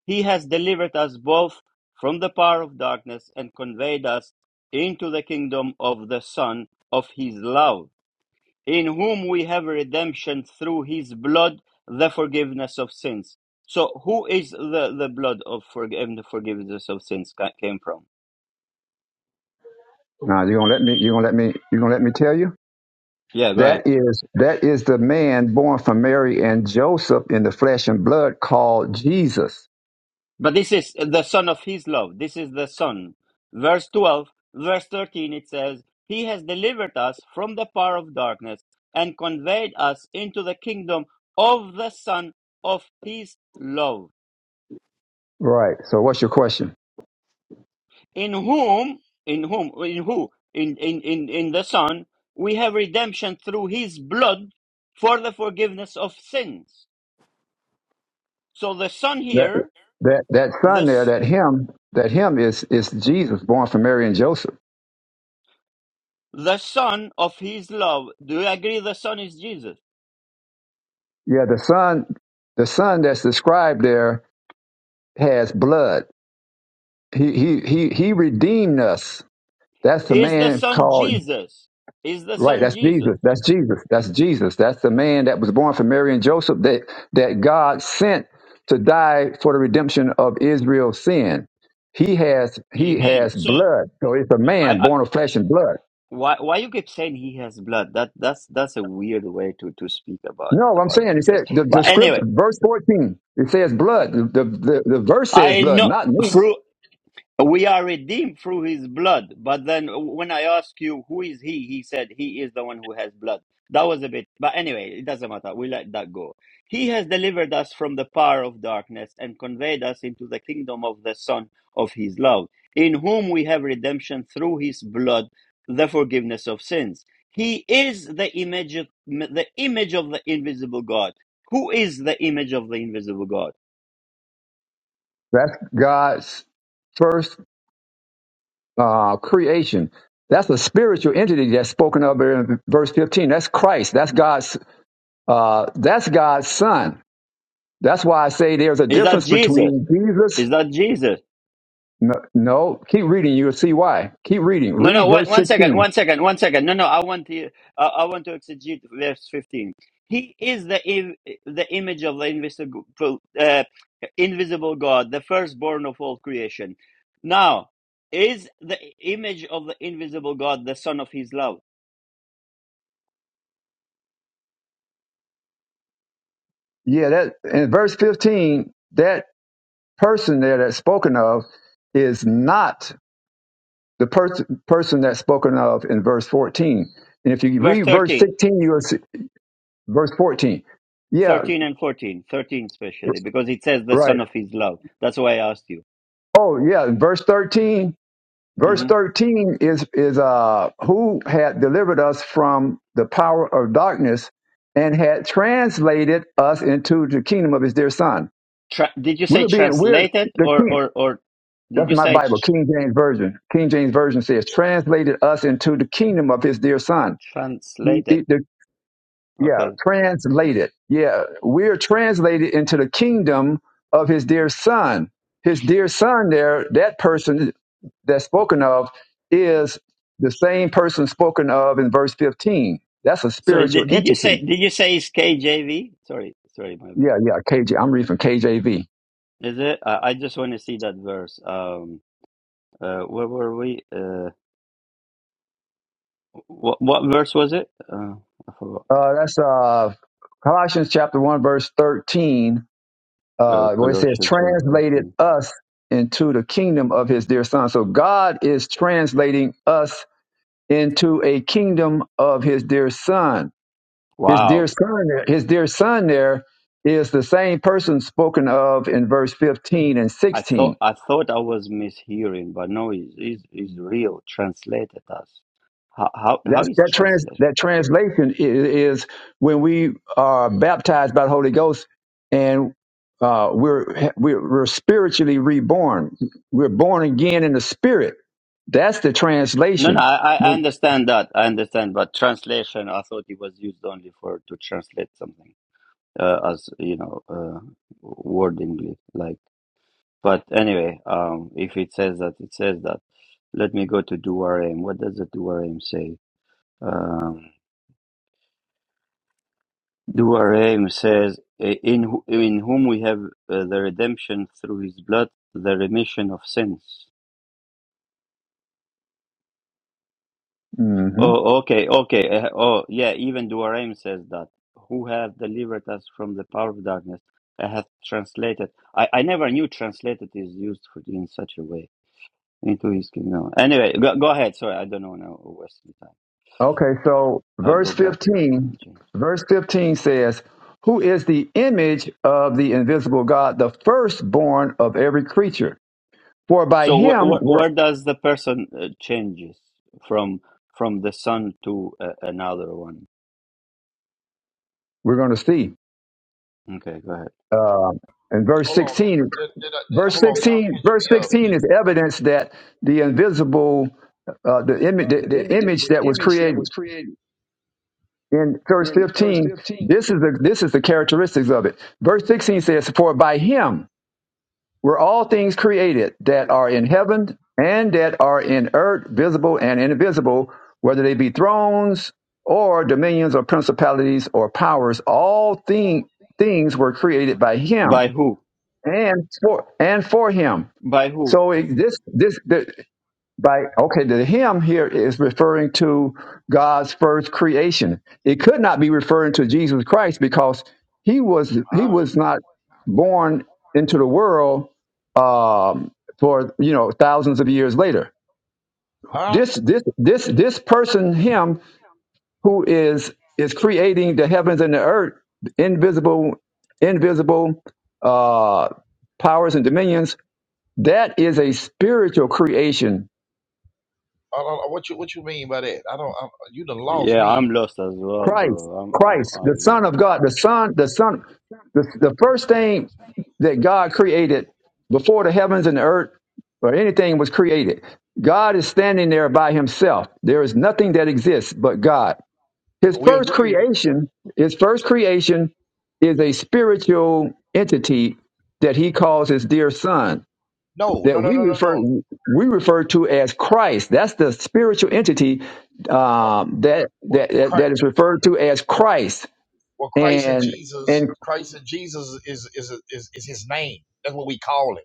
He has delivered us both from the power of darkness and conveyed us into the kingdom of the Son of His love, in whom we have redemption through His blood, the forgiveness of sins. So, who is the, the blood of forg- and the forgiveness of sins came from? Now, you're going to let me, you're going to let me, you're going to let me tell you? Yeah, go ahead. That is that is the man born from Mary and Joseph in the flesh and blood called Jesus. But this is the son of his love. This is the son. Verse 12, verse 13, it says, He has delivered us from the power of darkness and conveyed us into the kingdom of the son of his love, Right. So what's your question? in whom, in whom, in who, in, in, in, in the son, we have redemption through his blood for the forgiveness of sins. So the son That here, that that the, son there, s- that him, that him is is Jesus born from Mary and Joseph. the son of his love, do you agree the son is Jesus? Yeah, the son the son that's described there has blood. He he he he redeemed us. That's the is the man son called Jesus. Is the Right, son that's Jesus. Jesus. That's Jesus. That's Jesus. That's the man that was born from Mary and Joseph that that God sent to die for the redemption of Israel's sin. He has he Amen. has So blood. So it's a I, man I born of flesh and blood. why why you keep saying he has blood? That that's that's a weird way to to speak about No, I'm about saying he Jesus. said the, the But scripture, anyway, verse 14, it says blood. The, the, the verse says I blood, know not me. through We are redeemed through his blood. But then when I ask you, who is he? He said, he is the one who has blood. That was a bit, but anyway, it doesn't matter. We let that go. He has delivered us from the power of darkness and conveyed us into the kingdom of the Son of his love, in whom we have redemption through his blood, the forgiveness of sins. He is the image of, the image of the invisible God. Who is the image of the invisible God? That's God's first uh, creation. That's a spiritual entity that's spoken of in verse 15. That's Christ. That's God's. Uh, that's God's son. That's why I say there's a Is that difference Jesus? between Jesus. Is that Jesus? No, no, keep reading. You'll see why. Keep reading. No, no, Read one, verse one second, 16. one second, one second. No, no, I want to, uh, I want to exegete verse fifteen. He is the im- the image of the invisible, uh, invisible God, the firstborn of all creation. Now, is the image of the invisible God the Son of His love? Yeah, that in verse 15, that person there that's spoken of is not the person person that's spoken of in verse 14. And if you Verse read verse 13, 16, you'll see verse 14. Yeah, 13 and 14, 13 especially, because it says the right. Son of His love. That's why I asked you. Oh, yeah. In verse 13, Verse hmm 13 is, is uh, who had delivered us from the power of darkness and had translated us into the kingdom of his dear son. Tra- did you say We're being, we're translated the or king. or or did That's you my say Bible, tr- King James Version. King James Version says, translated us into the kingdom of his dear son. The, translated? the, the yeah, Okay. translated. Yeah, we're translated into the kingdom of his dear son. His dear son, there, that person that's spoken of is the same person spoken of in verse 15. That's a Sorry, spiritual did, did you say entity. did you say it's KJV? Sorry, sorry, my bad. Yeah, yeah, KJ. I'm reading from KJV. Is it? I, I just want to see that verse. Um, uh, where were we? Uh, what what verse was it? Uh, I forgot. Uh, that's uh, Colossians chapter 1, verse 13, Uh, uh, where it says, Colossians one translated fourteen. us into the kingdom of his dear son. So God is translating us into a kingdom of his dear son. His dear Wow, son, his dear son there is the same person spoken of in verse 15 and I 16. thought I thought I was mishearing, but no, it's it's, it's real. Translated us. How how how That's, is that, trans, translated? that translation i- is when we are baptized by the Holy Ghost and uh, we're, we're, we're spiritually reborn. We're born again in the spirit. That's the No, no, translation. I, I understand that. I understand, but translation, I thought it was used only for to translate something, uh, as you know, uh, wordingly, like. But anyway, um, if it says that, it says that. Let me go to Duarem. What does the Duarem say? Um, Duarem says, "I- "In who- in whom we have uh, the redemption through His blood, the remission of sins." Mhm. Oh, okay, okay. Uh, oh, yeah, even Duarame says that. Who hath delivered us from the power of darkness and hath translated. I, I never knew translated is used for, in such a way into his kingdom. Anyway, go, go ahead. Sorry, I don't know now Western time. Okay, so I'll verse go back to 15, King James. verse 15 says, Who is the image of the invisible God, the firstborn of every creature? For by So where, him where, we're, where does the person uh, changes from from the son to uh, another one? we're going to see. Okay, go ahead. Uh, and verse Hold on, did, 16, did, did, I- did- verse hold on, y'all 16, catch verse me up. 16 Did- is evidence that the invisible, uh, the, image, uh, the, the the image, the, image that the was image that created was created in verse in verse 15, fifteen. this is the, this is the characteristics of it. Verse 16 says, For by him, were all things created that are in heaven and that are in earth, visible and invisible, whether they be thrones or dominions or principalities or powers, all thing, things were created by him By who? and for and for him. By who? So it, this this the, by Okay. The him here is referring to God's first creation. It could not be referring to Jesus Christ because he was he was not born into the world um, for you know thousands of years later. Huh? This this this this person him who is is creating the heavens and the earth, invisible invisible uh, powers and dominions. That is a spiritual creation I don't- what you what you mean by that? I don't. I, you done lost Yeah, I'm me. lost as well, Christ, bro. I'm I'm Christ, the I'm Son of God, the Son, the Son, the, the first thing that God created before the heavens and the earth or anything was created. God is standing there by himself. There is nothing that exists but God. His We first agree with it. creation, his first creation is a spiritual entity that he calls his dear son No, no, that no, we no, no, no. refer we refer to as Christ. That's the spiritual entity Uh, um, that, Well, that that Christ, that is referred to as Christ. well, Christ and And Jesus, and Christ and Jesus is is is is His name. That's what we call him.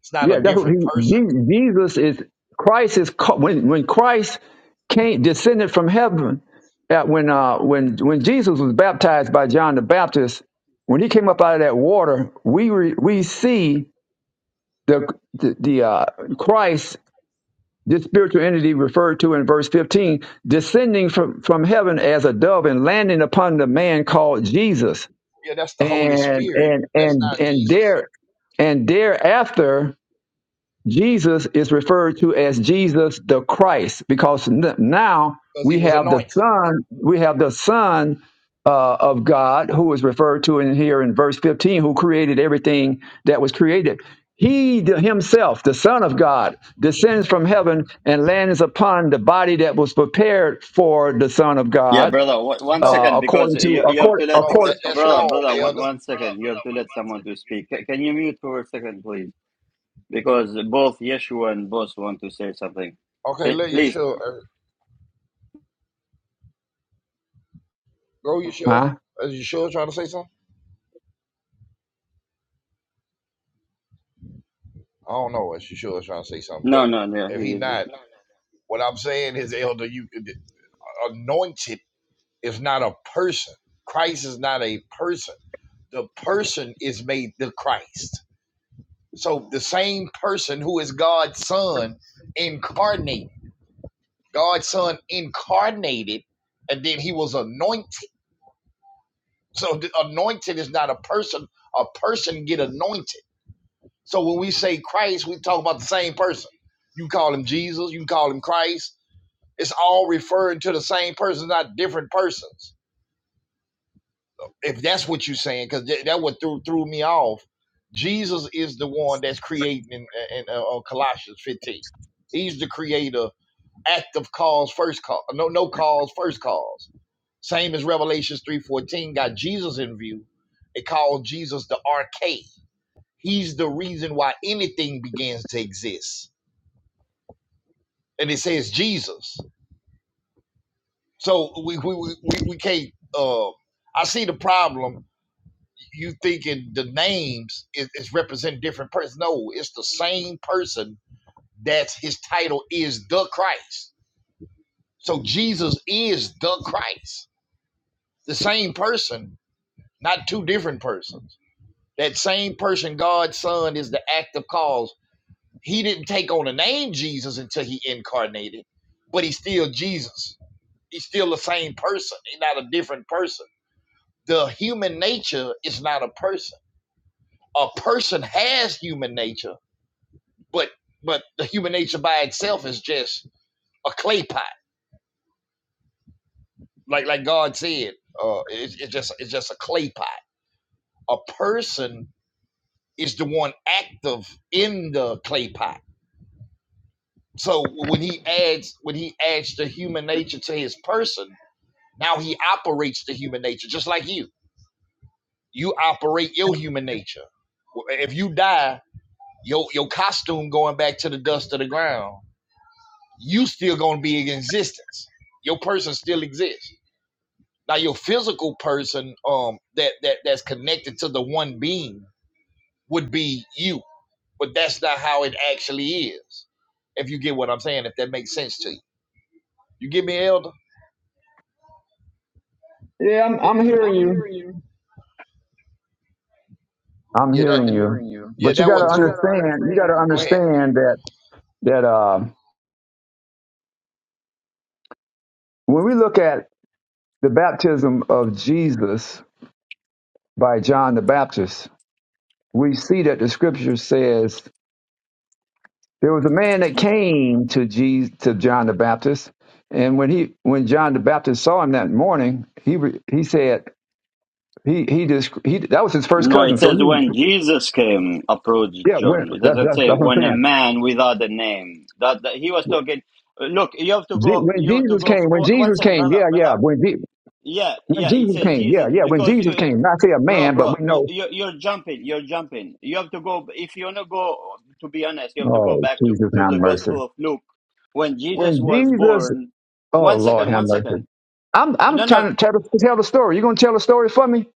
It's not a yeah, that's what different he, person. Je- Jesus is. Christ is ca- when when Christ came descended from heaven. At when uh, when when Jesus was baptized by John the Baptist, when he came up out of that water, we re, we see the the, the uh, Christ This spiritual entity referred to in verse 15, descending from, from heaven as a dove and landing upon the man called Jesus. Yeah, that's the Holy And Spirit. and That's not and and Jesus there and thereafter Jesus is referred to as Jesus the Christ because n- now because He we was have the anointed. Son, we have the Son uh, of God who is referred to in here in verse 15, who created everything that was created. He the- himself, the Son of God, descends from heaven and lands upon the body that was prepared for the Son of Yeah, God, brother. One, one No, uh, second, because according to you, you have according to let no, that, according. that's brother, wrong, brother. One, Elder. one second. You have to let someone to speak. Ca- Can you mute for a second, please? Because both Yeshua and both want to say something. Okay, Can, let please. Yeshua uh, go. Yeshua, Huh? is Yeshua trying to say something? I don't know if Yeshua is trying to say something, No, but no, no. if he He isn't. not, what I'm saying is, Elder, you anointed is not a person. Christ is not a person. The person is made the Christ. So the same person who is God's son incarnated, God's son incarnated, and then he was anointed. So the anointed is not a person. A person get anointed. So when we say Christ, we talk about the same person. You call him Jesus, you call him Christ. It's all referring to the same person, not different persons. if that's what you're saying, because th- that what threw threw me off. Jesus is the one that's creating in, in uh, uh, Colossians 15. He's the creator, active cause, first cause, no no cause, first cause. Same as Revelations 3:14 got Jesus in view. It called Jesus the RK. He's the reason why anything begins to exist, and it says Jesus. So we we we, we we can't. Uh, I see the problem you thinking the names is, is represent different persons? No, it's the same person. That's his title is the Christ. So Jesus is the Christ, the same person, not two different persons. That same person, God's Son, is the active cause. He didn't take on the name Jesus until he incarnated, but he's still Jesus. He's still the same person. He's not a different person. The human nature is not a person. A person has human nature But but the human nature by itself is just a clay pot. Like like God said, uh, it's, it's just it's just a clay pot. A person is the one active in the clay pot. So when he adds when he adds the human nature to his person, now he operates the human nature just like you. You operate your human nature. If you die, your your costume going back to the dust of the ground, you still gonna be in existence. Your person still exists Now your physical person, um, that that that's connected to the one being would be you, but that's not how it actually is. If you get what I'm saying, if that makes sense to you, you get me, Elder? Yeah, I'm, I'm Yeah, I'm, hearing I'm you. hearing you. I'm Yeah, that hearing I'm you. hearing you. yeah But you that got one to But you through. got to understand. You got understand, to Go ahead, to understand that. that uh, when we look at the baptism of Jesus by John the Baptist, we see that the scripture says there was a man that came to Jesus, to John the Baptist, and when he when John the Baptist saw him that morning, he re- he said he he just he that was his first No, it cousin, so says he when Jesus came, approached yeah when, John. It that's, doesn't that's say that's what I'm when a saying. man without a name. That, that he was talking. Look, you have to Je- go. When You have to Jesus go. came, For, when one Jesus second, came, brother, yeah, brother. yeah. When Je- Yeah, when yeah. It Jesus says came, yeah, Jesus yeah. When because Jesus uh, came, not say a Bro, man, but bro, we be- know. you're, you're jumping. You're jumping. You have to go. If you want to go, to be honest, you have to go Oh, back to, Jesus, to have the mercy. Gospel of Luke when Jesus When was Jesus, born. oh One Lord, second, have one mercy. second. I'm I'm No, no, trying to tell, the- tell the story. You gonna tell the story for me?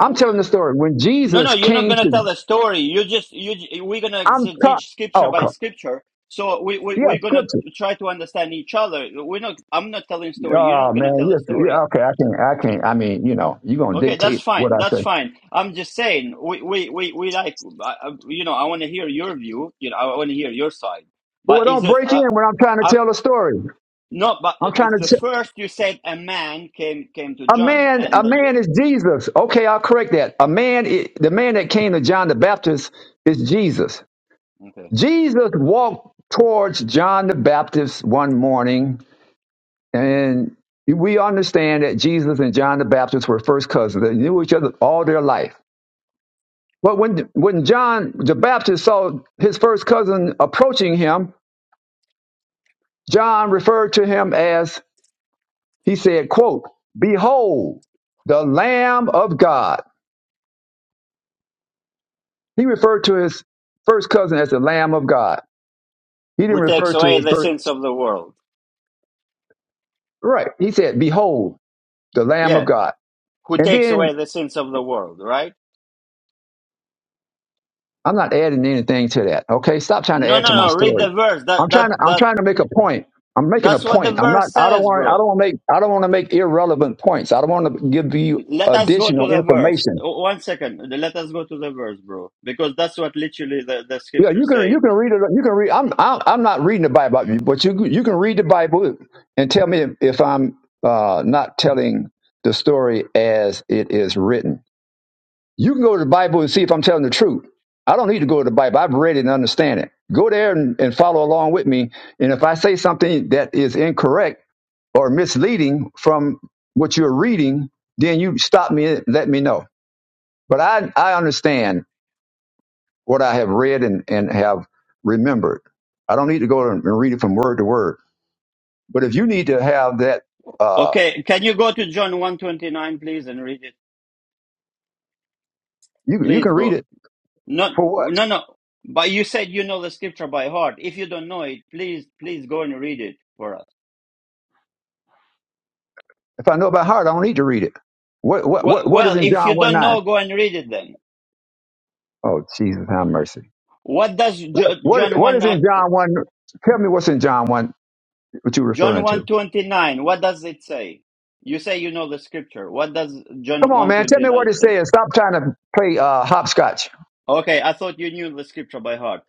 I'm w- telling the story. When no, no. Jesus You're not came gonna tell to, a story. You just you. j- We're gonna I'm exegete taught. scripture Oh, by come. scripture. So we, we Yeah, we're gonna scripture. try to understand each other. We're not. I'm not telling story. You're Oh not gonna man, tell a yes. story. Yeah, okay, I can't. I can't. I mean, you know, you gonna Okay, that's dictate what fine. I That's say. fine. I'm just saying we we we, we like I, I- you know I want to hear your view. You know I want to hear your side. Well, But is don't it break in uh, when I'm trying to uh, tell a story. no? But I'm trying it's to. the T- first you said a man came came to a John man, a and then you man is Jesus. Okay, I'll correct that. A man, i- the man that came to John the Baptist is Jesus. okay Jesus walked towards John the Baptist one morning, and we understand that Jesus and John the Baptist were first cousins. They knew each other all their life. But when, when John the Baptist saw his first cousin approaching him, John referred to him as, he said, quote, Behold, the Lamb of God. He referred to his first cousin as the Lamb of God. He didn't who refer takes to away his the sins first, of the world? right. He said, Behold, the Lamb of Yeah, God. who And takes then away the sins of the world? Right? I'm not adding anything to that. Okay, stop trying to No, add no, to my no. Read story. the verse. That I'm that trying to I'm that trying to make a point. I'm making a that's what the point. I'm not. verse I don't says, want. I bro. don't want to make. I don't want to make irrelevant points. I don't want to give you Let us go to additional the verse. information. O- One second. Let us go to the verse, bro, because that's what literally the, the Yeah, you scriptures can. You say. can read it. You can read. I'm. I'm I'm not reading the Bible, but you you can read the Bible and tell me if, if I'm uh, not telling the story as it is written. You can go to the Bible and see if I'm telling the truth. I don't need to go to the Bible. I've read it and understand it. Go there and, and follow along with me. And if I say something that is incorrect or misleading from what you're reading, then you stop me and let me know. But I, I understand what I have read and, and have remembered. I don't need to go and read it from word to word. But if you need to have that, uh, Okay, can you go to John one twenty nine, please, and read it? you, you can Please read go. it No, for what? no, no. But you said you know the scripture by heart. If you don't know it, please, please go and read it for us. If I know by heart, I don't need to read it. What, what, Well, what, what is well in if you John 1 don't 9? know, go and read it then. Oh, Jesus, have mercy. What does Jo- What John What one is in ni- John 1? Tell me what's in John 1, what you're John referring one to. twenty nine? What does it say? You say you know the scripture. What does Come John on, one man. Tell twenty me what nine it say? says. Stop trying to play uh, hopscotch. Okay, I thought you knew the scripture by heart.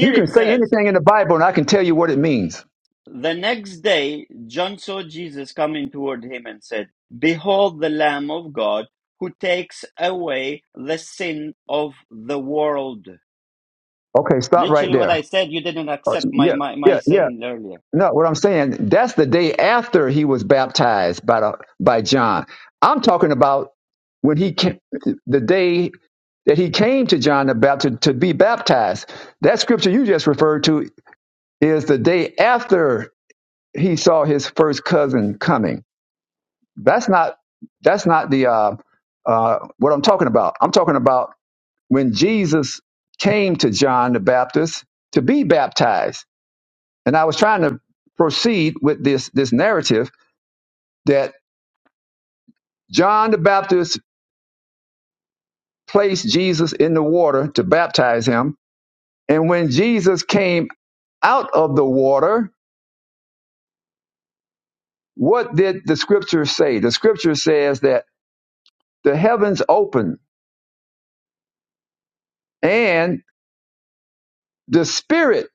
You can it say says, anything in the Bible and I can tell you what it means. The next day John saw Jesus coming toward him and said, Behold the Lamb of God who takes away the sin of the world. Okay, stop right Literally what there. I said, you didn't Uh, accept my, Yeah, my, my yeah, yeah. saying earlier. No, what I'm saying, that's the day after he was baptized by, the, by John. I'm talking about when he came, the day that he came to John the Baptist to be baptized. That scripture you just referred to is the day after he saw his first cousin coming. That's not that's not the uh, uh, what I'm talking about. I'm talking about when Jesus came to John the Baptist to be baptized, and I was trying to proceed with this this narrative that John the Baptist placed Jesus in the water to baptize him, and when Jesus came out of the water, what did the Scripture say? The Scripture says that the heavens opened and the Spirit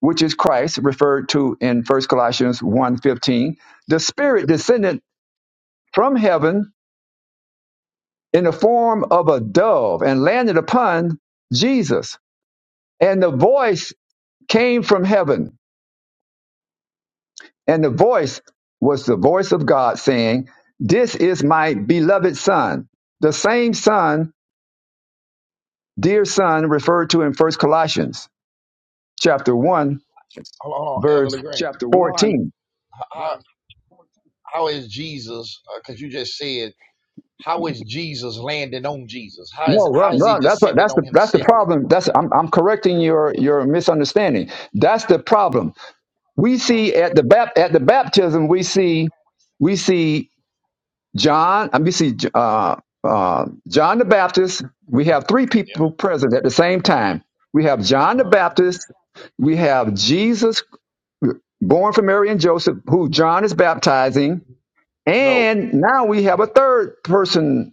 which is Christ, referred to in First Corinthians one fifteen? the Spirit descended from heaven in the form of a dove and landed upon Jesus. And the voice came from heaven. And the voice was the voice of God saying, This is my beloved Son. The same Son, dear Son, referred to in First Corinthians chapter 1, hold on, hold on, Elder verse Legrand. chapter 14. 1, How verse 14. how is Jesus? Because you just said how is Jesus landing on Jesus? How is No, how wrong, is he wrong. That's what, descending that's the on that's the himself? No, right, problem. right. That's I'm I'm that's, that's the correcting your problem. That's, your Uh, misunderstanding. That's the problem. We see at the bap, at the baptism we see we see John. and We see uh, uh, John the Baptist. We have three yeah. people present at the same time. We have John the Um, Baptist. We have Jesus born from Mary and Joseph, who John is baptizing, No. and now we have a third person.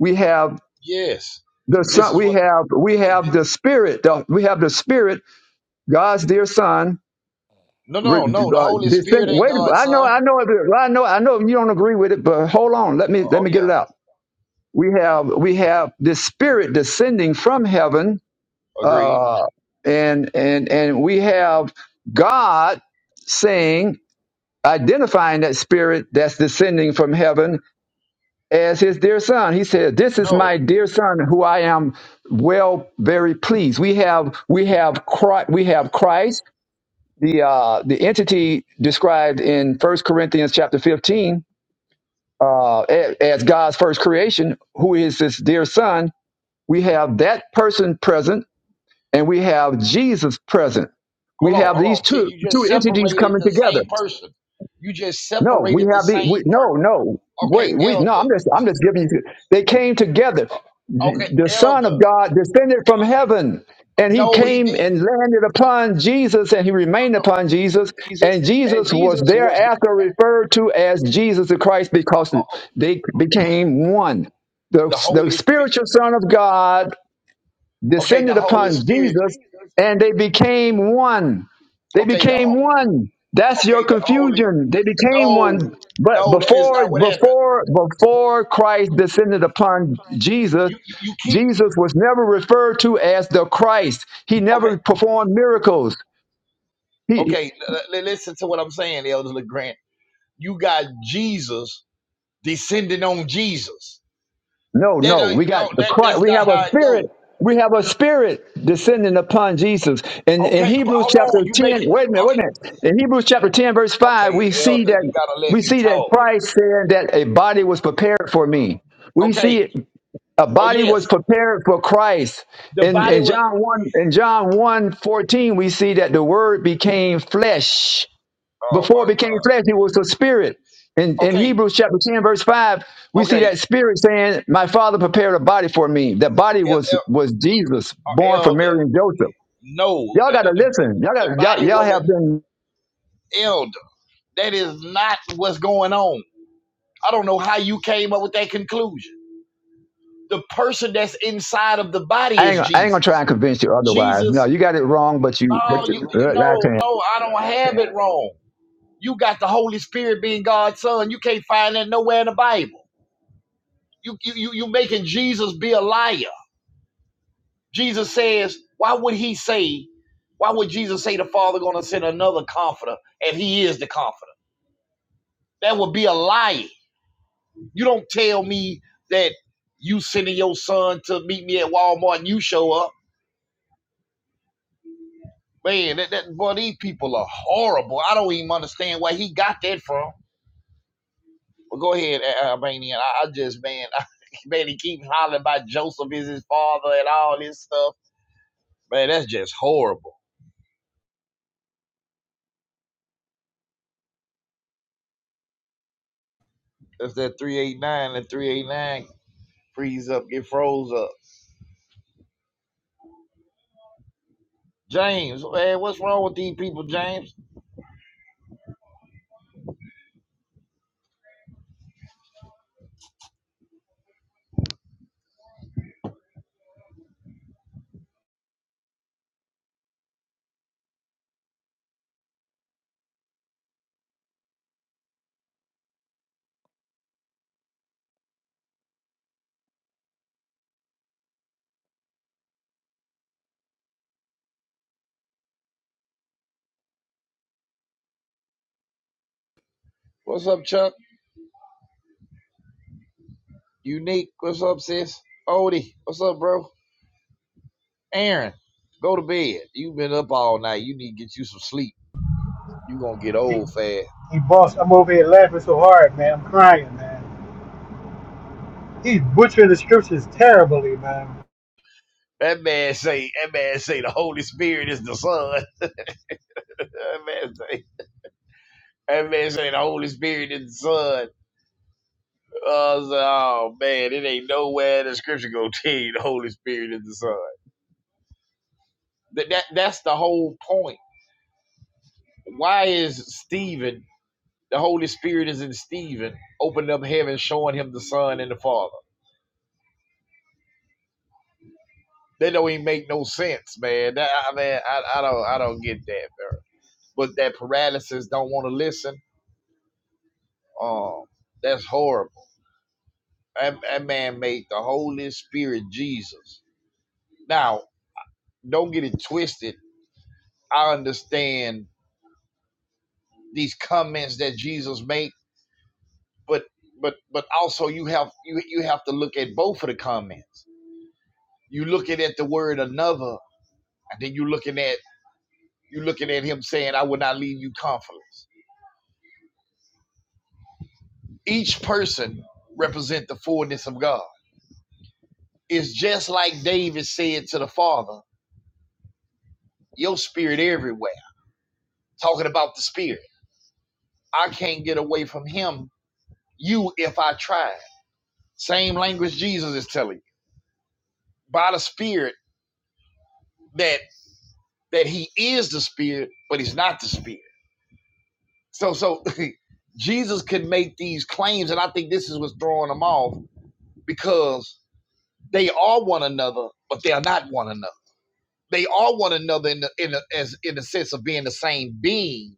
We have Yes. the This son is we what. have we have the spirit the, we have the spirit god's dear son No, re, no, no. The uh, Holy descend, Spirit ain't wait God's i know son. i know it- i know i know you don't agree with it but hold on let me let Oh me get yeah. it out we have we have the spirit descending from heaven Agreed. uh and and and we have god saying identifying that spirit that's descending from heaven as his dear son. He said, "This is my No. dear son, who I am well, very pleased." We have we have Christ, we have Christ, the uh, the entity described in First Corinthians chapter fifteen uh, a- as God's first creation, who is his dear son. We have that person present, and we have Jesus present. We Hold on. have Hold these on. See, two you two just entities separated coming the together. same person. You just No, we separated the have the we same no person. no wait Okay, we no I'm elder. just I'm just giving you they came together Okay, the Son of elder. God descended from Okay. heaven and he No, he came didn't. and landed upon Jesus and he remained upon Jesus Jesus and and Jesus was Jesus was not. thereafter referred to as Jesus the Christ because Uh, uh, uh, they became one the, the the Holy. Spirit. spiritual Son of God Okay, the descended Holy upon Spirit. Jesus and they became one. They Okay, the became Holy. one. That's your Okay, the Holy. confusion. They became No, one. But no, that is before not what happened. before before Christ descended upon Jesus, You you, you keep Jesus was never referred to as the Christ. He Okay, never performed miracles. He okay. l- listen to what I'm saying, Elder LeGrand. You got Jesus descending on Jesus. No, That no. ain't, We no, got the that Christ. that's We not have how a it go. spirit. We have a spirit descending upon Jesus. In in Okay, but Hebrews hold chapter on. You 10, make it. wait a minute, wait a minute. In Hebrews chapter 10, verse Okay, 5, okay, we see Elder. You that gotta let we me see that talk. Christ said that a body was prepared for me. We see Okay. it, a Oh body was yes, prepared for Christ. the In body in was. John 1, in John 1 we see that the word became flesh Oh before my it became God. flesh, he was a spirit. In, in Okay, Hebrews chapter 10, verse 5, we see okay, that spirit saying, My father prepared a body for me. That body El, was El- was Jesus, uh, born from Elder. Mary and Joseph. No, Y'all the, the gotta the listen. Y'all the got y'all, body y'all wasn't have been Elder. That is not what's going on. I don't know how you came up with that conclusion. the person that's inside of the body I ain't, is gonna- I ain't gonna try Jesus. and convince you otherwise. No, Jesus, you got it wrong, but you no, you, you that's no, it. no, I don't have it wrong. You got the Holy Spirit being God's son. You can't find that nowhere in the Bible. You you you you making Jesus be a liar. Jesus says, why would he say, why would Jesus say the Father gonna send another comforter if he is the comforter? That would be a lie. You don't tell me that you sending your son to meet me at Walmart and you show up Man, that, that boy, these people are horrible. I don't even understand where he got that from. Well, go ahead, Albanian. I, I just, man, I, man, he keeps hollering about Joseph is his father and all this stuff. Man, that's just horrible. That's that 389, that 389 freeze up, get froze up. James, man, what's wrong with these people, James? What's up, Chuck? Unique, what's up, sis? Odie, what's up, bro? Aaron, go to bed. You've been up all night. You need to get you some sleep. you going to get He, old fast. he boss, I'm over here laughing so hard, man. I'm crying, man. He's butchering the scriptures terribly, man. That man say, that man say the Holy Spirit is the Son. that man say, that man say the Holy Spirit is the Son. Uh, I was like, oh man, it ain't nowhere in the Scripture gonna tell you the Holy Spirit is the Son. That, that that's the whole point. Why is Stephen? The Holy Spirit is in Stephen, opening up heaven, showing him the Son and the Father. That don't even make no sense, man. That I man, I, I don't, I don't get that, bro. But that paralysis don't want to listen. Um, that's horrible That, that man made the Holy Spirit Jesus. Now, don't get it twisted. I understand these comments that Jesus made, but but but also you have you you have to look at both of the comments. You looking at the word another, and then you looking at you looking at him saying, "I will not leave you comfortless." Each person represent the fullness of God. It's just like David said to the Father, "Your spirit everywhere." Talking about the spirit, I can't get away from him you if I tried. Same language Jesus is telling you by the Spirit that that He is the Spirit, but He's not the Spirit. So so Jesus could make these claims, and I think this is what's throwing them off because they are one another, but they are not one another. They are one another in the in the, as in the sense of being the same being,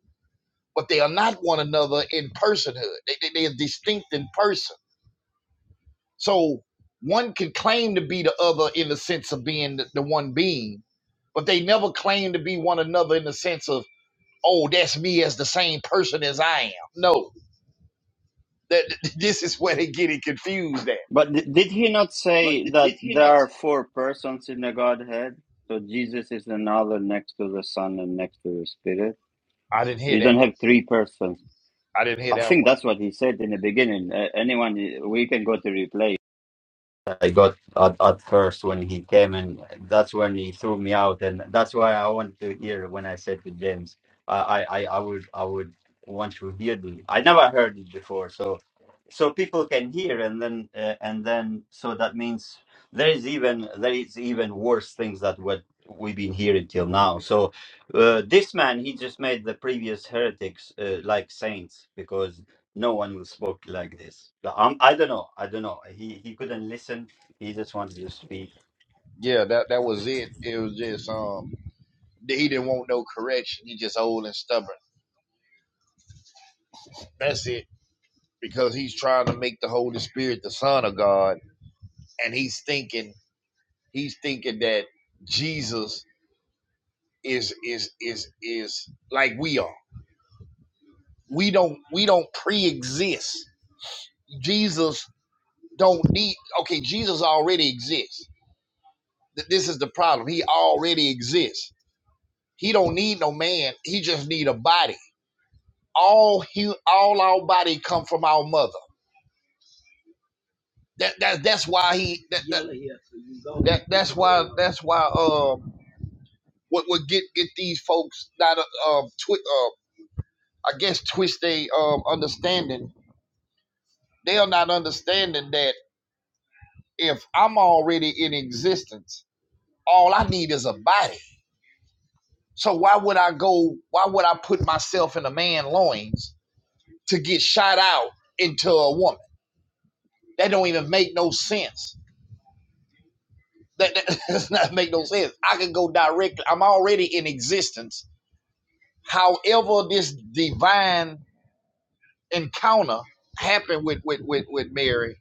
but they are not one another in personhood. They, they, they are distinct in person. So one can claim to be the other in the sense of being the, the one being, but they never claim to be one another in the sense of, oh, that's me as the same person as I am. No, that this is where they get it confused at. But d- did he not But say that there are four persons in the Godhead? So Jesus is another next to the Son and next to the Spirit. You don't have three persons. I think that's what he said in the beginning. Uh, anyone, we can go to replay. I got at, at first when he came, and that's when he threw me out, and that's why I want to hear when I said to James, I, I, I I would, I would want to hear the. I never heard it before, so, so people can hear, and then, uh, and then, so that means there is even there is even worse things that what we've been hearing till now. So, uh, this man he just made the previous heretics uh, like saints because no one who spoke like this. The- Um, I don't know. I don't know. He he couldn't listen. He just wanted to speak. yeah, that that was it. It was just um, he didn't want no correction. He just old and stubborn. That's it. Because he's trying to make the Holy Spirit the Son of God, and he's thinking he's thinking that Jesus is is is is like we are. We don't we don't pre-exist. Jesus don't need okay jesus already exists Th- this is the problem he already exists he don't need no man he just need a body all he all our body come from our mother that, that that's why he that, that, that that's why that's why um what would get get these folks not uh, um twi- uh I guess twist they um understanding they are not understanding that if I'm already in existence all I need is a body So why would I go? Why would I put myself in a man loins to get shot out into a woman? That don't even make no sense. That, that does not make no sense. I can go directly. I'm already in existence. However, this divine encounter happened with with with, with Mary,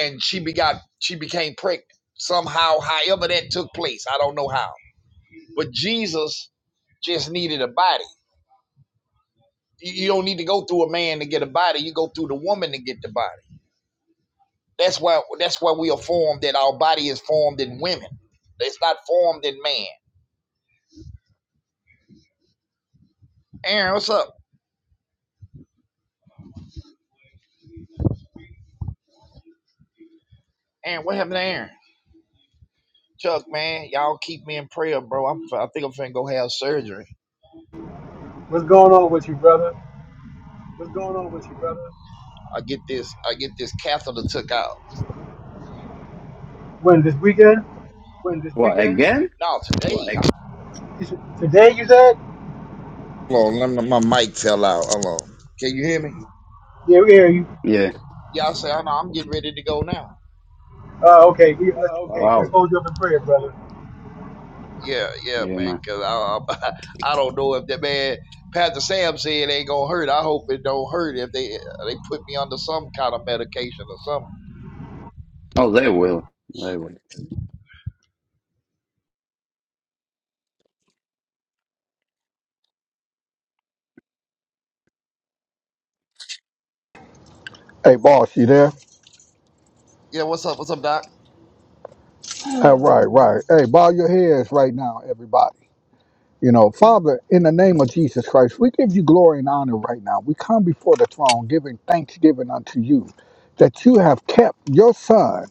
and she begot. She became pregnant somehow. However, that took place. I don't know how. But Jesus just needed a body. You don't need to go through a man to get a body. You go through the woman to get the body. That's why that's why we are formed. That our body is formed in women. It's not formed in man. Aaron, what's up? Aaron, what happened to Aaron? Chuck, man, y'all keep me in prayer, bro. I'm, I think I'm finna go have surgery. What's going on with you, brother? I get this. I get this catheter took out. When this weekend? When this What weekend? again? No, today. Today you said? Hold on, let me, my mic fell out. Hold on. Can you hear me? Yeah, yeah. You, Yeah. Y'all say I know. I'm getting ready to go now. uh, okay. let's, let's Wow. hold you up in prayer, brother. Yeah, yeah, Yeah, man. man. Cause I, I, I don't know if that man Pastor Sam said it ain't gonna hurt. I hope it don't hurt if they they put me under some kind of medication or something. Oh, they will. They will. Hey, boss, you there? Yeah, what's up? What's up, Doc? All right, right. Hey, bow your heads right now, everybody. You know, Father, in the name of Jesus Christ, we give you glory and honor right now. We come before the throne giving thanksgiving unto you that you have kept your son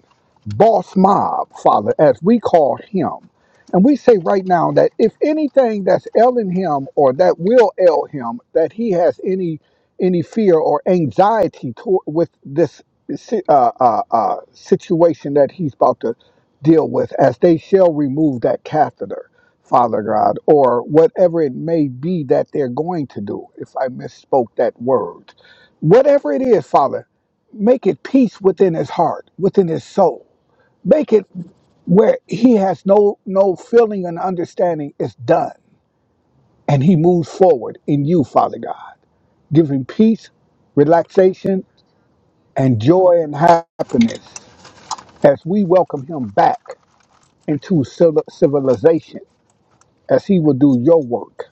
boss mob, Father, as we call him. And we say right now that if anything that's ailing him or that will ail him, that he has any any fear or anxiety to, with this si- uh, uh, uh, situation that he's about to deal with, as they shall remove that catheter, Father God, or whatever it may be that they're going to do. If I misspoke that word, whatever it is, Father, make it peace within his heart, within his soul Make it where he has no no feeling and understanding. It's done, and he moves forward in you, Father God. Give him peace, relaxation, and joy and happiness as we welcome him back into civil- civilization, as he will do your work.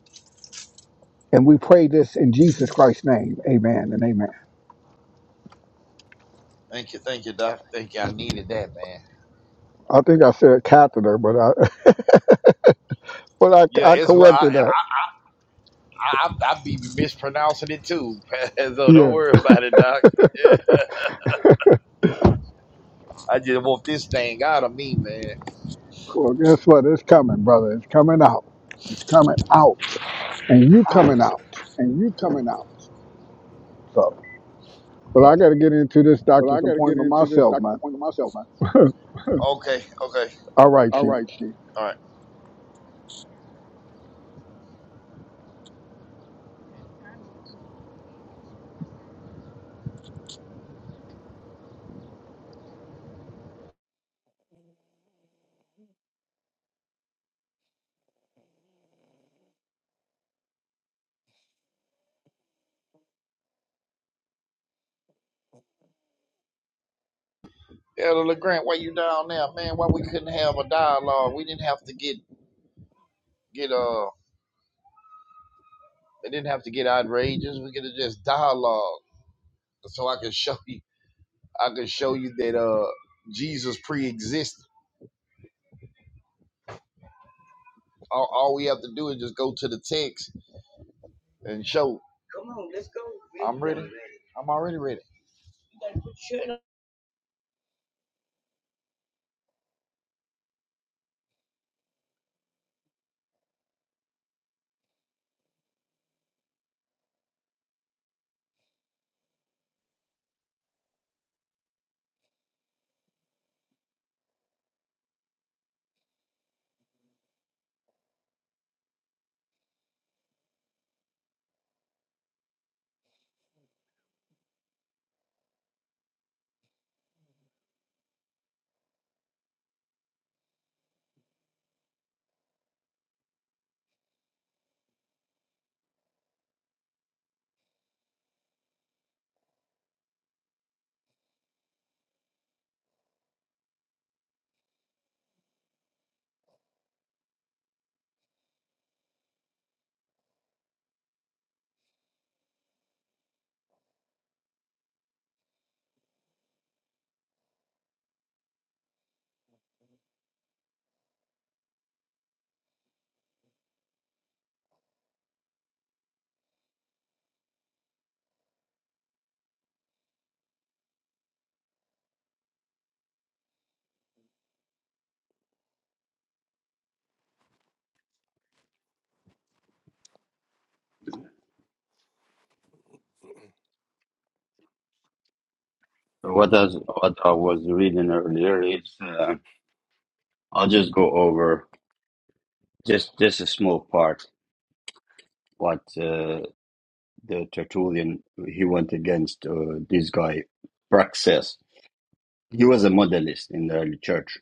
And we pray this in Jesus Christ's name. Amen and amen. Thank you, thank you, Doc. Thank you. I needed that, man. I think I said catheter, but I but Yeah, I, I it's what I corrected that. I I, I be mispronouncing it too. so don't Yeah. worry about it, Doc. I just want this thing out of me, man. Well, guess what? It's coming, brother. It's coming out. It's coming out. And you out coming out. and you coming out. So, but I got to get into this But I doctor's got to get appointment into this, myself, Dr. man. Point to myself, man. Okay, okay, All right, All Chief. right, Steve. All right. Elder LeGrand, why you down there, man? Why we couldn't have a dialogue? We didn't have to get get uh, it didn't have to get outrageous. We could have just dialogue, so I could show you, I could show you that uh, Jesus pre-existed. All, all we have to do is just go to the text and show. Come on, let's go. I'm ready. I'm already ready. What I what I was reading earlier is uh, I'll just go over just just a small part what uh, the Tertullian he went against uh, this guy Praxis. He was a modelist in the early church,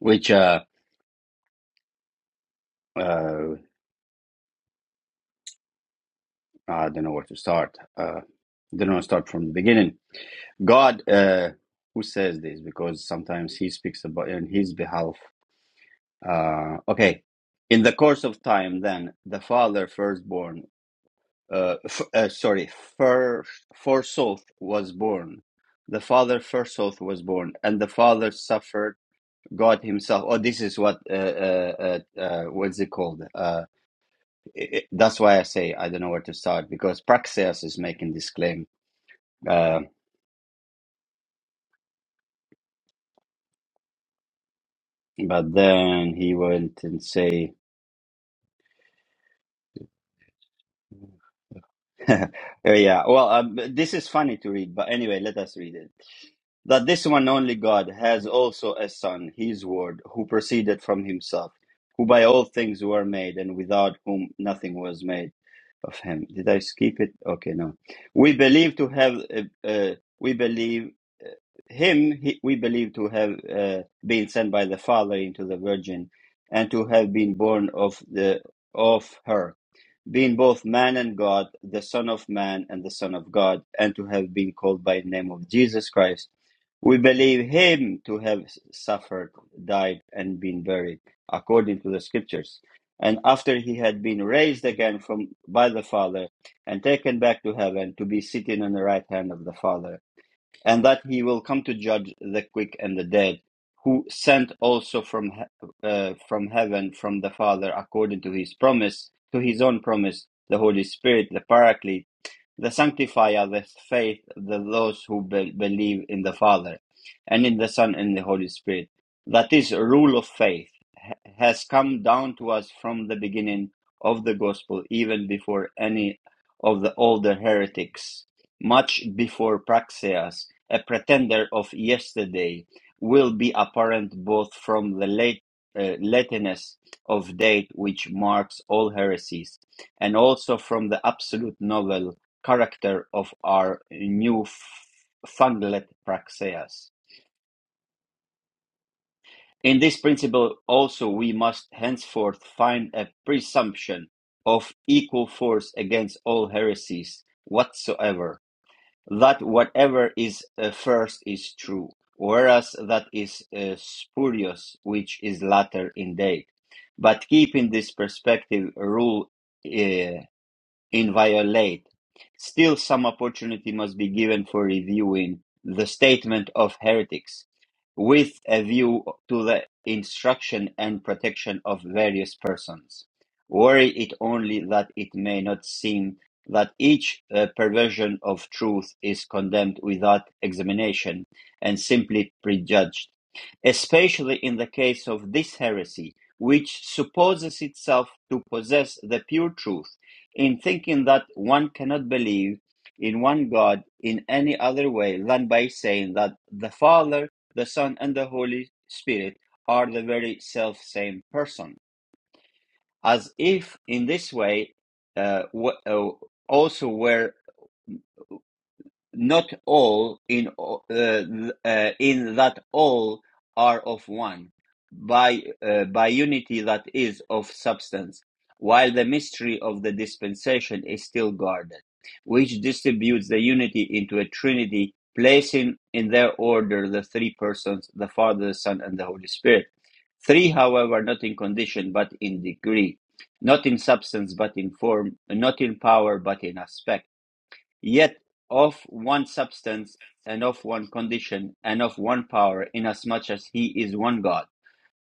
which uh, uh, Uh, I don't know where to start. Uh, I don't know. Start from the beginning. God, uh, who says this? Because sometimes He speaks about in His behalf. Uh, okay. In the course of time, then the father firstborn, uh, f- uh, sorry, first forsooth was born. The father forsooth was born, and the father suffered God Himself. Oh, this is what uh, uh, uh, uh, what's it called? Uh, it, it- that's why I say I don't know where to start because Praxeas is making this claim uh, but then he went and say, Uh, yeah, well, um, this is funny to read, but anyway, let us read it. That this one only God has also a Son, his Word, who proceeded from himself, who by all things were made, and without whom nothing was made. of him. Did I skip it? Okay, no. We believe to have, uh, uh, we believe uh, him, he, we believe to have uh, been sent by the Father into the Virgin and to have been born of the of her being both man and God, the Son of Man and the Son of God, and to have been called by the name of Jesus Christ. We believe him to have suffered, died, and been buried, according to the scriptures. And after he had been raised again from by the Father and taken back to heaven to be sitting on the right hand of the Father and that he will come to judge the quick and the dead, who sent also from he- uh, from heaven from the Father according to his promise, to his own promise, the Holy Spirit, the Paraclete the sanctifier, the faith, the those who be- believe in the Father and in the Son and the Holy Spirit. That is, rule of faith ha- has come down to us from the beginning of the gospel, even before any of the older heretics, much before Praxeas, a pretender of yesterday, will be apparent both from the late uh, lateness of date which marks all heresies, and also from the absolute novelty character of our newfangled praxeas. In this principle also we must henceforth find a presumption of equal force against all heresies whatsoever, that whatever is uh, first is true, whereas that is uh, spurious which is latter in date. But keeping this perspective rule uh, inviolate. Still, some opportunity must be given for reviewing the statement of heretics with a view to the instruction and protection of various persons. Worry it only that it may not seem that each uh, perversion of truth is condemned without examination and simply prejudged especially in the case of this heresy, which supposes itself to possess the pure truth, in thinking that one cannot believe in one God in any other way than by saying that the Father, the Son, and the Holy Spirit are the very self same person, as if in this way uh, w- uh, also were not all in uh, uh, in that all are of one by uh, by unity that is of substance while the mystery of the dispensation is still guarded which distributes the unity into a trinity placing in their order the three persons the father the son and the holy spirit three however not in condition but in degree not in substance but in form not in power but in aspect yet of one substance and of one condition and of one power, inasmuch as he is one God,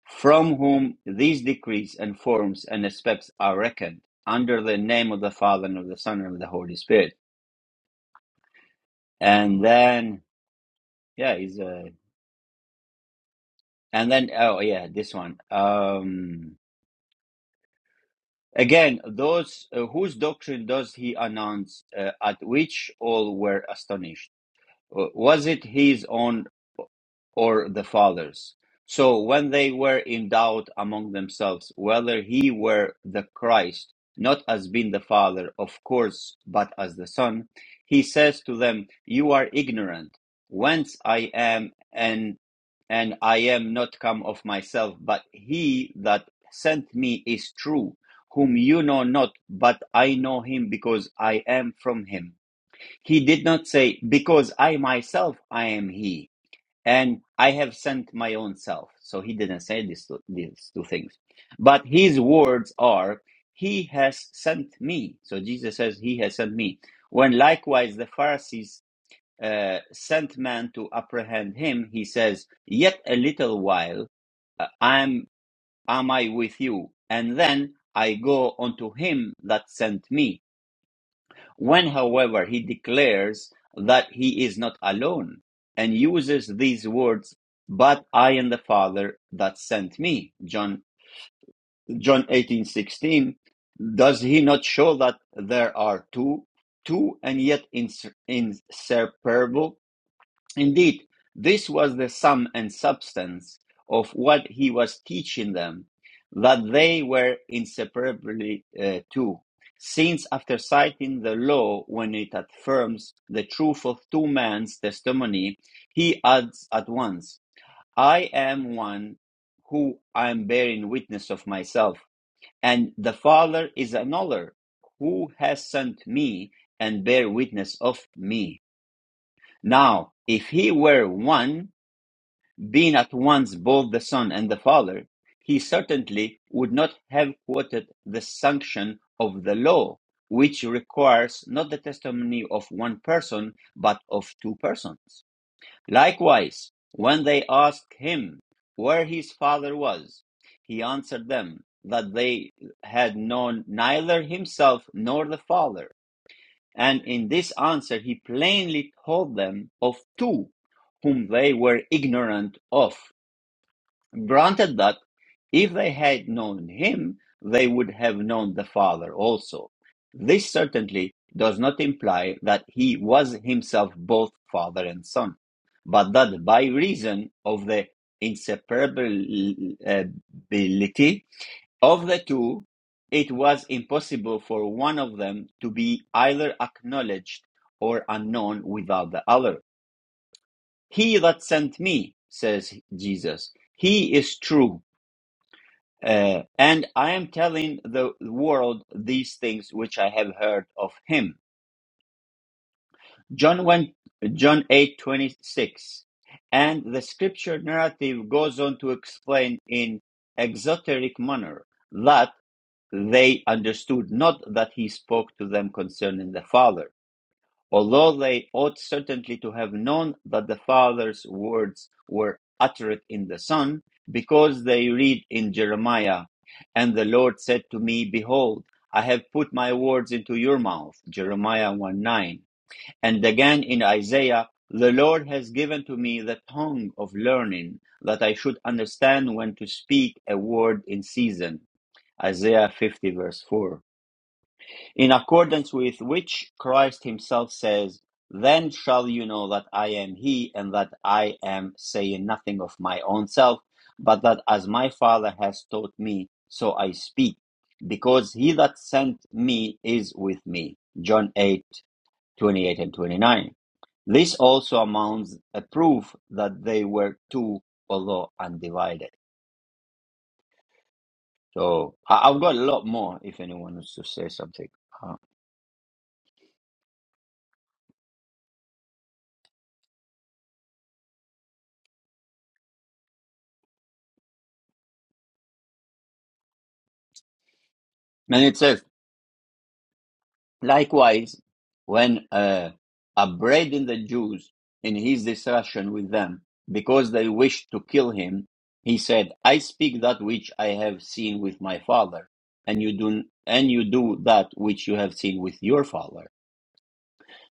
from whom these decrees and forms and aspects are reckoned under the name of the Father and of the Son and of the Holy Spirit. And then, yeah, he's a, and then, oh yeah, this one. Um, again, those uh, whose doctrine does he announce, uh, at which all were astonished? Uh, Was it his own or the fathers. So when they were in doubt among themselves whether he were the Christ, not as being the Father, of course, but as the Son, he says to them, You are ignorant, whence I am, and and I am not come of myself, but he that sent me is true, whom you know not, but I know him because I am from him. He did not say, Because I myself I am he and I have sent my own self. So he didn't say these two, these two things. But his words are, He has sent me. So Jesus says, He has sent me. When likewise the Pharisees uh, sent men to apprehend him, he says, Yet a little while uh, am, am I with you, and then I go unto him that sent me. When, however, he declares that he is not alone and uses these words, but I and the Father that sent me, John, John 18 16, does he not show that there are two, two and yet inseparable? Indeed, this was the sum and substance of what he was teaching them, that they were inseparably uh, two. Since, after citing the law when it affirms the truth of two men's testimony, he adds at once, I am one who I am bearing witness of myself, and the Father is another who has sent me and bear witness of me. Now, if he were one, being at once both the Son and the Father, he certainly would not have quoted the sanction of the law, which requires not the testimony of one person, but of two persons. Likewise, when they asked him where his father was, he answered them that they had known neither himself nor the father. And in this answer, he plainly told them of two whom they were ignorant of Granted that if they had known him, they would have known the Father also. This certainly does not imply that he was himself both Father and Son, but that by reason of the inseparability of the two, it was impossible for one of them to be either acknowledged or unknown without the other. He that sent me, says Jesus, he is true uh, and I am telling the world these things which I have heard of him. John 1, John 8 26, And the scripture narrative goes on to explain in exoteric manner that they understood not that he spoke to them concerning the Father although they ought certainly to have known that the Father's words were uttered in the Son, because they read in Jeremiah, And the Lord said to me, Behold, I have put my words into your mouth, Jeremiah 1 9. And again in Isaiah, The Lord has given to me the tongue of learning, that I should understand when to speak a word in season, Isaiah 50 verse 4 in accordance with which Christ himself says, Then shall you know that I am he, and that I am saying nothing of my own self, but that as my Father has taught me, so I speak, because he that sent me is with me. John 8 28 and 29. This also amounts a proof that they were two, although undivided. So I- I've got a lot more if anyone wants to say something. Uh, and it says, Likewise, when uh, upbraiding the Jews in his discussion with them because they wished to kill him, he said, "I speak that which I have seen with my father, and you do and you do that which you have seen with your father.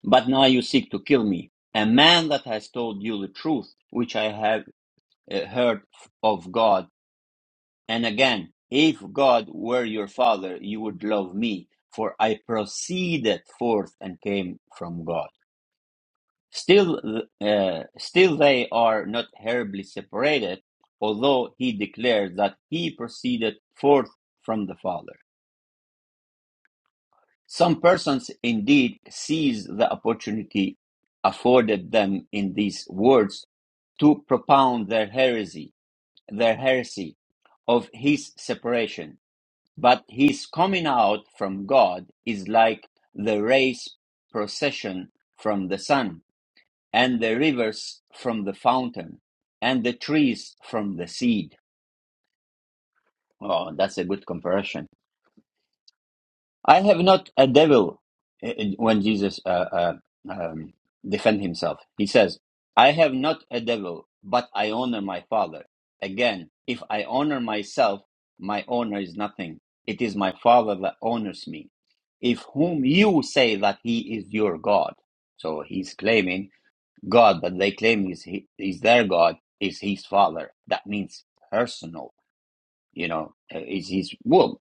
But now you seek to kill me, a man that has told you the truth, which I have uh, heard of God." And again, if God were your father, you would love me, for I proceeded forth and came from God. Still, uh, still they are not terribly separated, although he declares that he proceeded forth from the Father. Some persons indeed seize the opportunity afforded them in these words to propound their heresy, their heresy of his separation But his coming out from God is like the race procession from the sun, and the rivers from the fountain, and the trees from the seed. Oh, that's a good comparison. I have not a devil eh, eh, when Jesus uh, uh, um, defend himself. He says, I have not a devil, but I honor my father. Again, if I honor myself, my honor is nothing. It is my father that honors me. If whom you say that he is your God. So he's claiming God that they claim is, he, is their God is his father. That means personal, you know, eh, is his womb.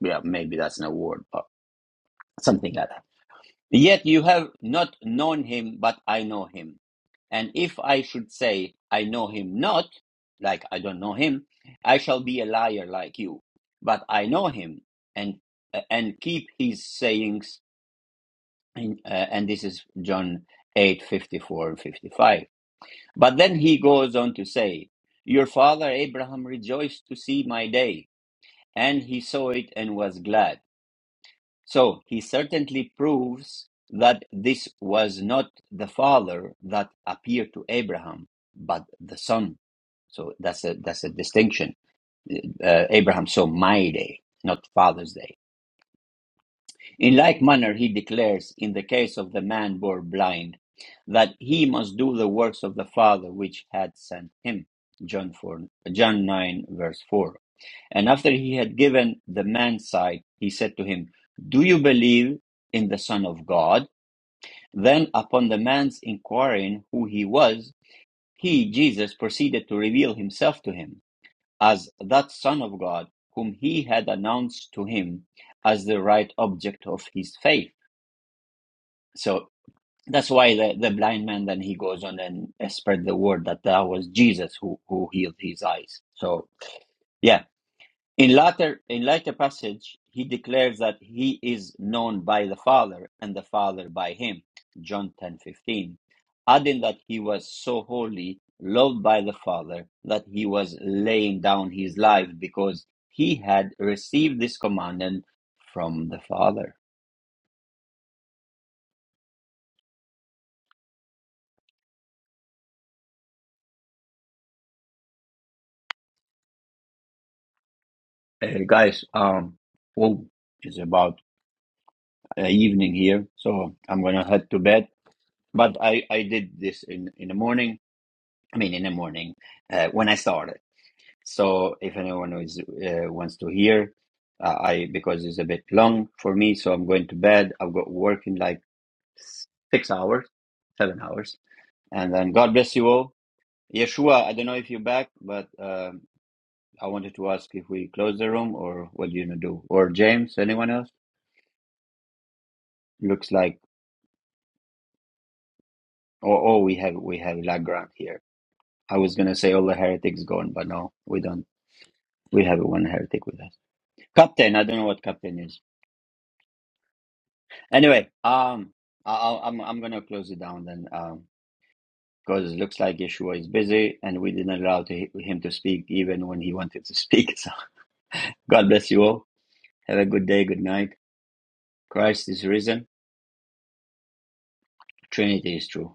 Yeah, maybe that's not a word, but something like that. Yet you have not known him, but I know him. And if I should say, I know him not, like I don't know him, I shall be a liar like you. But I know him and uh, and keep his sayings. And, uh, and this is John 8 54 and 55. But then he goes on to say, Your father Abraham rejoiced to see my day, and he saw it and was glad. So he certainly proves that this was not the father that appeared to Abraham, but the son. So that's a that's a distinction. Uh, Abraham saw my day, not Father's day. In like manner, he declares in the case of the man born blind that he must do the works of the Father which had sent him. John four, John nine verse four. And after he had given the man sight, he said to him, Do you believe in the Son of God? Then, upon the man's inquiring who he was, he, Jesus, proceeded to reveal himself to him as that Son of God whom he had announced to him as the right object of his faith. So that's why the, the blind man then he goes on and spread the word that that was Jesus who, who healed his eyes. So, yeah, In later in later passage, he declares that he is known by the Father and the Father by him, John 10:15, adding that he was so holy, loved by the Father, that he was laying down his life because he had received this commandment from the Father. Hey guys, um, oh, it's about uh, evening here, so I'm gonna head to bed. But I I did this in in the morning. I mean, in the morning uh, when I started. So if anyone is uh, wants to hear, uh, I because it's a bit long for me, so I'm going to bed. I've got work in like six hours, seven hours, and then God bless you all. Yeshua, I don't know if you're back, but um I wanted to ask if we close the room or what do you gonna do? Or James, anyone else? Looks like oh oh we have we have Lagrant here. I was gonna say all the heretics gone, but no, we don't. We have one heretic with us. Captain, I don't know what captain is. Anyway, um, I, I- I'm I'm gonna close it down then, um, because it looks like Yeshua is busy, and we didn't allow to, him to speak even when he wanted to speak. So God bless you all. Have a good day, good night. Christ is risen. Trinity is true.